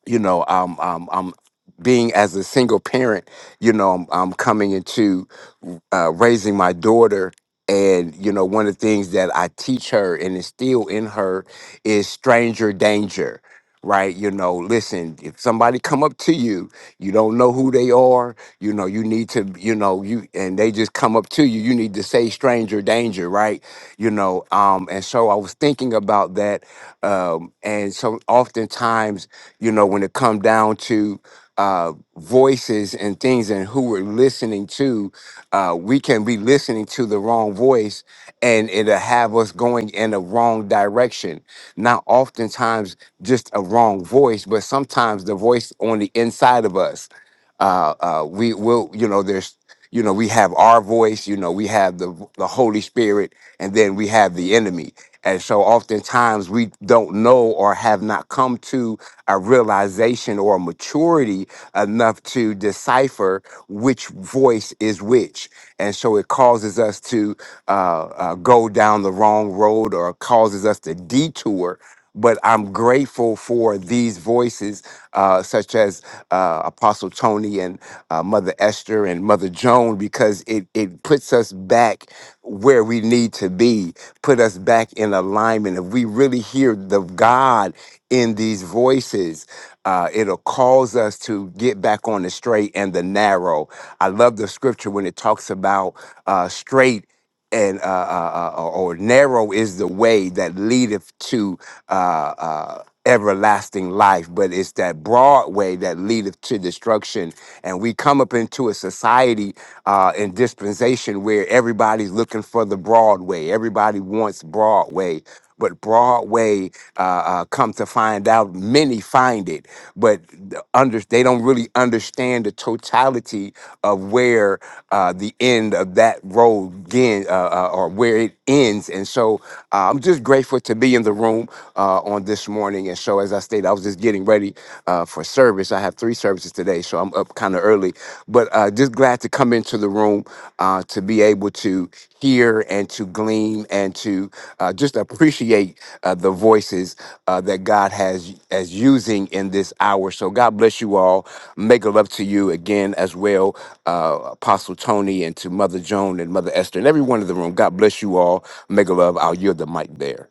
S14: you know, um, um, um, being as a single parent, you know, I'm, I'm coming into uh, raising my daughter. And, you know, one of the things that I teach her and instill in her is stranger danger, right? You know, listen, if somebody come up to you, you don't know who they are, you know, you need to, you know, you, and they just come up to you, you need to say stranger danger, right? You know, um, and so I was thinking about that. Um, and so oftentimes, you know, when it come down to uh, voices and things and who we're listening to, uh, we can be listening to the wrong voice and it'll have us going in the wrong direction. Not oftentimes just a wrong voice, but sometimes the voice on the inside of us. Uh, uh, we will, you know, there's, you know, we have our voice, you know, we have the, the Holy Spirit and then we have the enemy. And so oftentimes we don't know or have not come to a realization or a maturity enough to decipher which voice is which. And so it causes us to uh, uh, go down the wrong road or causes us to detour but I'm grateful for these voices, uh, such as uh, Apostle Tony and uh, Mother Esther and Mother Joan, because it, it puts us back where we need to be, put us back in alignment. If we really hear the God in these voices, uh, it'll cause us to get back on the straight and the narrow. I love the scripture when it talks about uh, straight and uh, uh, uh, or narrow is the way that leadeth to uh, uh, everlasting life, but it's that broad way that leadeth to destruction. And we come up into a society uh, and dispensation where everybody's looking for the broad way. Everybody wants broad way, but Broadway, uh, uh, come to find out, many find it, but the under, they don't really understand the totality of where uh, the end of that road begin, uh, uh, or where it ends. And so uh, I'm just grateful to be in the room uh, on this morning. And so, as I stated, I was just getting ready uh, for service. I have three services today, so I'm up kind of early shortly. But uh, just glad to come into the room uh, to be able to hear and to glean and to uh, just appreciate uh, the voices uh, that God has as using in this hour. So God bless you all. Make a love to you again as well, uh, Apostle Tony and to Mother Joan and Mother Esther and everyone in the room. God bless you all. Make a love. I'll yield the mic there.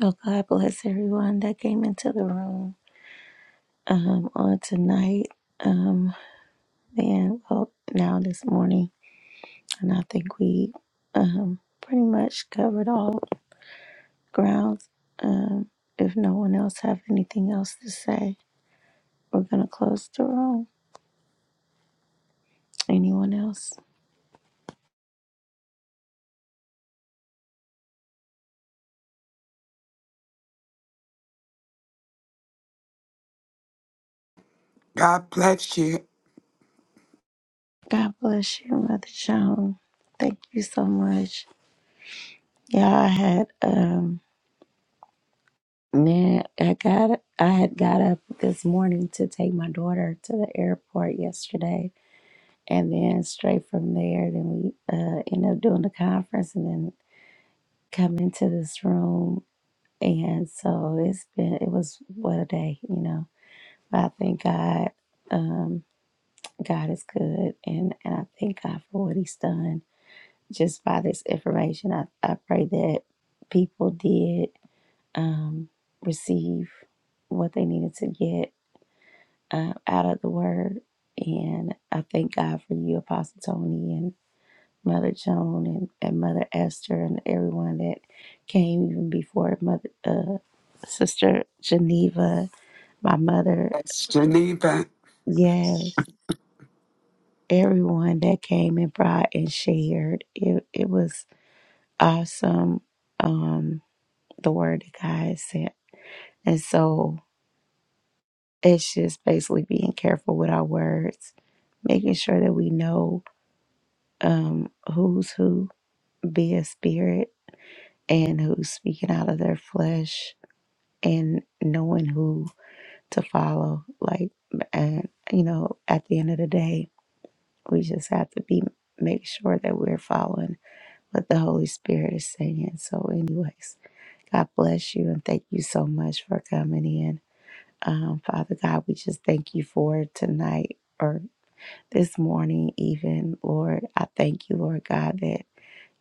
S1: Oh, God bless everyone that came into the room um, on tonight. Um, then, well, now this morning, and I think we um, pretty much covered all. grounds. Um, if no one else have anything else to say, we're gonna close the room. Anyone else?
S12: God bless you.
S1: God bless you, Mother Joan. Thank you so much. Yeah, I had um man, I got I had got up this morning to take my daughter to the airport yesterday, and then straight from there, then we uh ended up doing the conference, and then come into this room, and so it's been it was what a day, you know But I thank God. Um, God is good, and, and I thank God for what He's done. Just by this information, I, I pray that people did um, receive what they needed to get uh, out of the Word. And I thank God for you, Apostle Tony, and Mother Joan, and, and Mother Esther, and everyone that came even before Mother uh, Sister Geneva, my mother.
S12: It's Geneva.
S1: Yes. everyone that came and brought and shared. It it was awesome. Um, the word that God has sent, and so it's just basically being careful with our words, making sure that we know um who's who, be a spirit, and who's speaking out of their flesh, and knowing who to follow. Like, and you know, at the end of the day, we just have to be make sure that we're following what the Holy Spirit is saying. So, anyways, God bless you and thank you so much for coming in. Um, Father God, we just thank you for tonight or this morning, even. Lord, I thank you, Lord God, that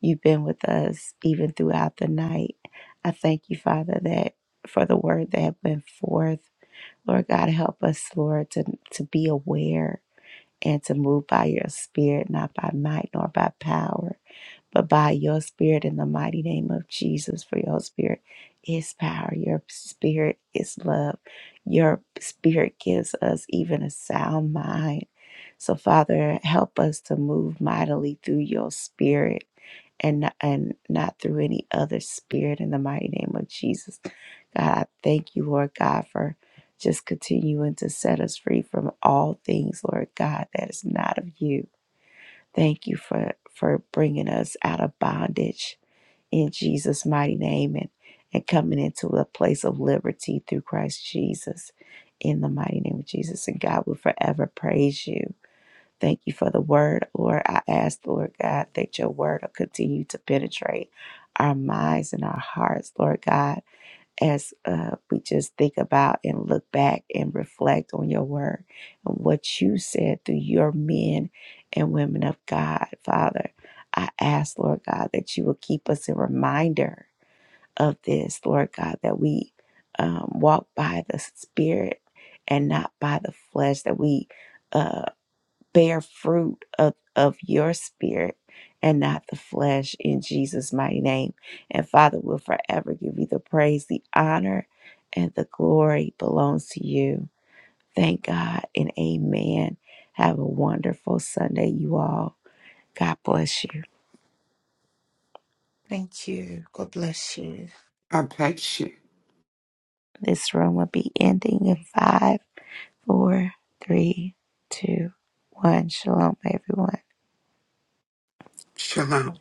S1: you've been with us even throughout the night. I thank you, Father, that for the word that went forth. Lord God, help us, Lord, to, to be aware and to move by your spirit, not by might nor by power but by your spirit in the mighty name of Jesus, for your spirit is power, your spirit is love, your spirit gives us even a sound mind. So, Father, help us to move mightily through your spirit. And, and not through any other spirit in the mighty name of Jesus. God, I thank you, Lord God, for just continuing to set us free from all things, Lord God, that is not of you. Thank you for, for bringing us out of bondage in Jesus' mighty name and, and coming into a place of liberty through Christ Jesus in the mighty name of Jesus. And God will forever praise you. Thank you for the word, Lord. I ask, Lord God, that your word will continue to penetrate our minds and our hearts, Lord God as uh, we just think about and look back and reflect on your word and what you said through your men and women of God, Father. I ask, Lord God, that you will keep us in reminder of this, Lord God, that we um, walk by the Spirit and not by the flesh, that we. uh, bear fruit of, of your spirit and not the flesh in Jesus' mighty name. And Father, we'll forever give you the praise, the honor, and the glory belongs to you. Thank God and amen. Have a wonderful Sunday, you all. God bless you.
S13: Thank you. God bless you.
S12: God bless you.
S1: This room will be ending in five, four, three, two, one. Shalom, everyone.
S12: Shalom.